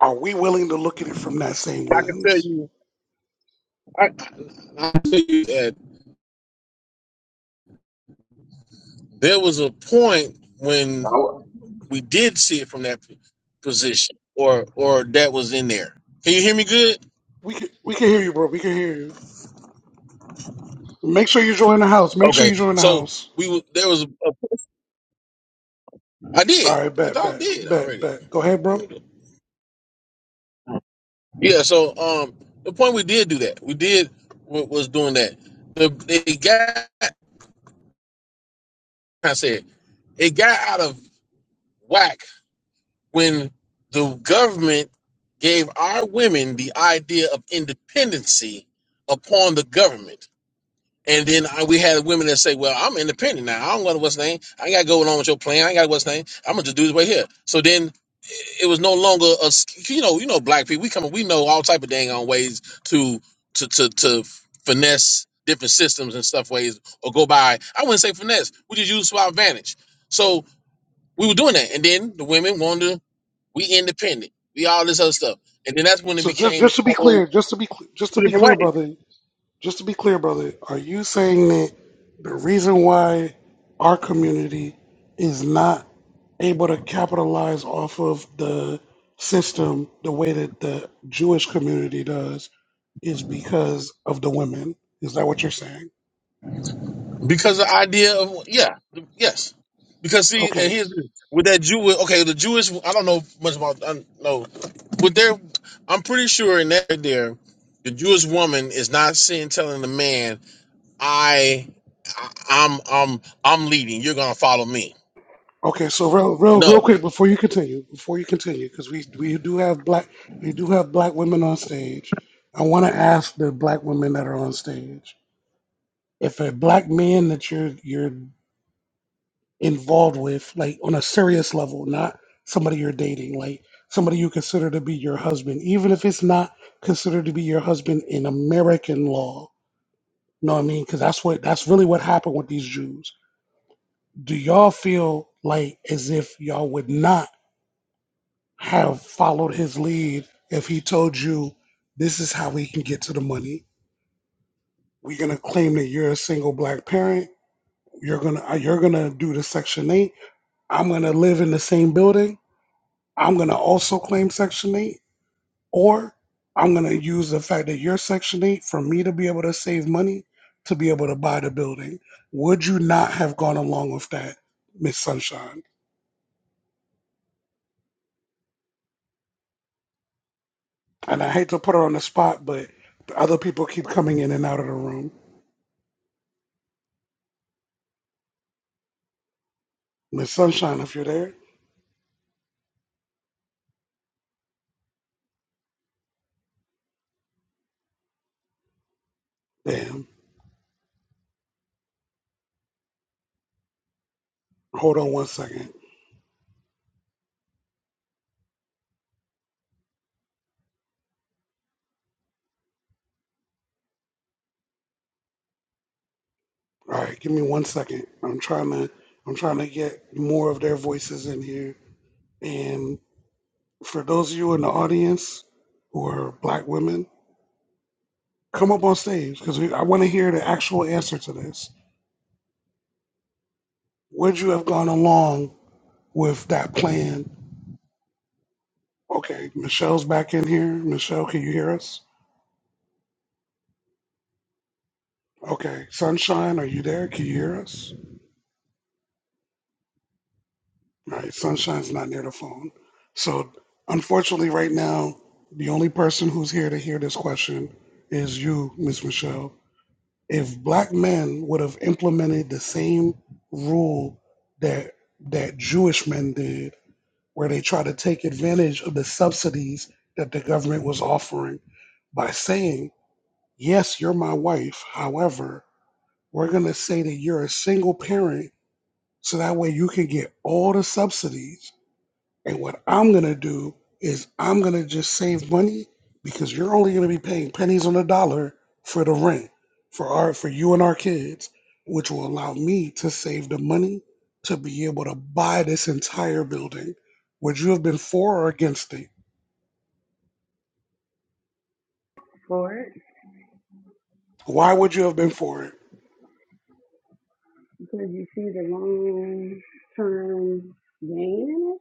S2: Are we willing to look at it from that same
S21: I can tell
S2: lens?
S21: you. I, I'll tell you that there was a point when we did see it from that position, or or that was in there. Can you hear me good?
S2: We can we can hear you, bro. We can hear you. Make sure you join the house. Make sure
S21: Okay,
S2: you join the
S21: so
S2: house.
S21: we w- there was a, a- I
S2: All
S21: did
S2: right,
S21: I
S2: bet,
S21: thought I
S2: bet,
S21: did
S2: bet,
S21: already.
S2: bet. Go ahead, bro.
S21: Yeah, so um, the point we did do that. We did wa- was doing that. The it got I said it got out of whack when the government gave our women the idea of independency upon the government. And then I, we had women that say, "Well, I'm independent now. I don't want to what's name. I ain't got to go along with your plan. I ain't got to what's name. I'm gonna just do this right here." So then it was no longer a s- you know you know black people we come we know all type of dang on ways to to to to finesse different systems and stuff ways or go by I wouldn't say finesse we just use to our advantage so we were doing that and then the women wanted to we independent. We all this other stuff. And then that's when it
S2: So just
S21: became a
S2: just to be
S21: whole
S2: clear, just to be cl- just to
S21: two
S2: be
S21: different
S2: clear,
S21: ways.
S2: brother, just to be clear, brother, are you saying that the reason why our community is not able to capitalize off of the system the way that the Jewish community does is because of the women? Is that what you're saying?
S21: Because the idea of yeah, yes. Because see, and
S2: Okay,
S21: here's the- with that Jewish okay, the Jewish I don't know much about I don't know. With their I'm pretty sure in that there the Jewish woman is not seeing telling the man, I I- I'm I'm I'm leading, you're gonna follow me.
S2: Okay, so real, real, real
S21: No.
S2: quick before you continue, before you continue, because we we do have black we do have black women on stage. I want to ask the black women that are on stage if a black man that you're you're involved with, like on a serious level, not somebody you're dating, like somebody you consider to be your husband, even if it's not considered to be your husband in American law. You know what I mean? Because that's what that's really what happened with these Jews. Do y'all feel like as if y'all would not? have followed his lead if he told you this is how we can get to the money. We're gonna claim that you're a single black parent. You're gonna uh, you're gonna do the Section Eight. I'm gonna live in the same building. I'm gonna also claim Section Eight, or I'm gonna use the fact that you're Section Eight for me to be able to save money to be able to buy the building. Would you not have gone along with that, Miss Sunshine? And I hate to put her on the spot, but other people keep coming in and out of the room. Miss Sunshine, if you're there, damn. Hold on one second. All right, give me one second. I'm trying to I'm trying to get more of their voices in here. And for those of you in the audience who are black women, come up on stage because I want to hear the actual answer to this. Would you have gone along with that plan? Okay, Michelle's back in here. Michelle, can you hear us? Okay, Sunshine, are you there? Can you hear us? Right, sunshine's not near the phone. So, unfortunately, right now, the only person who's here to hear this question is you, Miss Michelle. If black men would have implemented the same rule that that Jewish men did, where they try to take advantage of the subsidies that the government was offering by saying, "Yes, you're my wife. However, we're going to say that you're a single parent, so that way you can get all the subsidies." And what I'm going to do is I'm going to just save money because you're only going to be paying pennies on the dollar for the rent for our for you and our kids, which will allow me to save the money to be able to buy this entire building. Would you have been for or against it?
S3: for it
S2: Why would you have been for it?
S3: because you see the long term gain in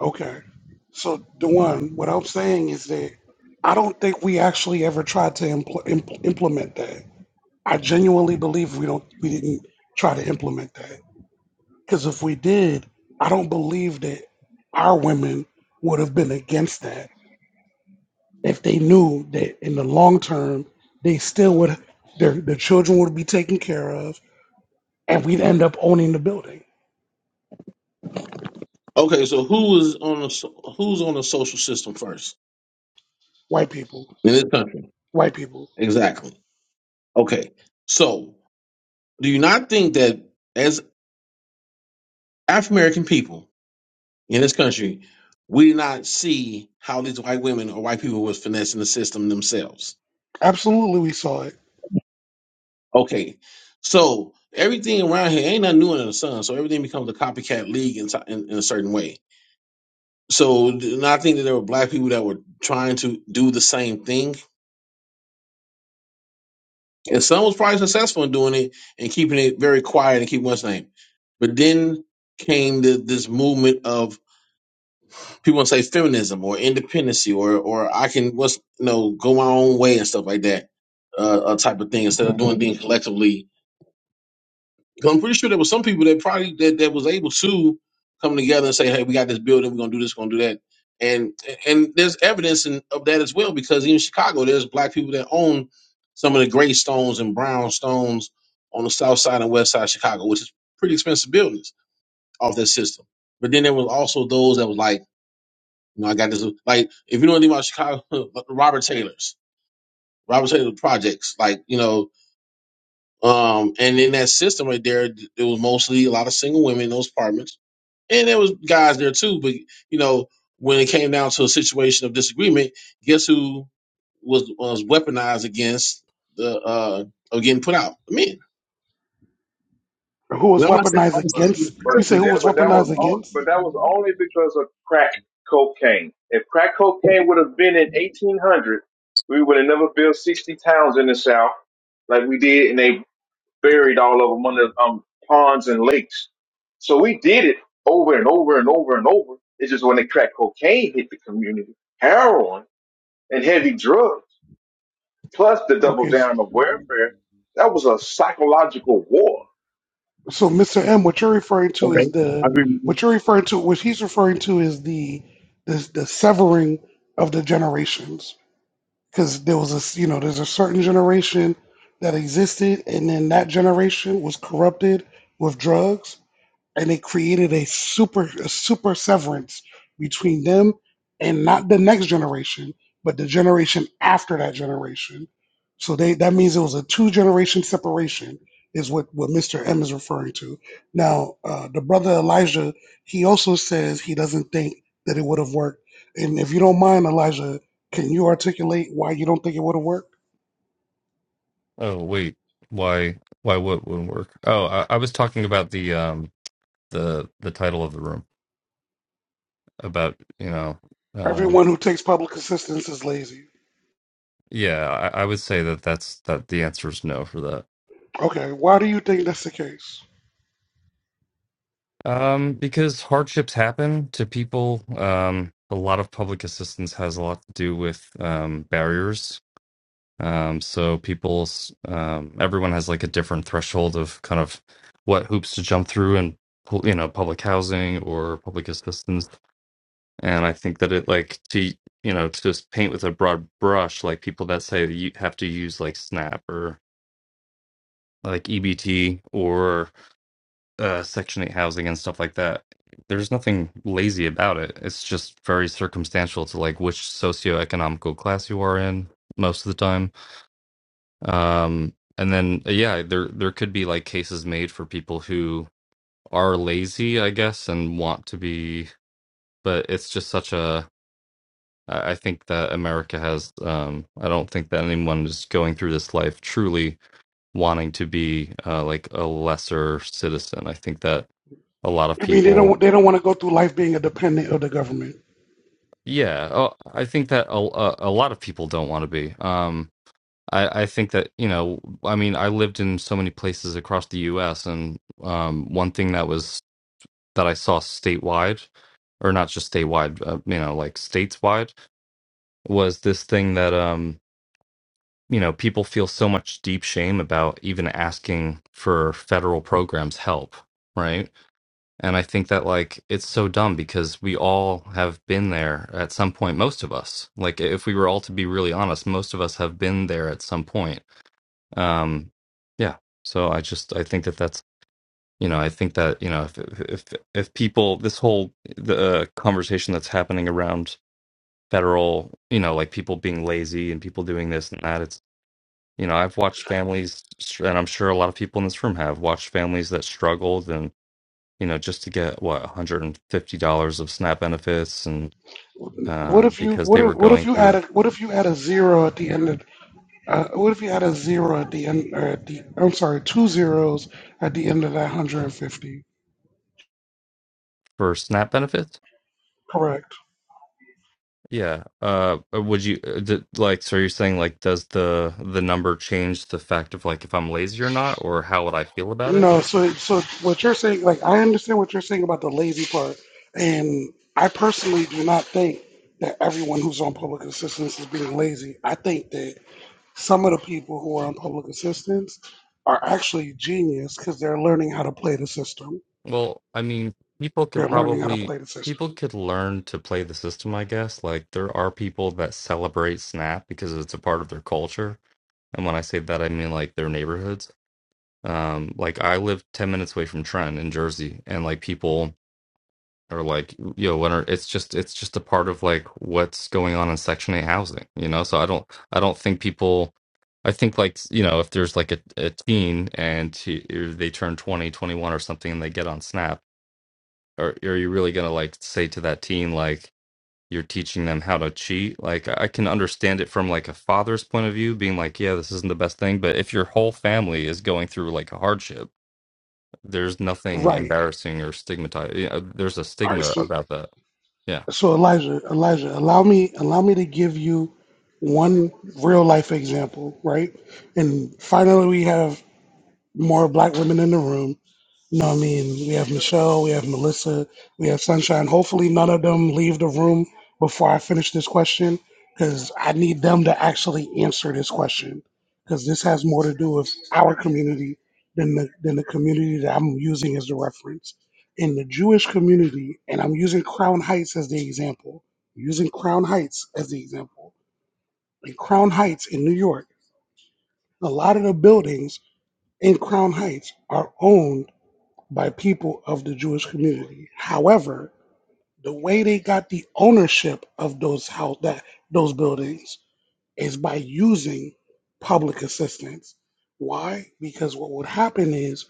S2: Okay. So, Dewan, what I'm saying is that I don't think we actually ever tried to impl- impl- implement that. I genuinely believe we don't we didn't try to implement that Because if we did, I don't believe that our women would have been against that if they knew that in the long term they
S3: it.
S2: still
S3: the
S2: would their their children would be taken care of and we'd end up owning the building.
S21: Okay, so who is on the so- who's on the social system first
S2: White people.
S21: in this country?
S2: White people.
S21: Exactly. Okay. so. do you not think that as African American people in this country, we did not see how these white women or white people was finessing the system themselves?
S2: Absolutely we saw it.
S21: Okay, so everything around here ain't nothing new under the sun, so everything becomes a copycat league in, so- in, in a certain way. So, do I think that there were black people that were trying to do the same thing? And some was probably successful in doing it and keeping it very quiet and keep what's name. But then came the, this movement of people say feminism or independency or or I can what's you know go my own way and stuff like that uh, uh type of thing instead of doing things collectively. Because 'Cause I'm pretty sure there was some people that probably that, that was able to come together and say, hey, we got this building, we're gonna do this, we're gonna do that, and and there's evidence in, of that as well because in Chicago there's black people that own some of the gray stones and brown stones on the south side and west side of Chicago, which is pretty expensive buildings off that system. But then there was also those that was like you know, I got this like if you know anything about Chicago, Robert Taylor's Robert Taylor projects, like you know, um, and in that system right there, it was mostly a lot of single women in those apartments, and there was guys there too. But you know, when it came down to a situation of disagreement, guess who was was weaponized against the uh of getting put out? The men.
S2: Who
S21: You
S2: was
S21: know, I'm not saying
S2: weaponized
S20: But,
S2: against
S20: but
S2: you say who
S20: yeah,
S2: was
S20: but that was
S2: weaponized
S20: on, but
S2: against?
S20: that was only because of crack cocaine. If crack cocaine would have been in 1800, we would have never built 60 towns in the South like we did, and they buried all of them under um, ponds and lakes. So we did it over and over and over and over. It's just when the crack cocaine hit the community, heroin and heavy drugs, plus the double
S2: Okay.
S20: down of welfare, that was a psychological war.
S2: So Mr. M, what you're referring to is
S21: okay.
S2: the what you're referring to what he's referring to is the the, the severing of the generations because there was a, you know there's a certain generation that existed and then that generation was corrupted with drugs and it created a super a super severance between them and not the next generation, but the generation after that generation. So they that means it was a two generation separation is what what Mr. M is referring to. Now, uh, the brother Elijah, he also says he doesn't think that it would have worked. And if you don't mind, Elijah, can you articulate why you don't think it would have worked?
S23: Oh wait, why why what wouldn't work? Oh, I, I was talking about the um the the title of the room about you know um
S2: Everyone who takes public assistance is lazy.
S23: yeah I, I would say that that's that the answer is no for that
S2: Okay, why do you think that's the case?
S23: um because hardships happen to people um a lot of public assistance has a lot to do with um barriers um so people's um everyone has like a different threshold of kind of what hoops to jump through and you know public housing or public assistance and i think that it like to you know to just paint with a broad brush like people that say that you have to use like snap or like ebt or uh, section 8 housing and stuff like that there's nothing lazy about it it's just very circumstantial to like which socioeconomical class you are in most of the time um and then yeah there there could be like cases made for people who are lazy i guess and want to be but it's just such a I I think that America has. Um, I don't think that anyone is going through this life truly wanting to be uh, like a lesser citizen. I think that a lot of
S2: I mean, they
S23: people,
S2: don't they don't want to go through life being a dependent of the government.
S23: yeah, oh, I think that a, a, a lot of people don't want to be. Um, I, I think that you know, I mean, I lived in so many places across the U.S. and um, one thing that was that I saw statewide, or not just statewide, uh, you know, like stateswide, was this thing that um you know, people feel so much deep shame about even asking for federal programs help, right? And I think that like it's so dumb because we all have been there at some point, most of us. Like if we were all to be really honest, most of us have been there at some point. Um yeah. So I just I think that that's you know, I think that, you know, if if if people this whole the uh, conversation that's happening around federal, you know, like people being lazy and people doing this and that, you know i've watched families and i'm sure a lot of people in this room have watched families that struggled and you know just to get what $150 of snap benefits and
S2: What
S23: uh,
S2: if you
S23: because
S2: what
S23: they
S2: if
S23: were
S2: what if
S23: going
S2: you add
S23: through
S2: a what if you add a zero at the end of uh, what if you add a zero at the end or at the I'm sorry two zeros at the end of that 150?
S23: for snap benefits
S2: Correct.
S23: yeah uh uh, would you uh, d like so you're saying like does the the number change the fact of like if i'm lazy or not or how would i feel about it
S2: No, so so what you're saying, like I understand what you're saying about the lazy part, and I personally do not think that everyone who's on public assistance is being lazy. I think that Some of the people who are on public assistance are actually genius because they're learning how to play the system.
S23: well i mean people could
S2: They're learning how to
S23: probably
S2: play the system.
S23: people could learn to play the system i guess like there are people that celebrate snap because it's a part of their culture And when I say that, I mean like their neighborhoods. Um, like I live 10 minutes away from Trenton in Jersey, and like people are like, yo, when are, it's just it's just a part of like what's going on in Section 8 housing, you know? So I don't I don't think people I think like, you know, if there's like a, a teen and he, if they turn 20 21 or something and they get on Snap, are are you really gonna like say to that teen like you're teaching them how to cheat. Like I can understand it from like a father's point of view, being like, yeah, this isn't the best thing. But if your whole family is going through like a hardship, there's nothing
S2: Right.
S23: embarrassing or stigmatized. You know, there's a
S2: All right.
S23: stigma
S2: So,
S23: about that. Yeah,
S2: so Elijah, Elijah, allow me, allow me to give you one real life example, right? And finally, we have more black women in the room. No, I mean, we have Michelle, we have Melissa, we have Sunshine. Hopefully, none of them leave the room before I finish this question because I need them to actually answer this question because this has more to do with our community than the, than the community that I'm using as the reference. In the Jewish community, and I'm using Crown Heights as the example, using Crown Heights as the example. In Crown Heights in New York, a lot of the buildings in Crown Heights are owned by people of the Jewish community. However, the way they got the ownership of those house that those buildings is by using public assistance. Why? Because what would happen is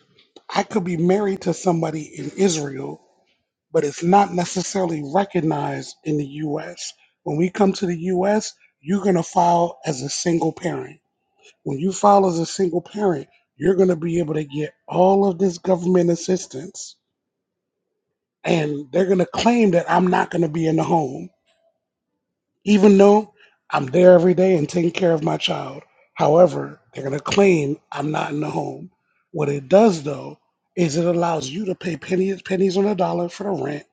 S2: I could be married to somebody in Israel, but it's not necessarily recognized in the US. When we come to the US, you're going to file as a single parent. When you file as a single parent, you're going to be able to get all of this government assistance and they're going to claim that I'm not going to be in the home, even though I'm there every day and taking care of my child. However, they're going to claim I'm not in the home. What it does, though, is it allows you to pay pennies, pennies on the dollar for the rent,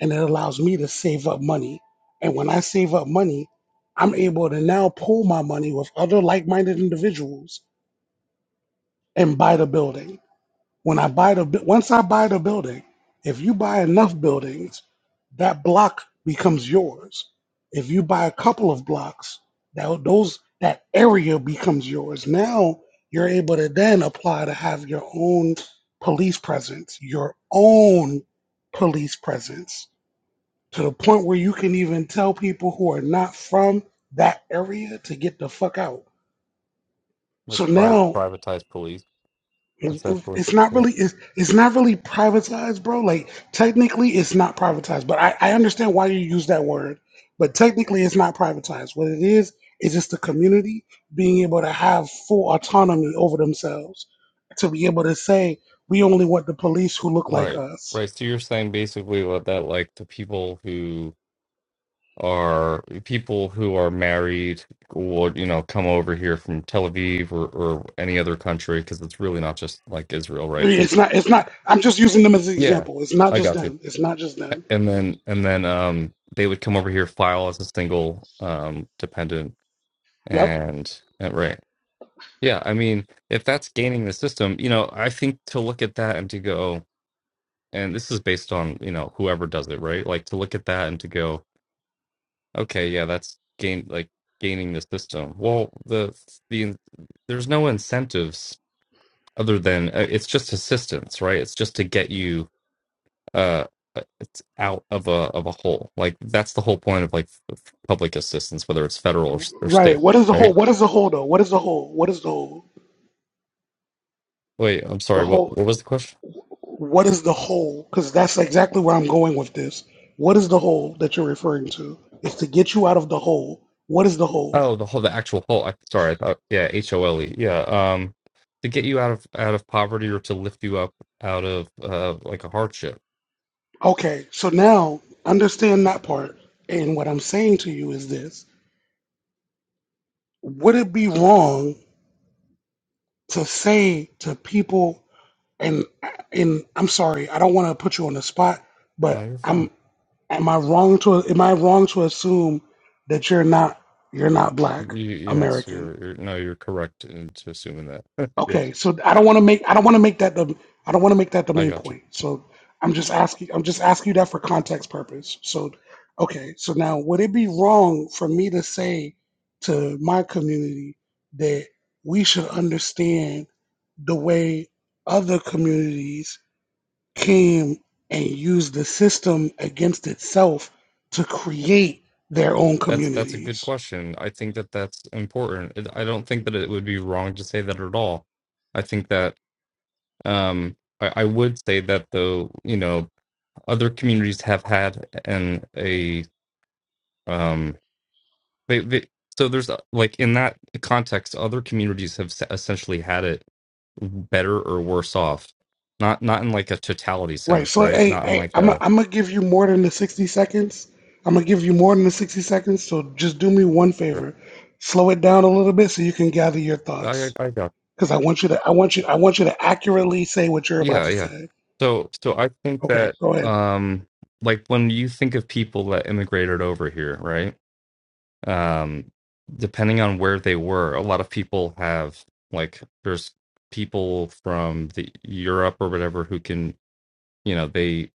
S2: and it allows me to save up money. And when I save up money, I'm able to now pool my money with other like minded individuals and buy the building When I buy the bu- once I buy the building, if you buy enough buildings, that block becomes yours. If you buy a couple of blocks, that those that area becomes yours. Now you're able to then apply to have your own police presence, your own police presence to the point where you can even tell people who are not from that area to get the fuck out.
S23: like
S2: So
S23: pri-
S2: now
S23: privatized police,
S2: It's
S23: essentially.
S2: it's not
S23: Yeah,
S2: really it's it's not really privatized, bro. Like technically, it's not privatized, but I, I understand why you use that word. But technically, it's not privatized. What it is is just the community being able to have full autonomy over themselves, to be able to say we only want the police who look like
S23: right,
S2: us.
S23: right. So you're saying basically what that like the people who are people who are married would you know come over here from Tel Aviv or, or any other country because it's really not just like Israel,
S2: I mean,
S23: right?
S2: It's not it's not. I'm just using them as an
S23: Yeah,
S2: example. It's not
S23: I
S2: just
S23: got you.
S2: them. It's not just them.
S23: And then and then um they would come over here file as a single um dependent
S2: Yep.
S23: and, and right. Yeah, I mean, if that's gaining the system, you know, I think to look at that and to go and this is based on, you know, whoever does it, right? Like to look at that and to go, okay, yeah, that's gain like gaining the system. Well, the the there's no incentives other than uh, it's just assistance, right? It's just to get you uh uh, it's out of a of a hole like that's the whole point of like f- public assistance whether it's federal or, s- or state
S2: Right. What is the whole?
S23: right
S2: What is the whole though? What is the whole? What is the whole?
S23: wait i'm
S2: The
S23: sorry what
S2: whole.
S23: what was the question
S2: What is the hole? Because that's exactly where I'm going with this. What is the hole that you're referring to? It's to get you out of the hole. What is the hole?
S23: oh the whole the actual hole I, sorry i thought yeah h-o-l-e yeah um to get you out of out of poverty or to lift you up out of uh like a hardship
S2: Okay, so now understand that part. And what I'm saying to you is this Would it be wrong to say to people, and, and I'm sorry, I don't want to put you on the spot,
S23: no
S2: but
S23: you're fine
S2: I'm, am I wrong to, am I wrong to assume that you're not, you're not black
S23: you, yes
S2: American?
S23: you're, you're no you're correct into assuming that yeah
S2: Okay, so I don't want to make I don't want to make that the I don't want to make that the
S23: i
S2: main
S23: got you
S2: point. So I'm just asking I'm just asking you that for context purpose. So okay, so now would it be wrong for me to say to my community that we should understand the way other communities came and used the system against itself to create their own
S23: That's that's a good
S2: communities?
S23: question. I think that that's important. It- I don't think that it would be wrong to say that at all. I think that um, I, I would say that though, you know, other communities have had an a um, they, they, so there's uh, like in that context, other communities have s- essentially had it better or worse off. Not not in like a totality
S2: Right.
S23: sense,
S2: So,
S23: right?
S2: hey,
S23: Not in
S2: hey,
S23: like
S2: I'm i
S23: a.
S2: I'm gonna give you more than the 60 seconds. I'm gonna give you more than the 60 seconds. So just do me one
S23: Sure.
S2: favor, slow it down a little bit so you can gather your
S23: I, I
S2: thoughts.
S23: I gotcha.
S2: Because I want you to, I want you, I want you to accurately say what you're about
S23: Yeah,
S2: to
S23: yeah.
S2: say.
S23: So, so I think
S2: Okay,
S23: that,
S2: go ahead.
S23: um, like when you think of people that immigrated over here, right? Um, depending on where they were, a lot of people have like there's people from the Europe or whatever who can, you know, they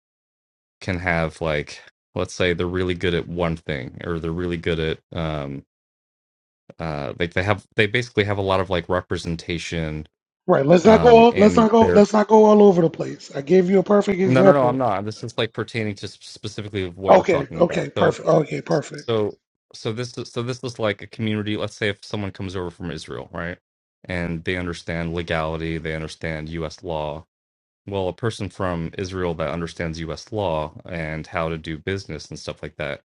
S23: can have like let's say they're really good at one thing or they're really good at um uh like they have they basically have a lot of like representation
S2: Right. Let's not go.
S23: um
S2: All, let's
S23: in
S2: not go.
S23: their
S2: Let's not go all over the place. I gave you a perfect
S23: No, no, no, I'm
S2: example.
S23: not. This is like pertaining to sp- specifically of what we're
S2: Okay.
S23: talking
S2: Okay.
S23: about. So,
S2: Perfect. Okay. Perfect.
S23: so, so this is so this is like a community. Let's say if someone comes over from Israel, right, and they understand legality, they understand U.S. law. Well, a person from Israel that understands U.S. law and how to do business and stuff like that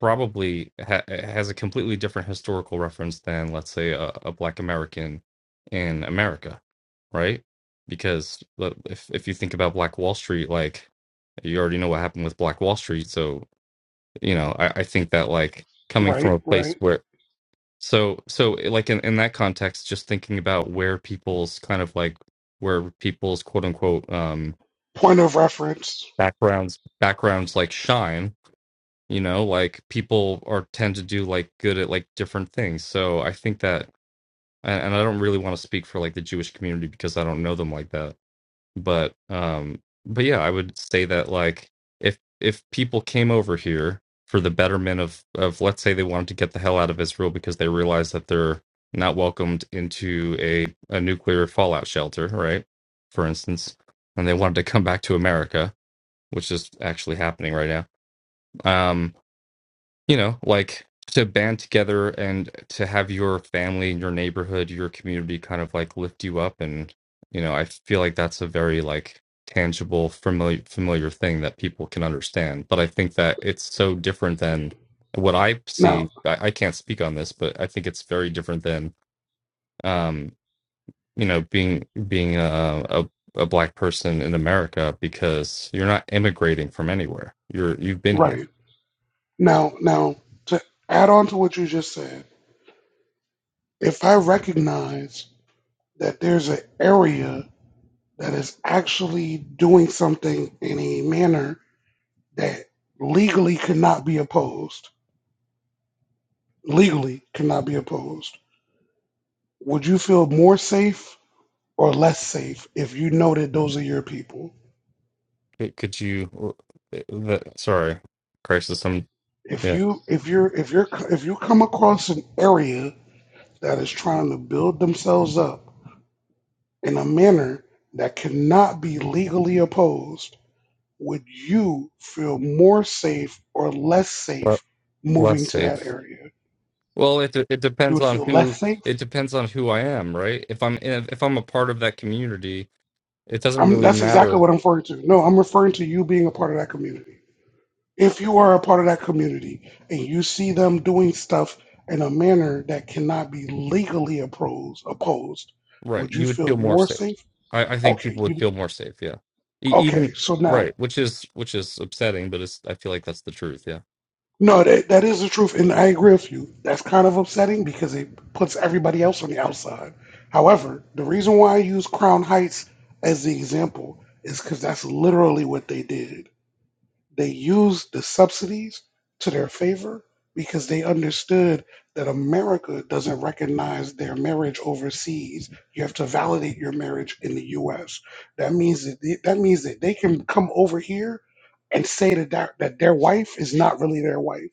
S23: probably ha- has a completely different historical reference than, let's say, a, a Black American in America, right? Because uh, if if you think about Black Wall Street, like you already know what happened with Black Wall Street, so you know I, I think that like coming from
S2: Right.
S23: a place
S2: Right.
S23: where so so eh, like in, in that context, just thinking about where people's kind of like where people's quote unquote um
S2: Point of reference.
S23: backgrounds backgrounds like shine you know like people are tend to do like good at like different things so i think that and and i don't really want to speak for like the jewish community because i don't know them like that but um but yeah i would say that like if if people came over here for the betterment of of let's say they wanted to get the hell out of israel because they realized that they're not welcomed into a a nuclear fallout shelter right for instance and they wanted to come back to america which is actually happening right now Um, you know, like to band together and to have your family, your neighborhood, your community kind of like lift you up. And, you know, I feel like that's a very like tangible, familiar, familiar thing that people can understand. But I think that it's so different than what I
S2: Now.
S23: see. I, I can't speak on this, but I think it's very different than, um, you know, being, being a, a, a black person in America because you're not immigrating from anywhere. You're, you've been here
S2: Right. Now, now to add on to what you just said, if I recognize that there's an area that is actually doing something in a manner that legally cannot be opposed, legally cannot be opposed, would you feel more safe or less safe if you know that those are your people?
S23: Could could you? uh, eh, The, sorry, crisis. I'm
S2: If
S23: yeah.
S2: you if you're if you're if you come across an area that is trying to build themselves up in a manner that cannot be legally opposed would you feel more safe or less
S23: le-
S2: safe
S23: Less
S2: moving to that
S23: safe.
S2: area?
S23: Well, it it
S2: You
S23: depends
S2: would
S23: on
S2: feel
S23: who
S2: less safe?
S23: it depends on who I am, right? If I'm in, if I'm a part of that community, it doesn't
S2: I'm,
S23: really
S2: that's exactly
S23: matter,
S2: what I'm referring to. No, I'm referring to you being a part of that community. If you are a part of that community and you see them doing stuff in a manner that cannot be legally opposed, opposed,
S23: right?
S2: would you
S23: You would
S2: feel
S23: feel more
S2: more
S23: safe.
S2: safe?
S23: I, I think
S2: Okay,
S23: people would
S2: you
S23: feel more safe, yeah. E-
S2: okay.
S23: even
S2: So now
S23: right, which is which is upsetting, but it's I feel like that's the truth, yeah.
S2: No, that, that is the truth, and I agree with you. That's kind of upsetting because it puts everybody else on the outside. However, the reason why I use Crown Heights as the example is because that's literally what they did. They used the subsidies to their favor because they understood that America doesn't recognize their marriage overseas. You have to validate your marriage in the U.S. That means that they, that means that they can come over here and say that, that that their wife is not really their wife,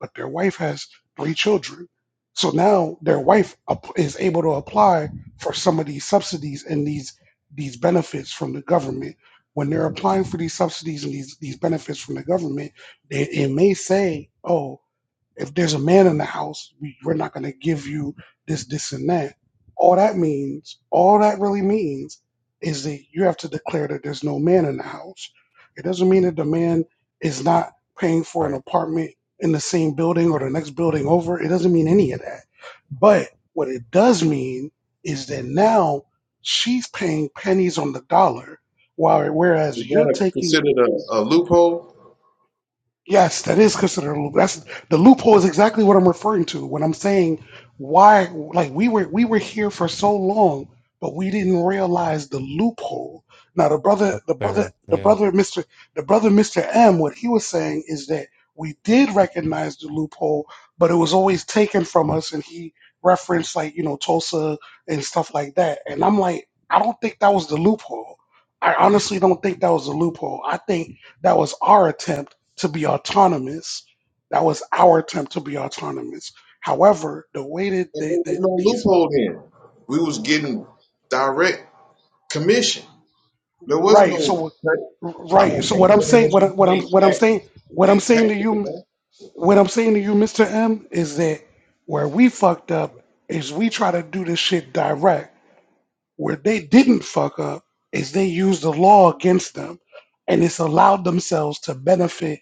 S2: but their wife has three children. So now their wife ap- is able to apply for some of these subsidies and these these benefits from the government when they're applying for these subsidies and these, these benefits from the government, they, it may say, oh, if there's a man in the house, we- we're not going to give you this, this, and that. All that means, all that really means, is that you have to declare that there's no man in the house. It doesn't mean that the man is not paying for an
S23: Right.
S2: apartment in the same building or the next building over. It doesn't mean any of that. But what it does mean is that now she's paying pennies on the dollar, while whereas
S20: Is
S2: you're
S20: that a,
S2: taking
S20: considered a, a loophole?
S2: Yes, that is considered a loop. That's the loophole is exactly what I'm referring to when I'm saying why like we were we were here for so long, but we didn't realize the loophole. Now the brother the brother
S23: Fair,
S2: the
S23: yeah.
S2: brother Mr the brother Mr. M, what he was saying is that we did recognize the loophole, but it was always taken from us and he referenced like, you know, Tulsa and stuff like that. And I'm like, I don't think that was the loophole. I honestly don't think that was the loophole. I think that was our attempt to be autonomous. That was our attempt to be autonomous. However, the way that
S20: And
S2: they,
S20: there was
S2: that
S20: no
S2: these
S20: loophole then. We was getting direct commission. There was
S2: right, so
S20: no, I
S2: right,
S20: don't
S2: so
S20: think,
S2: what
S20: I
S2: I'm
S20: mean,
S2: saying,
S20: unless
S2: what I,
S20: you
S2: what I'm
S20: paid
S2: what I'm
S20: tax,
S2: saying, what I'm
S20: state
S2: saying to
S20: taxes,
S2: you, what I'm saying to you, Mr. M, is that where we fucked up is we try to do this shit direct Where they didn't fuck up is they used the law against them, and it's allowed themselves to benefit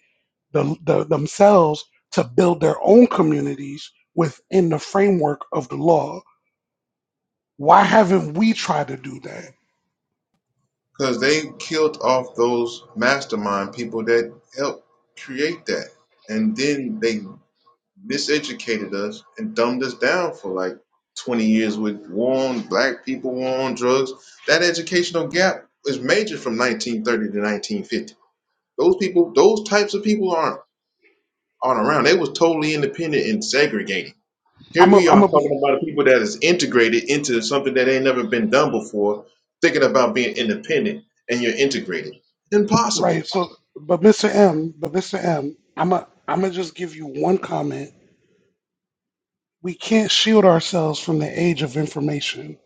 S2: the, the, themselves to build their own communities within the framework of the law. Why haven't we tried to do that?
S20: because they killed off those mastermind people that helped create that, and then they miseducated us and dumbed us down for like twenty years with war on black people, war on drugs. That educational gap is major from 1930 to 1950. Those people, those types of people aren't. on around. They was totally independent and segregated. Here
S2: I'm a,
S20: we
S2: I'm
S20: are
S2: gonna be
S20: talking about people that is integrated into something that ain't never been done before, thinking about being independent and you're integrated. Impossible.
S2: right. So, but Mr. M, but Mr. M, I'm a, I'm gonna just give you one comment. We can't shield ourselves from the age of information.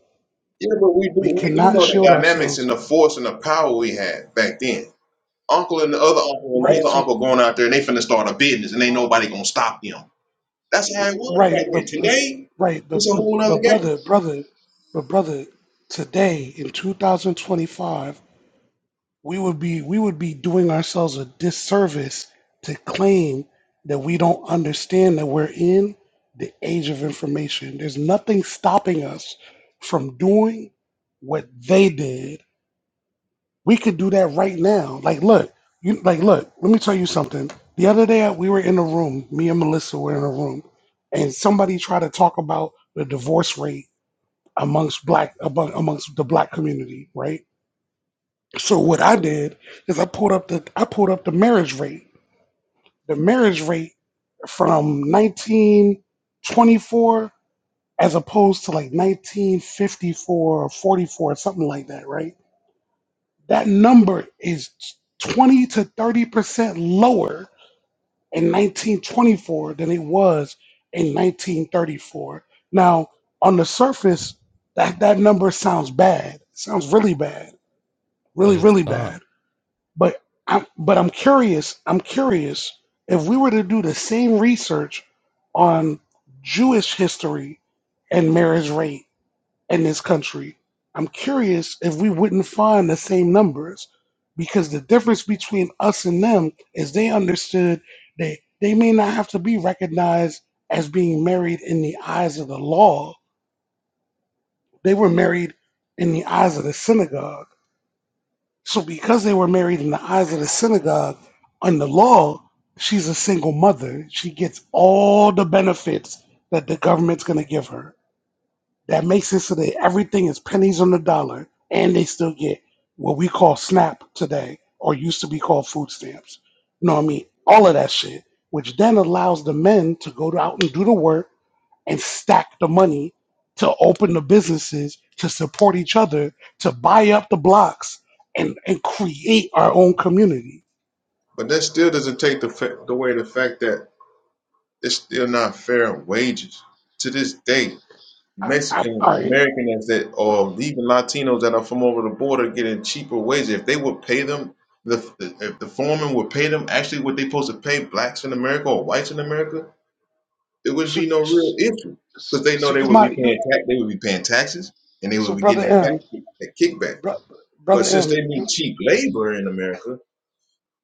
S20: Yeah, but we do
S2: We
S20: we do
S2: cannot
S20: know the
S2: shield
S20: dynamics and
S2: ourselves.
S20: the force and the power we had back then. Uncle and the other uncle and the
S2: Right.
S20: other
S2: So
S20: uncle going out there and they finna start a business and ain't nobody gonna stop them. That's how it was back
S2: Right, but,
S20: then.
S2: but
S20: Today,
S2: right, but,
S20: it's a
S2: but
S20: whole other
S2: but
S20: game.
S2: brother, brother, but brother, today in 2025, we would be we would be doing ourselves a disservice to claim that we don't understand that we're in the age of information. There's nothing stopping us from doing what they did we could do that right now. Like, look, you like, look. Let me tell you something. The other day we were in a room. Me and Melissa were in a room, and somebody tried to talk about the divorce rate amongst black among, amongst the black community, right? So what I did is I pulled up the I pulled up the marriage rate. The marriage rate from 1924 as opposed to like 1954 or 44 something like that, right? That number is 20 to 30% lower in 1924 than it was in 1934. Now, on the surface, that, that number sounds bad. It sounds really bad.
S23: But
S2: Really,
S23: it's
S2: really
S23: not
S2: bad. But I'm but I'm curious, I'm curious if we were to do the same research on Jewish history and marriage rate in this country, I'm curious if we wouldn't find the same numbers because the difference between us and them is they understood that they may not have to be recognized as being married in the eyes of the law. They were married in the eyes of the synagogue. So because they were married in the eyes of the synagogue, under law, she's a single mother. She gets all the benefits that the government's going to give her That makes it so that everything is pennies on the dollar, and they still get what we call SNAP today, or used to be called food stamps. You know what I mean? All of that shit, which then allows the men to go out and do the work and stack the money to open the businesses, to support each other, to buy up the blocks, and, and create our own community.
S20: But that still doesn't take the fa- the way the fact that It's still not fair wages. To this day,
S2: I, I, all
S20: Mexican
S2: right.
S20: Americans that or even Latinos that are from over the border getting cheaper wages. If they would pay them, the if the foreman would pay them actually what they supposed to pay blacks in America or whites in America, it would
S2: So,
S20: be no real issue because they know
S2: so
S20: they
S2: you
S20: would be
S2: might you
S20: paying tax, they would be paying taxes, and they
S2: so
S20: would be
S2: brother
S20: getting that
S2: M,
S20: back that kickback.
S2: bro,
S20: But
S2: brother
S20: since they
S2: M,
S20: need
S2: you, you
S20: cheap labor in America,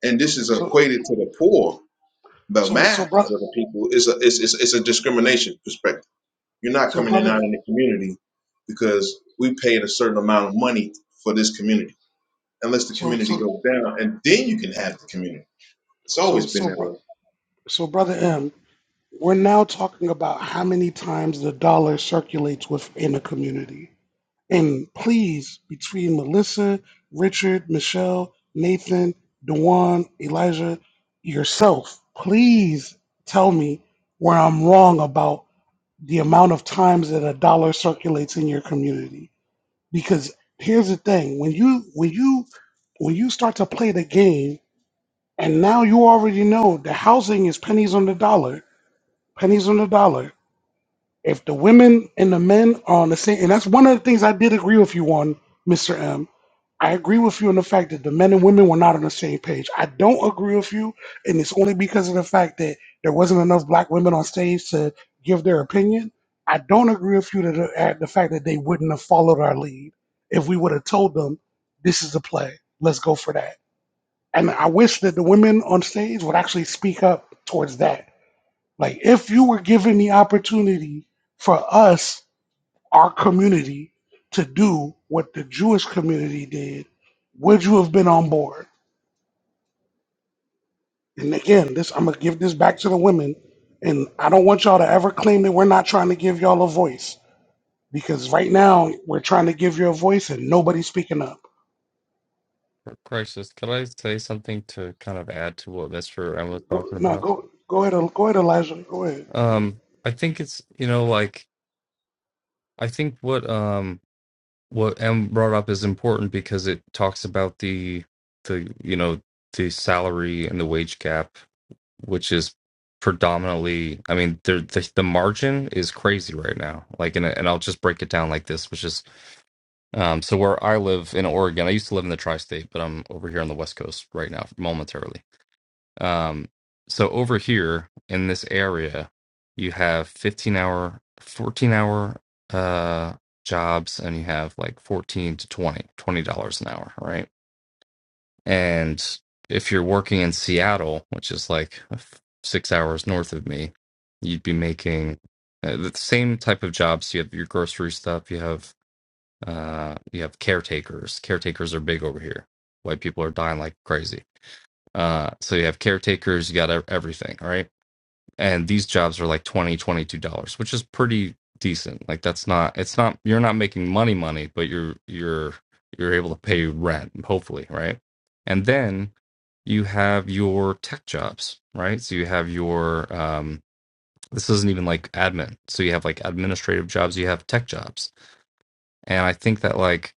S20: and this is
S2: so
S20: equated to the poor, the
S2: So so
S20: masses
S2: brother
S20: of the people is a it's, it's, it's a discrimination perspective. You're not
S2: so
S20: coming in and
S2: brother
S20: out in the community because we paid a certain amount of money for this community. Unless the
S2: so
S20: community
S2: so
S20: goes down, and then you can have the community. It's
S2: so
S20: always been
S2: so
S20: that
S2: bro-
S20: way.
S2: so brother M, we're now talking about how many times the dollar circulates within a community. And please, between Melissa, Richard, Michelle, Nathan, Dewan, Elijah, yourself, please tell me where I'm wrong about the amount of times that a dollar circulates in your community. Because here's the thing: when you when you when you start to play the game And now you already know the housing is pennies on the dollar. Pennies on the dollar. If the women and the men are on the same, and that's one of the things I did agree with you on, Mr. M. I agree with you on the fact that the men and women were not on the same page. I don't agree with you, and it's only because of the fact that there wasn't enough black women on stage to give their opinion. I don't agree with you to the, at the fact that they wouldn't have followed our lead if we would have told them this is the play. Let's go for that and I wish that the women on stage would actually speak up towards that. Like, if you were given the opportunity for us, our community, to do what the Jewish community did, would you have been on board? And again, this I'm gonna give this back to the women, and I don't want y'all to ever claim that we're not trying to give y'all a voice because right now we're trying to give you a voice and nobody's speaking up.
S23: crisis. Could I say something to kind of add to what Mister M was
S2: Go,
S23: talking
S2: no,
S23: about?
S2: go, go ahead, go ahead, Elijah. Go ahead.
S23: Um, I think it's, you know, like I think what um what M brought up is important because it talks about the the you know the salary and the wage gap, which is predominantly. I mean, there the, the margin is crazy right now. Like, and and I'll just break it down like this, which is um. So where I live in Oregon, I used to live in the tri-state, but I'm over here on the West Coast right now momentarily um, so over here in this area, you have 15 hour, 14 hour uh, jobs, and you have like 14 to 20, $20 an hour, right? And if you're working in Seattle, which is like f- six hours north of me, you'd be making uh, the same type of jobs. You have your grocery stuff, you have uh, you have caretakers. Caretakers are big over here. White people are dying like crazy uh, so you have caretakers, you got ev- everything, right? And these jobs are like twenty, twenty-two dollars, which is pretty decent. Like that's not, it's not, you're not making money, money, but you're you're you're able to pay rent, hopefully, right? And then you have your tech jobs, right? So you have your um, this isn't even like admin. So you have like administrative jobs, you have tech jobs, and I think that like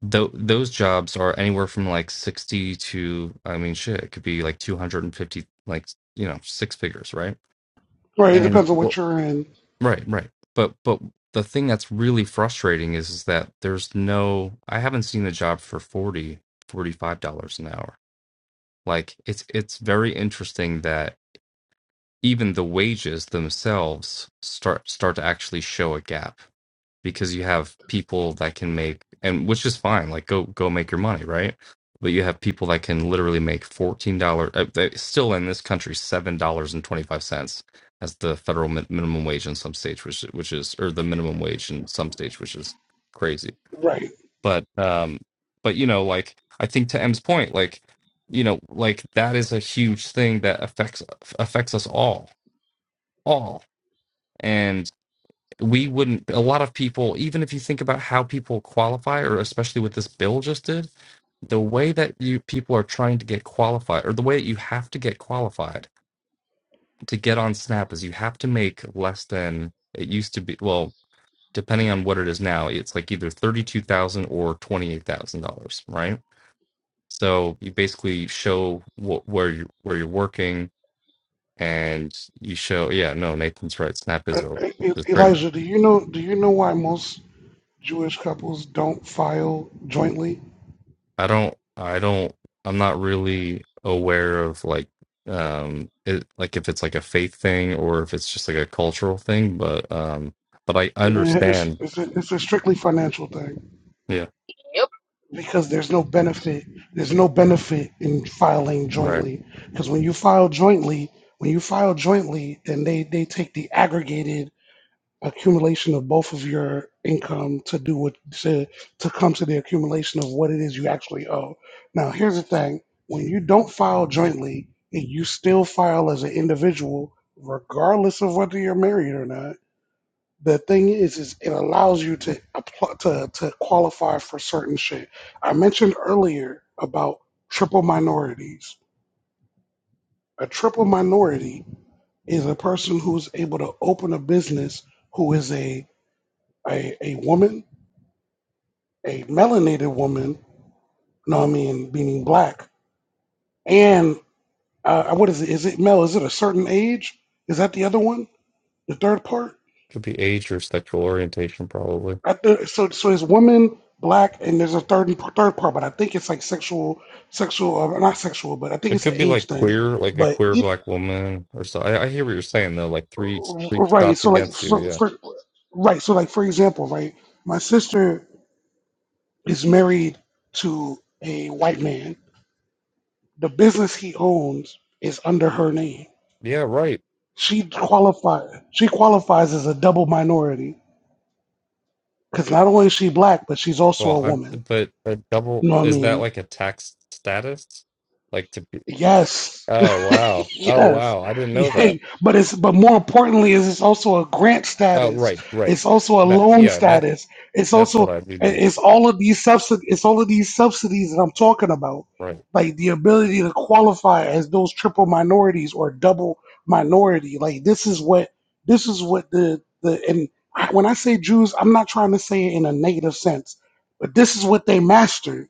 S23: Tho- those jobs are anywhere from like 60 to i mean shit it could be like 250 like you know six figures right
S2: Right, it
S23: and
S2: depends on what
S23: what
S2: you're in.
S23: right right but but the thing that's really frustrating is, is that there's no i haven't seen a job for 40 45 dollars an hour like it's it's very interesting that even the wages themselves start start to actually show a gap because you have people that can make and which is fine like go go make your money right but you have people that can literally make $14 still in this country $7.25 as the federal min- minimum wage in some states which which is or the minimum wage in some states which is crazy
S2: Right.
S23: but um but you know like i think to m's point like you know like that is a huge thing that affects affects us all all and we wouldn't a lot of people even if you think about how people qualify or especially what this bill just did the way that you people are trying to get qualified or the way that you have to get qualified to get on snap is you have to make less than it used to be well depending on what it is now it's like either 32000 or $28000 right so you basically show wh- where you where you're working and you show yeah no nathan's right snap
S2: Uh,
S23: is over which
S2: E-
S23: is crazy
S2: Elijah, do you know do you know why most Jewish couples don't file jointly?
S23: I don't I don't I'm not really aware of like um it like if it's like a faith thing or if it's just like a cultural thing, but um but I
S2: Eh, It's,
S23: understand.
S2: it's, a, it's a strictly financial thing
S23: Yeah,
S1: Yep.
S2: because there's no benefit. There's no benefit in filing
S23: right.
S2: jointly because when you file jointly, when you file jointly, and they, they take the aggregated accumulation of both of your income to do what to to come to the accumulation of what it is you actually owe. Now, here's the thing: when you don't file jointly and you still file as an individual, regardless of whether you're married or not, the thing is, is it allows you to apply to to qualify for certain shit. I mentioned earlier about triple minorities. A triple minority is a person who's able to open a business who is a a, a woman a melanated woman, you know what I mean, meaning black, and uh, uh, what is it? Is it mel? Is it a certain age? Is that the other one? The third part?
S23: Could be age or sexual orientation probably.
S2: I th- so so it's woman, black, and there's a third third part, but I think it's like sexual, sexual, uh, not sexual, but I think
S23: It
S2: it's an
S23: could be
S2: age
S23: like
S2: thing.
S23: queer, like a
S2: But
S23: queer
S2: it,
S23: black woman or so. I, I hear what you're saying though, like three three
S2: right,
S23: shots
S2: so like
S23: against you,
S2: so
S23: yeah.
S2: for, right, so like for example, right, my sister is married to a white man. The business he owns is under her name
S23: Yeah, right.
S2: She qualify she qualifies as a double minority because not only is she black, but she's also
S23: Well,
S2: a
S23: I
S2: woman.
S23: but a
S2: You
S23: double
S2: know what I
S23: is
S2: mean?
S23: that like a tax status? Like to be
S2: Yes.
S23: Oh wow. Oh
S2: yes.
S23: wow. I didn't know
S2: Yeah.
S23: that.
S2: But it's but more importantly is it's also a grant
S23: Uh,
S2: status.
S23: right, right.
S2: It's also a
S23: That
S2: loan
S23: yeah, that's
S2: status. It's
S23: that's what
S2: also
S23: I do
S2: it-
S23: know.
S2: it's all of these subsidies it's all of these subsidies that I'm talking about.
S23: Right.
S2: Like the ability to qualify as those triple minorities or double minority. Like this is what this is what the the and I, when I say Jews, I'm not trying to say it in a negative sense, but this is what they mastered.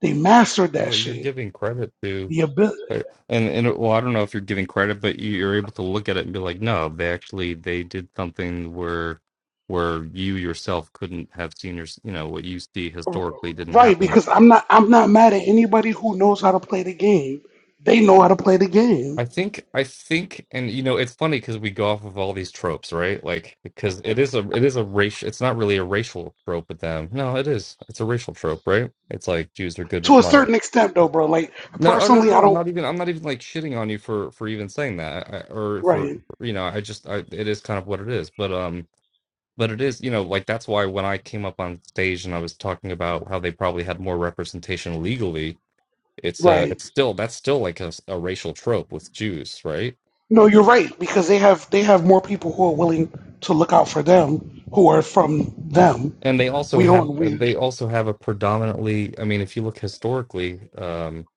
S2: They mastered that
S23: Well, you're
S2: shit
S23: giving credit to,
S2: The ability.
S23: and and well, I don't know if you're giving credit, but you- you're able to look at it and be like, no, they actually they did something where where you yourself couldn't have seen your, you know, what you see historically didn't
S2: Right,
S23: happen.
S2: because I'm not I'm not mad at anybody who knows how to play the game. They know how to play the game.
S23: I think I think, and you know, it's funny because we go off of all these tropes, right? Like because it is a it is a racial. It's not really a racial trope with them. No, it is. It's a racial trope, right? It's like Jews are good
S2: To
S23: with
S2: a
S23: money
S2: certain extent though, bro. Like
S23: No, oh, no, no,
S2: personally I
S23: no. I'm
S2: don't
S23: not even. I'm not even like shitting on you for for even saying that, I, or for
S2: right,
S23: you know. I just. I, it is kind of what it is. But um. But it is. You know. Like that's why when I came up on stage and I was talking about how they probably had more representation legally, it's uh
S2: right.
S23: It's still. That's still like a, s- a racial trope with Jews, right?
S2: No, you're right, because they have they have more people who are willing to look out for them who are from them.
S23: And they also
S2: We
S23: have.
S2: don't we
S23: They also have a predominantly. I mean, if you look historically, um,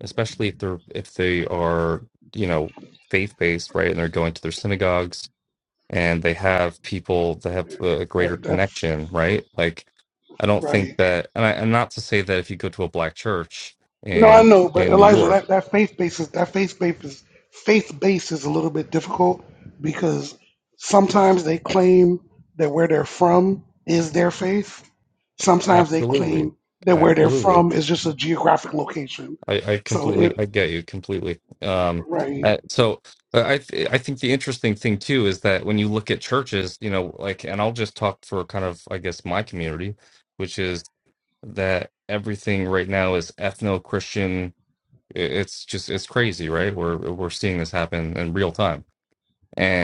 S23: especially if they're if they are you know faith based, right, and they're going to their synagogues and they have people that have a
S2: uh,
S23: greater
S2: that's
S23: connection, right? Like, I don't think
S2: right.
S23: that, and, I, and not to say that if you go to a black church
S2: No, I
S23: in
S2: know, but
S23: in New
S2: Elijah,
S23: York,
S2: that, that faith base is that faith base is faith base is a little bit difficult because sometimes they claim that where they're from is their faith.
S23: uh,
S2: Sometimes they
S23: absolutely,
S2: claim that where they're
S23: absolutely,
S2: from is just a geographic location.
S23: I, I
S2: So
S23: completely,
S2: it
S23: I get you completely. Um,
S2: right.
S23: uh, so uh, I th- I think the interesting thing too is that when you look at churches, you know, like, and I'll just talk for kind of, I guess, my community, which is that everything right now is ethno Christian It- It's just it's crazy, right? We're we're seeing this happen in real time.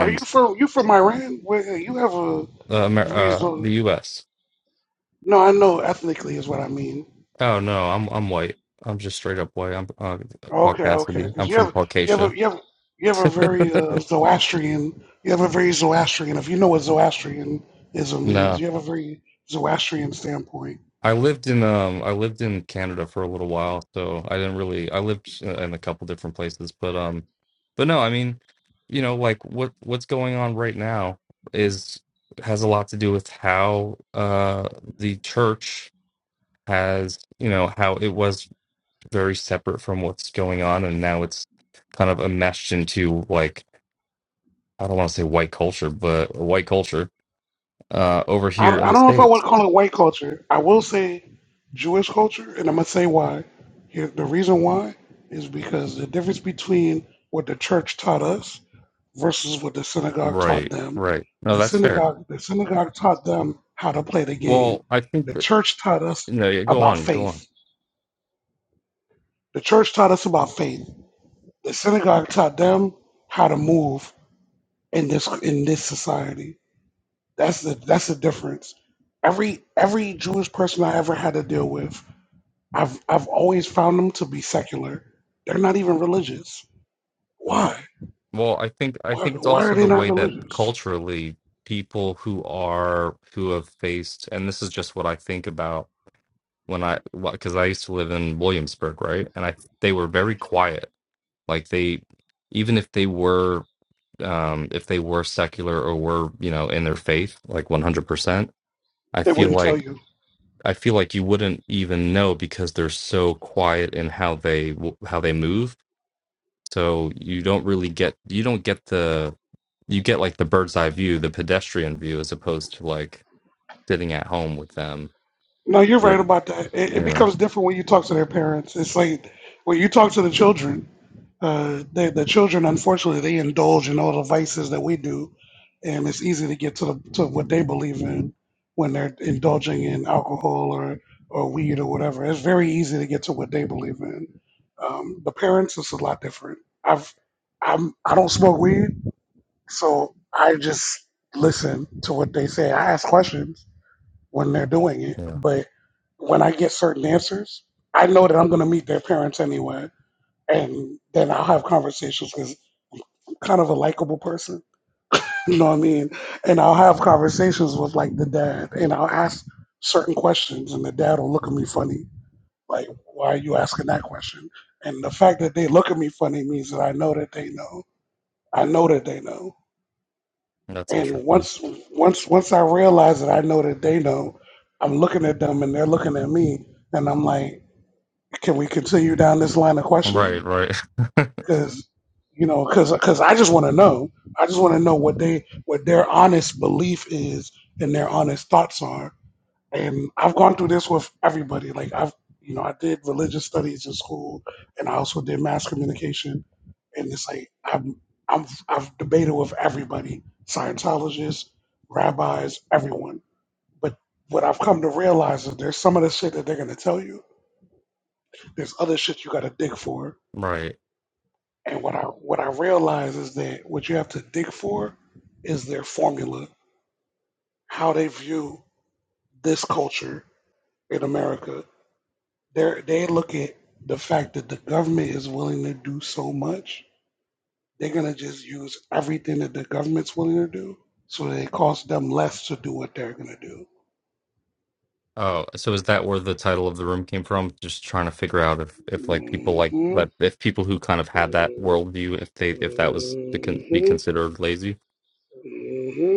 S2: Are you from you from Iran? Where you have a
S23: uh, Amer- uh, the
S2: reason?
S23: U.S.
S2: No, I know ethnically is what I mean.
S23: Oh no, I'm I'm white. I'm just straight up white. I'm uh,
S2: Okay, okay.
S23: Caucasity.
S2: Because
S23: I'm
S2: you
S23: from
S2: have you have
S23: Caucasia.
S2: a, you have you have a very uh, Zoroastrian. You have a very Zoroastrian. If you know what Zoroastrianism is,
S23: No,
S2: you have a very Zoroastrian standpoint.
S23: I lived in um I lived in Canada for a little while, so I didn't really I lived uh, in a couple different places, but um, but no, I mean, you know, like what what's going on right now is has a lot to do with how uh the church has you know how it was very separate from what's going on, and now it's kind of enmeshed into like I don't want to say white culture, but white culture uh, over
S2: I,
S23: here in
S2: I
S23: the
S2: don't know if I would
S23: states.
S2: call it white culture. I will say Jewish culture, and I'm gonna say why. Here, the reason why is because the difference between what the church taught us versus what the synagogue taught
S23: Right,
S2: them.
S23: right. No,
S2: The
S23: that's fair.
S2: synagogue the synagogue taught them how to play the game.
S23: Well, I think
S2: The
S23: that
S2: church taught us
S23: no, yeah, go
S2: about
S23: on, go on.
S2: faith The church taught us about faith. The synagogue taught them how to move in this in this society. That's the that's the difference. Every every Jewish person I ever had to deal with, I've I've always found them to be secular. They're not even religious.
S23: Right.
S2: Why?
S23: Well, I think I
S2: Why,
S23: think it's
S2: why are
S23: also
S2: they
S23: the
S2: not
S23: way that
S2: religious?
S23: culturally people who are who have faced, and this is just what I think about when I because I used to live in Williamsburg, right, and I they were very quiet. Like they, even if they were um, if they were secular or were you know in their faith like 100% i
S2: They
S23: feel
S2: wouldn't tell
S23: like
S2: you.
S23: i feel like you wouldn't even know because they're so quiet in how they how they move so you don't really get you don't get the you get like the bird's eye view the pedestrian view as opposed to like sitting at home with them
S2: No, you're
S23: with
S2: right about that. It,
S23: you
S2: it
S23: know
S2: becomes different when you talk to their parents. It's like when you talk to the children. Uh, they, the children, unfortunately, they indulge in all the vices that we do, and it's easy to get to the to what they believe in when they're indulging in alcohol or or weed or whatever. It's very easy to get to what they believe in. Um, the parents, it's a lot different. I've I'm I don't smoke weed, so I just listen to what they say. I ask questions when they're doing it,
S23: yeah
S2: but when I get certain answers, I know that I'm going to meet their parents anyway and then I'll have conversations because I'm kind of a likable person, you know what I mean? And I'll have conversations with like the dad, and I'll ask certain questions, and the dad will look at me funny, like, "Why are you asking that question?" And the fact that they look at me funny means that I know that they know. I know that they know.
S23: that's
S2: And
S23: interesting
S2: once, once, once I realize that I know that they know, I'm looking at them and they're looking at me, and I'm like, "Can we continue down this line of questioning?"
S23: right right
S2: because you know because cause I just want to know. I just want to know what they what their honest belief is and their honest thoughts are. And I've gone through this with everybody. Like I've you know I did religious studies in school, and I also did mass communication. And it's like I'm I'm I've debated with everybody, Scientologists, rabbis, everyone. But what I've come to realize is there's some of the shit that they're gonna tell you. There's other shit you gotta dig for
S23: right
S2: And what I what I realize is that what you have to dig for is their formula, how they view this culture in America. They they look at the fact that the government is willing to do so much. They're gonna just use everything that the government's willing to do, so that it costs them less to do what they're gonna do.
S23: Oh, so is that where the title of the room came from? Just trying to figure out if, if like people like
S2: hmm
S23: that, if people who kind of had that worldview, if they if that was to con be
S2: hmm
S23: considered lazy.
S2: hmm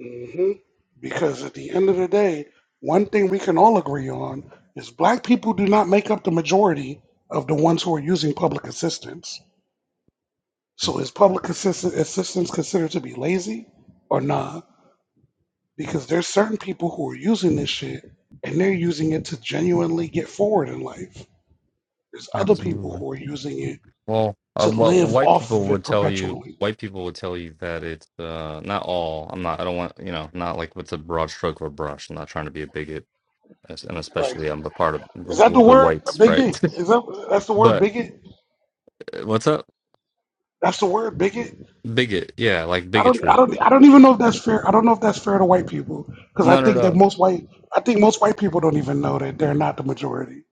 S2: hmm Because at the end of the day, one thing we can all agree on is black people do not make up the majority of the ones who are using public assistance.
S23: Yeah,
S2: So is public assist- assistance considered to be lazy or not? Because there's certain people who are using this shit and they're using it to genuinely get forward in life. There's other people
S23: absolutely.
S2: who are using it
S23: Well, uh,
S2: to
S23: well,
S2: live
S23: white
S2: off
S23: people
S2: of
S23: would
S2: it
S23: tell you,
S2: perpetually.
S23: white people would tell you that it's uh, not all. I'm not. I don't want you know, not like with a broad stroke of a brush. I'm not trying to be a bigot, as- and
S2: Right.
S23: especially I'm a part of
S2: Is that the
S23: the, the
S2: word?
S23: whites, right?
S2: Bigot? Is that that's the word
S23: but
S2: bigot?
S23: uh, what's up,
S2: That's the word bigot?
S23: bigot? Yeah, like
S2: I don't, I
S23: bigotry.
S2: don't, I don't even know if that's fair. I don't know if that's fair to white people because I
S23: No, no,
S2: think
S23: no.
S2: that most white, I think most white people don't even know that they're not the majority.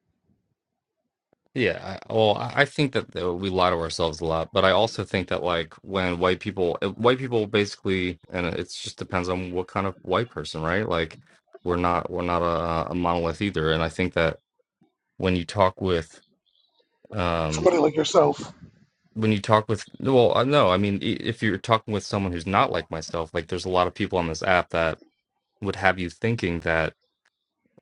S23: Yeah, I, well, I I think that though, we lie to ourselves a lot, but I also think that like when white people, uh, white people basically, and it's just depends on what kind of white person, right? Like we're not we're not a, a monolith either, and I think that when you talk with, um,
S2: Somebody like yourself,
S23: when you talk with, well, uh, no, I mean, i- if you're talking with someone who's not like myself, like there's a lot of people on this app that would have you thinking that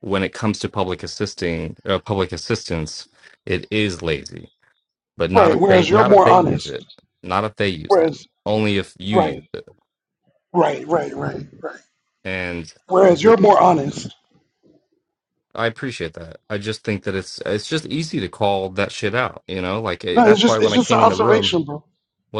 S23: when it comes to public assisting, uh, public assistance, it is lazy but not
S2: right?
S23: if they
S2: Whereas you're
S23: not if
S2: more
S23: they use
S2: honest.
S23: it not if they use it
S2: Whereas,
S23: only if you
S2: right,
S23: use it
S2: right, right, right, right.
S23: and
S2: Whereas you're
S23: th-
S2: more honest.
S23: i appreciate that i just think that it's it's just easy to call that shit out you know like eh,
S2: No, it's
S23: that's why
S2: just,
S23: when
S2: it's
S23: i
S2: just an
S23: came in the room
S2: observation, bro.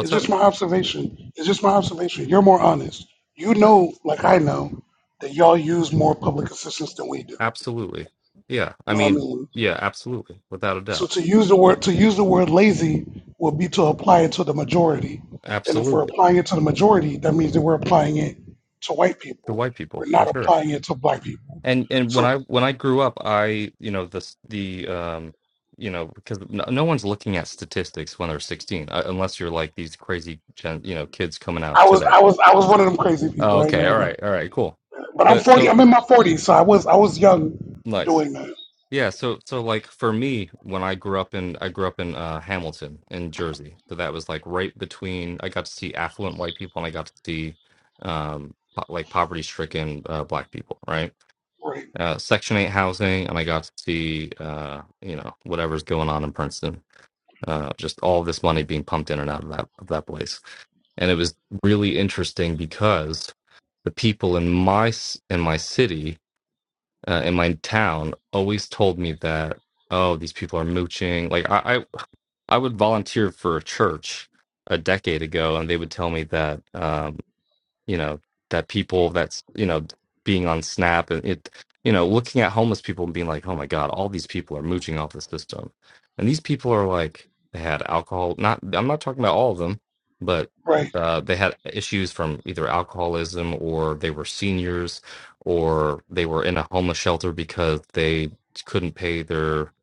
S2: It's
S23: up
S2: just my observation. It's just my observation. You're more honest. You know, like I know, that y'all use more public assistance than we do. You
S23: absolutely yeah i
S2: know what I
S23: mean
S2: mean?
S23: yeah absolutely without a
S2: So
S23: doubt
S2: to use the word to use the word lazy would be to apply it to the majority. And if we're
S23: absolutely
S2: applying it to the majority, that means that we're applying it to white
S23: to
S2: people.
S23: white
S2: We're
S23: people for
S2: not
S23: sure
S2: applying it to black people.
S23: and and when
S2: So
S23: i when i grew up i you know the the um you know because no, no one's looking at statistics when they're 16 uh, unless you're like these crazy gen you know kids coming out
S2: I was
S23: today
S2: I was I was one of them crazy
S23: Oh,
S2: people, I ain't
S23: okay.
S2: gonna
S23: All
S2: lie.
S23: right. All right. Cool.
S2: But I'm
S23: But
S2: forty
S23: so
S2: I'm in my forties, so I was I was young
S23: nice.
S2: doing that.
S23: Yeah. So so like for me, when I grew up in I grew up in uh, Hamilton in Jersey, so that was like right between. I got to see affluent white people, and I got to see um po- like poverty stricken uh, black people, right?
S2: Right,
S23: Uh, Section eight housing, and I got to see uh you know whatever's going on in Princeton. Uh, just all this money being pumped in and out of that of that place, and it was really interesting because the people in my s- in my city uh, in my town always told me that oh these people are mooching like I, I I would volunteer for a church a decade ago and they would tell me that um, you know that people that's you know being on snap and it you know looking at homeless people and being like oh my god all these people are mooching off the system and these people are like they had alcohol not i'm not talking about all of them but
S2: right,
S23: uh, they had issues from either alcoholism or they were seniors or they were in a homeless shelter because they couldn't pay their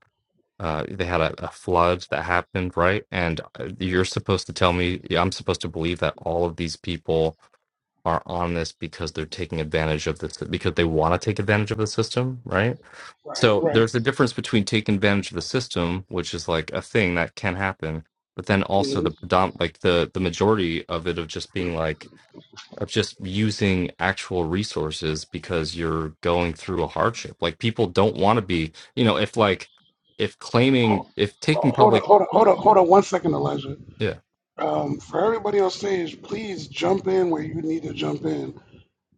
S23: uh, they had a, a flood that happened right and uh, you're supposed to tell me yeah, i'm supposed to believe that all of these people are on this because they're taking advantage of this because they want to take advantage of the system, right?
S2: right,
S23: So
S2: right.
S23: there's a difference between taking advantage of the system, which is like a thing that can happen, but then also
S2: Mhm.
S23: the predom like the the majority of it of just being like of just using actual resources because you're going through a hardship. Like people don't want to be, you know, if like if claiming
S2: Ho-
S23: if taking
S2: ho- Hold on,
S23: public
S2: hold on, hold on, hold on one second, Elijah.
S23: yeah,
S2: Um, for everybody on stage, please jump in where you need to jump in.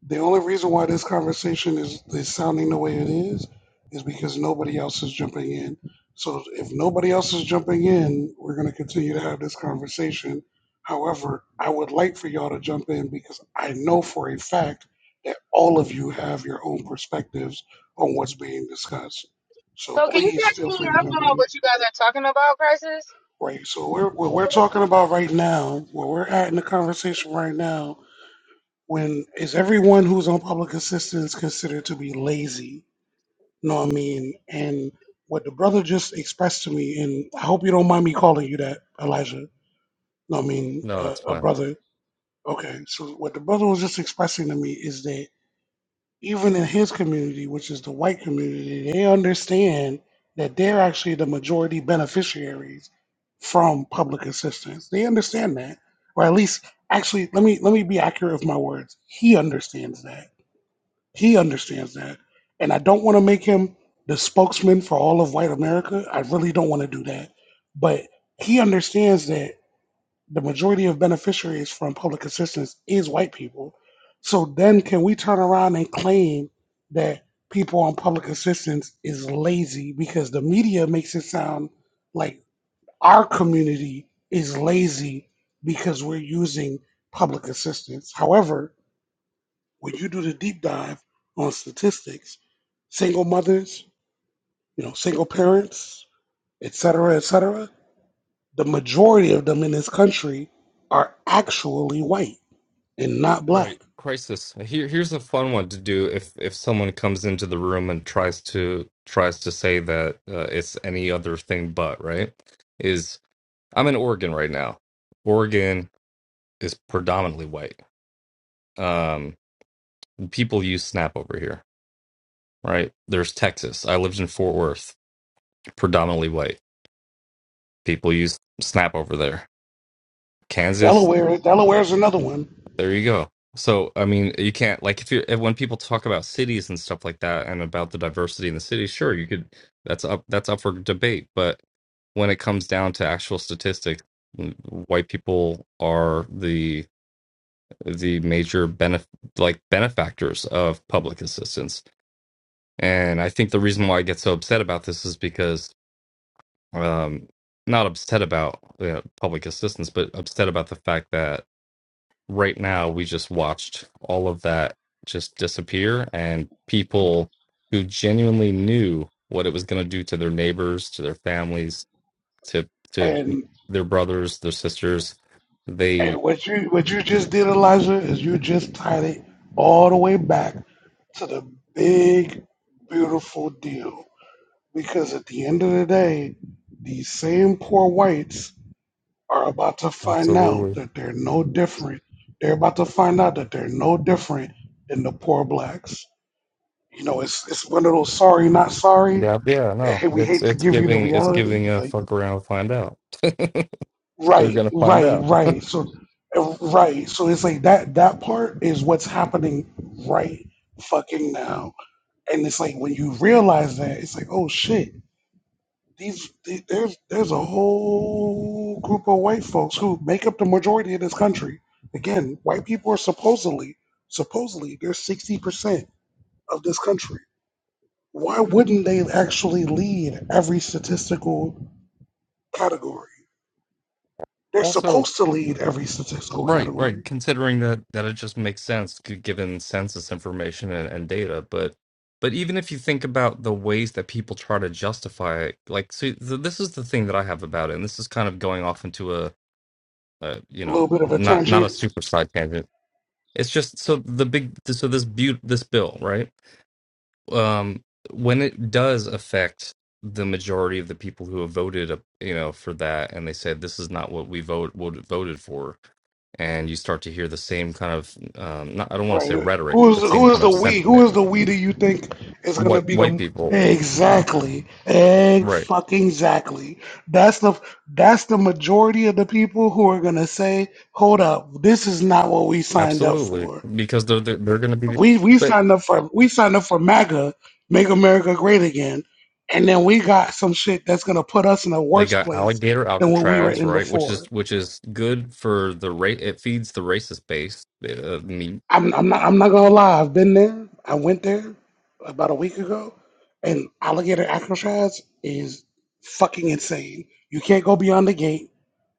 S2: The only reason why this conversation is, is sounding the way it is is because nobody else is jumping in. So if nobody else is jumping in, we're going to continue to have this conversation. However, I would like for y'all to jump in because I know for a fact that all of you have your own perspectives on what's being discussed. So
S1: So can you
S2: please
S1: guys
S2: feel
S1: pull me
S2: free to
S1: up
S2: jump
S1: on
S2: in.
S1: what you guys are talking about, crisis?
S2: Right. So we're, what we're talking about right now, where we're at in the conversation right now when is everyone who's on public assistance considered to be lazy? You know what I mean? And what the brother just expressed to me, and I hope you don't mind me calling you that, Elijah. No, I mean,
S23: no,
S2: uh,
S23: that's
S2: a
S23: fine.
S2: brother. Okay, so what the brother was just expressing to me is that even in his community, which is the white community, they understand that they're actually the majority beneficiaries from public assistance. They understand that, or at least, actually, let me let me be accurate with my words. He understands that he understands that. And I don't want to make him the spokesman for all of white America. I really don't want to do that. But he understands that the majority of beneficiaries from public assistance is white people. So then can we turn around and claim that people on public assistance is lazy because the media makes it sound like our community is lazy because we're using public assistance. However, when you do the deep dive on statistics, single mothers, you know, single parents, et cetera, et cetera, the majority of them in this country are actually white and not black.
S23: Right, crisis. Here, here's a fun one to do if if someone comes into the room and tries to tries to say that uh, it's any other thing but, right? Is I'm in Oregon right now. Oregon is predominantly white. Um, people use Snap over here, right? There's Texas. I lived in Fort Worth, predominantly white. People use Snap over there. Kansas
S2: Delaware, Delaware is another one,
S23: There you go. So, I mean, you can't like if you are when people talk about cities and stuff like that and about the diversity in the city, sure, you could that's up that's up for debate, but when it comes down to actual statistics, w- white people are the the major benef like benefactors of public assistance. And I think the reason why I get so upset about this is because um not upset about you know, public assistance, but upset about the fact that right now we just watched all of that just disappear and people who genuinely knew what it was going to do to their neighbors to their families to to
S2: and
S23: their brothers their sisters
S2: and
S23: they
S2: what you what you just did, Elijah, is you just tied it all the way back to the big, beautiful deal. Because at the end of the day, these same poor whites are about to find out
S23: absolutely
S2: that they're no different. They're about to find out that they're no different than the poor blacks. You know, it's it's one of those sorry not sorry.
S23: yeah yeah no
S2: Hey, we
S23: it's
S2: hate to
S23: it's
S2: give you the
S23: giving it's
S2: reality.
S23: giving a
S2: Like
S23: fuck around to find out they're
S2: right,
S23: gonna find
S2: right,
S23: out
S2: right. So eh, right. So it's like that that part is what's happening right fucking now. And it's like when you realize that, it's like, oh shit these, the there's there's a whole group of white folks who make up the majority of this country. Again, white people are supposedly supposedly they're sixty percent of this country. Why wouldn't they actually lead every statistical category? They're
S23: Also.
S2: supposed to lead every statistical
S23: Right, right.
S2: category.
S23: Considering that that it just makes sense g- given census information and, and data, but but even if you think about the ways that people try to justify it, like see, th- this is the thing that I have about it, and this is kind of going off into a, a you
S2: A
S23: know
S2: little bit of a
S23: not not
S2: tangent.
S23: a super side tangent. It's just so the big so this but this bill right um, when it does affect the majority of the people who have voted, uh, you know, for that, and they said this is not what we vote would voted for, and you start to hear the same kind of, um, not, I don't want to say
S2: Right.
S23: rhetoric,
S2: Who's
S23: the same
S2: who is
S23: kind
S2: the
S23: of
S2: we? Who
S23: sentiment.
S2: is the we do you think is gonna
S23: White
S2: be
S23: white
S2: the
S23: people,
S2: exactly? Egg
S23: right?
S2: fucking exactly. That's the that's the majority of the people who are gonna say, hold up, this is not what we signed up
S23: Absolutely,
S2: for.
S23: because they're they're, they're going to be. the-
S2: We we
S23: But
S2: signed up for we signed up for MAGA, make America great again. And then we got some shit that's gonna put us in a
S23: they
S2: worse
S23: got
S2: place
S23: alligator
S2: than what we were
S23: Alcatraz,
S2: in
S23: right? Which
S2: before.
S23: is which is good for the rate. It feeds the racist base, uh, me-
S2: I'm, I'm not. I'm not gonna lie. I've been there. I went there about a week ago, and alligator acrocraz is fucking insane. You can't go beyond the gate,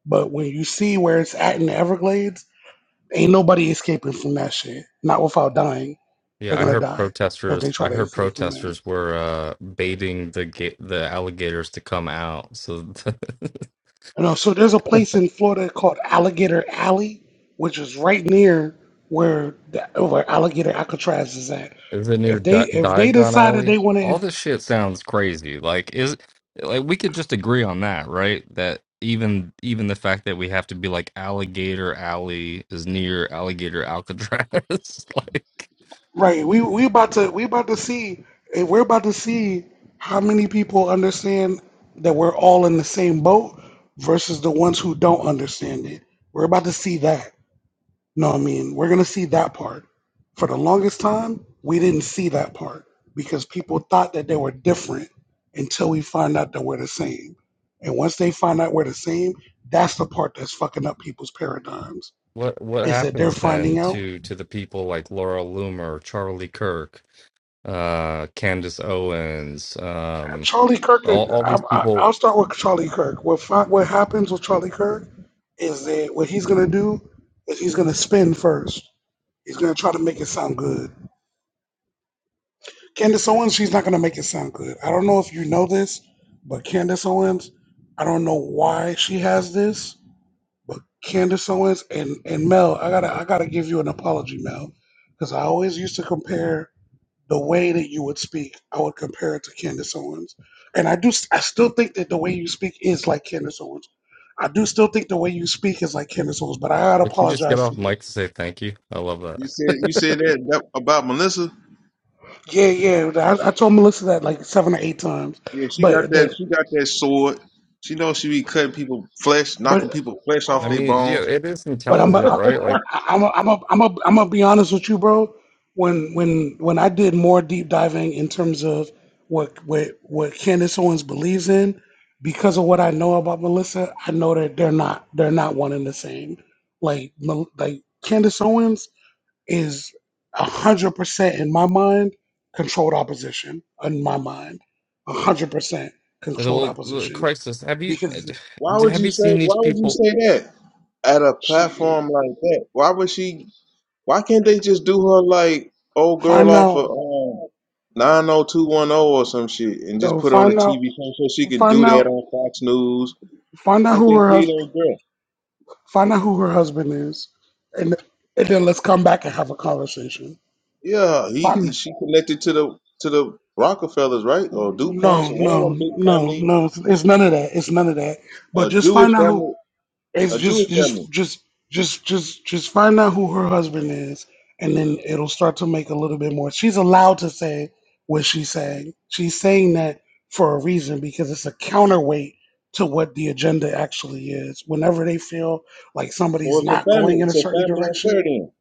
S2: but when you see where it's at in the Everglades, ain't nobody escaping from that shit. Not without dying. They're
S23: Yeah, I
S2: gonna
S23: heard
S2: die if they
S23: protesters. I
S2: try to
S23: heard
S2: escape from there.
S23: protesters were uh, baiting the ga- the alligators to come out. So
S2: You know. So there's a place in Florida called Alligator Alley, which is right near where the, where alligator acrocraz is at.
S23: is it near
S2: If they
S23: Di-
S2: if they
S23: Diagon
S2: decided they
S23: Alley?
S2: want to
S23: All this shit sounds crazy. Like is like we could just agree on that, right? That even even the fact that we have to be like Alligator Alley is near Alligator Alcatraz. like
S2: Right. We we about to we about to see and we're about to see how many people understand that we're all in the same boat versus the ones who don't understand it. We're about to see that. No, I mean, we're gonna see that part. For the longest time, we didn't see that part because people thought that they were different until we find out that we're the same. And once they find out we're the same, that's the part that's fucking up people's paradigms.
S23: what what
S2: Is that they're
S23: happens then
S2: finding out
S23: to to the people like Laura Loomer, Charlie Kirk, uh Candace Owens. um,
S2: Charlie Kirk.
S23: all, all
S2: I,
S23: these
S2: I,
S23: people
S2: I'll start with Charlie Kirk. What fi- what happens with Charlie Kirk is that what he's gonna do is he's gonna spin first. He's gonna try to make it sound good. Candace Owens, she's not gonna make it sound good. I don't know if you know this, but Candace Owens, I don't know why she has this, but Candace Owens and and Mel, I gotta I gotta give you an apology, Mel, because I always used to compare the way that you would speak, I would compare it to Candace Owens. And I do, I still think that the way you speak is like Candace Owens. I do still think the way you speak is like Candace Owens, but I gotta
S23: if you just get
S2: apologize to
S23: off
S2: you.
S23: mic to say thank you i love
S20: You said you said
S23: that
S20: that, that about Melissa.
S2: Yeah, yeah, I, I told Melissa that like seven or eight times,
S20: Yeah, she got
S2: but
S20: that.
S2: the
S20: She got that sword. She knows she be cutting people flesh,
S2: but
S20: knocking people flesh off
S23: i
S20: their
S23: mean yeah,
S20: bones.
S23: it is
S2: But I'm
S23: intelligent
S2: I,
S23: right like
S2: I, am a, I'm a, I'm a, I'm gonna be honest with you, bro. When when when I did more deep diving in terms of what what what Candace Owens believes in, because of what I know about Melissa, I know that they're not they're not one and the same. Like Mel- like Candace Owens is a hundred percent in my mind controlled opposition. In my mind, a hundred percent
S23: the,
S2: controlled
S23: well, the
S2: opposition
S23: crisis have you
S2: because
S20: Why would
S23: have
S20: you
S23: you
S20: say?
S23: seen
S20: Why
S23: these
S20: would you
S23: people
S20: say that at a
S2: she
S20: platform like that? Why would she? Why can't they just do her like old girl
S2: find
S20: off
S2: out
S20: of um, 90210 or some shit and just
S2: no
S20: put her on a
S2: find out
S20: TV show so she can do
S2: find
S20: that
S2: out.
S20: on Fox News
S2: Find out
S20: like they
S2: who her
S20: did
S2: husband.
S20: on Girl?
S2: Find out who her husband is, and and then let's come back and have a conversation.
S20: Yeah, he, he
S2: Find.
S20: she connected to the to the Rockefellers, right? Or DuPonts
S2: No,
S20: or one
S2: no,
S20: of them big
S2: no,
S20: family,
S2: no. It's, it's none of that. It's none of that. But
S20: a
S2: just
S20: Jewish
S2: find out who.
S20: family,
S2: It's
S20: a
S2: just,
S20: Jewish family.
S2: just, just, just, just, just find out who her husband is, and then it'll start to make a little bit more. She's allowed to say what she's saying. She's saying that for a reason because it's a counterweight to what the agenda actually is. Whenever they feel like
S20: So
S2: somebody's
S20: it's
S2: not
S20: a
S2: going
S20: family,
S2: in a
S20: it's a
S2: certain
S20: family
S2: direction
S20: affair then.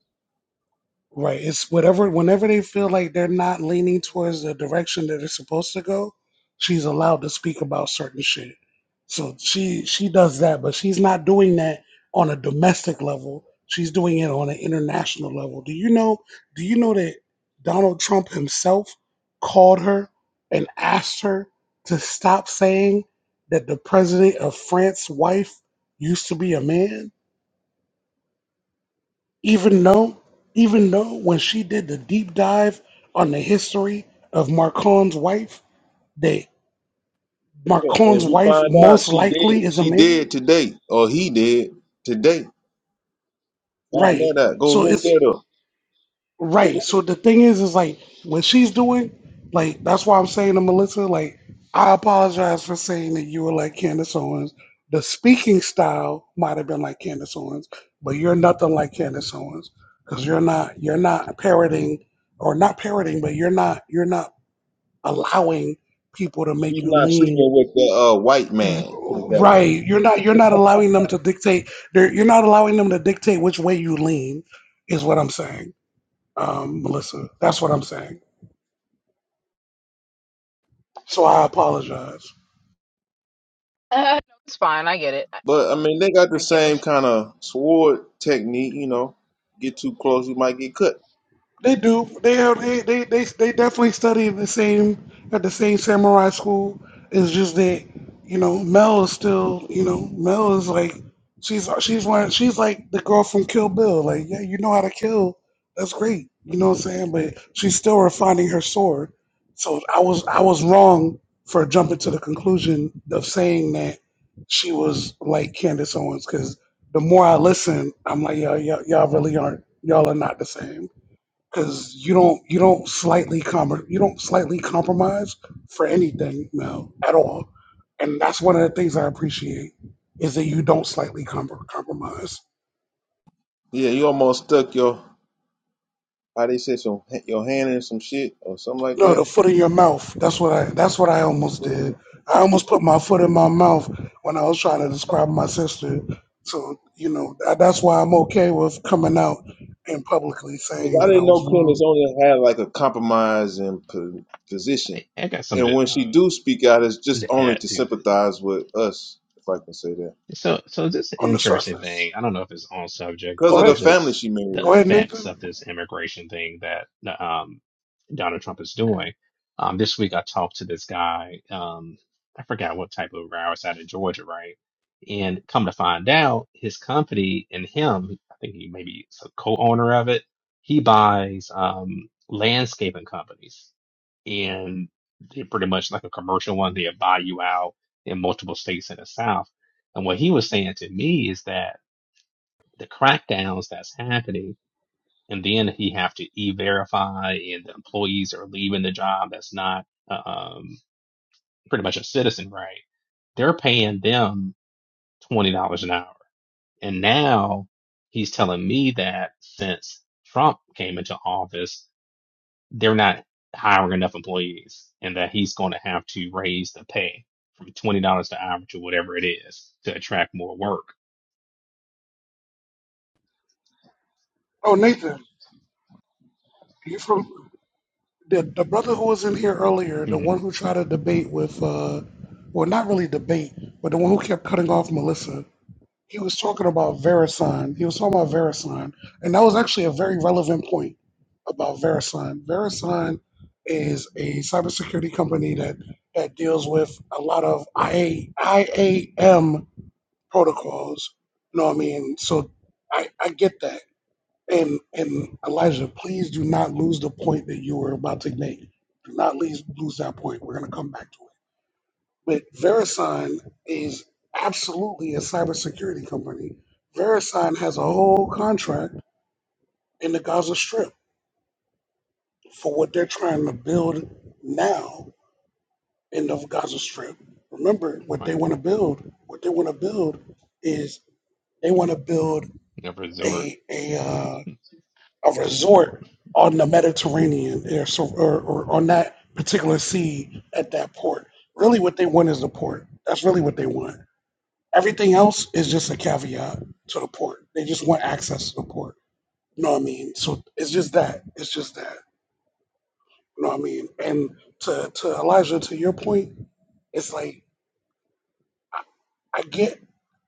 S2: Right. It's whatever, whenever they feel like they're not leaning towards the direction that they're supposed to go, she's allowed to speak about certain shit. So she she does that, but she's not doing that on a domestic level. She's doing it on an international level. Do you know? Do you know that Donald Trump himself called her and asked her to stop saying that the president of France's wife used to be a man? Even though, even though when she did the deep dive on the history of Marcon's wife, that
S20: Yeah,
S2: Marcon's
S20: and we
S2: wife
S20: find out
S2: most
S20: she
S2: likely
S20: did,
S2: is a
S20: she
S2: man,
S20: did today, or he did today. Find
S2: right?
S20: that out. Go
S2: So
S20: look
S2: it's
S20: that
S2: right.
S20: up.
S2: So the thing is, is like when she's doing, like that's why I'm saying to Melissa, like I apologize for saying that you were like Candace Owens. The speaking style might have been like Candace Owens, but you're nothing like Candace Owens because you're not you're not parroting or not parroting, but you're not you're not allowing people to make
S20: She's
S2: you
S20: not
S2: lean
S20: sleeping with the uh, white man. Put it that way.
S2: right you're not you're not allowing them to dictate they're, you're not allowing them to dictate which way you lean is what i'm saying um melissa that's what i'm saying so i apologize
S1: Uh, no, it's fine. I get it. I,
S20: But I mean, they got the
S1: I get what
S20: same kind of sword technique. You know, get too close, you might get cut.
S2: They do. They are. They they they, they definitely study in the same at the same samurai school. It's just that you know Mel is still you know Mel is like she's she's one she's like the girl from Kill Bill. Like yeah, you know how to kill. That's great. You know what I'm saying? But she's still refining her sword. So I was I was wrong for jumping to the conclusion of saying that she was like Candace Owens because the more I listen, I'm like y'all y'all, y'all really aren't y'all are not the same because you don't you don't slightly com- you don't slightly compromise for anything now at all, and that's one of the things I appreciate is that you don't slightly com- compromise.
S20: Yeah, you almost stuck your how they say some your hand in some shit or something like
S2: No,
S20: that.
S2: the foot in your mouth. That's what I that's what I almost did.
S20: Because
S2: I almost put my foot in my mouth when I was trying to describe my sister. So you know tha- that's why I'm okay with coming out and publicly saying
S20: I
S2: that I
S20: didn't know
S2: was
S20: Candace
S2: wrong
S20: only had like a compromising po- position,
S16: I, I got
S20: and
S16: something
S20: when
S16: to,
S20: she do
S16: uh,
S20: speak out, it's just
S16: to
S20: only
S16: add
S20: to
S16: to it.
S20: sympathize with us, if I can say that,
S16: So, so this is an
S2: on the
S16: interesting thing.
S2: surface.
S16: I don't know if it's on subject,
S20: because
S2: Go
S20: of
S16: but it's
S20: the
S2: ahead,
S20: family
S16: just
S20: she
S16: the
S20: married
S2: go ahead,
S20: into.
S16: effects
S2: Nathan.
S16: of this immigration thing that um Donald Trump is doing. Um, this week I talked to this guy. Um, I forgot what type of row it's out in Georgia, right? And come to find out, his company and him, I think he maybe is a co-owner of it. He buys um, landscaping companies, and they're pretty much like a commercial one. They buy you out in multiple states in the South. And what he was saying to me is that the crackdowns that's happening and then he have to e-verify and the employees are leaving the job that's not um, pretty much a citizen right they're paying them $20 an hour and now he's telling me that since trump came into office they're not hiring enough employees and that he's going to have to raise the pay from $20 an hour to whatever it is to attract more work
S2: Oh, Nathan, you from? The, the brother who was in here earlier, the
S16: hmm
S2: one who tried to debate with, uh, well, not really debate, but the one who kept cutting off Melissa, he was talking about VeriSign. He was talking about VeriSign. And that was actually a very relevant point about VeriSign. VeriSign is a cybersecurity company that, that deals with a lot of IA, protocols. You know what I mean? So I, I get that. And and Elijah, please do not lose the point that you were about to make. Do not lose lose that point. We're gonna come back to it. But Verisign is absolutely a cybersecurity company. Verisign has a whole contract in the Gaza Strip for what they're trying to build now in the Gaza Strip. Remember what they
S16: wow
S2: want to build. What they want to build is they want to build
S16: never resort
S2: a a Uh, a resort on the Mediterranean or, so, or, or on that particular sea at that port. Really, what they want is the port. That's really what they want. Everything else is just a caveat to the port. They just want access to the port. You know what I mean? So it's just that. It's just that. You know what I mean? And to, to Elijah, to your point, it's like I get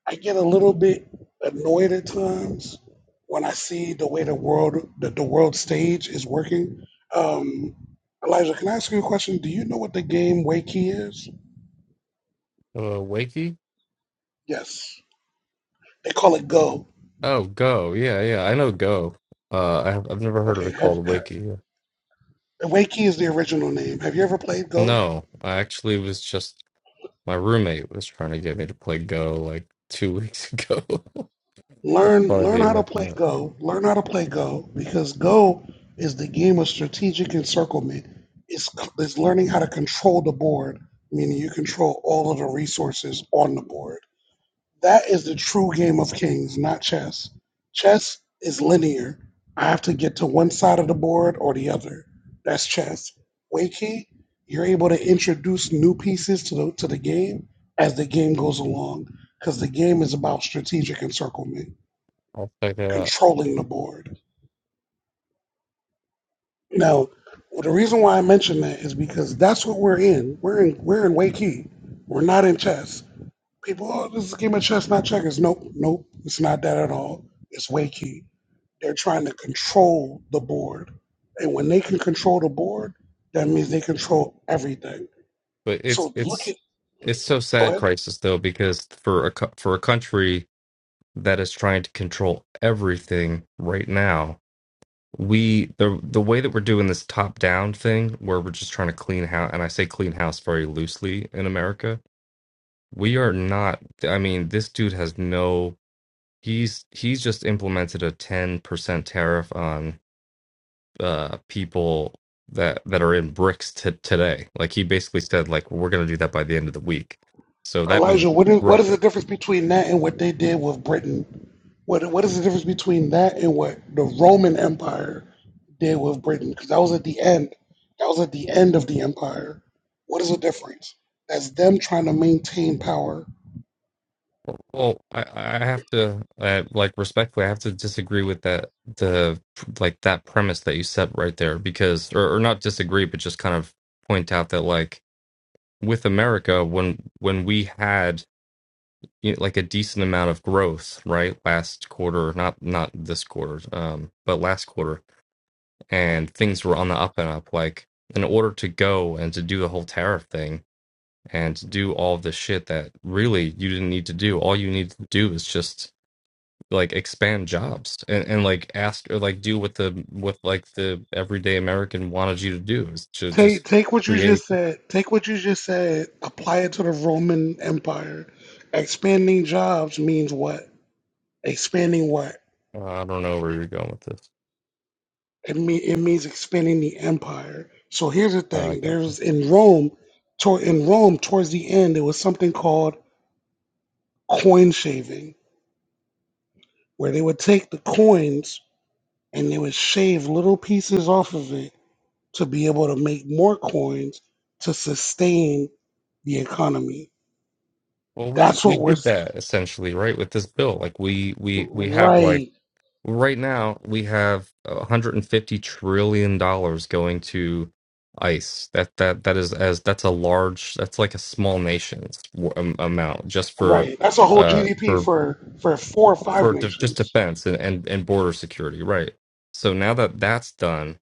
S2: I get a little bit annoyed at times when I see the way the world the, the world stage is working. Um, Elijah, can I ask you a question? Do you know what the game Wakey is?
S23: uh wakey
S2: Yes, they call it Go.
S23: oh go yeah yeah i know go uh I have, i've never heard of
S2: Okay,
S23: it
S2: have,
S23: called
S2: have,
S23: wakey Yeah.
S2: Wakey is the original name. Have you ever played Go?
S23: no i actually was just my roommate was trying to get me to play go like two weeks ago that's
S2: Learn
S23: funny that
S2: learn
S23: you
S2: how to
S23: mentioned
S2: play
S23: that
S2: Go. Learn how to play Go because Go is the game of strategic encirclement. It's it's learning how to control the board, meaning you control all of the resources on the board. That is the true game of kings, not chess. Chess is linear. I have to get to one side of the board or the other. That's chess. Wakey, you're able to introduce new pieces to the to the game as the game goes along because the game is about strategic encirclement
S23: i'll check it out
S2: controlling the board. Now, well, the reason why I mention that is because that's what we're in. We're in we're in Waikiki. We're not in chess. People, oh, this is a game of chess, not checkers. Nope, nope, it's not that at all. It's Waikiki. They're trying to control the board, and when they can control the board, that means they control everything.
S23: But it's
S2: So look
S23: it's
S2: at.
S23: it's so
S2: Go
S23: sad,
S2: ahead.
S23: crisis though, because for a co- for a country that is trying to control everything right now, we the the way that we're doing this top down thing, where we're just trying to clean house, and I say clean house very loosely in America. We are not. I mean, this dude has no. He's he's just implemented a ten percent tariff on uh people that that are in bricks t- today like he basically said like we're going to do that by the end of the week so that means
S2: Elijah, what is what is the
S23: russia
S2: difference between that and what they did with Britain? What what is the difference between that and what the Roman Empire did with Britain? Because that was at the end. That was at the end of the empire. What is the difference? That's them trying to maintain power.
S23: well well, i i have to uh, like respectfully i have to disagree with that the like that premise that you set right there because or, or not disagree but just kind of point out that like with america when when we had you know, like a decent amount of growth right last quarter not not this quarter um but last quarter and things were on the up and up. Like, in order to go and to do the whole tariff thing and to do all the shit that really you didn't need to do, all you need to do is just like expand jobs and, and like ask or like do what the what like the everyday American wanted you to do is to
S2: Take
S23: just
S2: take what you
S23: create.
S2: just said. Take what you just said. Apply it to the Roman Empire. Expanding jobs means what? Expanding what?
S23: Uh, I don't know where you're going with this.
S2: It, me- it means expanding the empire. So here's the
S23: Uh, I
S2: thing:
S23: got-
S2: there's in Rome, to- in Rome towards the end, there was something called coin shaving, where they would take the coins and they would shave little pieces off of it to be able to make more coins to sustain the economy.
S23: well, we
S2: That's
S23: we
S2: what we're
S23: did
S2: s-
S23: that essentially, right, with this bill. Like we we we have like
S2: right,
S23: right now we have 150 trillion dollars going to ICE. That that that is as that's a large that's like a small nation's w- am- amount just for
S2: right. That's a whole
S23: uh
S2: GDP
S23: for
S2: for for four or five
S23: for de- just
S2: nations.
S23: defense and, and and border security, right? So now that that's done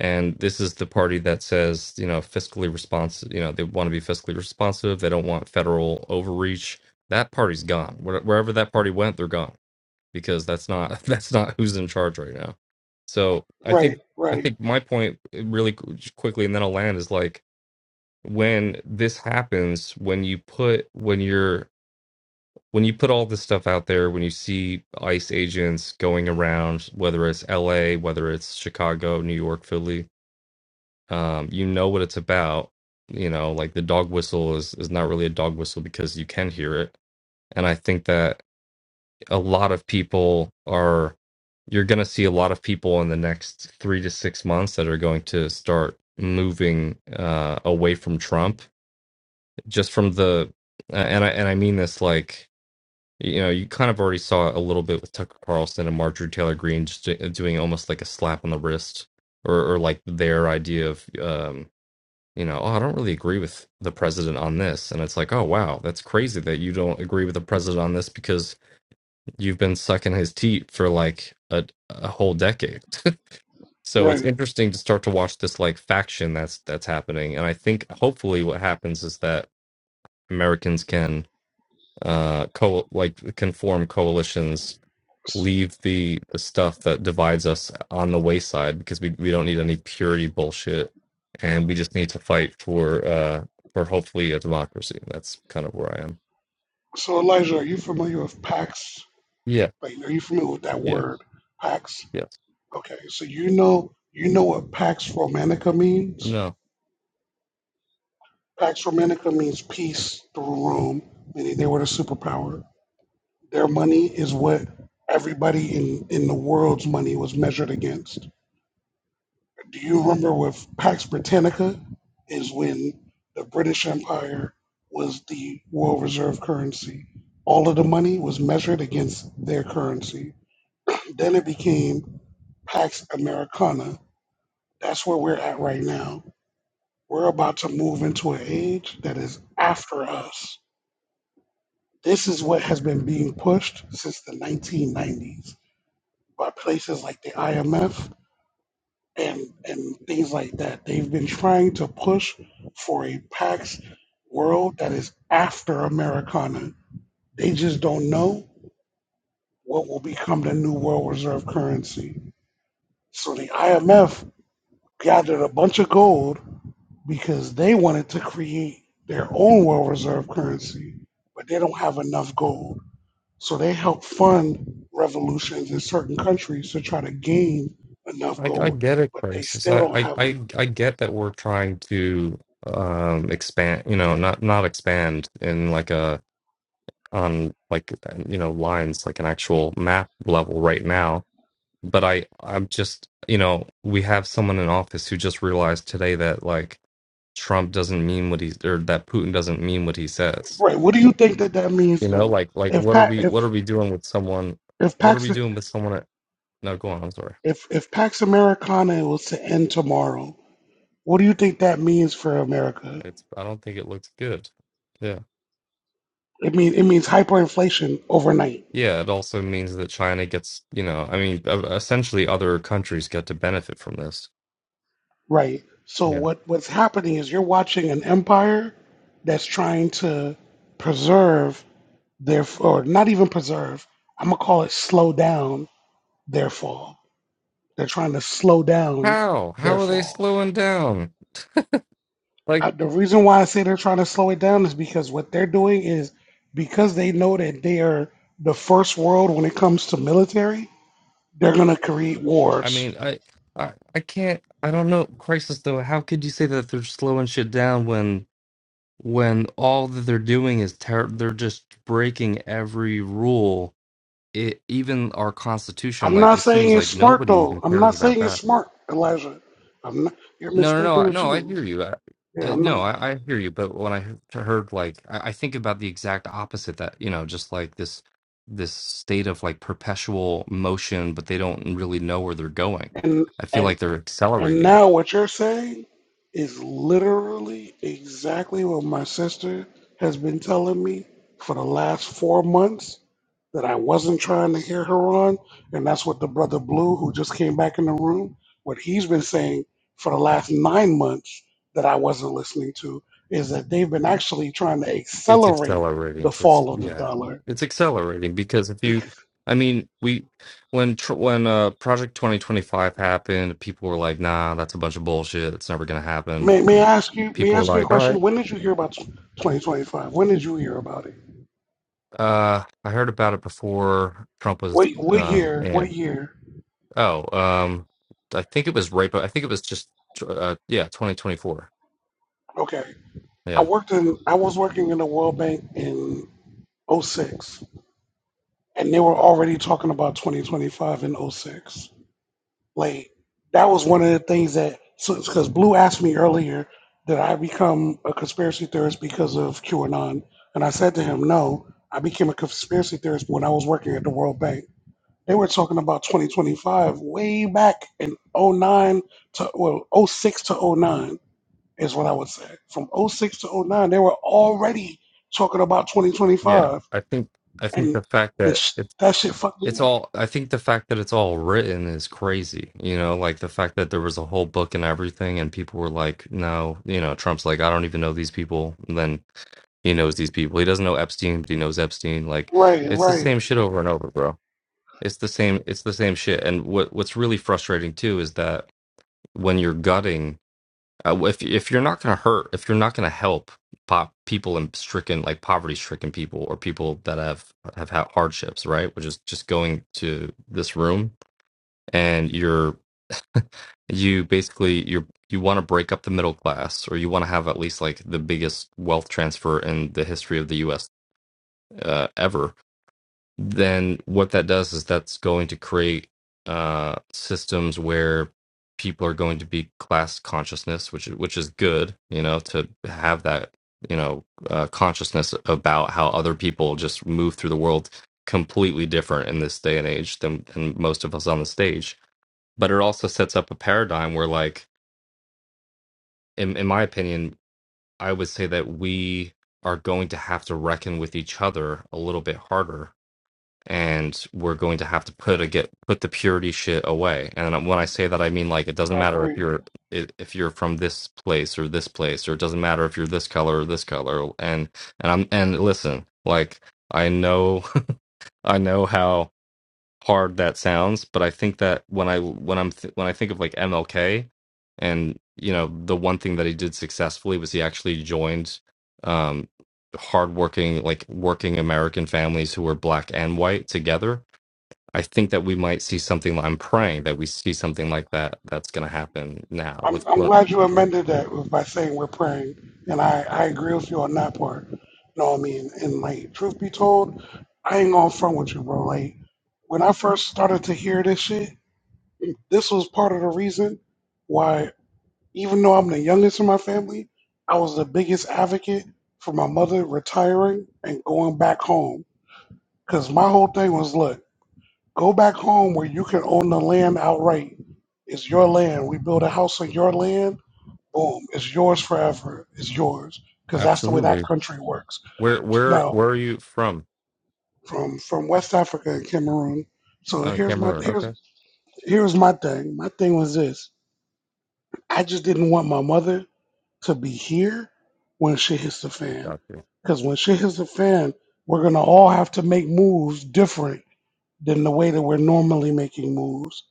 S23: and this is the party that says, you know, fiscally responsive, you know, they want to be fiscally responsive, they don't want federal overreach. That party's gone. Where- Wherever that party went, they're gone because that's not that's not who's in charge right now. So I think
S2: Right,
S23: I
S2: right,
S23: think my point eh, really qu- just quickly, and then I'll land is like when this happens, when you put when you're when you put all this stuff out there, when you see ICE agents going around, whether it's L.A., whether it's Chicago, New York, Philly, um, you know what it's about. You know, like the dog whistle is is not really a dog whistle because you can hear it, and I think that a lot of people are you're going to see a lot of people in the next three to six months that are going to start moving uh, away from Trump just from the uh, and I and I mean this like you know you kind of already saw it a little bit with Tucker Carlson and Marjorie Taylor Greene just do- doing almost like a slap on the wrist or or like their idea of um, you know oh I don't really agree with the president on this and it's like oh wow that's crazy that you don't agree with the president on this because you've been sucking his teat for like a, a whole decade. so it's
S2: right.
S23: interesting to start to watch this like faction that's that's happening. And I think hopefully what happens is that Americans can uh co like can form coalitions,
S2: S-
S23: leave the the stuff that divides us on the wayside because we we don't need any purity bullshit, and we just need to fight for uh for hopefully a democracy. That's kind of where I am.
S2: So Elijah, are you familiar with PAX?
S23: Yeah.
S2: Like, are you familiar with that
S23: Yeah.
S2: word, Pax?
S23: Yes.
S2: Okay, so you know you know what Pax Romanica means.
S23: No.
S2: Pax Romanica means peace through Rome, meaning they were the superpower. Their money is what everybody in in the world's money was measured against. Do you remember with Pax Britannica is when the British Empire was the world reserve currency. All of the money was measured against their currency. Then it became Pax Americana, That's where we're at right now. We're about to move into an age that is after us. This is what has been being pushed since the 1990s by places like the IMF and, and things like that. They've been trying to push for a Pax world that is after Americana. They just don't know what will become the new world reserve currency. So the IMF gathered a bunch of gold because they wanted to create their own world reserve currency, but they don't have enough gold. So they help fund revolutions in certain countries to try to gain enough
S23: I, I
S2: gold,
S23: get it,
S2: but they
S23: Crisis.
S2: still
S23: I,
S2: don't
S23: I,
S2: have
S23: I,
S2: enough.
S23: I get that we're trying to um expand, you know, not not expand in like a on like you know lines like an actual map level right now. But I I'm just you know we have someone in office who just realized today that like Trump doesn't mean what he's or that Putin doesn't mean what he says.
S2: Right? What do you think that that means,
S23: You know,
S2: though?
S23: like like
S2: If
S23: what are
S2: Pa
S23: we
S2: if
S23: what are we doing with someone?
S2: if
S23: What are
S2: Pax
S23: we doing with someone? At, no, go on. I'm sorry.
S2: if if Pax Americana was to end tomorrow, what do you think that means for America?
S23: It's I don't think it looks good. Yeah.
S2: It mean it means hyperinflation overnight.
S23: Yeah, it also means that China gets, you know, I mean, e- essentially other countries get to benefit from this.
S2: Right. So
S23: Yeah.
S2: what what's happening is you're watching an empire that's trying to preserve their or not even preserve. I'm gonna call it slow down their fall. They're trying to slow down
S23: How?
S2: their
S23: How are they
S2: fall.
S23: slowing down? Like,
S2: Uh, the reason why I say they're trying to slow it down is because what they're doing is because they know that they are the first world when it comes to military. They're gonna create
S23: I
S2: wars.
S23: mean, I, I, I can't. I don't know. Crisis though. How could you say that they're slowing shit down when, when all that they're doing is ter- they're just breaking every rule. It even our constitution.
S2: I'm
S23: Like,
S2: not
S23: it
S2: saying
S23: seems
S2: it's
S23: like
S2: smart
S23: nobody
S2: though.
S23: even
S2: I'm
S23: cares
S2: not
S23: about
S2: saying it's
S23: that.
S2: smart, Elijah. I'm not, you're
S23: No,
S2: mistaken
S23: no, no,
S2: the
S23: no. I
S2: two.
S23: hear you. Uh,
S2: Yeah,
S23: uh, no,
S2: man.
S23: I, I hear you. But when I he- heard, like, I, I think about the exact opposite. That you know, just like this, this state of like perpetual motion, but they don't really know where they're going.
S2: And
S23: I feel
S2: and
S23: like they're
S2: and
S23: accelerating
S2: now
S23: it.
S2: what you're saying is literally exactly what my sister has been telling me for the last four months that I wasn't trying to hear her on, and that's what the brother Blue, who just came back in the room, what he's been saying for the last nine months that I wasn't listening to is that they've been actually trying to
S23: It's
S2: accelerate the
S23: accelerating for s-
S2: fall of the
S23: yeah.
S2: dollar
S23: It's accelerating because if you, I mean, we when tr- when uh Project Twenty Twenty Five happened, people were like, "Nah, that's a bunch of bullshit. It's never gonna happen."
S2: May may I ask you may I
S23: People were
S2: ask you a
S23: like, "All right."
S2: question? When did you hear about twenty twenty five? When did you hear about it?
S23: Uh, I heard about it before Trump was
S2: What what
S23: um
S2: year? What
S23: in.
S2: year?
S23: Oh, um, I think it was right, but I think it was just uh yeah, 2024.
S2: Okay. I
S23: Yeah.
S2: worked in I was working in the World Bank in oh six, and they were already talking about twenty twenty five in oh six. Like that was one of the things that because Blue asked me earlier did I become a conspiracy theorist because of QAnon? And I said to him, No, I became a conspiracy theorist when I was working at the World Bank They were talking about 2025 way back in oh 09 to, well, oh 06 to oh 09 is what I would say. From oh 06 to oh 09, they were already talking about
S23: Yeah.
S2: 2025.
S23: I think I think
S2: And
S23: the fact that
S2: this,
S23: it's
S2: that shit fucked me
S23: it's
S2: up.
S23: all I think the fact that it's all written is crazy. You know, like the fact that there was a whole book and everything and people were like, "No, you know, Trump's like, I don't even know these people." And then he knows these people. He doesn't know Epstein, but he knows Epstein. Like
S2: Right,
S23: it's the
S2: right.
S23: same shit over and over, bro. It's the same. It's the same shit. And what what's really frustrating too is that when you're gutting, uh, if if you're not going to hurt, if you're not going to help pop people and stricken like poverty stricken people or people that have have had hardships, right? Which is just going to this room and you're you basically you're you want to break up the middle class or you want to have at least like the biggest wealth transfer in the history of the U.S. Uh, ever then what that does is that's going to create uh, systems where people are going to be class consciousness, which which is good, you know, to have that you know uh, consciousness about how other people just move through the world completely different in this day and age than, than most of us on the stage. But it also sets up a paradigm where, like, in, in my opinion, I would say that we are going to have to reckon with each other a little bit harder and we're going to have to put a get put the purity shit away. And when I say that, I mean like it doesn't
S2: I
S23: matter
S2: agree.
S23: if you're i- if you're from this place or this place, or it doesn't matter if you're this color or this color. And and I'm and listen, like I know I know how hard that sounds, but I think that when I when I'm th- when I think of like MLK, and you know the one thing that he did successfully was he actually joined. Um, hardworking like working american families who were black and white together I think that we might see something. I'm praying that we see something like that that's going to happen now. With
S2: I'm, I'm
S23: what?
S2: glad you amended that with- by saying we're praying. And I, I agree with you on that part. You know what I mean? And like, truth be told, I ain't gonna front with you, bro. Like, when I first started to hear this shit, This was part of the reason why, even though I'm the youngest in my family, I was the biggest advocate for my mother retiring and going back home. Because my whole thing was look, go back home where you can own the land outright. It's your land. We build a house on your land. Boom. It's yours forever. It's yours. Because that's the way that
S23: Absolutely.
S2: country works.
S23: Where where
S2: Now,
S23: where are you from?
S2: from from West Africa and Cameroon. So
S23: Uh,
S2: here's my
S23: Cameroon.
S2: here's
S23: Okay,
S2: here's my thing. My thing was this. I just didn't want my mother to be here when shit hits the
S23: I
S2: fan.
S23: got you.
S2: Because when shit hits the fan, we're gonna all have to make moves different than the way that we're normally making moves.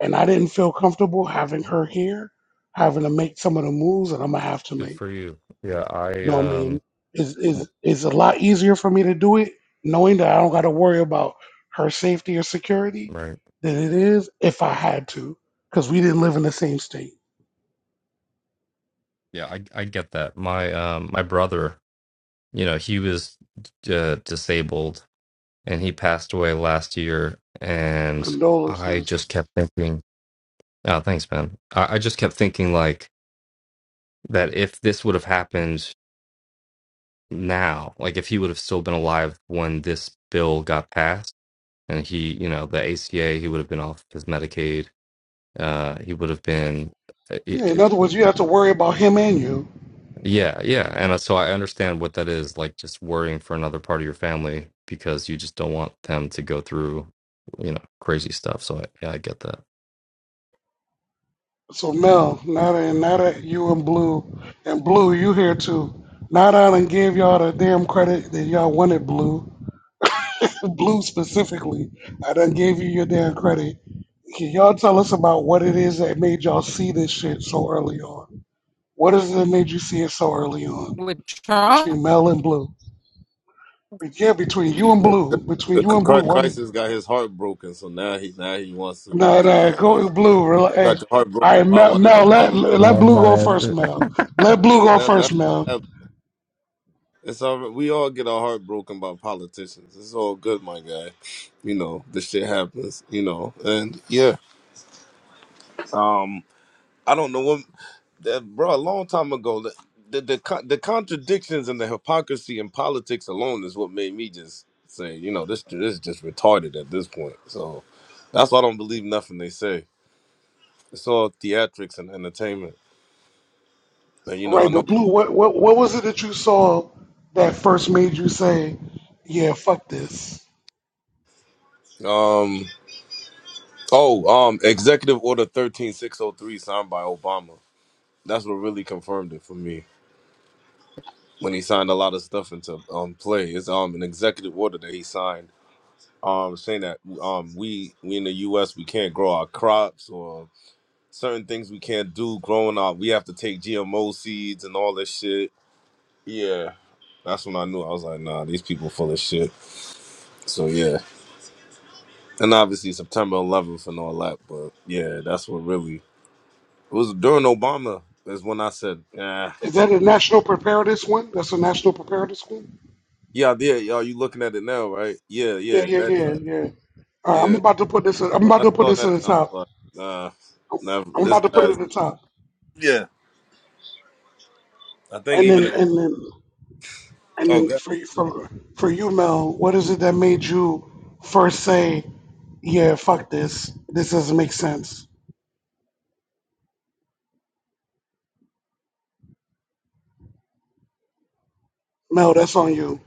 S2: And I didn't feel comfortable having her here, having to make some of the moves that I'm gonna have to
S23: Good
S2: make.
S23: for you. Yeah, I
S2: You know what I
S23: um
S2: mean? Is
S23: w-
S2: is is a lot easier for me to do it knowing that I don't gotta worry about her safety or security
S23: right.
S2: than it is if I had to. Because we didn't live in the same state.
S23: Yeah, I I get that. My um my brother, you know, he was uh, disabled and he passed away last year, and I
S2: Condolences.
S23: just kept thinking. Oh, thanks, man. I, I just kept thinking like that if this would have happened now like if he would have still been alive when this bill got passed and he you know the aca he would have been off his medicaid uh he would have been uh,
S2: Yeah, in other words, you have to worry about him and you.
S23: yeah yeah and uh, so i understand what that is like just worrying for another part of your family because you just don't want them to go through you know crazy stuff so I, yeah i get that
S2: So Mel, Nada and Nada, you and Blue, and Blue, you here too. Nada I done gave y'all the damn credit that y'all wanted, Blue. Blue specifically, I done gave you your damn credit. Can y'all tell us about what it is that made y'all see this shit so early on? What is it that made you see it so early on
S1: you. With Trump?
S2: between Mel and Blue? But yeah, between you and Blue, between
S6: The
S2: you
S6: c-
S2: and Blue,
S6: cri-
S2: what
S6: Crisis got his heart broken, so now he now he wants to
S2: No,
S6: do
S2: no,
S6: all
S2: go
S6: this.
S2: with blue.
S6: You
S2: Rel-
S6: you
S2: Hey,
S6: got your heart
S2: all
S6: broken
S2: right,
S6: by
S2: Mel,
S6: one of
S2: Mel
S6: them
S2: let,
S6: politicians.
S2: let blue go first, Mel. Let blue
S6: He get
S2: go
S6: that.
S2: first,
S6: That's what
S2: Mel.
S6: happened. It's all right. We all get our heart broken by politicians. It's all good, my guy. You know, this shit happens. You know, and yeah. I don't know what that bro a long time ago the the, the co- the contradictions and the hypocrisy in politics alone is what made me just say you know this this is just retarded at this point so that's why I don't believe nothing they say it's all theatrics and entertainment and you know I
S2: Right, but
S6: know
S2: blue, what, what, what was it that you saw that first made you say, yeah, fuck this?
S6: um oh um executive order 13603 signed by Obama that's what really confirmed it for me when he signed a lot of stuff into um play it's um an executive order that he signed um saying that um we we in the US we can't grow our crops or certain things we can't do growing our, We have to take GMO seeds and all this shit. Yeah. That's when I knew I was like, nah, these people full of shit. So yeah. And obviously September eleventh and all that, but yeah, that's what really it was during Obama is when I said, Yeah.
S2: Is that a national preparedness one? That's a national preparedness one?
S6: Yeah, yeah, y'all you looking at it now, right? Yeah,
S2: Yeah,
S6: yeah,
S2: yeah,
S6: that
S2: yeah,
S6: guy.
S2: yeah. All right, I'm
S6: Yeah.
S2: about to put this, I'm
S6: When
S2: about
S6: I
S2: to put
S6: saw
S2: this at
S6: that and
S2: the
S6: I was
S2: top.
S6: like, nah, never
S2: I'm
S6: this
S2: about to put it
S6: guy's
S2: at the top.
S6: Yeah. I think
S2: And
S6: even
S2: then, and then, And
S6: oh
S2: then
S6: god.
S2: for for for you, Mel, what is it that made you first say, "Yeah, fuck this. This doesn't make sense." Mel, that's on you.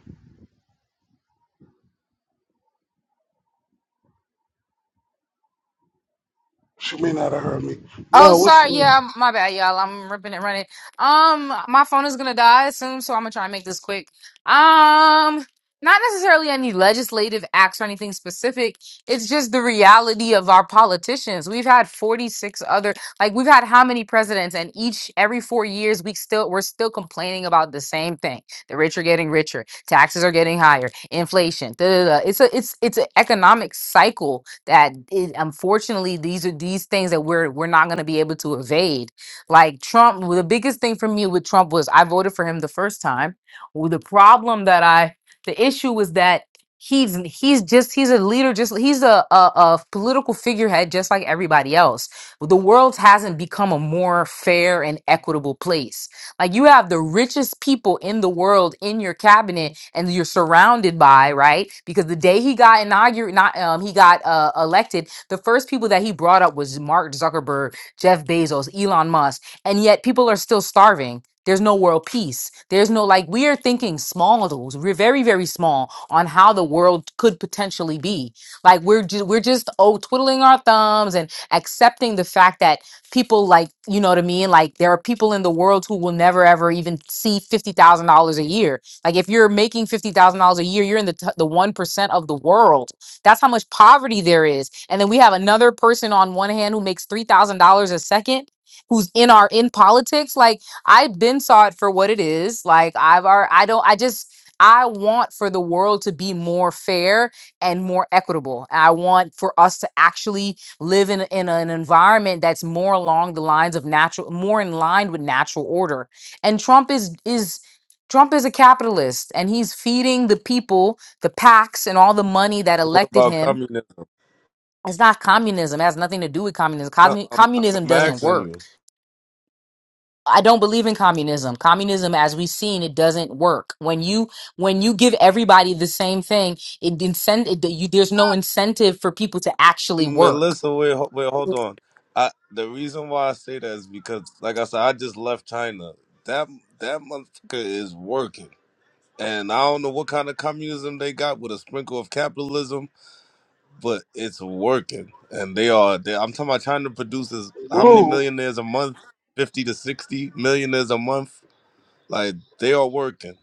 S2: She may not have heard me.
S1: Oh,
S2: Mel, what's
S1: sorry.
S2: blue?
S1: Yeah, I'm- my bad, y'all. I'm ripping it, running. Um, my phone is gonna die soon, so I'm gonna try and make this quick. Um, not necessarily any legislative acts or anything specific. It's just the reality of our politicians. We've had 46 other, like we've had how many presidents, and each every four years we still we're still complaining about the same thing. The rich are getting richer, taxes are getting higher, inflation. Da, da, da. It's a it's it's an economic cycle that it, unfortunately these are these things that we're we're not going to be able to evade. Like Trump, well, the biggest thing for me with Trump was I voted for him the first time. Well, the problem that I the issue was that he's he's just he's a leader just he's a, a a political figurehead just like everybody else the world hasn't become a more fair and equitable place like you have the richest people in the world in your cabinet, and you're surrounded by right because the day he got inaugurated, not um, he got uh, elected. The first people that he brought up was Mark Zuckerberg, Jeff Bezos, Elon Musk, and yet people are still starving. There's no world peace. There's no like we are thinking small those. We're very very small on how the world could potentially be. Like we're ju- we're just oh twiddling our thumbs and accepting the fact that people like you know what i mean like there are people in the world who will never ever even see $50000 a year like if you're making $50000 a year you're in the, t- the 1% of the world that's how much poverty there is and then we have another person on one hand who makes $3000 a second who's in our in politics like i've been saw it for what it is like i've are i don't i just i want for the world to be more fair and more equitable And i want for us to actually live in, a- in an environment that's more along the lines of natural more in line with natural order and trump is is trump is a capitalist and he's feeding the people the pacs and all the money that
S6: What
S1: elected
S6: about
S1: him
S6: communism?
S1: it's not communism it has nothing to do with communism
S6: No,
S1: Commu-
S6: I'm, I'm,
S1: communism
S6: I'm
S1: doesn't
S6: asking
S1: work
S6: you,
S1: i don't believe in communism communism as we've seen it doesn't work when you when you give everybody the same thing it incent it, you, there's no incentive for people to actually work
S6: Melissa. Wait, ho- wait, hold on. I the reason why I say that is because, like I said, I just left China. That that motherfucker is working, and I don't know what kind of communism they got with a sprinkle of capitalism, but it's working, and they are. They, I'm talking about China produces how many millionaires a month? Fifty to sixty millionaires a month. Like they are working.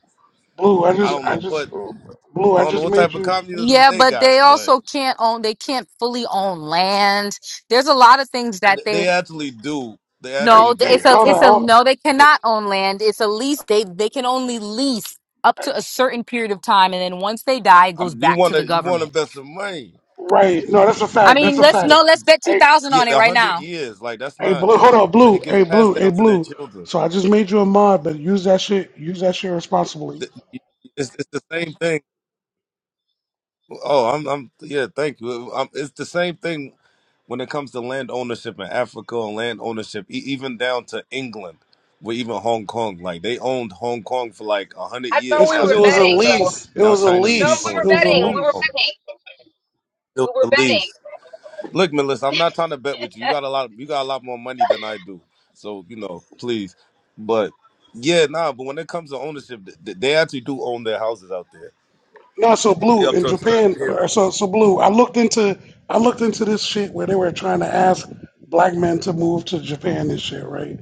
S2: Blue, I
S6: I
S2: just,
S6: don't
S2: I
S6: know
S2: just,
S6: what
S2: blue,
S6: I
S2: I
S6: don't know
S2: just
S6: what
S2: made
S6: type of
S2: you.
S6: communism
S1: Yeah,
S6: they
S1: but
S6: got,
S1: they
S6: but.
S1: also can't own, they can't fully own land. There's a lot of things that they
S6: They actually do. They
S2: Hey,
S6: actually
S1: no, th-
S2: hey,
S1: it's
S6: do.
S1: a
S2: hold on,
S1: it's
S6: Wait,
S1: a
S2: hold
S1: no,
S2: on.
S1: they
S6: it-
S1: cannot own land. It's a lease. They they can only lease up to a certain period of time and then once they die it
S6: um,
S1: goes
S6: you
S1: back
S6: want
S1: to the
S6: to you want to
S1: government.
S6: invest some money?
S2: Right? No, that's a
S1: I
S2: fact. That's
S1: mean,
S2: a
S6: It-
S1: let's
S6: it-
S2: fact.
S6: the-
S1: no, let's bet
S2: Hey,
S1: 2000
S6: Yeah,
S1: on it
S6: the
S1: right
S6: hundred
S1: now.
S6: years, like that's
S2: hey,
S6: not.
S2: blue, hold on,
S6: It
S2: blue. Hey,
S6: gets
S2: blue,
S6: passed
S2: hey,
S6: down to their
S2: blue.
S6: children.
S2: So I just made you a mod, but use that shit. Use that shit responsibly.
S6: The- It's, it's the same thing. Oh, I'm, I'm yeah. Thank you. Um it's the same thing when it comes to land ownership in Africa and land ownership, e- even down to England, or even Hong Kong. Like they owned Hong Kong for like a hundred
S1: I
S6: years.
S1: thought
S2: It's
S1: we
S6: Now
S2: because
S1: were
S2: it
S6: their
S2: was a
S6: time
S1: betting
S6: is up.
S1: though.
S2: lease. It
S6: Now
S2: was a
S6: China's
S1: No,
S2: lease.
S6: beefing
S1: we were
S2: It
S6: with
S2: was
S6: them
S2: a
S6: for
S1: betting.
S6: Hong
S1: We were
S6: Kong.
S2: lease.
S1: betting. We
S6: Still
S1: were
S6: the lease.
S1: betting.
S6: Look, Melissa, I'm not trying to bet with you. You got a lot. You got a lot more money than I do. So you know, please. But yeah, nah. But when it comes to ownership, th- th- they actually do own their houses out there.
S2: No, so
S6: It's only
S2: blue
S6: up
S2: in
S6: to a certain
S2: Japan,
S6: period.
S2: or so so blue. I looked into I looked into this shit where they were trying to ask black men to move to Japan and shit, right?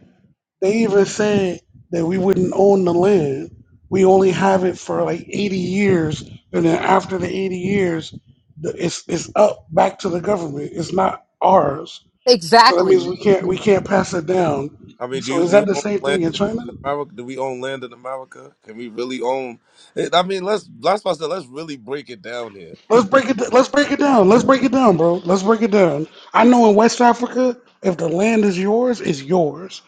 S2: They even said that we wouldn't own the land. We only have it for like 80 years, and then after the 80 years, the- it's it's up back to the government. It's not ours, so that means
S1: Exactly.
S2: we can't we
S16: You,
S2: can't pass it down.
S6: I mean, do
S2: So
S6: you
S2: is
S6: do
S2: that
S6: you
S2: the
S6: own
S2: same thing
S6: land
S2: in
S6: in
S2: China?
S6: America? Do we own land in America? Can we really own? It? I mean, let's. last. I said let's really break it down here.
S2: Let's break
S16: you,
S2: it. Let's break it down. Let's break it down, bro. Let's break it down. I know in West Africa, if the land is yours, it's yours.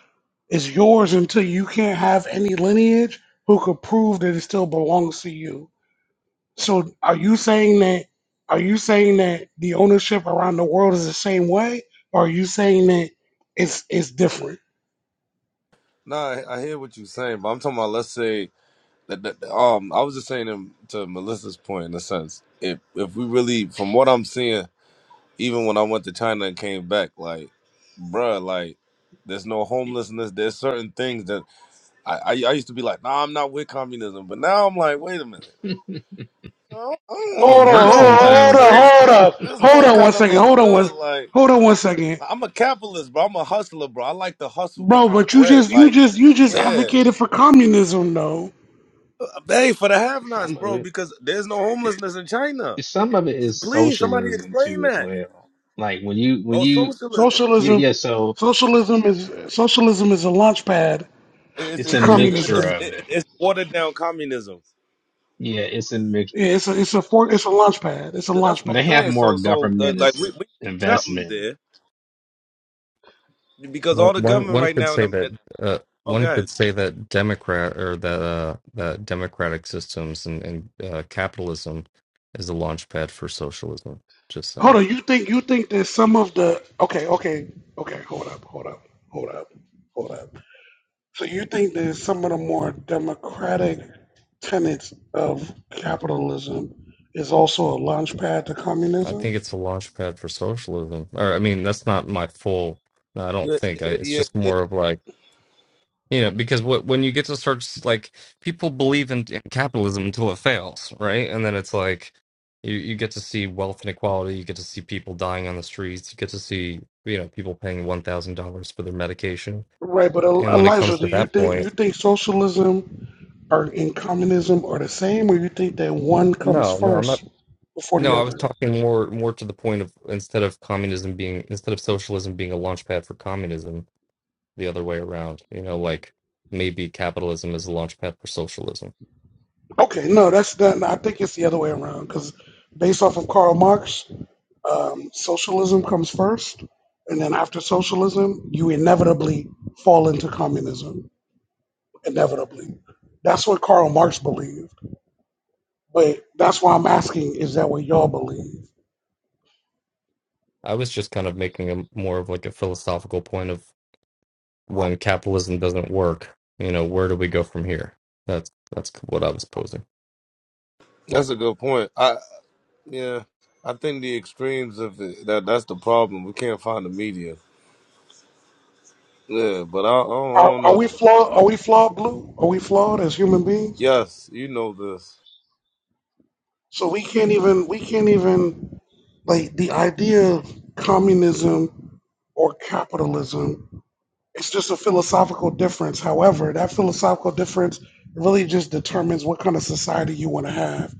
S2: It's yours until you can't have any lineage who could prove that it still belongs to you. So, are you saying that? Are you saying that the ownership around the world is the same way, or are you saying that it's it's different?
S6: Nah, I, I hear what you're saying, but I'm talking about let's say that, that um I was just saying to, to Melissa's point in a sense. If if we really, from what I'm seeing Even when I went to China and came back, like, bruh, like, there's no homelessness. There's certain things that I, I, I used to be like, nah, I'm not with communism, but now I'm like, wait a minute, I don't, I
S16: it
S2: Hold
S6: don't
S16: works
S2: on,
S6: know,
S2: hold on,
S6: like
S2: hold
S16: sometimes,
S6: this,
S2: on,
S6: this,
S16: right?
S2: hold
S6: this,
S2: up,
S6: this
S2: hold
S6: one
S2: on one
S6: kind of
S2: second.
S6: look
S2: Hold on one,
S6: good. Like,
S2: hold on one second,
S6: I'm a capitalist, bro. I'm a hustler, bro. I like to hustle, get
S2: bro.
S6: my
S2: But you
S6: bread.
S2: just you
S6: Like,
S2: just you just
S6: yeah,
S2: advocated for communism, though.
S6: hey, for the have-nots,
S16: Some of
S6: bro,
S16: it,
S6: because there's no
S16: it
S6: homelessness in China.
S16: some of it is
S6: Please, somebody
S16: socialism
S6: explain
S16: too, as
S6: that.
S16: well. Like when you when
S6: Oh,
S16: you
S6: socialism.
S16: yeah
S2: Socialism,
S16: yeah, so
S2: socialism is socialism is a launch pad
S6: It's
S16: it's
S2: to
S16: a
S6: it's it's
S16: mixture
S6: it's,
S2: communism.
S16: of
S6: it's
S16: it.
S6: it's watered down communism.
S16: Yeah, it's a mix.
S2: Yeah, it's a it's a for, it's a launch pad. It's a
S6: But that's
S2: launch
S6: what
S16: They
S6: I'm
S2: pad.
S16: have
S6: saying.
S16: more
S6: So so uh,
S16: government
S6: like
S16: is-
S6: we, we need something
S16: investment.
S6: there because all
S23: Well,
S6: the
S23: one
S6: government
S23: one
S6: right
S23: could
S6: now. And
S23: say
S6: i
S23: that uh,
S6: oh
S23: one
S6: God,
S23: could say that Democrat or that uh, that democratic systems and, and uh, capitalism is a launch pad for socialism. Just
S2: Hold
S23: saying,
S2: on, you think you think that some of the okay, okay, okay, hold up, hold up, hold up, hold up. So you think that some of the more democratic tenets of capitalism is also a launch pad to
S23: I
S2: communism?
S23: think it's a launch pad for socialism. Or I mean, that's not my full. I don't
S6: Yeah,
S23: think. I, it's
S6: yeah,
S23: just
S6: yeah.
S23: more of like You know, because what when you get to search, like people believe in, in capitalism until it fails, right? And then it's like you, you get to see wealth inequality, you get to see people dying on the streets, you get to see you know people paying one thousand dollars for their medication.
S2: Right, but El-
S23: And when it
S2: Elijah,
S23: comes
S2: do
S23: to
S2: you
S23: that
S2: think you
S23: point,
S2: think socialism? are in communism are the same, or you think that one comes
S23: no, no, I'm not.
S2: first before the
S23: No, I was
S2: other?
S23: talking more more to the point of instead of communism being instead of socialism being a launch pad for communism, the other way around. You know, like maybe capitalism is a launch pad for socialism
S2: Okay, no, that's that. no, I think it's the other way around because based off of Karl Marx, um, socialism comes first, and then after socialism, you inevitably fall into communism. Inevitably, that's what Karl Marx believed. But that's why I'm asking: Is that what y'all believe?
S23: I was just kind of making a more of like a philosophical point of when capitalism doesn't work, you know, where do we go from here? That's that's what I was posing.
S6: that's a good point. I yeah, I think the extremes of it, that that's the problem. We can't find the media. Yeah, but I, I, don't, I
S2: Are,
S6: don't
S2: are we
S6: know.
S2: flawed? Are we flawed, Blue? Are we flawed as human beings?
S6: Yes, you know this.
S2: So we can't even we can't even like the idea of communism or capitalism. It's just a philosophical difference. However, that philosophical difference really just determines what kind of society you want to have,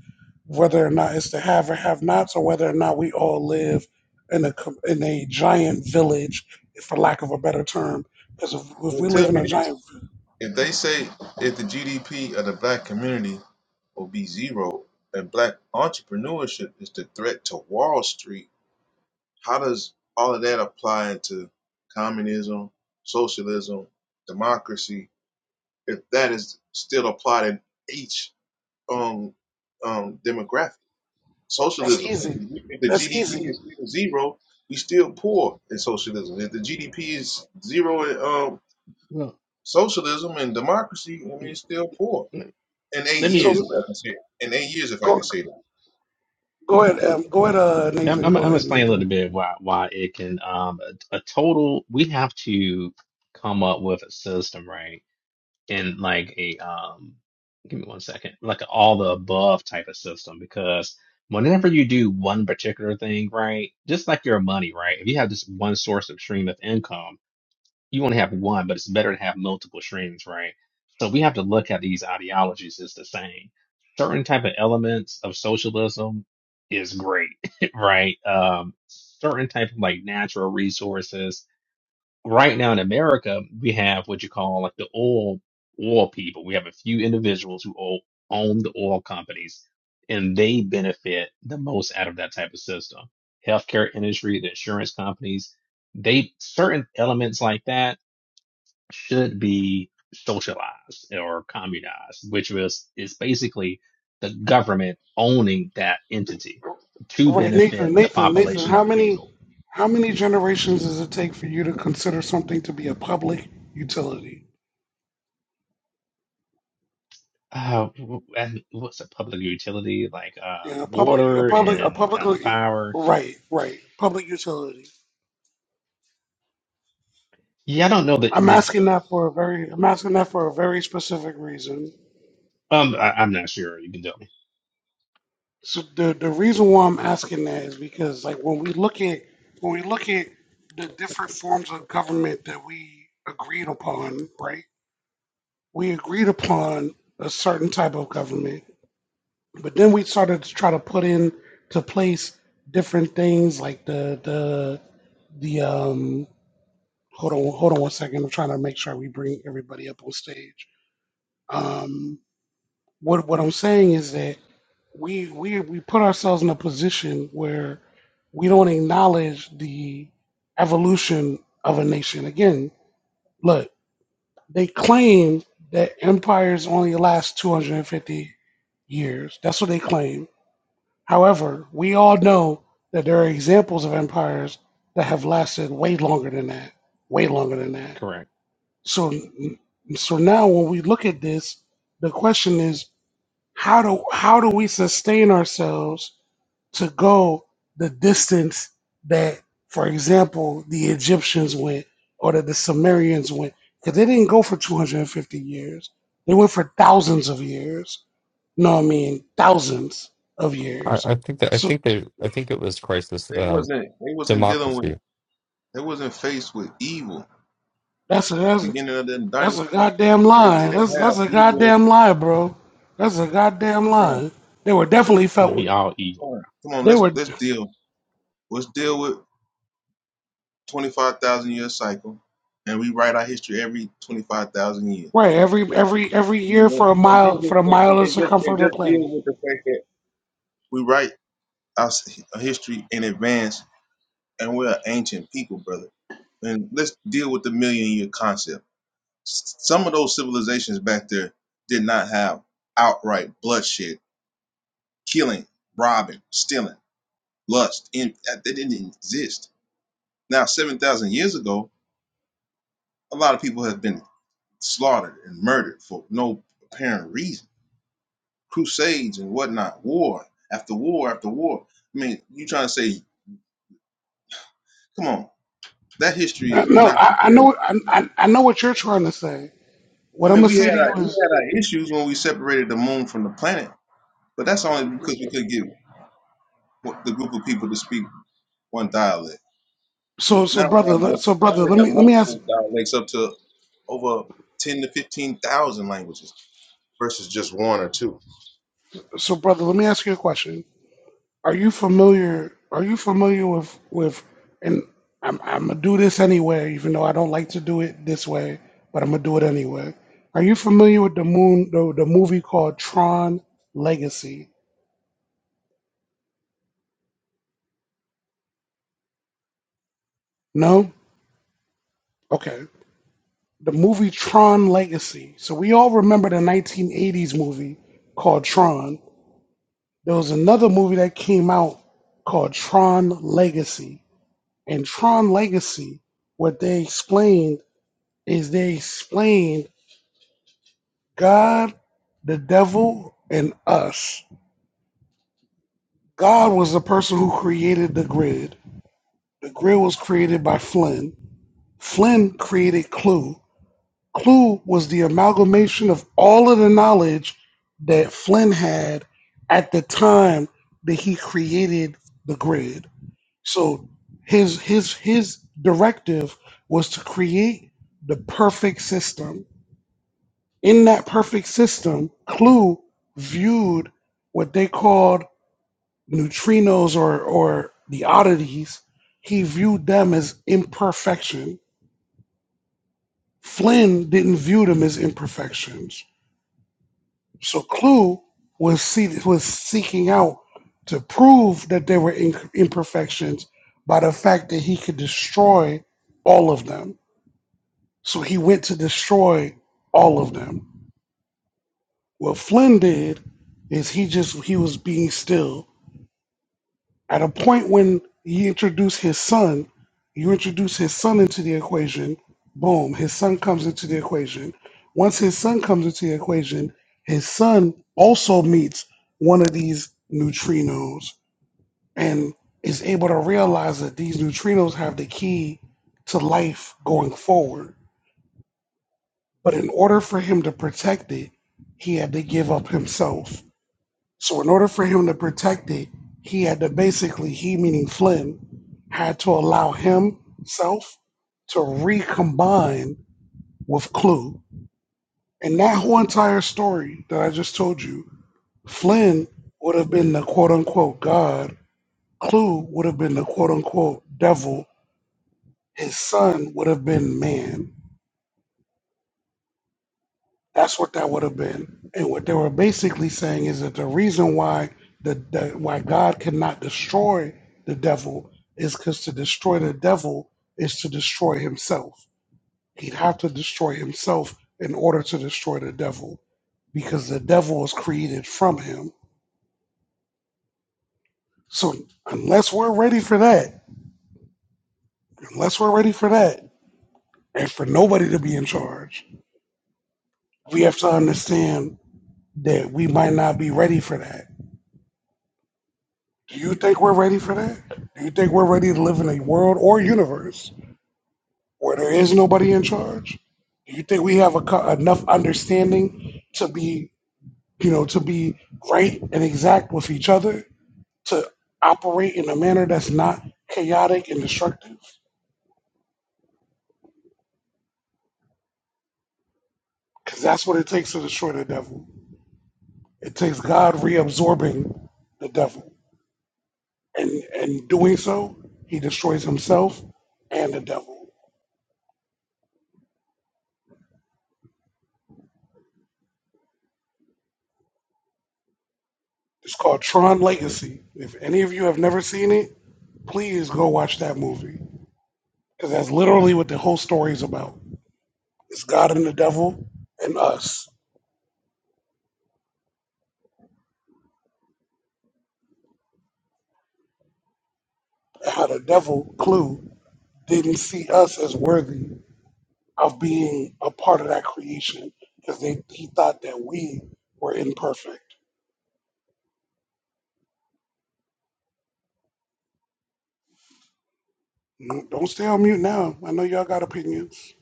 S2: whether or not it's the have or have nots, or whether or not we all live in a com- in a giant village, for lack of a better term. Because if, if
S20: Well,
S2: we
S20: tell
S2: live in
S20: me
S2: a
S20: this:
S2: giant,
S20: if they say if the GDP of the black community or be zero, and black entrepreneurship is the threat to Wall Street. How does all of that apply into communism, socialism, democracy, if that is still applied in each um, um, demographic?
S2: that's
S20: Socialism, if
S2: easy.
S20: the
S2: That's
S20: GDP
S2: easy.
S20: is still zero, we still poor in socialism. If the GDP is zero in um,
S16: Well,
S20: socialism and democracy, I mean, it's still poor. In eight
S16: let me.
S2: So
S20: years, if
S2: uh,
S20: I can say, it. in eight years, if I can
S2: go
S20: say that.
S2: go ahead, um, go ahead, uh,
S16: I'm
S2: Nathan.
S16: I'm,
S2: Go
S16: I'm
S2: ahead,
S16: explain a
S2: Nathan.
S16: little bit why why it can um a, a total. We have to come up with a system, right? in like a um give me one second like an all the above type of system because whenever you do one particular thing right just like your money right if you have just one source of stream of income you only have one but it's better to have multiple streams right so we have to look at these ideologies as the same certain type of elements of socialism is great right um certain type of like natural resources right now in America, we have what you call like the oil oil people. We have a few individuals who o- own the oil companies, and they benefit the most out of that type of system. Healthcare industry, the insurance companies, they certain elements like that should be socialized or communized, which was is basically the government owning that entity to
S2: Wait,
S16: benefit
S2: Nathan,
S16: the
S2: Nathan, Nathan,
S16: population of
S2: how
S16: the people
S2: many how many generations does it take for you to consider something to be a public utility?
S16: Uh, w- and what's a public utility like uh,
S2: Yeah, a public a
S16: water
S2: public a
S16: and uh,
S2: public
S16: power?
S2: right, right. Public utility.
S16: Yeah, I don't know the,
S2: I'm
S16: the
S2: asking that for a very I'm asking that for a very specific reason.
S16: um. I, I'm not sure. You can tell me.
S2: So the the reason why I'm asking that is because like when we look at when we look at the different forms of government that we agreed upon, right? We agreed upon a certain type of government But then we started to try to put in to place different things like the the the um hold on hold on one second. I'm trying to make sure we bring everybody up on stage. Um what what I'm saying is that we we we put ourselves in a position where we don't acknowledge the evolution of a nation. Again, look, they claim that empires only last 250 years. That's what they claim However, we all know that there are examples of empires that have lasted way longer than that, way longer than that.
S16: Correct.
S2: So, so now when we look at this, the question is how do how do we sustain ourselves to go the distance that, for example, the Egyptians went or that the Sumerians went? Because they didn't go for 250 years; they went for thousands of years. No, I mean thousands of
S23: I,
S2: years.
S23: I think that I
S2: So.
S23: think they I think it was crisis
S20: They
S23: um,
S20: wasn't they wasn't dealing with
S23: democracy.
S20: they wasn't faced with evil.
S2: That's a that's a,
S20: Beginning of them
S2: that's a
S20: dynasty,
S2: goddamn
S20: they they
S2: lie.
S20: didn't
S2: That's
S20: have
S2: that's a
S20: evil,
S2: goddamn lie, bro. That's a goddamn
S20: bro.
S2: lie. They were definitely
S16: You know,
S2: felt
S16: we all
S20: Come
S16: evil.
S20: on, come on,
S2: they
S20: let's
S2: were
S20: let's deal. Let's deal with twenty five thousand year cycle, and we write our history every twenty five thousand years.
S2: right every every every
S20: And
S2: year
S20: then,
S2: for a
S20: and then
S2: mile for
S20: just
S2: the
S20: and,
S2: mile of
S20: and just and
S2: circumference of the
S20: just deal
S2: planet.
S20: with the fact that we write our s- history in advance, and we're an ancient people, brother. And let's deal with the million year concept. S- Some of those civilizations back there did not have outright bloodshed, killing, robbing, stealing, lust. In, that- they didn't exist. Now, 7,000 years ago, a lot of people have been slaughtered and murdered for no apparent reason. Crusades and whatnot, war after war after war. I mean, you trying to say, come on, that history
S2: Uh,
S20: is
S2: No,
S20: not
S2: I, I
S20: compared.
S2: know I, I I know what you're trying to say. What
S20: I
S2: I'm
S20: mean,
S2: gonna
S20: we had
S2: say to you
S20: our, we
S2: is
S20: had our issues when we separated the moon from the planet, but that's only because we could get what- the group of people to speak. one dialect. So
S2: so so
S20: now we
S2: brother
S20: have
S2: le- so
S20: multiple, now
S2: brother
S20: we
S2: let
S20: have
S2: me let me ask
S20: multiple dialects up to over ten to fifteen thousand languages versus just one or two.
S2: so brother let me ask you a question. Are you familiar? Are you familiar with with? And I'm I'm gonna do this anyway, even though I don't like to do it this way, but I'm gonna do it anyway. Are you familiar with the moon? The, the movie called Tron Legacy? No. Okay. The movie Tron Legacy. So we all remember the 1980s movie called Tron. There was another movie that came out called Tron Legacy. And Tron Legacy, what they explained is they explained God, the devil, and us. God was the person who created the grid. The grid was created by Flynn. Flynn created Clue. Clue was the amalgamation of all of the knowledge that Flynn had at the time that he created the grid. So his his his directive was to create the perfect system. In that perfect system, Clue viewed what they called neutrinos or or the oddities, he viewed them as imperfection. Flynn didn't view them as imperfections. So Clue was see, was seeking out to prove that they were in- imperfections by the fact that he could destroy all of them. So he went to destroy all of them. What Flynn did is he just he was being still At a point when you introduce his son, you introduce his son into the equation, boom, his son comes into the equation. Once his son comes into the equation, his son also meets one of these neutrinos and is able to realize that these neutrinos have the key to life going forward. But in order for him to protect it, he had to give up himself so in order for him to protect it, he had to basically, he meaning Flynn, had to allow himself to recombine with Clue. And that whole entire story that I just told you, Flynn would have been the quote unquote God, Clue would have been the quote unquote devil, his son would have been man. That's what that would have been. And what they were basically saying is that the reason why the, the why God cannot destroy the devil is because to destroy the devil is to destroy himself. He'd have to destroy himself in order to destroy the devil because the devil was created from him. So unless we're ready for that, unless we're ready for that, and for nobody to be in charge, we have to understand that we might not be ready for that Do you think we're ready for that? Do you think we're ready to live in a world or universe where there is nobody in charge? Do you think we have a, co- enough understanding to be, you know, to be right and exact with each other to operate in a manner that's not chaotic and destructive? Because that's what it takes to destroy the devil. It takes God reabsorbing the devil, and and doing so, he destroys himself and the devil. It's called Tron Legacy. If any of you have never seen it, please go watch that movie because that's literally what the whole story is about. It's God and the devil and us. And how the devil, Clue, didn't see us as worthy of being a part of that creation because they he thought that we were imperfect. Mm, Don't stay on mute now. I know y'all got opinions.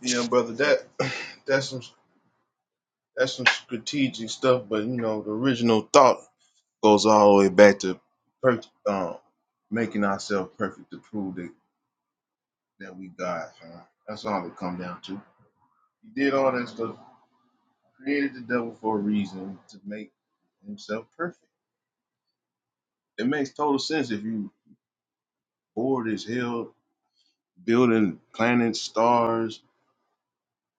S20: Yeah, brother, that that's some that's some strategic stuff. But you know, the original thought goes all the way back to per, um, making ourselves perfect to prove that that we God. Man. That's all it come down to. He did all that stuff, created the devil for a reason to make himself perfect. It makes total sense if you bored as hell building planets, stars,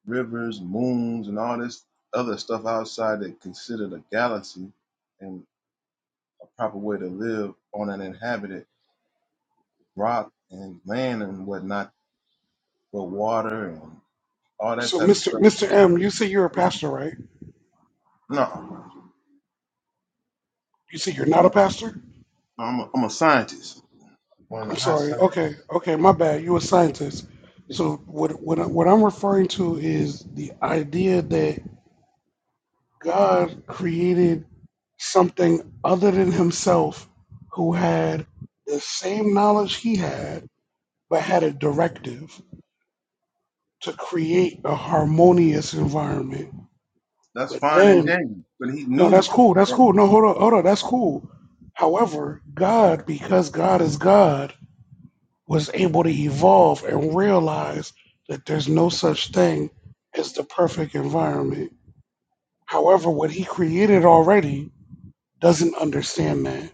S20: rivers, moons, and all this other stuff outside that considered a galaxy and a proper way to live on an inhabited rock and land and whatnot, but water and all that
S2: So,
S20: type of
S2: Mr.
S20: stuff.
S2: Mr. M, you say you're a pastor, right?
S20: No,
S2: You say you're not
S20: I'm
S2: a
S20: a,
S2: pastor?
S20: I'm a, I'm a scientist. One of the
S2: I'm
S20: hot
S2: sorry.
S20: scientists.
S2: Okay, okay, my bad. You a scientist. So what what I- what I'm referring to is the idea that God created something other than himself who had the same knowledge he had, but had a directive to create a harmonious environment.
S20: That's
S2: But
S20: fine and
S2: then,
S20: dandy, but he
S2: no, that's
S20: knew.
S2: cool. That's cool. No, hold on. Hold on. That's cool. However, God, because God is God, was able to evolve and realize that there's no such thing as the perfect environment. However, what he created already doesn't understand that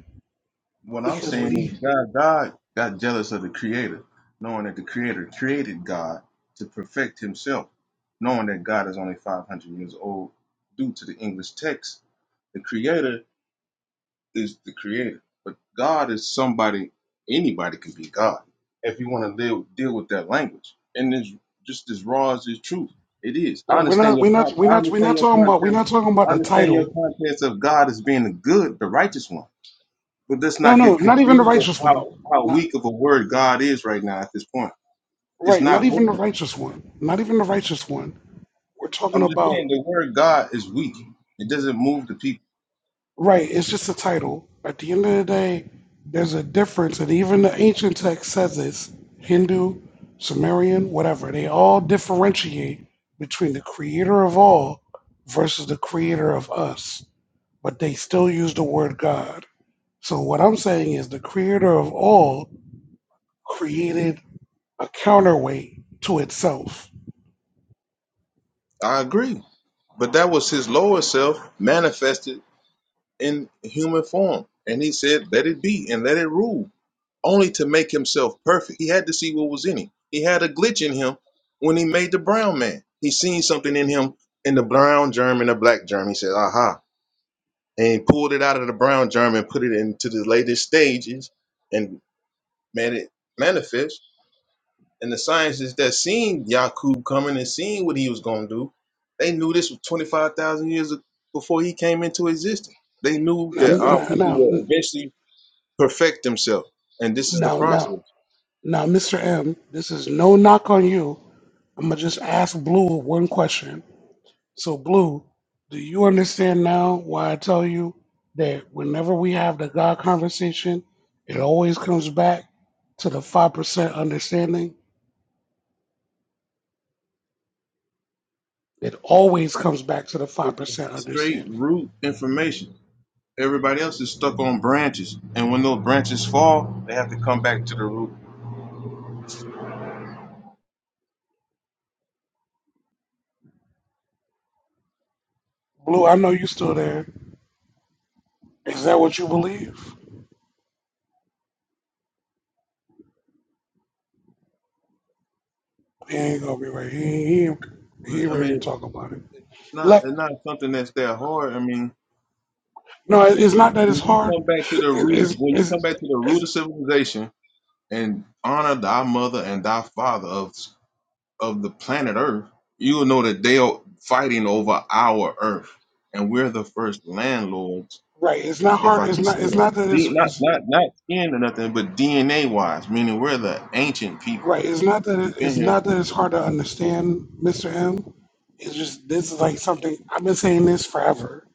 S20: What I'm
S2: because
S20: saying
S2: when he
S20: is God, God got jealous of the Creator, knowing that the Creator created God to perfect Himself, knowing that God is only 500 years old. Due to the English text, the Creator is the Creator, but God is somebody. Anybody can be God if you want to live, deal with that language. And it's just as raw as it's truth. It is. I
S2: right, we're
S20: understand
S2: not
S20: your.
S2: we're
S20: con-
S2: not we're
S20: I
S2: not we're
S20: understand
S2: not
S20: your
S2: talking about we're
S20: context.
S2: not talking about
S20: I
S2: the
S20: understand your
S2: title.
S20: context of God as being the good, the righteous one. But let's
S2: No,
S20: not
S2: no,
S20: get
S2: not even the
S20: confused of
S2: righteous one.
S20: how, how
S2: Not
S20: weak of a word God is right now at this point. It's
S2: right, not
S20: not
S2: even the
S20: working.
S2: righteous one. Not even the righteous one. We're talking
S20: I'm just
S2: about
S20: saying the word God is weak. It doesn't move the people.
S2: right. It's just a title. At the end of the day, there's a difference, and even the ancient text says this: Hindu, Sumerian, whatever. They all differentiate between the Creator of all versus the Creator of us, but they still use the word God. So what I'm saying is the creator of all created a counterweight to itself.
S20: I agree. But that was his lower self manifested in human form. And he said, Let it be and let it rule, only to make himself perfect. He had to see what was in him. He had a glitch in him when he made the brown man. He seen something in him in the brown germ and the black germ. He said, Aha, and pulled it out of the brown germ and put it into the latest stages and made it manifest. And the scientists that seen Yakub coming and seeing what he was going to do, they knew this was 25,000 years before he came into existence. They knew
S2: Now,
S20: that our people
S2: now,
S20: will eventually perfect themselves. And this is the
S2: now, now,
S20: process.
S2: now, Mr. M, this is no knock on you. I'm gonna just ask Blue one question. So, Blue, do you understand now why I tell you that whenever we have the God conversation, it always comes back to the five percent understanding. It always comes back to the five
S20: It's
S2: percent
S20: just straight
S2: understanding.
S20: root information. Everybody else is stuck on branches. And when those branches fall, they have to come back to the root.
S2: Blue, I know you still there. Is that what you believe? He ain't gonna be ready. He ain't, he ain't, he
S20: But
S2: ain't
S20: I
S2: ready to
S20: mean,
S2: talk about it.
S20: it's not
S2: Like,
S20: it's not something that's that hard. I mean,
S2: no, it- it's not that
S20: when
S2: it's
S20: you come
S2: hard.
S20: back to the
S2: It-
S20: root of,
S2: It's,
S20: when you come
S2: it's,
S20: back to the root
S2: it's
S20: of civilization and honor thy mother and thy father of of the planet Earth, you will know that they are fighting over our Earth, and we're the first landlords,
S2: right. It's not
S20: if
S2: hard.
S20: I
S2: It's
S20: can
S2: not.
S20: say
S2: It's
S20: that.
S2: not that it's,
S20: D, not
S2: it's
S20: not not skin or nothing, but DNA wise, meaning we're the ancient people.
S2: right. It's not that
S20: We've
S2: it,
S20: been
S2: it's
S20: here.
S2: not that it's
S20: for this
S2: hard to
S20: long.
S2: understand, Mister M. It's just this is like something I've been saying this forever.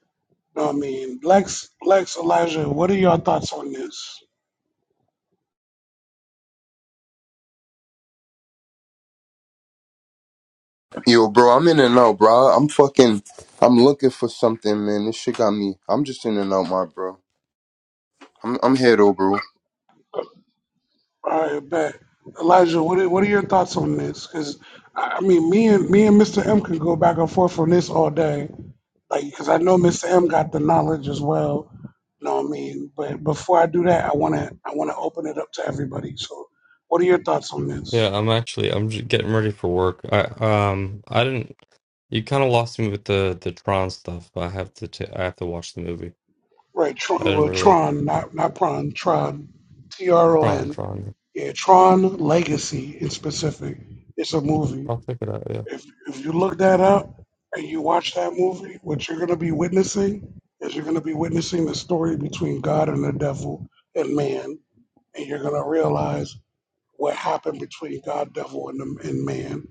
S2: You know what I mean, Lex, Lex, Elijah, what are your thoughts on this?
S24: Yo, bro, I'm in and out, bro. I'm fucking, I'm looking for something, man. This shit got me. I'm just in and out, my bro. I'm, I'm head over.
S2: All right, bet. Elijah, what are, what are your thoughts on this? Because I I mean, me and me and Mister M can go back and forth on this all day Like, because I know Mr. M got the knowledge as well. You know what I mean? But before I do that, I wanna I wanna open it up to everybody. So, what are your thoughts on
S23: Yeah,
S2: this?
S23: I'm actually I'm just getting ready for work. I um I didn't you kind of lost me with the the Tron stuff, but I have to t- I have to watch the movie.
S2: Right, Tron,
S23: I didn't
S2: well,
S23: really
S2: Tron, not not Pron, Tron, T R O
S23: Tron
S2: N.
S23: Tron.
S2: Yeah, Tron Legacy in specific. It's a movie.
S23: I'll check it out. Yeah.
S2: If if you look that up and you watch that movie, what you're gonna be witnessing is you're gonna be witnessing the story between God and the devil and man, and you're gonna realize what happened between God, devil, and, the, and man,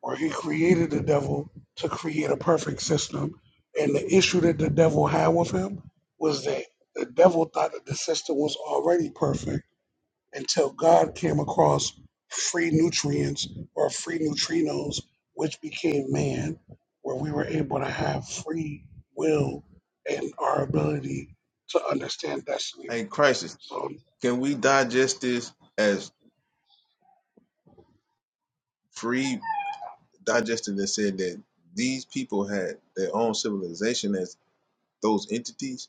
S2: where he created the devil to create a perfect system. And the issue that the devil had with him was that the devil thought that the system was already perfect until God came across free nutrients or free neutrinos, which became man, where we were able to have free will and our ability to understand destiny.
S20: Hey, crisis.
S2: So
S20: Can we digest this as free digested and said that these people had their own civilization as. those entities,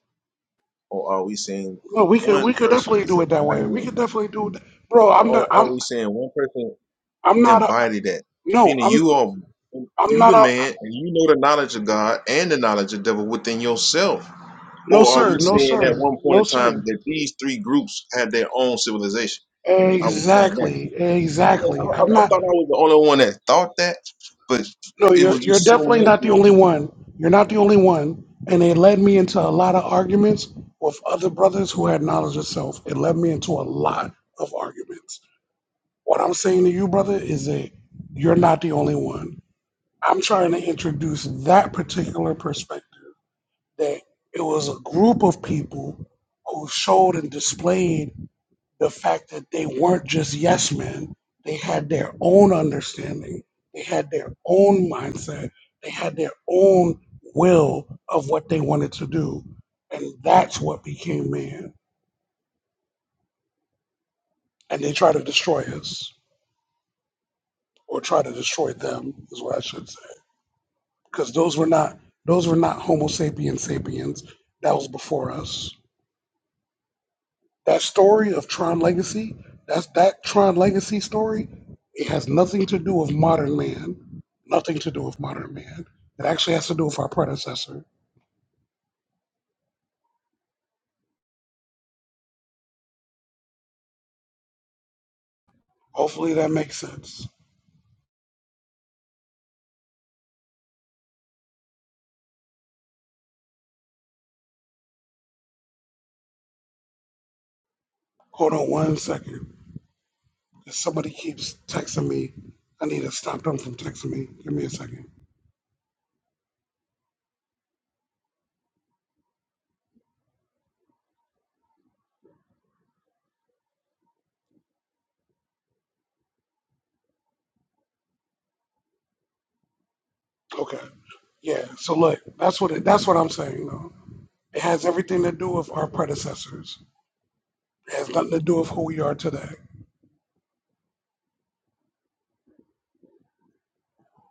S20: or are we saying
S2: No, we could we
S20: one
S2: could
S20: person
S2: definitely
S20: is
S2: do it that way. We
S20: embodying,
S2: could definitely do it,
S20: or
S2: bro. I'm
S20: or-
S2: not. I'm
S20: are we saying one person
S2: I'm not a.
S20: embody that?
S2: No,
S20: Meaning
S2: I'm
S20: you are
S2: I'm
S20: you
S2: not
S20: the
S2: a.
S20: man, and you know the knowledge of God and the knowledge of devil within yourself.
S2: No
S20: Or are we
S2: sir. No
S20: saying at
S2: sir.
S20: one point
S2: No
S20: in time
S2: sir.
S20: that these three groups had their own civilization? Are we saying that?
S2: Exactly.
S20: Yeah, I,
S2: Exactly.
S20: I
S2: I'm
S20: I
S2: not.
S20: thought I was the only one that thought that, but
S2: No,
S20: it
S2: you're
S20: was
S2: you're
S20: just so
S2: definitely not the
S20: much.
S2: only one. You're not the only one. And it led me into a lot of arguments with other brothers who had knowledge of self. It led me into a lot of arguments. What I'm saying to you, brother, is that you're not the only one. I'm trying to introduce that particular perspective that it was a group of people who showed and displayed the fact that they weren't just yes men. They had their own understanding, they had their own mindset, they had their own will of what they wanted to do. And that's what became man. And they try to destroy us or try to destroy them is what I should say. Because those were not those were not Homo sapiens sapiens. That was before us. That story of Tron Legacy, that's that Tron Legacy story, it has nothing to do with modern man. Nothing to do with modern man. It actually has to do with our predecessor. Hopefully that makes sense. Hold on one second. If somebody keeps texting me. I need to stop them from texting me. Give me a second. Okay. Yeah. So look, that's what it, that's what I'm saying though. It has everything to do with our predecessors. It has nothing to do with who we are today.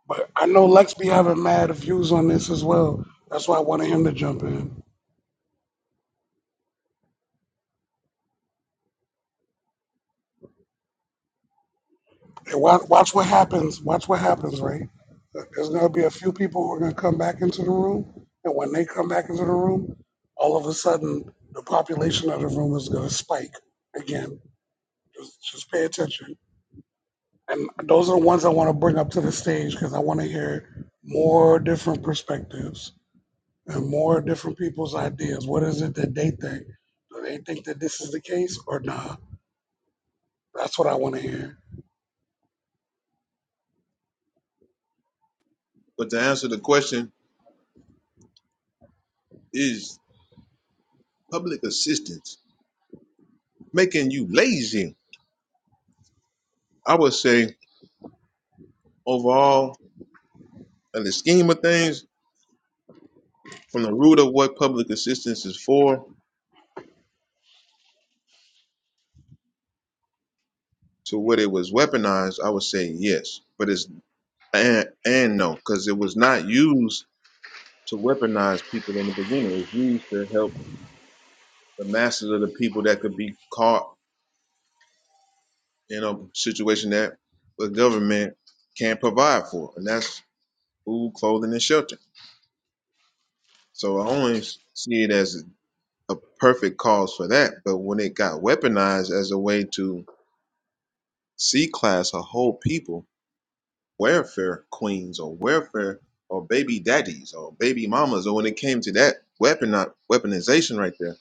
S2: But I know Lex be having mad views on this as well. That's why I wanted him to jump in. And watch, watch what happens. Watch what happens, right? There's gonna be a few people who are gonna come back into the room, and when they come back into the room, all of a sudden the population of the room is gonna spike again. Just, just pay attention. And those are the ones I want to bring up to the stage because I want to hear more different perspectives and more different people's ideas. What is it that they think? Do they think that this is the case or not? That's what I want to hear.
S20: But to answer the question, is public assistance making you lazy I would say overall, in the scheme of things, from the root of what public assistance is for to what it was weaponized, I would say yes. But it's and and no, because it was not used to weaponize people in the beginning. It was used to help the masses of the people that could be caught in a situation that the government can't provide for, and that's food, clothing, and shelter. So I only see it as a perfect cause for that. But when it got weaponized as a way to C class are whole people, welfare queens or welfare or baby daddies or baby mamas. Or when it came to that weapon weaponization right there,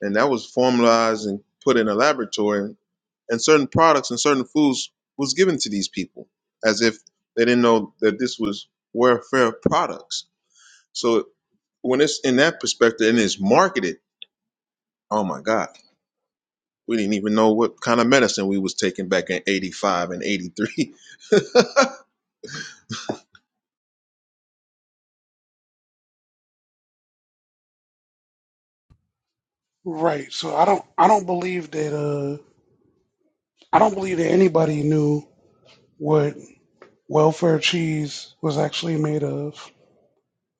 S20: and that was formalized and put in a laboratory, and certain products and certain foods was given to these people as if they didn't know that this was welfare products. So when it's in that perspective and it's marketed, oh my God, we didn't even know what kind of medicine we was taking back in '85 and '83.
S2: Right. So I don't I don't believe that uh I don't believe that anybody knew what welfare cheese was actually made of.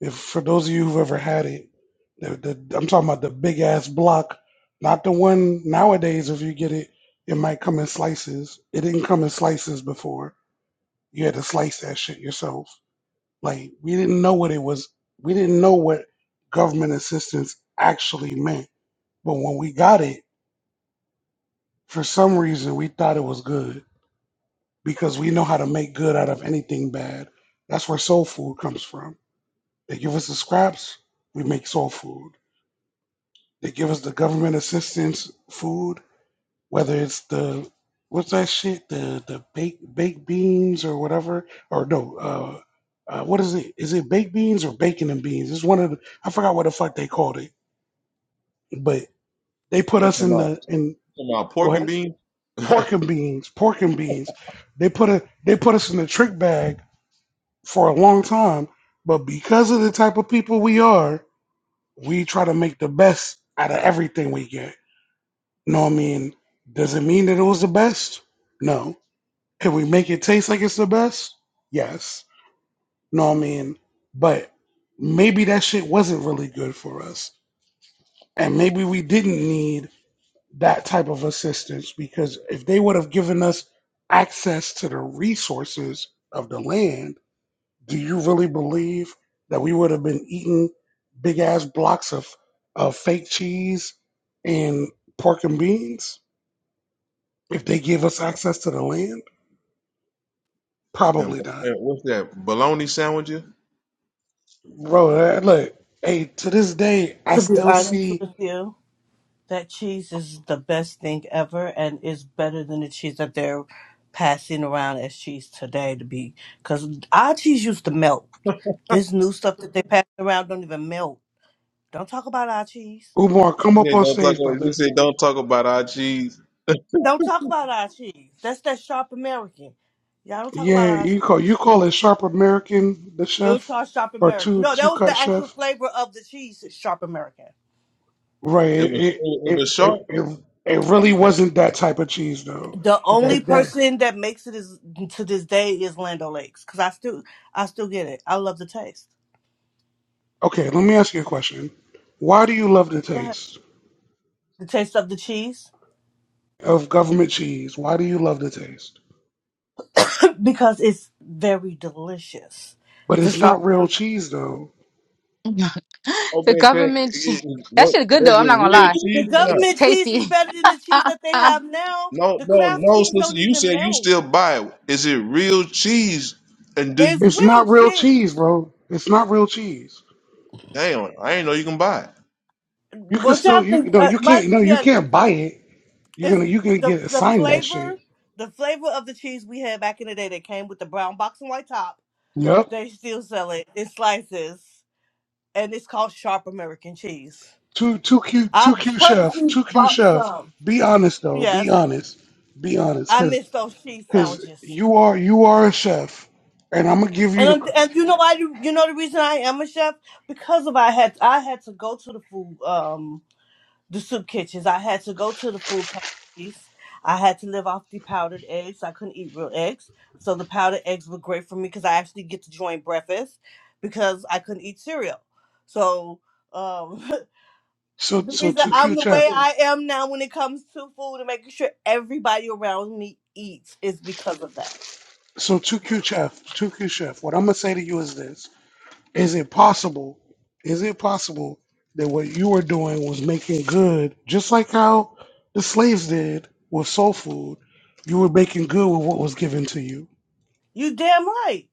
S2: If for those of you who've ever had it, the, the, I'm talking about the big ass block, not the one nowadays. If you get it, it might come in slices. It didn't come in slices before. You had to slice that shit yourself. Like we didn't know what it was. We didn't know what government assistance actually meant. But when we got it. For some reason, we thought it was good because we know how to make good out of anything bad. That's where soul food comes from. They give us the scraps, we make soul food. They give us the government assistance food, whether it's the what's that shit, the the baked baked beans or whatever, or no, uh, uh, what is it? Is it baked beans or bacon and beans? It's one of the I forgot what the fuck they called it, but they put
S20: you
S2: us
S20: talking
S2: in
S20: about
S2: the in.
S20: Talking about
S2: Go
S20: pork
S2: ahead.
S20: and beans and,
S2: pork and beans, pork and beans. They put a they put us in the trick bag for a long time, but because of the type of people we are, we try to make the best out of everything we get. You know what I mean? Does it mean that it was the best? No. Can we make it taste like it's the best? Yes. You know what I mean? But maybe that shit wasn't really good for us. And maybe we didn't need that type of assistance because if they would have given us access to the resources of the land, do you really believe that we would have been eating big ass blocks of, of fake cheese and pork and beans if they gave us access to the land?
S20: and
S2: Probably not.
S20: what's that bologna sandwiches.
S2: Bro, that- look, hey, to this day, I
S25: To be
S2: still
S25: honest
S2: see
S25: with you, that cheese is the best thing ever and is better than the cheese that they're passing around as cheese today to be because our cheese used to melt. This new stuff that they pass around don't even melt. Don't talk about our cheese.
S2: Umar come
S20: You
S2: up
S20: said
S2: on
S20: don't talk.
S2: stage,
S20: About, you
S2: brother.
S20: said don't talk about our cheese.
S25: Don't talk about our cheese. That's that sharp American. Y'all don't talk about
S2: Yeah,
S25: our
S2: you
S25: cheese.
S2: call you call it sharp American, the
S25: It was
S2: chef,
S25: called sharp
S2: or
S25: American.
S2: two
S25: No, that
S2: two
S25: was the
S2: cut chef
S25: actual flavor of the cheese, is sharp American.
S2: Right.
S20: It was it
S2: It
S20: was
S2: it,
S20: short.
S2: it it it really wasn't that type of cheese though.
S25: The only
S2: That that
S25: person that makes it is to this day is Lando Lakes because I still I still get it. I love the taste.
S2: okay, let me ask you a question. Why do you love the
S25: Go ahead.
S2: taste
S25: The taste of the cheese
S2: of government cheese? Why do you love the taste?
S25: because it's very delicious.
S2: But
S25: The
S2: it's not
S25: sharp
S2: real
S25: American.
S2: cheese though.
S1: the
S20: Okay, Craig.
S1: government
S20: It- it-
S1: that
S20: What
S1: shit good
S20: was
S1: though, I'm
S20: it
S1: not going to
S20: real
S1: lie.
S25: The
S20: cheese or not?
S1: It's
S25: government cheese is
S1: tasty.
S25: better than the cheese that they have now.
S20: No,
S25: The
S20: no,
S25: craft
S20: no,
S25: cheese don't
S20: sister. You
S25: even
S20: said you
S25: melt.
S20: still buy it. Is it real cheese? And do
S25: It's
S20: you?
S2: It's
S25: real
S2: not real
S25: cheese.
S2: cheese, bro. It's not real cheese.
S20: Damn, I ain't know you can buy it,
S2: You can
S25: What y'all
S2: still you
S25: think?
S2: no,
S25: Uh,
S2: you
S25: my
S2: can't no, you
S25: yeah,
S2: can't buy it. You're
S25: it's
S2: gonna you're gonna
S25: the
S2: get
S25: the
S2: assigned that shit.
S25: flavor. The flavor of the cheese we had back in the day that came with the brown box and white top
S2: Yep.
S25: They still sell it in slices, and it's called sharp American cheese.
S2: Two two Q
S25: I
S2: two Q chef,
S25: purposely
S2: two Q
S25: bought
S2: chef.
S25: some.
S2: Be honest though, be
S25: Yes,
S2: honest. Be honest.
S25: I
S2: because.
S25: miss those cheese
S2: Because
S25: sandwiches.
S2: you are you are a chef, and I'm gonna give you the
S25: And and you know why? You, you know the reason I am a chef because of I had I had to go to the food um the soup kitchens. I had to go to the food pantries. I had to live off the powdered eggs. I couldn't eat real eggs, so the powdered eggs were great for me because I actually get to join breakfast because I couldn't eat cereal. So. Um,
S2: so
S25: The
S2: so
S25: reason
S2: two
S25: I'm
S2: Q
S25: the
S2: chef.
S25: way I am now when it comes to food and making sure everybody around me eats is because of that.
S2: So two Q chef, two Q chef. What I'm gonna say to you is this: Is it possible? Is it possible that what you were doing was making good, just like how the slaves did with soul food? You were making good with what was given to you.
S25: You damn right.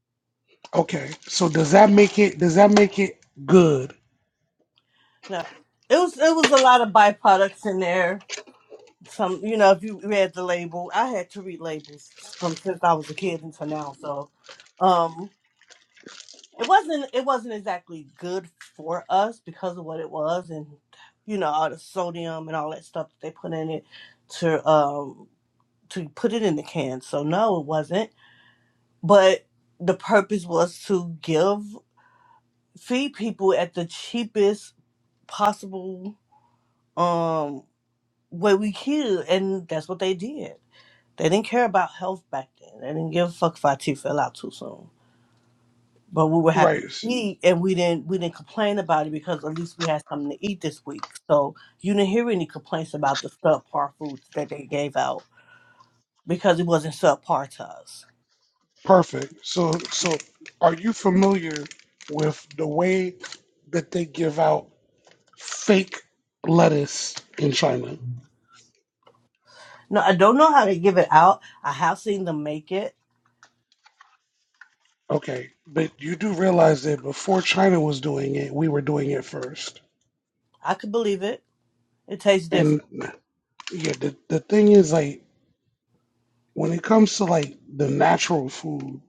S2: Okay. So does that make it? Does that make it good?
S25: No, it was it was a lot of byproducts in there. Some, you know, if you read the label, I had to read labels from since I was a kid until now. So, um, it wasn't it wasn't exactly good for us because of what it was and you know all the sodium and all that stuff that they put in it to um to put it in the can so no it wasn't but the purpose was to give feed people at the cheapest possible um way we could and that's what they did they didn't care about health back then they didn't give a fuck if our teeth fell out too soon but we were happy
S2: Right.
S25: to eat and we didn't we didn't complain about it because at least we had something to eat this week so you didn't hear any complaints about the subpar foods that they gave out because it wasn't subpar to us
S2: Perfect. So, so are you familiar with the way that they give out fake lettuce in China?
S25: no i don't know how they give it out i have seen them make it
S2: Okay, but you do realize that before China was doing it, we were doing it first.
S25: i could believe it it tastes different
S2: And yeah, the, the thing is, like, when it comes to like the natural food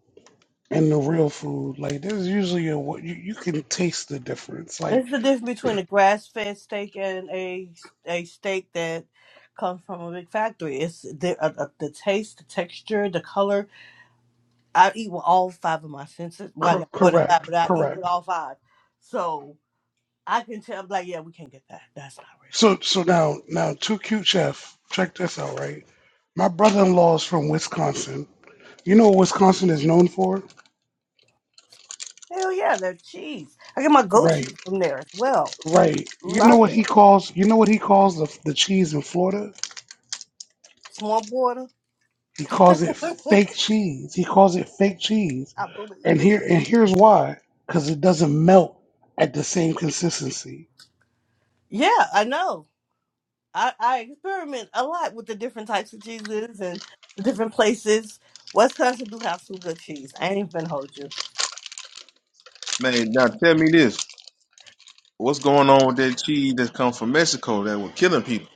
S2: and the real food, like, there's usually a what you, you can taste the difference. Like,
S25: It's the difference between a grass fed steak and a a steak that comes from a big factory. It's the uh, uh, the taste, the texture, the color. I eat with all five of my senses. Well, I
S2: cor-
S25: got more than five,
S2: correct,
S25: but I eat with
S2: correct.
S25: all five, so I can tell. I'm like, yeah, we can't get that. That's not real.
S2: So, so now, now, Too Cute Chef, check this out, right? My brother-in-law is from Wisconsin. You know what Wisconsin is known for?
S25: Hell yeah, that cheese. I get my goat
S2: Right,
S25: cheese from there as well.
S2: right. You know
S25: Love
S2: what
S25: it.
S2: he calls? You know what he calls the the cheese in Florida?
S25: Small border.
S2: He calls it
S25: I
S2: fake cheese. He calls it fake cheese,
S25: believe
S2: and
S25: it.
S2: here and here's why: because it doesn't melt at the same consistency.
S25: Yeah, I know. I, I experiment a lot with the different types of cheeses and the different places. Wisconsin do have some good cheese. I ain't even gonna hold you.
S20: man. Now tell me this: What's going on with that cheese that comes from Mexico that was killing people?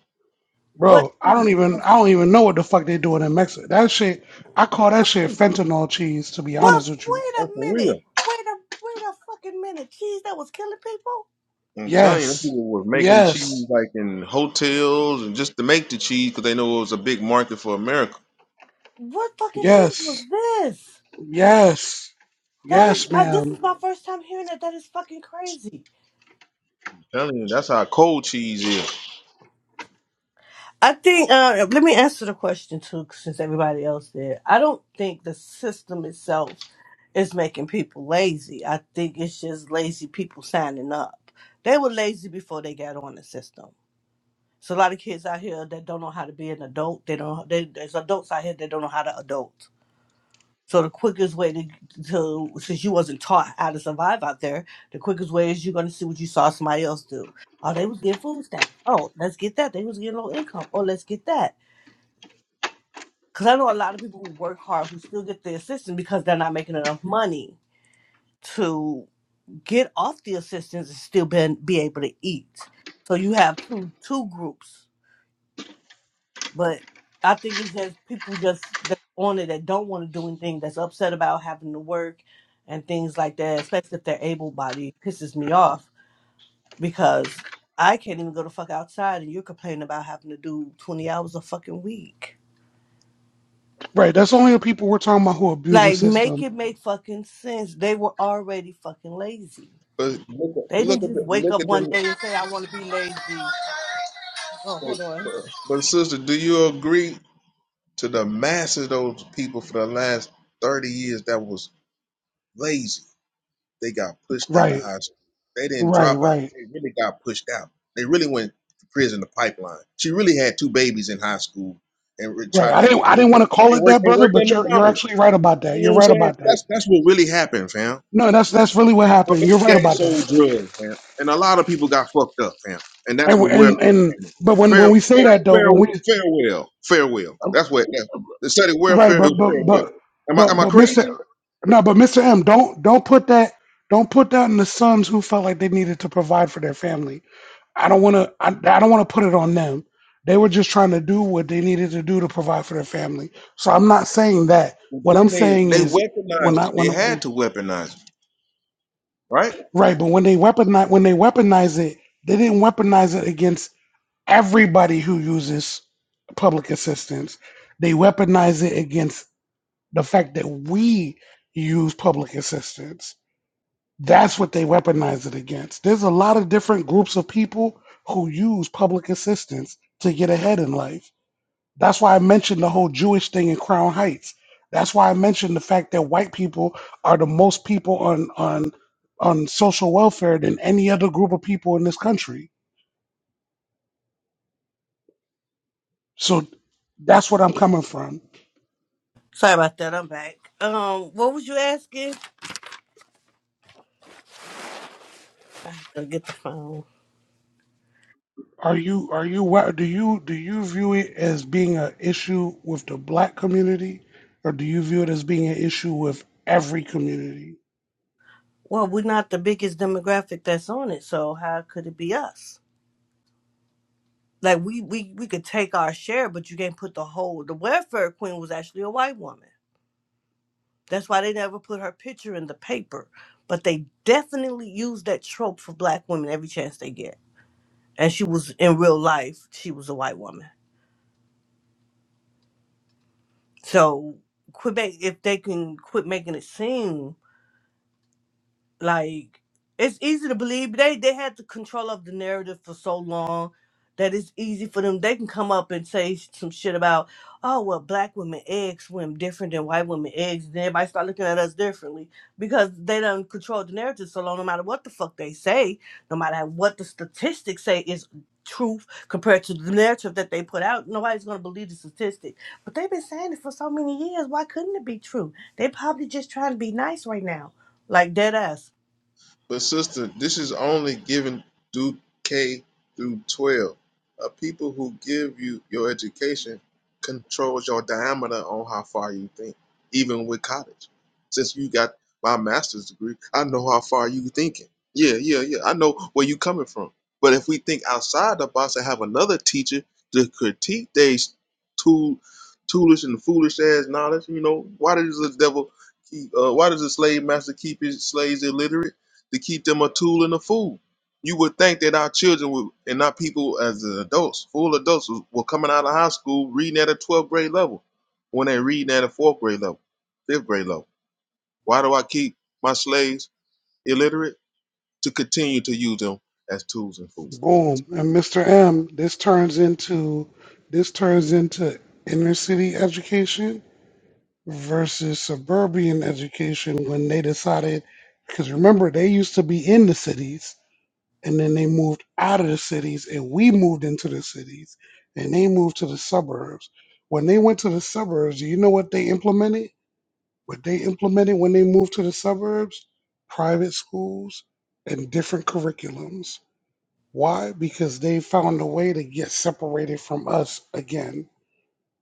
S25: What
S2: Bro, I
S25: cheese?
S2: don't even I don't even know what the fuck they doing in Mexico. That shit, I call that shit
S25: Wait,
S2: fentanyl cheese. To be
S25: what?
S2: honest with you,
S20: Oh,
S25: Wait
S20: for
S25: a
S20: real?
S25: minute. Wait a wait a fucking minute. Cheese that was killing people?
S20: I'm telling you, them
S2: yes,
S20: people were making cheese
S2: yes,
S20: like in hotels and just to make the cheese because they know it was a big market for America.
S25: What fucking cheese was
S2: yes,
S25: this?
S2: yes.
S25: That is.
S20: Like,
S2: Yes,
S25: I, this
S2: ma'am.
S25: is my first time hearing that. That is fucking crazy.
S20: I'm telling you, that's how cold cheese is.
S25: I think uh, let me answer the question too, since everybody else did. I don't think the system itself is making people lazy. I think it's just lazy people signing up. They were lazy before they got on the system. So a lot of kids out here that don't know how to be an adult. They don't. They, there's adults out here that don't know how to adult. So the quickest way to, to since you wasn't taught how to survive out there, the quickest way is you're gonna see what you saw somebody else do. Oh, they was getting food stamps. Oh, let's get that. They was getting low income. Oh, let's get that Because I know a lot of people who work hard who still get the assistance because they're not making enough money to get off the assistance and still be, be able to eat. So you have two two groups. But I think it's just people just that's on it that don't want to do anything, that's upset about having to work and things like that, especially if they're able bodied, pisses me off because I can't even go the fuck outside and you're complaining about having to do 20 hours a fucking week.
S2: Right. That's only the people we're talking about who abuse the
S25: Like, make
S2: system.
S25: it make fucking sense. They were already fucking lazy.
S20: But look, at-
S25: They
S20: look
S25: didn't
S20: at
S25: just
S20: the,
S25: wake
S20: look
S25: up
S20: at
S25: one day
S20: the.
S25: and say, I want to be lazy. Oh,
S20: hey,
S25: hold on.
S20: But, but sister, do you agree to the masses of those people for the last thirty years that was lazy? They got pushed out of
S2: Right.
S20: high school. They didn't
S2: Right.
S20: drop out.
S2: Right.
S20: They really got pushed out. They really went to prison, the pipeline. She really had two babies in high school and re-
S2: Right.
S20: try
S2: I
S20: and
S2: didn't. I didn't
S20: worked at,
S2: want to call
S20: and
S2: it
S20: worked
S2: that,
S20: and
S2: brother.
S20: worked at
S2: But you're you're
S20: McDonald's.
S2: actually right about that.
S20: You know
S2: You're
S20: what I'm
S2: right
S20: saying?
S2: about that.
S20: That's that's what really happened, fam.
S2: No, that's that's really what
S20: Her
S2: happened. You're
S20: baby
S2: right
S20: daddy
S2: about
S20: sold
S2: that.
S20: drugs, fam, and a lot of people got fucked up, fam. And that's
S2: And
S20: where
S2: we-
S20: welfare
S2: and and
S20: came in.
S2: but when
S20: Fair,
S2: when we say
S20: fair,
S2: that though, when
S20: farewell,
S2: we
S20: farewell, farewell. That's what that, they said. It
S2: right,
S20: welfare
S2: but
S20: is
S2: but
S20: farewell.
S2: but
S20: Am I
S2: but
S20: am I
S2: but Mr.
S20: crazy?
S2: No, but Mr. M, don't don't put that don't put that in the sons who felt like they needed to provide for their family. I don't want to. I, I don't want to put it on them. They were just trying to do what they needed to do to provide for their family. So I'm not saying that. What I'm
S20: They,
S2: saying
S20: they
S2: is when
S20: weaponized
S2: I
S20: it. They had
S2: when
S20: to weaponize it, right?
S2: right, but when they weaponize when they weaponize it, they didn't weaponize it against everybody who uses public assistance. They weaponize it against the fact that we use public assistance. That's what they weaponize it against. There's a lot of different groups of people who use public assistance to get ahead in life That's why I mentioned the whole Jewish thing in Crown Heights. That's why I mentioned the fact that white people are the most people on on on social welfare than any other group of people in this country. So that's what I'm coming from.
S25: Sorry about that. I'm back. Um, what was you asking? I have to get the phone.
S2: Are you are you wa- do you do you view it as being an issue with the black community, or do you view it as being an issue with every community?
S25: Well, we're not the biggest demographic that's on it, so how could it be us? Like we we we could take our share, but you can't put the whole. The welfare queen was actually a white woman. That's why they never put her picture in the paper. But they definitely use that trope for black women every chance they get and she was in real life she was a white woman so quit make, if they can quit making it seem like it's easy to believe they they had the control of the narrative for so long that it's easy for them they can come up and say some shit about oh well black women eggs swim different than white women eggs and everybody start looking at us differently because they done control the narrative so long no matter what the fuck they say no matter what the statistics say is truth compared to the narrative that they put out nobody's going to believe the statistic but they've been saying it for so many years why couldn't it be true they probably just trying to be nice right now like dead ass
S20: But sister, this is only given through K through twelve. A people who give you your education controls your diameter on how far you think, even with college. Since you got my master's degree, I know how far you thinking. Yeah, yeah, yeah. I know where you coming from. But if we think outside the box and have another teacher to critique these tool, toolish and foolish ass knowledge, you know, why does the devil keep? Uh, why does the slave master keep his slaves illiterate? to keep them a tool and a fool. You would think that our children would, and not people as adults, full adults, were coming out of high school reading at a 12th grade level when they reading at a fourth grade level, fifth grade level. Why do I keep my slaves illiterate? To continue to use them as tools and fools.
S2: Boom. And Mr. M, this turns into this turns into inner city education versus suburban education when they decided because remember they used to be in the cities and then they moved out of the cities and we moved into the cities and they moved to the suburbs when they went to the suburbs do you know what they implemented what they implemented when they moved to the suburbs private schools and different curriculums why because they found a way to get separated from us again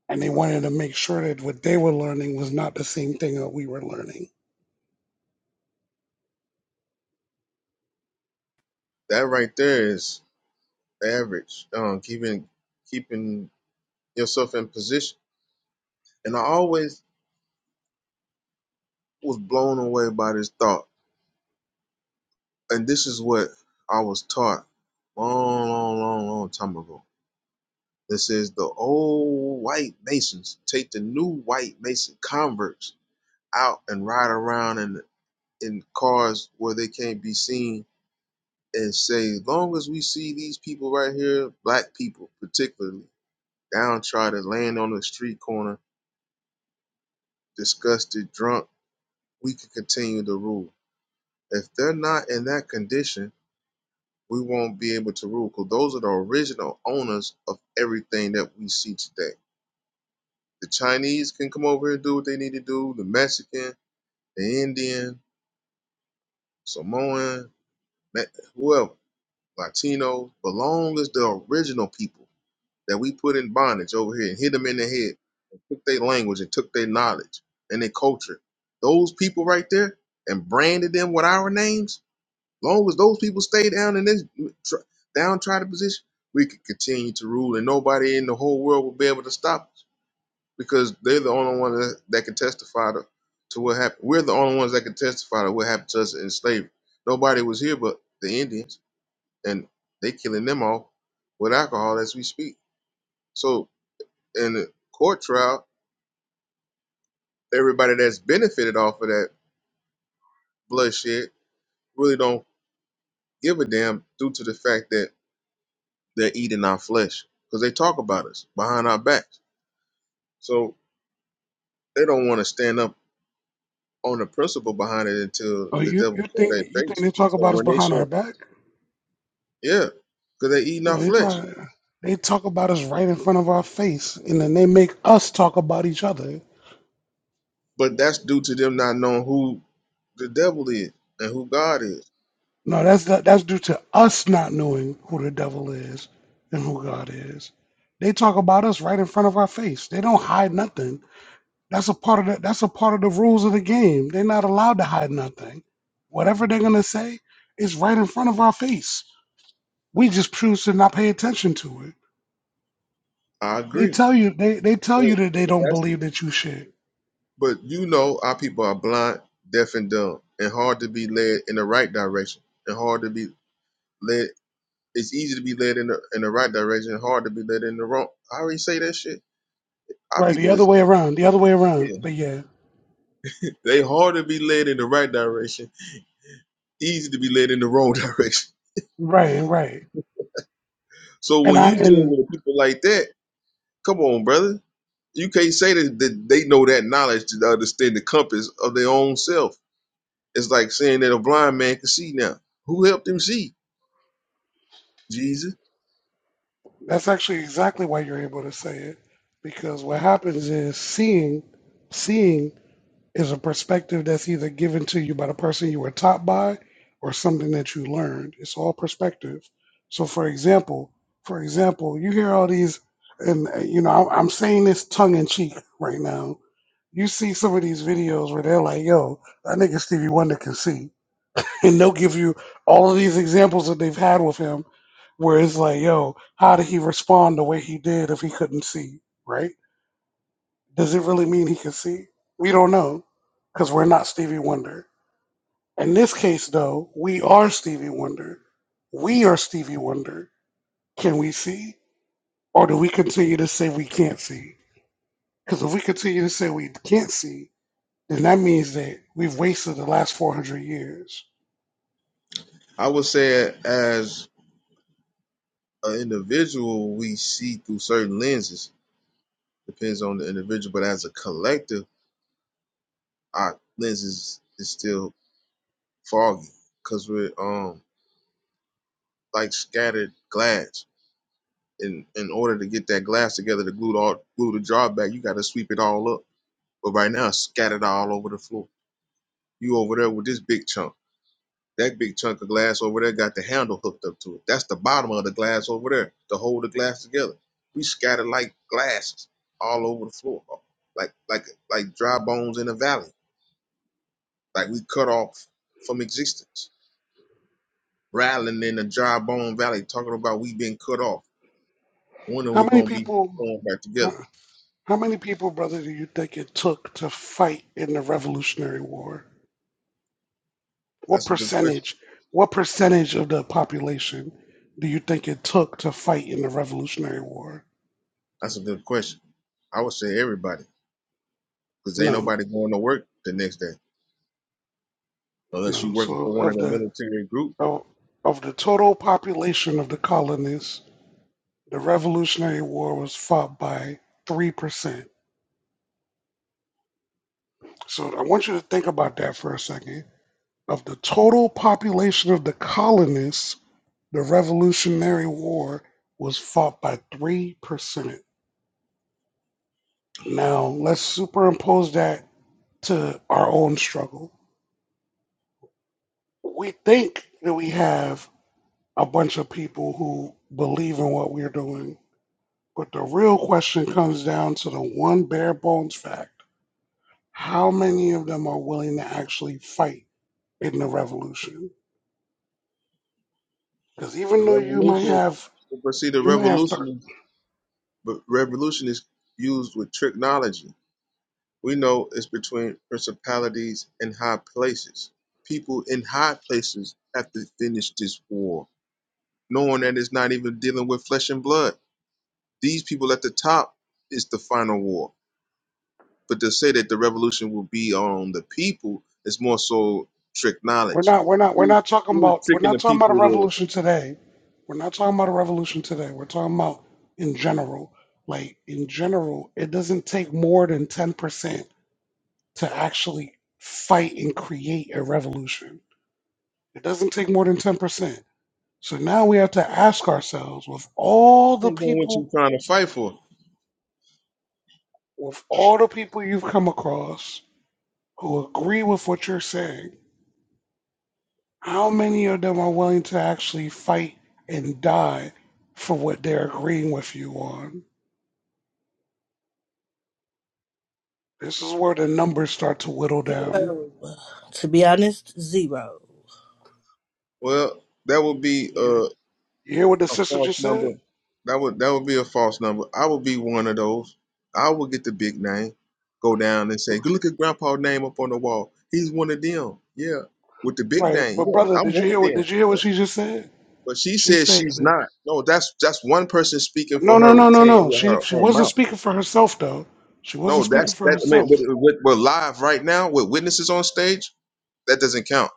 S2: and they wanted to make sure that what they were learning was not the same thing that we were learning.
S20: That right there is average. Um, keeping keeping yourself in position. And I always was blown away by this thought. And this is what I was taught long, long, long, long time ago that says the old white Masons take the new white Mason converts out and ride around in in cars where they can't be seen and say, as long as we see these people right here, black people particularly, downtrodden, laying on the street corner, disgusted, drunk, we can continue to rule. If they're not in that condition, we won't be able to rule because those are the original owners of everything that we see today The Chinese can come over and do what they need to do. The Mexican, the Indian, Samoan, Ma- whoever, Latino, but long as the original people that we put in bondage over here and hit them in the head and took their language and took their knowledge and their culture, those people right there and branded them with our names, long as those people stay down in this tr- downtrodden position, we could continue to rule and nobody in the whole world will be able to stop us. because they're the only one that, that can testify to, to what happened. We're the only ones that can testify to what happened to us in slavery. Nobody was here but the Indians, and they killing them off with alcohol as we speak. So in the court trial, everybody that's benefited off of that bloodshed really don't give a damn due to the fact that they're eating our flesh because they talk about us behind our backs. So they don't want to stand up on the principle behind it until
S2: Oh,
S20: the
S2: you you
S20: devil show
S2: think
S20: their
S2: that you think
S20: face.
S2: they talk
S20: So
S2: about us
S20: when they
S2: behind our
S20: show
S2: back?
S20: Yeah, because they eating our
S2: No, they
S20: flesh.
S2: talk they talk about us right in front of our face, and then they make us talk about each other.
S20: But that's due to them not knowing who the devil is and who God is.
S2: No, that's that, that's due to us not knowing who the devil is and who God is. They talk about us right in front of our face. They don't hide nothing. That's a part of the, that's a part of the rules of the game. They're not allowed to hide nothing. Whatever they're gonna say is right in front of our face We just choose to not pay attention to it.
S20: I
S2: They
S20: agree.
S2: tell you they, they tell
S20: But
S2: you that they
S20: but
S2: don't
S20: that's
S2: believe that you should.
S20: but you know our people are blind, deaf and dumb, and hard to be led in the right direction. And hard to be led it's easy to be led in the in the right direction, and hard to be led in the wrong. I already say that shit. Our
S2: Right, the
S20: people
S2: other
S20: is
S2: way around, the other way around.
S20: yeah.
S2: But yeah,
S20: They hard to be led in the right direction, easy to be led in the wrong direction.
S2: right, right.
S20: So
S2: And
S20: when
S2: I
S20: you deal
S2: and
S20: with people like that, come on, brother you can't say that, that they know that knowledge to understand the compass of their own self. It's like saying that a blind man can see now. Who helped him see? Jesus.
S2: that's actually exactly why you're able to say it because what happens is seeing seeing is a perspective that's either given to you by the person you were taught by or something that you learned. It's all perspective. So for example, for example, you hear all these and uh, you know, I- I'm saying this tongue in cheek right now You see some of these videos where they're like, yo, I nigga Stevie Wonder can sing. And they'll give you all of these examples that they've had with him where it's like, yo, how did he respond the way he did if he couldn't see, right? Does it really mean he can see? We don't know because we're not Stevie Wonder. In this case, though, we are Stevie Wonder. We are Stevie Wonder. Can we see? Or do we continue to say we can't see? Because if we continue to say we can't see, then that means that we've wasted the last 400 years.
S20: I would say as an individual, we see through certain lenses. Depends on the individual, but as a collective, our lenses is still foggy because we're um like scattered glass. In in order to get that glass together to glue the all, glue the jar back, you got to sweep it all up. But right now, it's scattered all over the floor You over there with this big chunk. That big chunk of glass over there got the handle hooked up to it. That's the bottom of the glass over there to hold the glass together. We scattered like glasses all over the floor, like like like dry bones in a valley. Like we cut off from existence, rattling in the dry bone valley, talking about we been cut off. When are
S2: How
S20: we
S2: many
S20: gonna be
S2: people,
S20: formed back
S2: how,
S20: together?
S2: how many people, brother, do you think it took to fight in the Revolutionary War? What
S20: That's a good question.
S2: percentage, what percentage of the population do you think it took to fight in the Revolutionary War?
S20: That's a good question. I would say everybody, because ain't
S2: No,
S20: nobody going to work the next day unless you
S2: no.
S20: working
S2: So
S20: for one of
S2: of
S20: the
S2: the
S20: military groups
S2: of, of the total population of the colonists, the Revolutionary War was fought by three percent. So I want you to think about that for a second Of the total population of the colonists, the Revolutionary War was fought by 3%. Now, let's superimpose that to our own struggle. We think that we have a bunch of people who believe in what we're doing, but the real question comes down to the one bare bones fact how many of them are willing to actually fight in the revolution? Because
S20: The
S2: even though you might
S20: revolution,
S2: have
S20: but see, the
S2: you may have
S20: revolution is, but revolution is used with technology. We know it's between principalities and high places. People in high places have to finish this war, knowing that it's not even dealing with flesh and blood. These people at the top is the final war. But to say that the revolution will be on the people is more so trick
S2: We're
S20: knowledge.
S2: not we're not we're
S20: Who,
S2: not talking
S20: who is
S2: about we're
S20: tricking the
S2: not talking about
S20: people
S2: a
S20: to
S2: revolution today. We're not talking about a revolution today. We're talking about in general. Like in general, it doesn't take more than ten percent to actually fight and create a revolution. It doesn't take more than ten percent. So now we have to ask ourselves with all the
S20: depends on what
S2: people
S20: you're trying to fight for?
S2: with all the people you've come across who agree with what you're saying How many of them are willing to actually fight and die for what they're agreeing with you on? This is where the numbers start to whittle down.
S25: Zero. To be honest, zero.
S20: Well, that would be. uh.
S2: You, you hear what the
S20: a
S2: sister
S20: false
S2: just
S20: number.
S2: said?
S20: That would that would be a false number. I would be one of those. I would get the big name, go down and say, "Go look at Grandpa's name up on the wall. He's one of them." Yeah, with the big
S2: Right,
S20: name.
S2: but brother,
S20: Yeah, I'm
S2: did you
S20: one of
S2: hear what
S20: them.
S2: did you hear what
S20: But
S2: she just said?
S20: but she
S2: She
S20: says
S2: said
S20: she's not. No, that's that's one person speaking
S2: No
S20: for
S2: no
S20: her, with
S2: no no
S20: saying it
S2: no.
S20: with
S2: She
S20: her
S2: she
S20: her
S2: wasn't
S20: mouth.
S2: speaking for herself though. She
S20: No,
S2: wasn't speaking
S20: that's
S2: for
S20: that. I mean, with,
S2: herself.
S20: with, we're live right now with witnesses on stage. That doesn't count.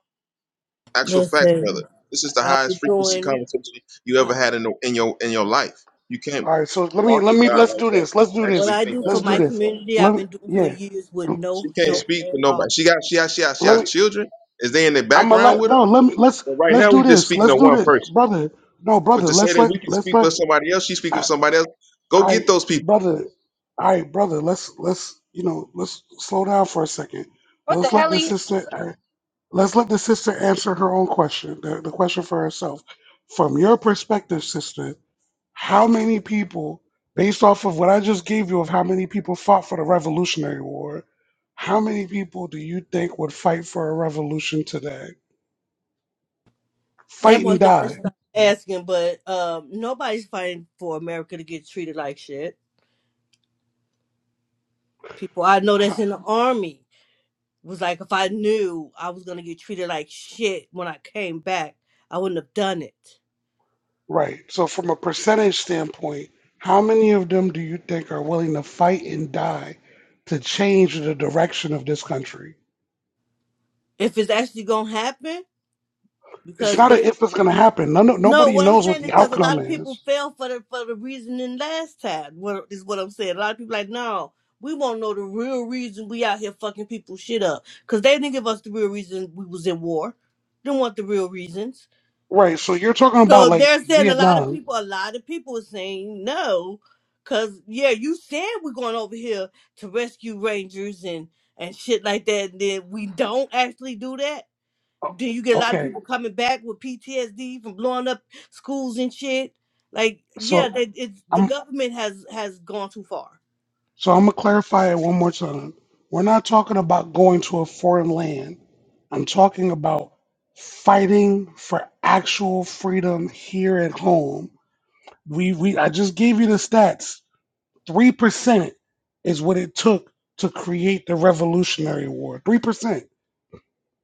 S20: Actual facts, brother.
S25: Listen,
S20: This is the
S25: I've
S20: highest
S25: been
S20: frequency
S25: doing
S20: conversation you
S25: uh,
S20: ever had in the, in your in your life. You can't
S2: Alright, so let me
S20: talk to
S2: let me
S20: God
S2: let's
S20: like
S2: do
S20: that
S2: this. Let's
S20: and
S2: do
S25: what
S20: actually
S2: this.
S25: I
S20: think
S25: do
S20: that
S25: for
S2: Let's
S20: would
S2: do
S25: my
S20: work.
S2: this.
S20: No.
S25: community. I've
S2: Let me
S25: been doing for
S2: yeah.
S25: years with no
S20: She can't
S2: Yeah.
S25: help
S20: speak for
S25: at
S20: nobody.
S25: all.
S20: She got she has she has she
S2: Let
S20: has
S2: me.
S20: children. Is they in the
S2: I'm gonna
S20: background
S2: let
S20: with her?
S2: no. Let me let's
S20: But right
S2: let's
S20: now
S2: do
S20: we just
S2: this.
S20: speaking
S2: Let's
S20: to
S2: do
S20: one
S2: this,
S20: person.
S2: brother. No,
S20: But
S2: brother.
S20: to say
S2: Let's
S20: that
S2: let
S20: we can
S2: let's
S20: speak for
S2: let.
S20: somebody else, she speaking for
S2: I,
S20: somebody else. Go get
S2: I
S20: those people.
S2: brother. I brother. Let's let's you know. Let's slow down for a second.
S1: What the
S2: Let's
S1: hell,
S2: let the
S1: helly?
S2: sister. uh, Let's let the sister answer her own question. The, the question for herself. From your perspective, sister, how many people, based off of what I just gave you of how many people fought for the Revolutionary War, how many people do you think would fight for a revolution today?
S25: That
S2: Fight and
S25: wasn't the question
S2: die.
S25: I'm asking, but um, nobody's fighting for America to get treated like shit. People I know that's in the army was like, if I knew I was gonna get treated like shit when I came back, I wouldn't have done it.
S2: Right. So from a percentage standpoint, how many of them do you think are willing to fight and die to change the direction of this country?
S25: If it's actually gonna happen,
S2: It's
S25: because
S2: not
S25: they
S2: a if it's going to happen. No, no,
S25: No,
S2: nobody
S25: what I'm
S2: knows what
S25: saying is
S2: the
S25: because a lot
S2: outcome
S25: of people
S2: is.
S25: fell for the for the reasoning last time. What is what I'm saying? A lot of people like, no, we won't know the real reason we out here fucking people shit up because they didn't give us the real reason we was in war. Didn't want the real reasons.
S2: Right. So you're talking
S25: So
S2: about like
S25: they're saying a lot of
S2: Vietnam.
S25: people, a lot of people are saying no, because yeah, you said we're going over here to rescue rangers and and shit like that, and then we don't actually do that
S2: O-
S25: do you get a lot of
S2: Okay.
S25: people coming back with PTSD from blowing up schools and shit? Like, yeah,
S2: So
S25: that it's the
S2: I'm
S25: government has has gone too far.
S2: so I'm gonna clarify it one more time. We're not talking about going to a foreign land. I'm talking about fighting for actual freedom here at home We we I just gave you the stats. Three percent is what it took to create the Revolutionary War. Three percent.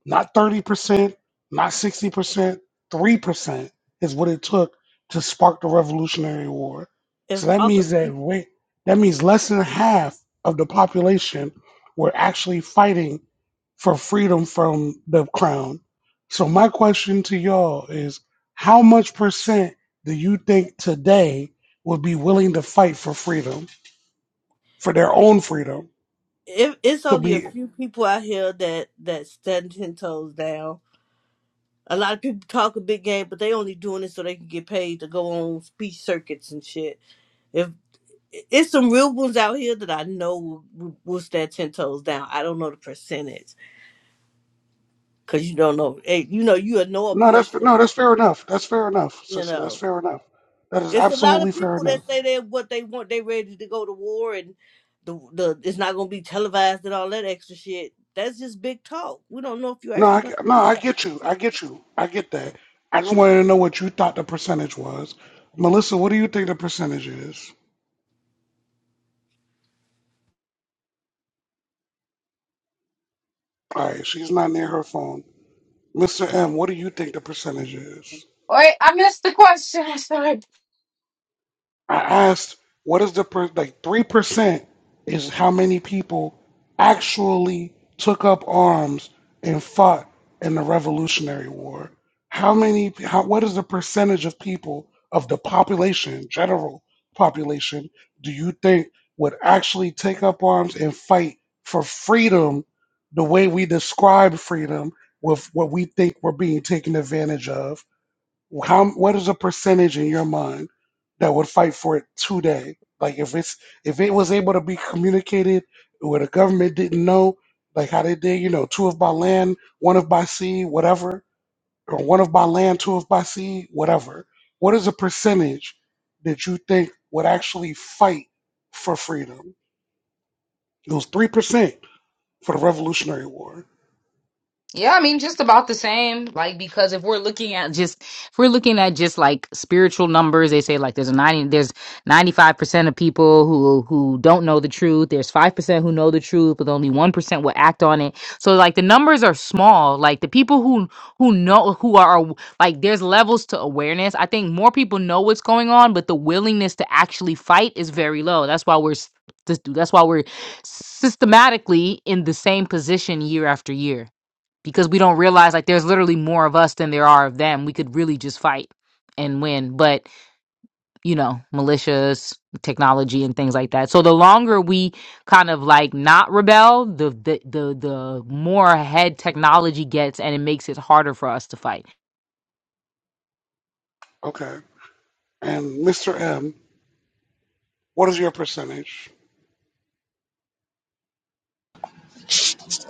S2: Not 30%, not 60%, 3% is what it took to spark the Revolutionary War.
S25: If,
S2: So that
S25: I,
S2: means that wait, that means less than half of the population were actually fighting for freedom from the crown. So my question to y'all is how much percent do you think today would be willing to fight for freedom, for their own freedom,
S25: if it's
S2: to
S25: only a
S2: be
S25: few people out here that that stand ten toes down, a lot of people talk a big game, but they only doing it so they can get paid to go on speech circuits and shit. If it's some real ones out here that I know will, will will stand ten toes down. I don't know the percentage because you don't know. eh, You know, you know a
S2: No, that's no,
S25: person.
S2: that's fair enough. That's fair enough,
S25: You
S2: sister. That's
S25: know.
S2: fair enough. That is
S25: It's a lot of
S2: absolutely fair
S25: people
S2: enough.
S25: that say they what they want. They ready to go to war and the the it's not gonna be televised and all that extra shit. That's just big talk. We don't know if you're
S2: No,
S25: actually
S2: I
S25: gonna
S2: no,
S25: do
S2: I
S25: something.
S2: get you. I get you. I get that. I just wanted to know what you thought the percentage was. Melissa, what do you think the percentage is? All right, she's not near her phone. Mr. M, what do you think the percentage is?
S1: Wait, I missed the question. sorry.
S2: I asked, what is the per- like three percent is how many people actually took up arms and fought in the Revolutionary War? How many? How, what is the percentage of people of the population, general population, do you think would actually take up arms and fight for freedom the way we describe freedom with what we think we're being taken advantage of? how what is a percentage in your mind that would fight for it today? Like if it's if it was able to be communicated where the government didn't know, like how they did, you know, two of by land, one of by sea, whatever, or one of by land, two of by sea, whatever. What is a percentage that you think would actually fight for freedom? It was three percent for the Revolutionary War.
S1: Yeah, I mean, just about the same. Like, because if we're looking at just, if we're looking at just like spiritual numbers, they say like there's a ninety, there's ninety five percent of people who who don't know the truth. There's five percent who know the truth, but only one percent will act on it. So like the numbers are small. Like the people who who know who are aw- like there's levels to awareness. I think more people know what's going on, but the willingness to actually fight is very low. That's why we're s- that's why we're systematically in the same position year after year because we don't realize like there's literally more of us than there are of them. We could really just fight and win, but you know, militias, technology, and things like that. So the longer we kind of like not rebel, the the the, the more ahead technology gets, and it makes it harder for us to fight.
S2: Okay. And Mr. M, what is your percentage?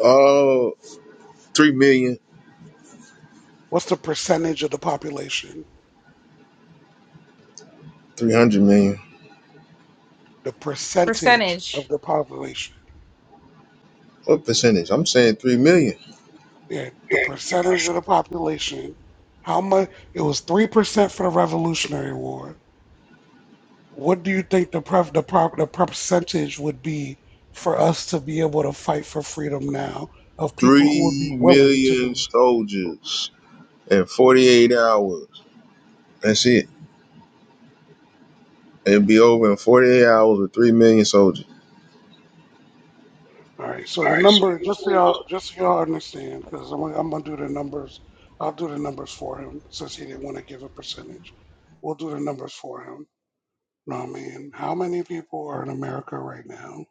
S20: Oh, three million,
S2: What's the percentage of the population
S20: three hundred million.
S2: the percentage of the population.
S20: What percentage? I'm saying three million.
S2: Yeah, the percentage of the population. How much? It was three percent for the Revolutionary War. What do you think the pref, the prop, the percentage would be for us to be able to fight for freedom now of people who would be
S20: Three
S2: willing to
S20: million
S2: do it?
S20: soldiers in forty-eight hours. That's it. It'd be over in forty-eight hours with three million soldiers.
S2: All right. So the number, just so y'all, just so y'all understand, because I'm, gonna- I'm gonna do the numbers. I'll do the numbers for him since he didn't want to give a percentage. We'll do the numbers for him know what I mean? How many people are in America right now?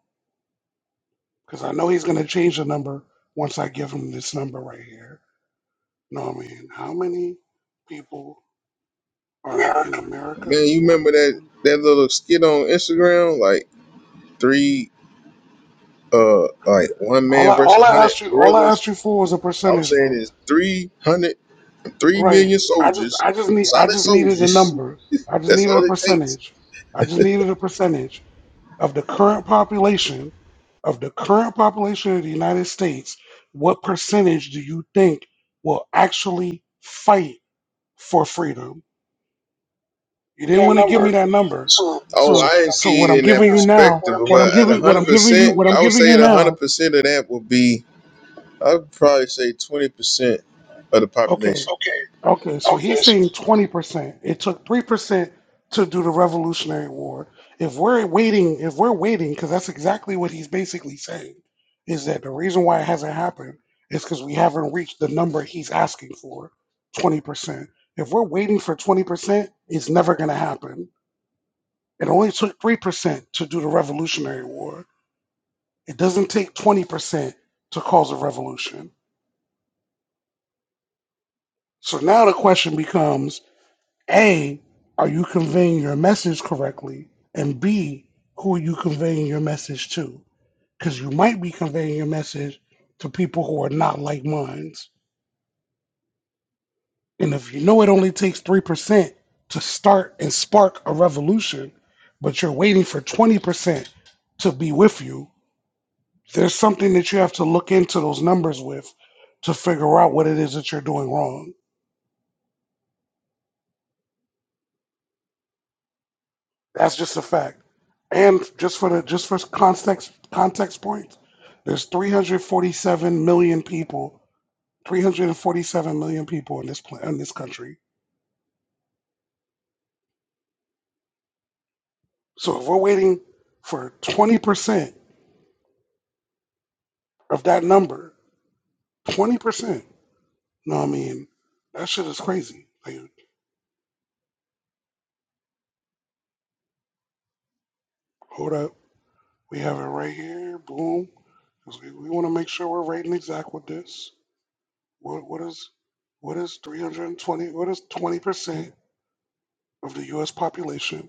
S2: Because I know he's going to change the number once I give him this number right here. know what I mean? How many people are in America
S20: Man, you
S2: right
S20: remember that
S2: now?
S20: that little skit on Instagram, like three, uh, like one
S2: All
S20: man
S2: I
S20: versus
S2: all
S20: a
S2: I
S20: hundred
S2: asked you all I
S20: gorillas.
S2: asked you for was a
S20: I'm
S2: percentage,
S20: saying
S2: bro.
S20: it's three hundred, three million
S2: Right. I just
S20: soldiers,
S2: I just need I
S20: solid
S2: just needed a
S20: soldiers.
S2: number. I just
S20: That's
S2: needed
S20: all
S2: a
S20: it takes.
S2: percentage. I just needed a percentage. of the current population of the current population of the United States, what percentage do you think will actually fight for freedom? You didn't
S20: That
S2: want to give me
S20: number.
S2: that number.
S20: So, oh,
S2: So
S20: I didn't
S2: so
S20: see it
S2: what I'm
S20: in that
S2: giving you now,
S20: perspective,
S2: what I'm
S20: but at
S2: giving what
S20: hundred
S2: I'm giving you,
S20: percent,
S2: what I'm
S20: I would
S2: giving
S20: say
S2: you
S20: at hundred
S2: now,
S20: percent of that would be, I'd probably say twenty percent of the
S2: okay.
S20: population. Okay.
S2: Okay, so he's
S20: Okay,
S2: saying 20%. It took 3% to do the Revolutionary War. If we're waiting, if we're waiting, because that's exactly what he's basically saying, is that the reason why it hasn't happened is because we haven't reached the number he's asking for, 20%. If we're waiting for 20%, it's never going to happen. It only took 3% to do the Revolutionary War. It doesn't take 20% to cause a revolution. So now the question becomes A, are you conveying your message correctly? And B, who are you conveying your message to? Because you might be conveying your message to people who are not like minds. And if you know it only takes 3% to start and spark a revolution, but you're waiting for 20% to be with you, there's something that you have to look into those numbers with to figure out what it is that you're doing wrong. That's just a fact. And just for the just for context context points, there's 347 million people, 347 million people in this pla- in this country. So if we're waiting for 20% of that number, 20%, no, I mean, that shit is crazy. Like, hold up, we have it right here. Boom. 'Cause We, we want to make sure we're right and exact with this. What what is what is 320? What is 20% of the U.S. population?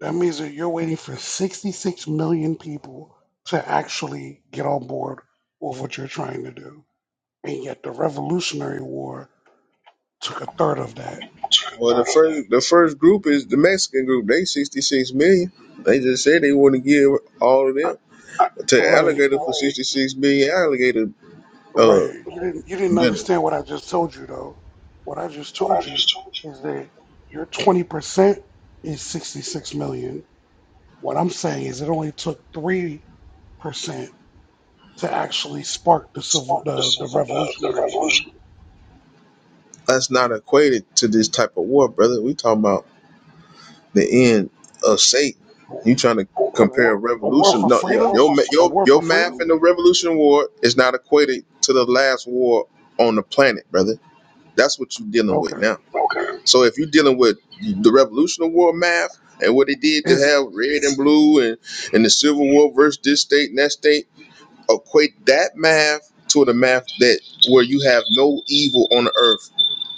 S2: That means that you're waiting for 66 million people to actually get on board with what you're trying to do. And yet the Revolutionary War took a third of that.
S20: Well, the first the first group is the Mexican group. They sixty six million. They just said they want to give all of
S2: I-
S20: them to
S2: Right.
S20: alligator for sixty six million alligator uh
S2: Right. You didn't you didn't
S20: dinner.
S2: understand what I just told you though. What I just
S20: What I
S2: told you
S20: just told you
S2: is that your 20% is 66 million. What I'm saying is it only took 3% to actually spark the civil
S20: sparked the
S2: the, the
S20: civil uh, the
S2: revolutionary war.
S20: revolution. That's not equated to this type of war, brother. We talking about the end of Satan. You trying to
S2: A
S20: compare
S2: war, a war
S20: revolution?
S2: for
S20: No, yeah,
S2: freedom?
S20: your ma-
S2: A
S20: your
S2: war
S20: your
S2: for
S20: math
S2: freedom?
S20: in the Revolution War is not equated to the last war on the planet, brother. That's what you're dealing with
S2: Okay.
S20: now. Okay. So if you're dealing with the Revolutionary War math and what they did to
S2: Is
S20: have red and blue and, and the Civil War versus this state and that state, equate that math to the math that where you have no evil on the earth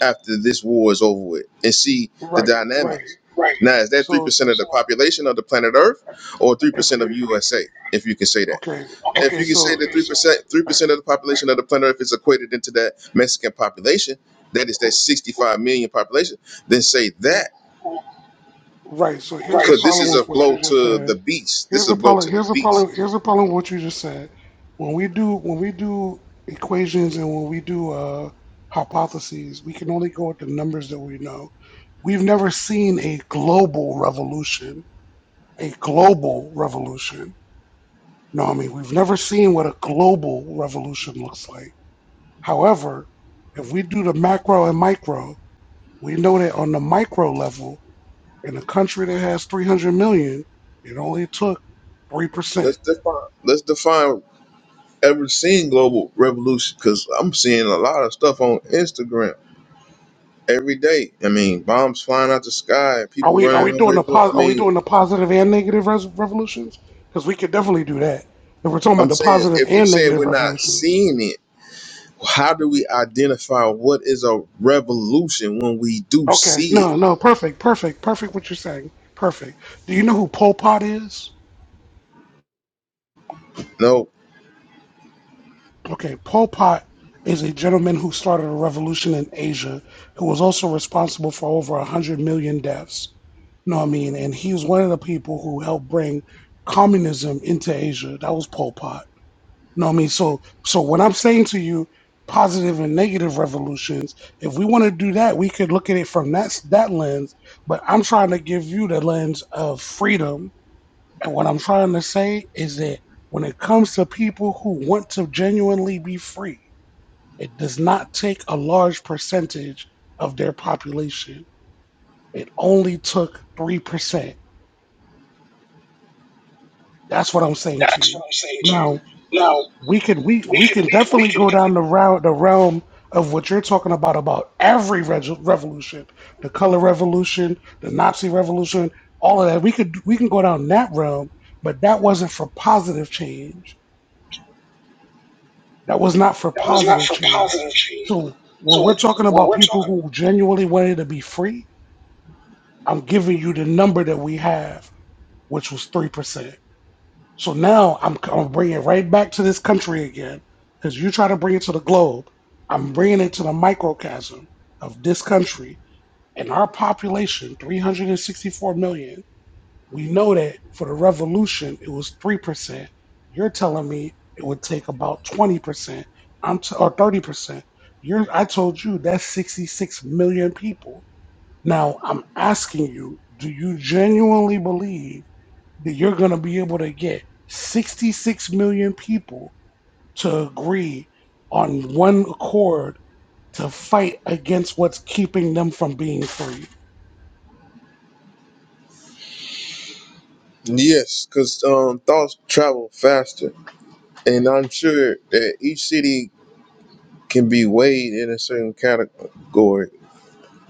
S20: after this war is over with and see the
S2: right, right.
S20: dynamics. Right. Now, is that 3%
S2: So
S20: of the population of the planet Earth or
S2: if
S20: 3% of
S2: you're
S20: USA, if you can say that?
S2: okay,
S20: Okay. If
S2: okay.
S20: you can say that
S2: So
S20: 3%,
S2: uh,
S20: 3% of the population of the planet Earth is equated into that Mexican population, that is that 65 million population, then say that.
S2: right. So here's the
S20: Because this
S2: problem
S20: is a
S2: with what you
S20: blow
S2: just
S20: to the
S2: said.
S20: beast. This
S2: Here's
S20: is a
S2: the
S20: blow
S2: problem.
S20: to the
S2: Here's the
S20: beast.
S2: problem. Here's the problem with what you just said. When we do when we do equations and when we do uh, hypotheses, we can only go with the numbers that we know. We've never seen a global revolution. A global revolution Naomi, we've never seen what a global revolution looks like. However, if we do the macro and micro, we know that on the micro level, in a country that has 300 million, it only took 3%.
S20: Let's define. Let's define ever seen global revolution because I'm seeing a lot of stuff on Instagram every day. I mean, bombs flying out the sky,
S2: Are
S20: people
S2: we are
S20: running
S2: we doing
S20: over.
S2: the pos-
S20: I
S2: are we
S20: mean,
S2: doing the positive and negative res- revolutions? Because we could definitely do that if we're talking about
S20: I'm
S2: the
S20: saying
S2: positive
S20: if you're
S2: and
S20: saying we're
S2: negative
S20: not
S2: revolutions.
S20: seeing it, how do we identify what is a revolution when we do
S2: Okay,
S20: see it?
S2: no, no, perfect, perfect, perfect. What you're saying, perfect. Do you know who Pol Pot is?
S20: No.
S2: Okay, Pol Pot is a gentleman who started a revolution in Asia, who was also responsible for over 100 million deaths. No, I mean, and he was one of the people who helped bring communism into Asia. That was Pol Pot. No, I mean, so so what I'm saying to you, positive and negative revolutions, if we want to do that, we could look at it from that s- that lens. But I'm trying to give you the lens of freedom, and what I'm trying to say is that when it comes to people who want to genuinely be free, it does not take a large percentage of their population. It only took three percent. That's what I'm saying to
S20: That's what
S2: you.
S20: I'm saying to you.
S2: Now
S20: Now
S2: we can we
S20: we
S2: we
S20: could
S2: can
S20: we we
S2: definitely go
S20: could
S2: down the route the realm of what you're talking about about every reg- revolution, the color revolution, the Nazi revolution, all of that. We could we can go down that realm, but that wasn't for positive change. That was not for
S20: that was not
S2: positive
S20: for
S2: change.
S20: positive change.
S2: So when we're
S20: So
S2: talking
S20: when
S2: about
S20: we're
S2: people
S20: talking,
S2: who genuinely wanted to be free, I'm giving you the number that we have, which was 3%. So now I'm, I'm bringing it right back to this country again because you try to bring it to the globe. I'm bringing it to the microcosm of this country and our population, 364 million. We know that for the revolution, it was 3%. You're telling me it would take about 20%, I'm t- or 30%. You're, I told you that's 66 million people now, I'm asking you, do you genuinely believe that you're going to be able to get 66 million people to agree on one accord to fight against what's keeping them from being free?
S20: yes, because um, thoughts travel faster, and I'm sure that each city can be weighed in a certain category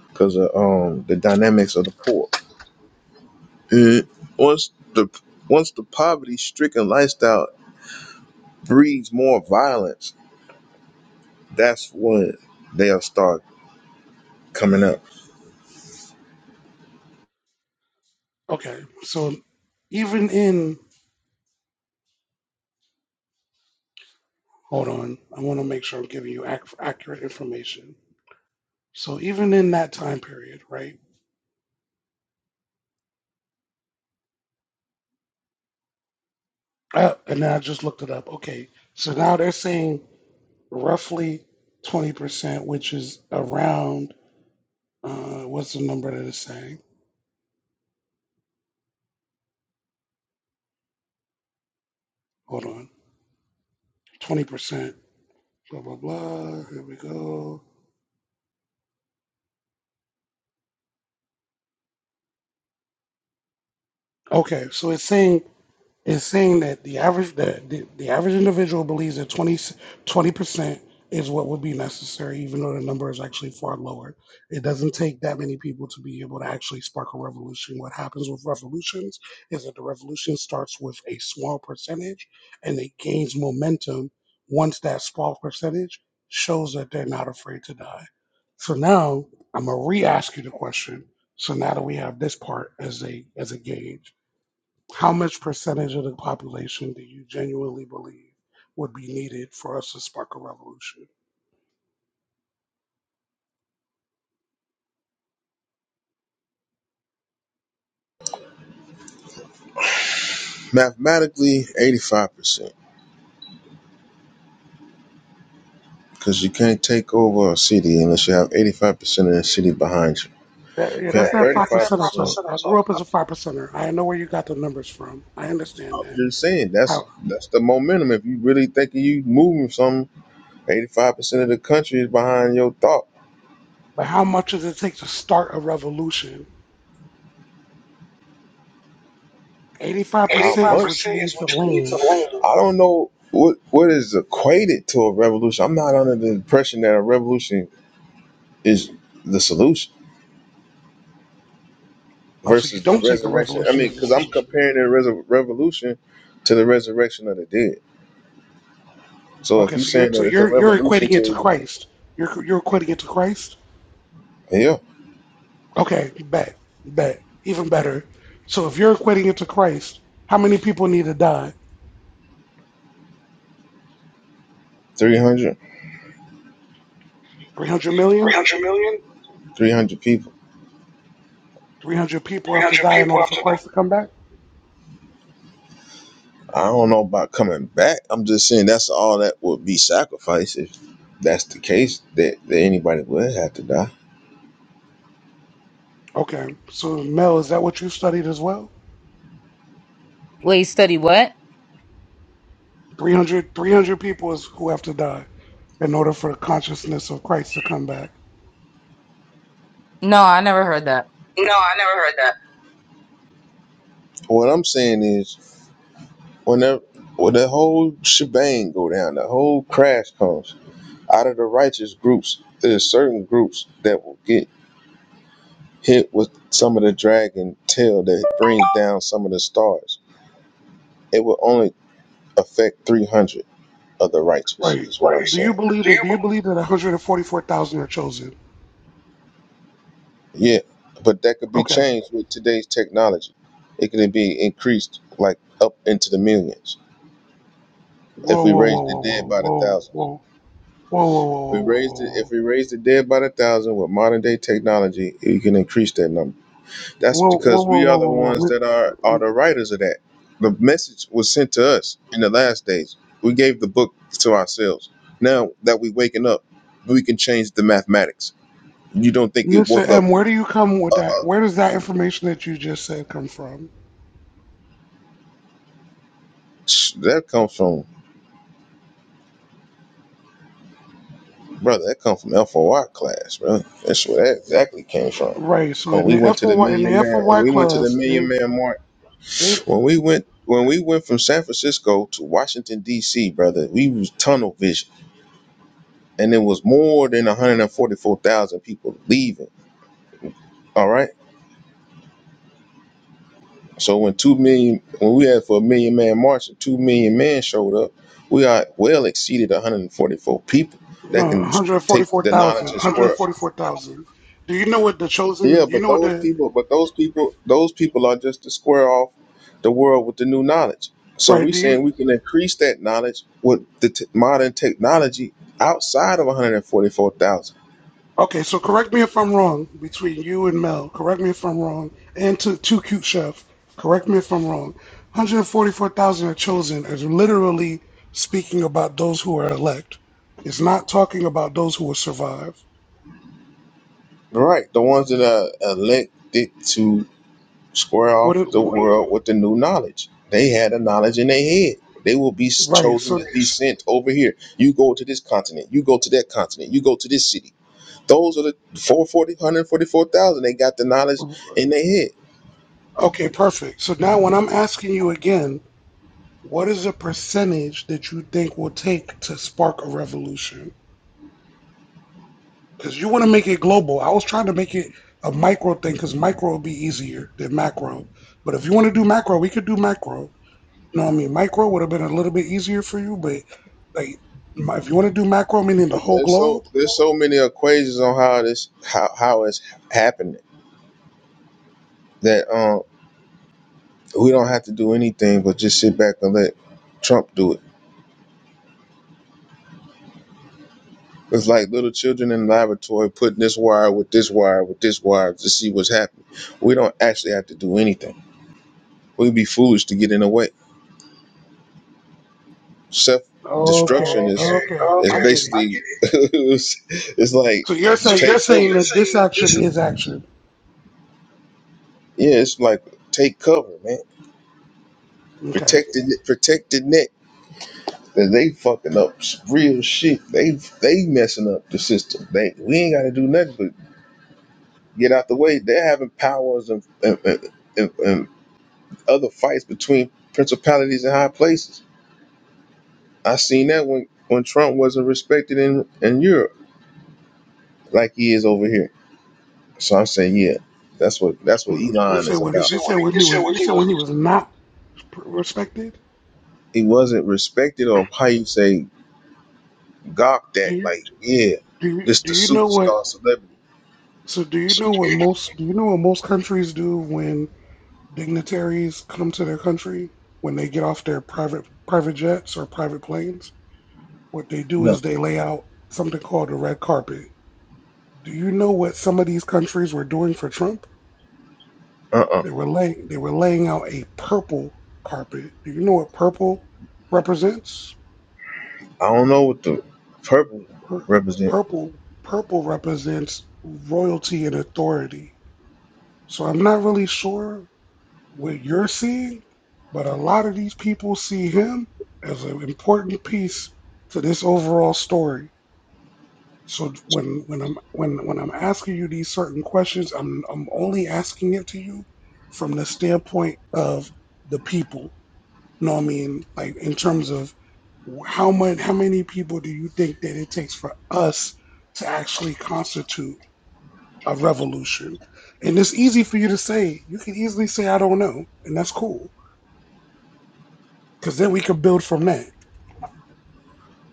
S20: because of um the dynamics of the poor. And once the once the poverty-stricken lifestyle breeds more violence, that's when they'll start coming up.
S2: Okay, so even in, hold on, I want to make sure I'm giving you ac- accurate information. So even in that time period, right? Uh, and then I just looked it up. Okay, so now they're saying roughly 20%, which is around Uh, what's the number that it's saying? Hold on. 20%. Blah, blah, blah. Here we go. Okay, so it's saying It's saying that the average that the, the average individual believes that 20 percent is what would be necessary, even though the number is actually far lower. It doesn't take that many people to be able to actually spark a revolution. What happens with revolutions is that the revolution starts with a small percentage and it gains momentum once that small percentage shows that they're not afraid to die. So now I'm gonna re-ask you the question. So now that we have this part as a as a gauge how much percentage of the population do you genuinely believe would be needed for us to spark a revolution?
S20: Mathematically, eighty-five percent, because you can't take over a city unless you have eighty-five percent of the city behind you.
S2: That, yeah,
S20: If you
S2: that's
S20: have
S2: that five
S20: thirty-five
S2: percenter
S20: percent,
S2: talk. I grew up as a five percenter. I know where you got the numbers from. I
S20: I'm
S2: understand that.
S20: just saying that's
S2: How,
S20: that's the momentum. If you really think you moving something, eighty-five percent of the country is behind your thought.
S2: but how much does it take to start a revolution? Eighty-five percent
S20: Eighty-five
S2: is what you
S20: percent is
S2: need to
S20: what you need to
S2: land.
S20: land. I don't know what what is equated to a revolution. I'm not under the impression that a revolution is the solution
S2: Oh, so you
S20: versus the
S2: don't think a
S20: resurrection. I
S2: revolution
S20: mean,
S2: is the
S20: because I'm
S2: solution?
S20: comparing the res- revolution to the resurrection of the dead. So if
S2: Okay,
S20: you're
S2: so you're
S20: saying
S2: so
S20: that it's a
S2: you're you're
S20: revolution
S2: equating it to
S20: to
S2: Christ. You're you're equating it to Christ.
S20: yeah,
S2: Okay, bet, bet, even better. So if you're equating it to Christ, how many people need to die?
S20: three hundred,
S2: 300
S20: three
S2: million?
S20: hundred million, three hundred 300 million, 300 people,
S2: 300 people have to
S20: 300
S2: die in
S20: people
S2: order for
S20: after that.
S2: Christ to come back?
S20: I don't know about coming back. I'm just saying that's all that would be sacrificed if that's the case that, that anybody would have to die.
S2: Okay, so Mel, is that what you studied as well?
S1: Wait, study what?
S2: 300, 300 people is who have to die in order for the consciousness of Christ to come back.
S1: No, I never heard that.
S20: No, I never heard that. What I'm saying is, whenever, when the whole shebang go down, the whole crash comes out of the righteous groups. There's certain groups that will get hit with some of the dragon tail that brings down some of the stars. It will only affect 300 of the righteous.
S2: Right.
S20: Is what I'm
S2: Do you
S20: saying.
S2: believe
S20: do
S2: that?
S20: you
S2: Do you
S20: believe?
S2: believe that 144,000 are chosen?
S20: Yeah, but that could be
S2: Okay.
S20: changed with today's technology. It could be increased like up into the millions if
S2: Whoa,
S20: we
S2: whoa,
S20: raise
S2: whoa,
S20: the
S2: whoa,
S20: dead
S2: whoa,
S20: by the
S2: whoa,
S20: thousand.
S2: whoa, whoa, whoa, whoa,
S20: We raised it. If
S2: whoa,
S20: we raise the dead by the thousand with modern day technology, you can increase that number.
S2: whoa, whoa,
S20: That's
S2: whoa, whoa,
S20: because we are
S2: whoa,
S20: the
S2: whoa, whoa,
S20: ones
S2: whoa.
S20: that are are
S2: whoa.
S20: the writers of that. The message was sent to us in the last days. We gave the book to ourselves. Now that we waking up, we can change the mathematics. You don't think it
S2: Mr.
S20: woke up?
S2: M, where do you come with that? Where does that information that you just said come from?
S20: Shh, That comes from brother. That comes from FOI class, bro. That's where that exactly came from.
S2: Right. So
S20: When
S2: in
S20: we
S2: the
S20: went to the
S2: FOY in
S20: million
S2: the
S20: man, when
S2: FOY
S20: we went to the
S2: class,
S20: million
S2: they
S20: man march.
S2: they
S20: When we went when we went from San Francisco to Washington D.C., brother, we was tunnel vision, and it was more than 144,000 people leaving. All right. So when two million, when we had for a million man march, and two million men showed up, we are well exceeded 144 people
S2: no
S20: that
S2: one
S20: can
S2: hundred
S20: take
S2: forty-four
S20: the knowledge
S2: thousand,
S20: and
S2: one hundred
S20: work.
S2: forty-four thousand. Do you know what the
S20: Yeah,
S2: chosen? You
S20: but
S2: know what
S20: those
S2: the
S20: people, but those people, those people are just to square off the world with the new knowledge. So
S2: right?
S20: we
S2: Do
S20: saying
S2: you?
S20: we can increase that knowledge with the t- modern technology outside of 144,000.
S2: Okay. So correct me if I'm wrong. Between you and Mel, correct me if I'm wrong. And to two cute chef, correct me if I'm wrong. 144,000 are chosen is literally speaking about those who are elect. It's not talking about those who will survive.
S20: Right, the ones that are elected to square
S2: What
S20: off
S2: it,
S20: the world with the new knowledge. They had the knowledge in their head. They will be s-
S2: right.
S20: chosen
S2: So,
S20: to be sent over here. You go to this continent. You go to that continent. You go to this city. Those are the 440, They got the knowledge in their head.
S2: okay, perfect. So now when I'm asking you again, what is a percentage that you think will take to spark a revolution? Because you want to make it global. I was trying to make it a micro thing because micro would be easier than macro. But if you want to do macro, we could do macro. You know what I mean? Micro would have been a little bit easier for you, but like my- if you want to do macro, meaning the
S20: But
S2: whole
S20: there's so
S2: globe.
S20: there's so many equations on how this how how it's happening that um we don't have to do anything but just sit back and let Trump do it. It's like little children in the laboratory putting this wire with this wire with this wire to see what's happening. We don't actually have to do anything. We'd be foolish to get in the way. Self destruction
S2: Okay,
S20: is
S2: okay,
S20: okay, is okay,
S2: I
S20: I
S2: get
S20: basically
S2: it.
S20: I get it. it's, it's like
S2: So you're
S20: just
S2: saying
S20: So take you
S2: you're
S20: saying- cover.
S2: saying that
S20: saying
S2: this
S20: that
S2: action
S20: this is-
S2: is action.
S20: yeah, it's like take cover, man.
S2: Okay.
S20: Protected protected net. that they fucking up real shit. They they messing up the system. They we ain't got to do nothing but get out the way. They're having powers and and, and, and other fights between principalities and high places. I seen that when when Trump wasn't respected in in Europe like he is over here. So I'm saying, yeah, that's what that's what
S2: You
S20: Elon
S2: said
S20: is about.
S2: when he, you
S20: You said
S2: said
S20: what he,
S2: when
S20: you
S2: he
S20: said
S2: was
S20: what
S2: you
S20: he
S2: said when he
S20: was.
S2: was not pr- respected.
S20: He wasn't respected or how you say gawked at.
S2: Do you
S20: Like, yeah,
S2: do you
S20: this
S2: do
S20: the
S2: you know what?
S20: superstar celebrity.
S2: So do you know what most do you know what most countries do when dignitaries come to their country when they get off their private private jets or private planes? What they do
S20: No,
S2: is they lay out something called a red carpet. Do you know what some of these countries were doing for Trump?
S20: uh, uh
S2: They were laying they were laying out a purple carpet. Do you know what purple represents?
S20: I don't know what the purple
S2: Pur-
S20: represent.
S2: purple purple represents royalty and authority. So I'm not really sure what you're seeing, but a lot of these people see him as an important piece to this overall story. So when when I'm when when I'm asking you these certain questions, I'm I'm only asking it to you from the standpoint of the people you know what I mean? Like in terms of how much, how many people do you think that it takes for us to actually constitute a revolution? And it's easy for you to say. You can easily say, "I don't know," and that's cool, because then we can build from that.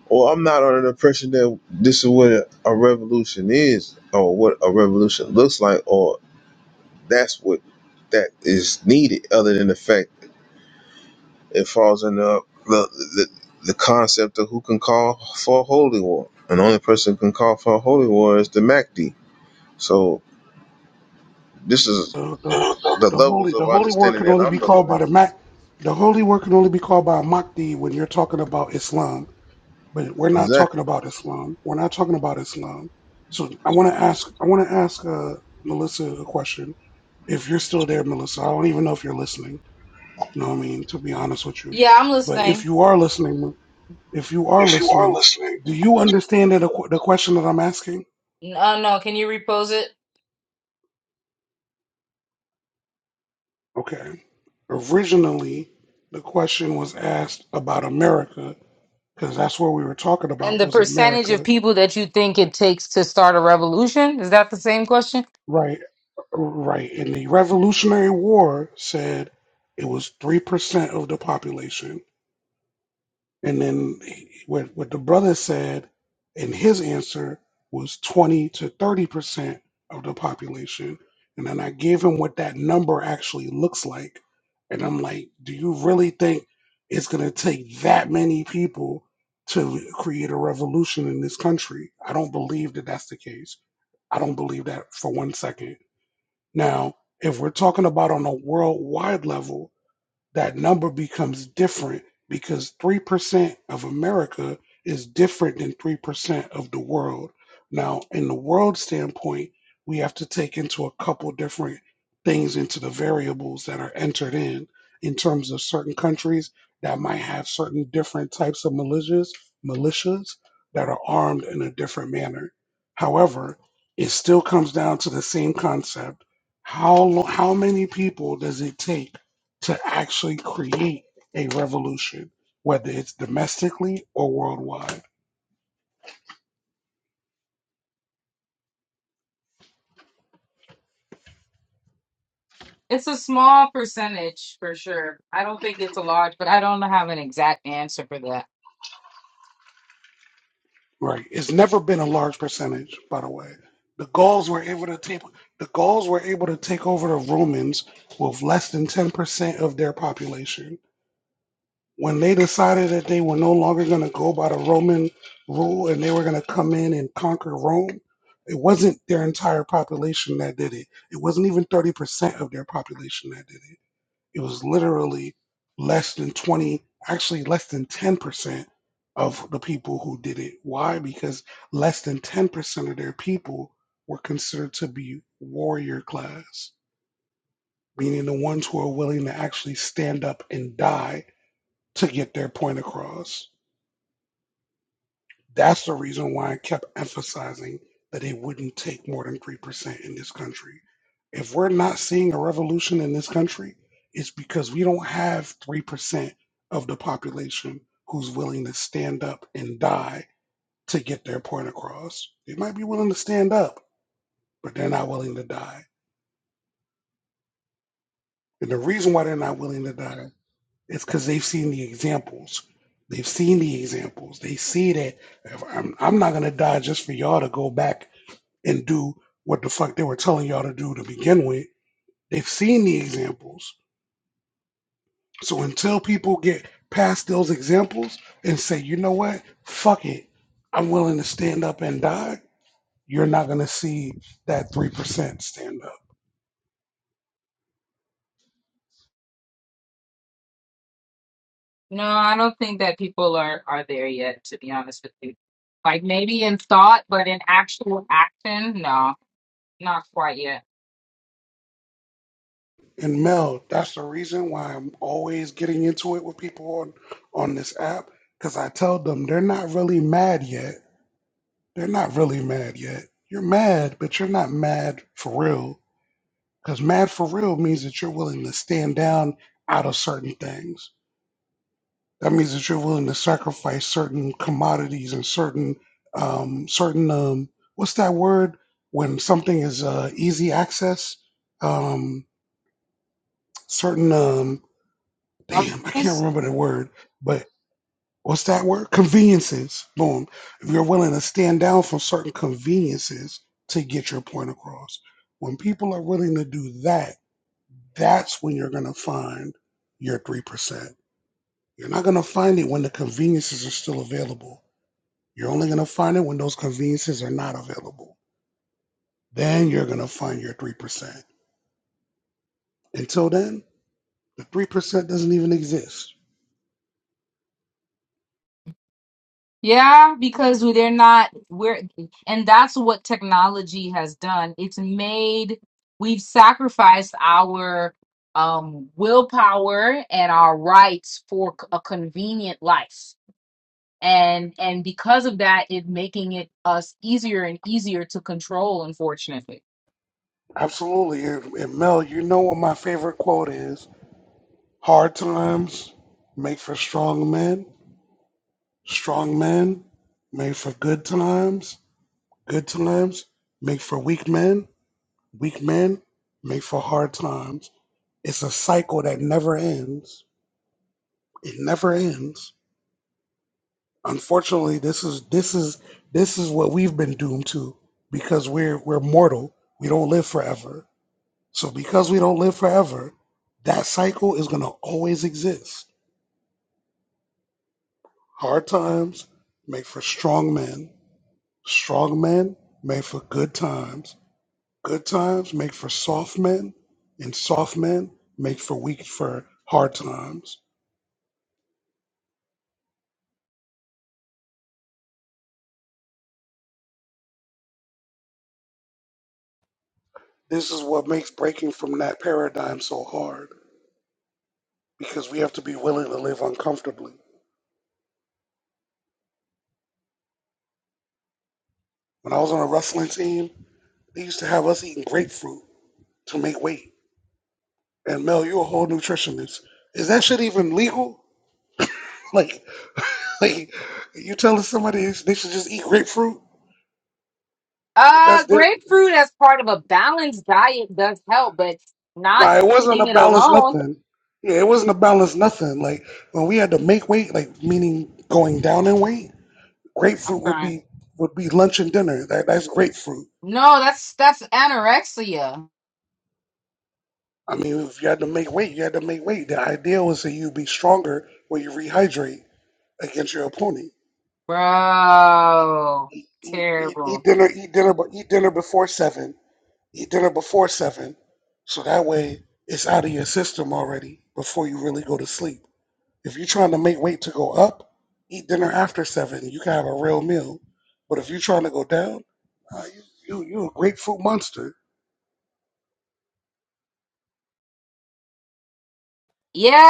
S20: Or I'm not under the impression that this is what a, a revolution is, or what a revolution looks like, or that's what that is needed. Other than the fact it falls under the the, the concept of who can call for a holy war, and the only person who can call for a holy war is the Mahdi. So this is
S2: The, the,
S20: the
S2: the
S20: levels
S2: holy,
S20: of
S2: the holy word
S20: understanding
S2: can
S20: that
S2: only
S20: I'm
S2: be called
S20: looking
S2: by the
S20: at.
S2: mac. The holy word can only be called by a Mahdi when you're talking about Islam but we're not
S20: Exactly.
S2: talking about Islam. We're not talking about Islam. So I want to ask, I want to ask uh, Melissa a question. If you're still there, Melissa, I don't even know if you're listening. No, I mean to be honest with you,
S1: Yeah, I'm
S2: but if
S1: listening.
S2: you are listening, if you are
S20: If you are
S2: listening,
S20: listening.
S2: do you understand the the question that I'm asking?
S1: Uh,
S2: Okay. Originally, the question was asked about America because that's what we were talking
S1: and
S2: about
S1: the
S2: was
S1: percentage of
S2: America
S1: people that you think it takes to start a revolution is that the same question?
S2: Right, right. And the Revolutionary War said it was 3% of the population. And then he- what, what the brother said in his answer was 20 to 30% of the population. And then I gave him what that number actually looks like. And I'm like, do you really think it's going to take that many people to create a revolution in this country? I don't believe that that's the case. I don't believe that for one second now, if we're talking about on a worldwide level, that number becomes different because 3% of America is different than 3% of the world. Now, in the world standpoint, we have to take into a couple different things into the variables that are entered in. In terms of certain countries that might have certain different types of militias, militias that are armed in a different manner. However, it still comes down to the same concept. How lo- how many people does it take to actually create a revolution, whether it's domestically or worldwide.
S1: It's a small percentage for sure. I don't think it's a large, but I don't have an exact answer for that.
S2: Right. It's never been a large percentage, by the way. The Gauls were able to take the Gauls were able to take over the Romans with less than ten percent of their population. When they decided that they were no longer going to go by the Roman rule and they were going to come in and conquer Rome, it wasn't their entire population that did it. It wasn't even thirty percent of their population that did it it was literally less than 20 actually less than 10% of the people who did it why because less than 10% of their people were considered to be warrior class meaning the ones who are willing to actually stand up and die to get their point across That's the reason why I kept emphasizing that it wouldn't take more than 3% in this country. If we're not seeing a revolution in this country, it's because we don't have 3% of the population who's willing to stand up and die to get their point across. They might be willing to stand up, but they're not willing to die. And the reason why they're not willing to die is because they've seen the examples. They've seen the examples. They see that if I'm, I'm not going to die just for y'all to go back and do what the fuck they were telling y'all to do to begin with. They've seen the examples. So until people get past those examples and say, you know what, fuck it, I'm willing to stand up and die, you're not going to see that 3% stand up.
S1: No, I don't think that people are are there yet, to be honest with you. Like maybe in thought, but in actual action, no, not quite yet.
S2: And Mel, that's the reason why I'm always getting into it with people on, on this app because I tell them they're not really mad yet. They're not really mad yet. You're mad, but you're not mad for real. Because mad for real means that you're willing to stand down out of certain things. That means that you're willing to sacrifice certain commodities and certain, um, certain, um, what's that word when something is uh, easy access? Um, certain, um, damn, I can't
S1: It's-
S2: remember the word, but. what's that word? Conveniences. Boom. If you're willing to stand down from certain conveniences to get your point across, when people are willing to do that, that's when you're going to find your 3%. You're not going to find it when the conveniences are still available. You're only going to find it when those conveniences are not available. Then you're going to find your 3%. Until then, the 3% doesn't even exist.
S1: Yeah, because they're not we're and that's what technology has done. It's made we've sacrificed our um willpower and our rights for c- a convenient life and and because of that it making it us easier and easier to control unfortunately
S2: Absolutely. And and Mel, you know what my favorite quote is Hard times make for strong men. Strong men make for good times. Good times make for weak men. Weak men make for hard times. It's a cycle that never ends. It never ends. Unfortunately, this is this is this is what we've been doomed to because we're we're mortal. We don't live forever. So because we don't live forever, that cycle is going to always exist. Hard times make for strong men Strong men make for good times. Good times make for soft men, and soft men make for weak for hard times. This is what makes breaking from that paradigm so hard because we have to be willing to live uncomfortably. When I was on a wrestling team, they used to have us eating grapefruit to make weight. And Mel, you're a whole nutritionist. Is that shit even legal? Like, like you telling somebody they should just eat grapefruit?
S1: uh
S2: That's them.
S1: grapefruit as part of a balanced diet does help but not
S2: Nah, it wasn't
S1: eating
S2: a
S1: it
S2: balance
S1: alone
S2: nothing. Yeah, it wasn't a balance nothing. Like when we had to make weight, like meaning going down in weight,
S1: i'm
S2: grapefruit would
S1: crying
S2: be would be lunch and dinner. That, that's grapefruit.
S1: no that's that's anorexia
S2: I mean, if you had to make weight, you had to make weight. The idea was that you'd be stronger when you rehydrate against your opponent.
S1: bro
S2: Eat, eat, eat, eat
S1: terrible
S2: dinner, eat dinner, but eat dinner before seven. Eat dinner before seven, so that way it's out of your system already before you really go to sleep. If you're trying to make weight to go up, eat dinner after seven. You can have a real meal. But if you're trying to go down, uh, you, you you a grapefruit monster.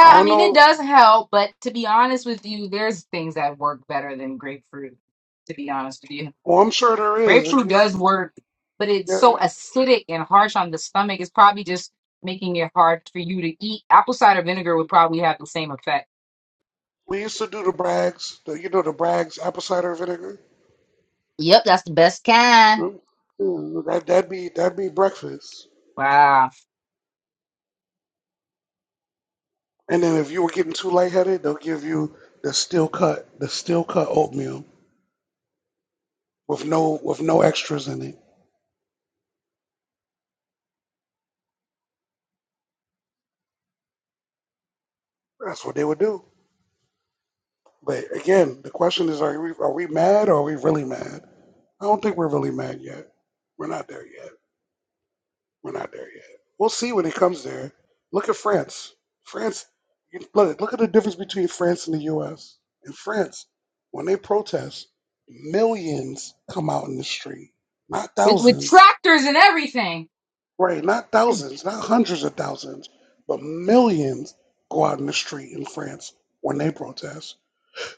S2: I
S1: i
S2: don't
S1: mean it
S2: know.
S1: does help but to be honest with you there's things that work better than grapefruit to be honest with you
S2: Well, I'm sure there is. Uh,
S1: Grapefruit
S2: you-
S1: does
S2: you-
S1: work, but it's
S2: yeah,
S1: so acidic and harsh on the stomach. It's probably just making it hard for you to eat. Apple cider vinegar would probably have the same effect.
S2: We used to do the Bragg's, the, you know, the Bragg's apple cider vinegar.
S1: Yep, that's the best kind.
S2: Mm, mm, That that'd be that'd be breakfast.
S1: Wow.
S2: And then if you were getting too lightheaded, they'll give you the steel cut, the steel cut oatmeal with no with no extras in it. That's what they would do. But again, the question is: Are we are we mad or are we really mad? I don't think we're really mad yet. We're not there yet. We're not there yet. We'll see when it comes there. Look at France. France. you- Look, look at the difference between France and the U.S. In France, when they protest, millions come out in the street, not
S1: With, with
S2: thousands.
S1: tractors and everything.
S2: Right? Not thousands, not hundreds of thousands, but millions go out in the street in France when they protest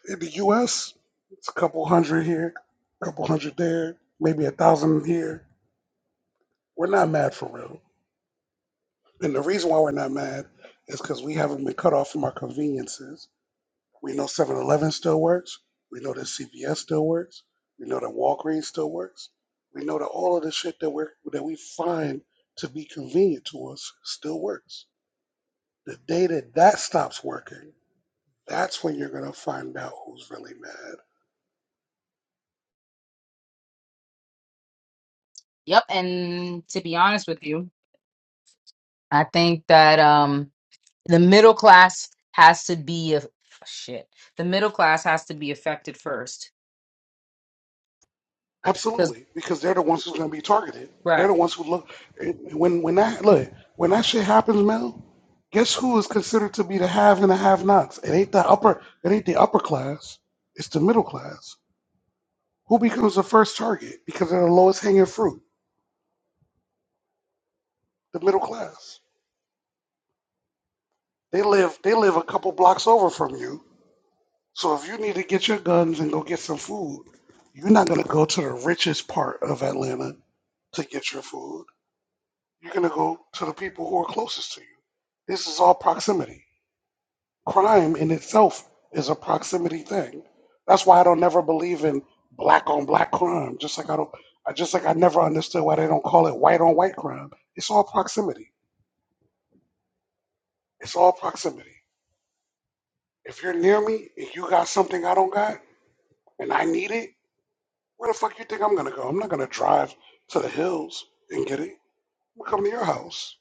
S2: In the U.S., it's a couple hundred here, a couple hundred there, maybe a thousand here. We're not mad for real. And the reason why we're not mad is because we haven't been cut off from our conveniences. We know Seven Eleven still works. We know that CVS still works. We know that Walgreens still works. We know that all of the shit that, we're, that we find to be convenient to us still works. The day that that stops working, that's when you're going to find out who's really mad.
S1: Yep, and To be honest with you, I think that um the middle class has to be a shit. The middle class has to be affected first because
S2: Absolutely, because they're the ones who's going to be targeted. They're
S1: Right.
S2: the ones who look it- when when that look when that shit happens, Mel. Guess who is considered to be the have and the have-nots? It ain't the upper. It ain't the upper class. It's the middle class. Who becomes the first target because they're the lowest hanging fruit? The middle class. They live. They live a couple blocks over from you. So if you need to get your guns and go get some food, you're not going to go to the richest part of Atlanta to get your food. You're going to go to the people who are closest to you. This is all proximity. Crime in itself is a proximity thing. That's why I don't never believe in black on black crime. Just like I don't, I just like I never understood why they don't call it white on white crime. It's all proximity. It's all proximity. If you're near me and you got something I don't got and I need it, where the fuck you think I'm gonna go? I'm not gonna drive to the hills and get it. I'm gonna come to your house.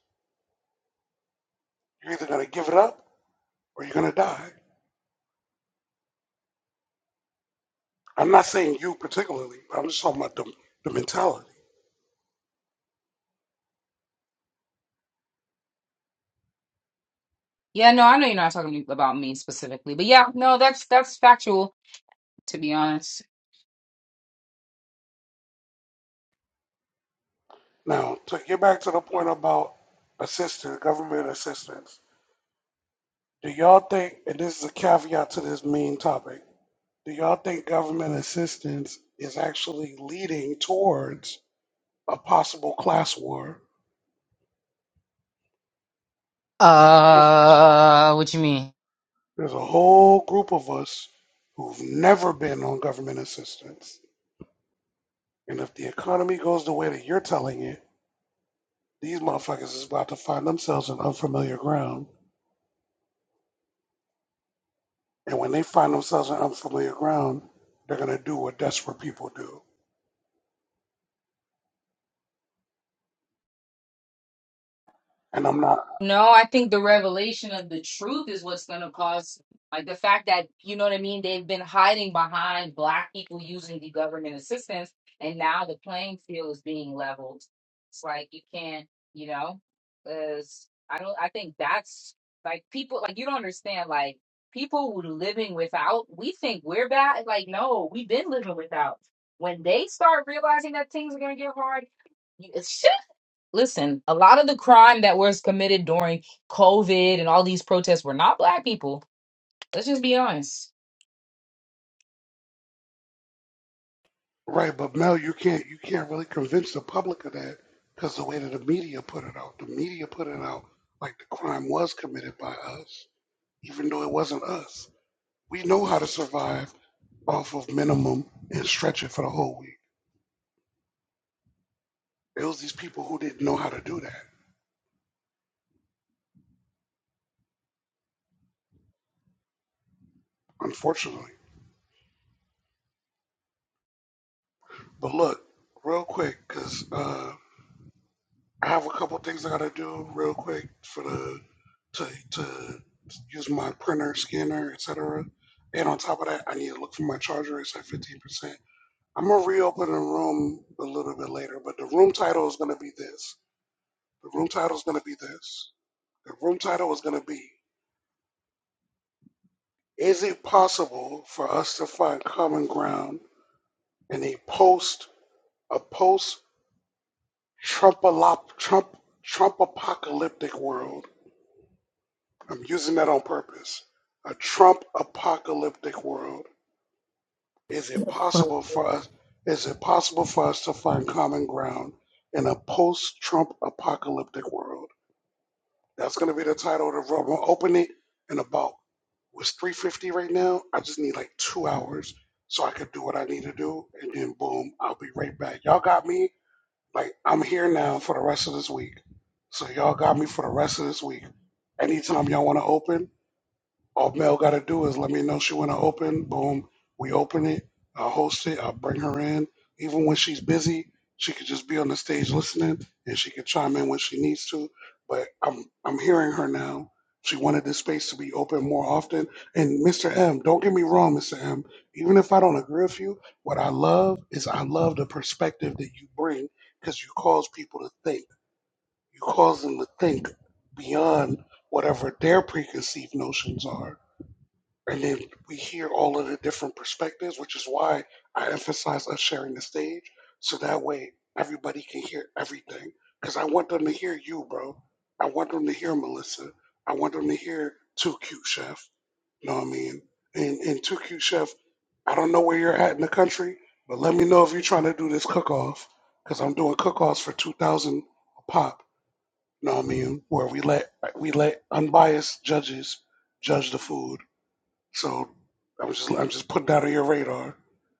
S2: You're either gonna give it up or you're gonna die. I'm not saying you particularly, but I'm just talking about the, the mentality.
S1: Yeah, no, I know you're not talking about me specifically, but yeah, no, that's that's factual. to be honest.
S2: Now, to get back to the point about assistance, government assistance, do y'all think, and this is a caveat to this main topic, do y'all think government assistance is actually leading towards a possible class war? There's,
S1: Uh, what you mean?
S2: there's a whole group of us who've never been on government assistance. And if the economy goes the way that you're telling it, these motherfuckers is about to find themselves in unfamiliar ground And when they find themselves in unfamiliar ground, they're gonna do what desperate people do. And I'm not
S1: No, I think the revelation of the truth is what's going to cause, like the fact that, you know what I mean, they've been hiding behind Black people using the government assistance, and now the playing field is being leveled. It's like you can't, you know, because I don't, I think that's like people, like you don't understand, like people who living without, we think we're bad. Like, no, we've been living without. When they start realizing that things are going to get hard, Listen, a lot of the crime that was committed during COVID and all these protests were not black people. Let's just be honest.
S2: right, but Mel, you can't you can't really convince the public of that because the way that the media put it out, the media put it out like the crime was committed by us, even though it wasn't us. We know how to survive off of minimum and stretch it for the whole week. It was these people who didn't know how to do that, unfortunately. But look, real quick, because uh, I have a couple things I gotta do real quick for the to to use my printer, scanner, etc. And on top of that, I need to look for my charger. It's at fifteen percent. I'm gonna reopen the room a little bit later, but the room title is gonna be this. The room title is gonna be this. The room title is gonna be: Is it possible for us to find common ground in a post a post Trump Trump Trump apocalyptic world? I'm using that on purpose. A Trump apocalyptic world. Is it possible for us? Is it possible for us to find common ground in a post-Trump apocalyptic world? That's going to be the title of the room. i will open it in about was 350 right now. I just need like two hours so I could do what I need to do, and then boom, I'll be right back. Y'all got me. Like I'm here now for the rest of this week, so y'all got me for the rest of this week. Anytime y'all want to open. All Mel got to do is let me know she want to open. Boom, we open it. I'll host it. I'll bring her in. Even when she's busy, she could just be on the stage listening, and she could chime in when she needs to. But I'm I'm hearing her now. She wanted this space to be open more often. And Mr. M, don't get me wrong, Mr. M. Even if I don't agree with you, what I love is I love the perspective that you bring because you cause people to think. You cause them to think beyond whatever their preconceived notions are and then we hear all of the different perspectives, which is why I emphasize us sharing the stage, so that way everybody can hear everything. Because I want them to hear you, bro. I want them to hear Melissa. I want them to hear Two Cute Chef. You know what I mean? And and Two Cute Chef, I don't know where you're at in the country, but let me know if you're trying to do this cook off, because I'm doing cook offs for two thousand a pop. You know what I mean? Where we let we let unbiased judges judge the food so I'm just I'm just putting that on your radar.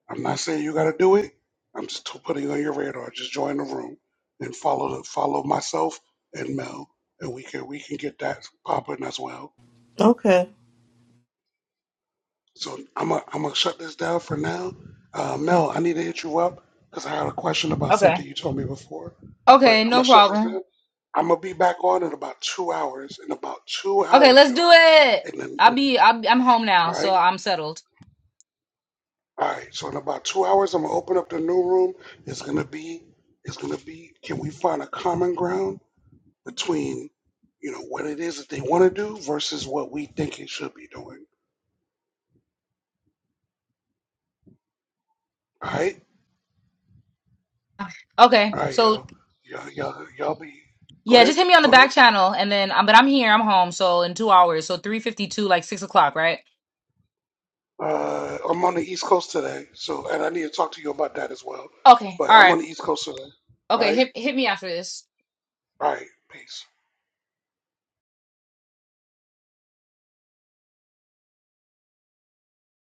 S2: I'm not saying you got to do it. I'm just t- putting it on your radar. Just join the room and follow the, follow myself and Mel, and we can we can get that popping as well.
S25: Okay.
S2: So I'm gonna I'm gonna shut this down for now. Uh, Mel, I need to hit you up because I had a question about
S1: Okay.
S2: something you told me before, but
S1: Okay,
S2: I'm gonna
S1: no
S2: shut this
S1: problem.
S2: down. I'm gonna be back on in about two hours. In about two
S1: Okay,
S2: hours,
S1: let's do
S2: y'all.
S1: it.
S2: And then,
S1: I'll
S2: then
S1: be I'll, I'm home now,
S2: all
S1: so
S2: right.
S1: I'm settled.
S2: All right, so in about two hours, I'm gonna open up the new room. It's gonna be, it's gonna be. Can we find a common ground between, you know, what it is that they want to do versus what we think it should be doing? All right,
S1: Okay,
S2: all right,
S1: so
S2: y'all, y'all, y'all, y'all be. Go
S1: yeah,
S2: ahead,
S1: just hit me on the
S2: go ahead.
S1: back channel, and then um, but I'm here, I'm home, so in two hours, so three fifty two, like six o'clock, right?
S2: Uh, I'm on the East Coast today, so and I need to talk to you about that as well.
S1: Okay,
S2: But
S1: all
S2: I'm
S1: right.
S2: on the East Coast today. All
S1: Okay,
S2: right,
S1: hit hit me after this.
S2: all right, peace.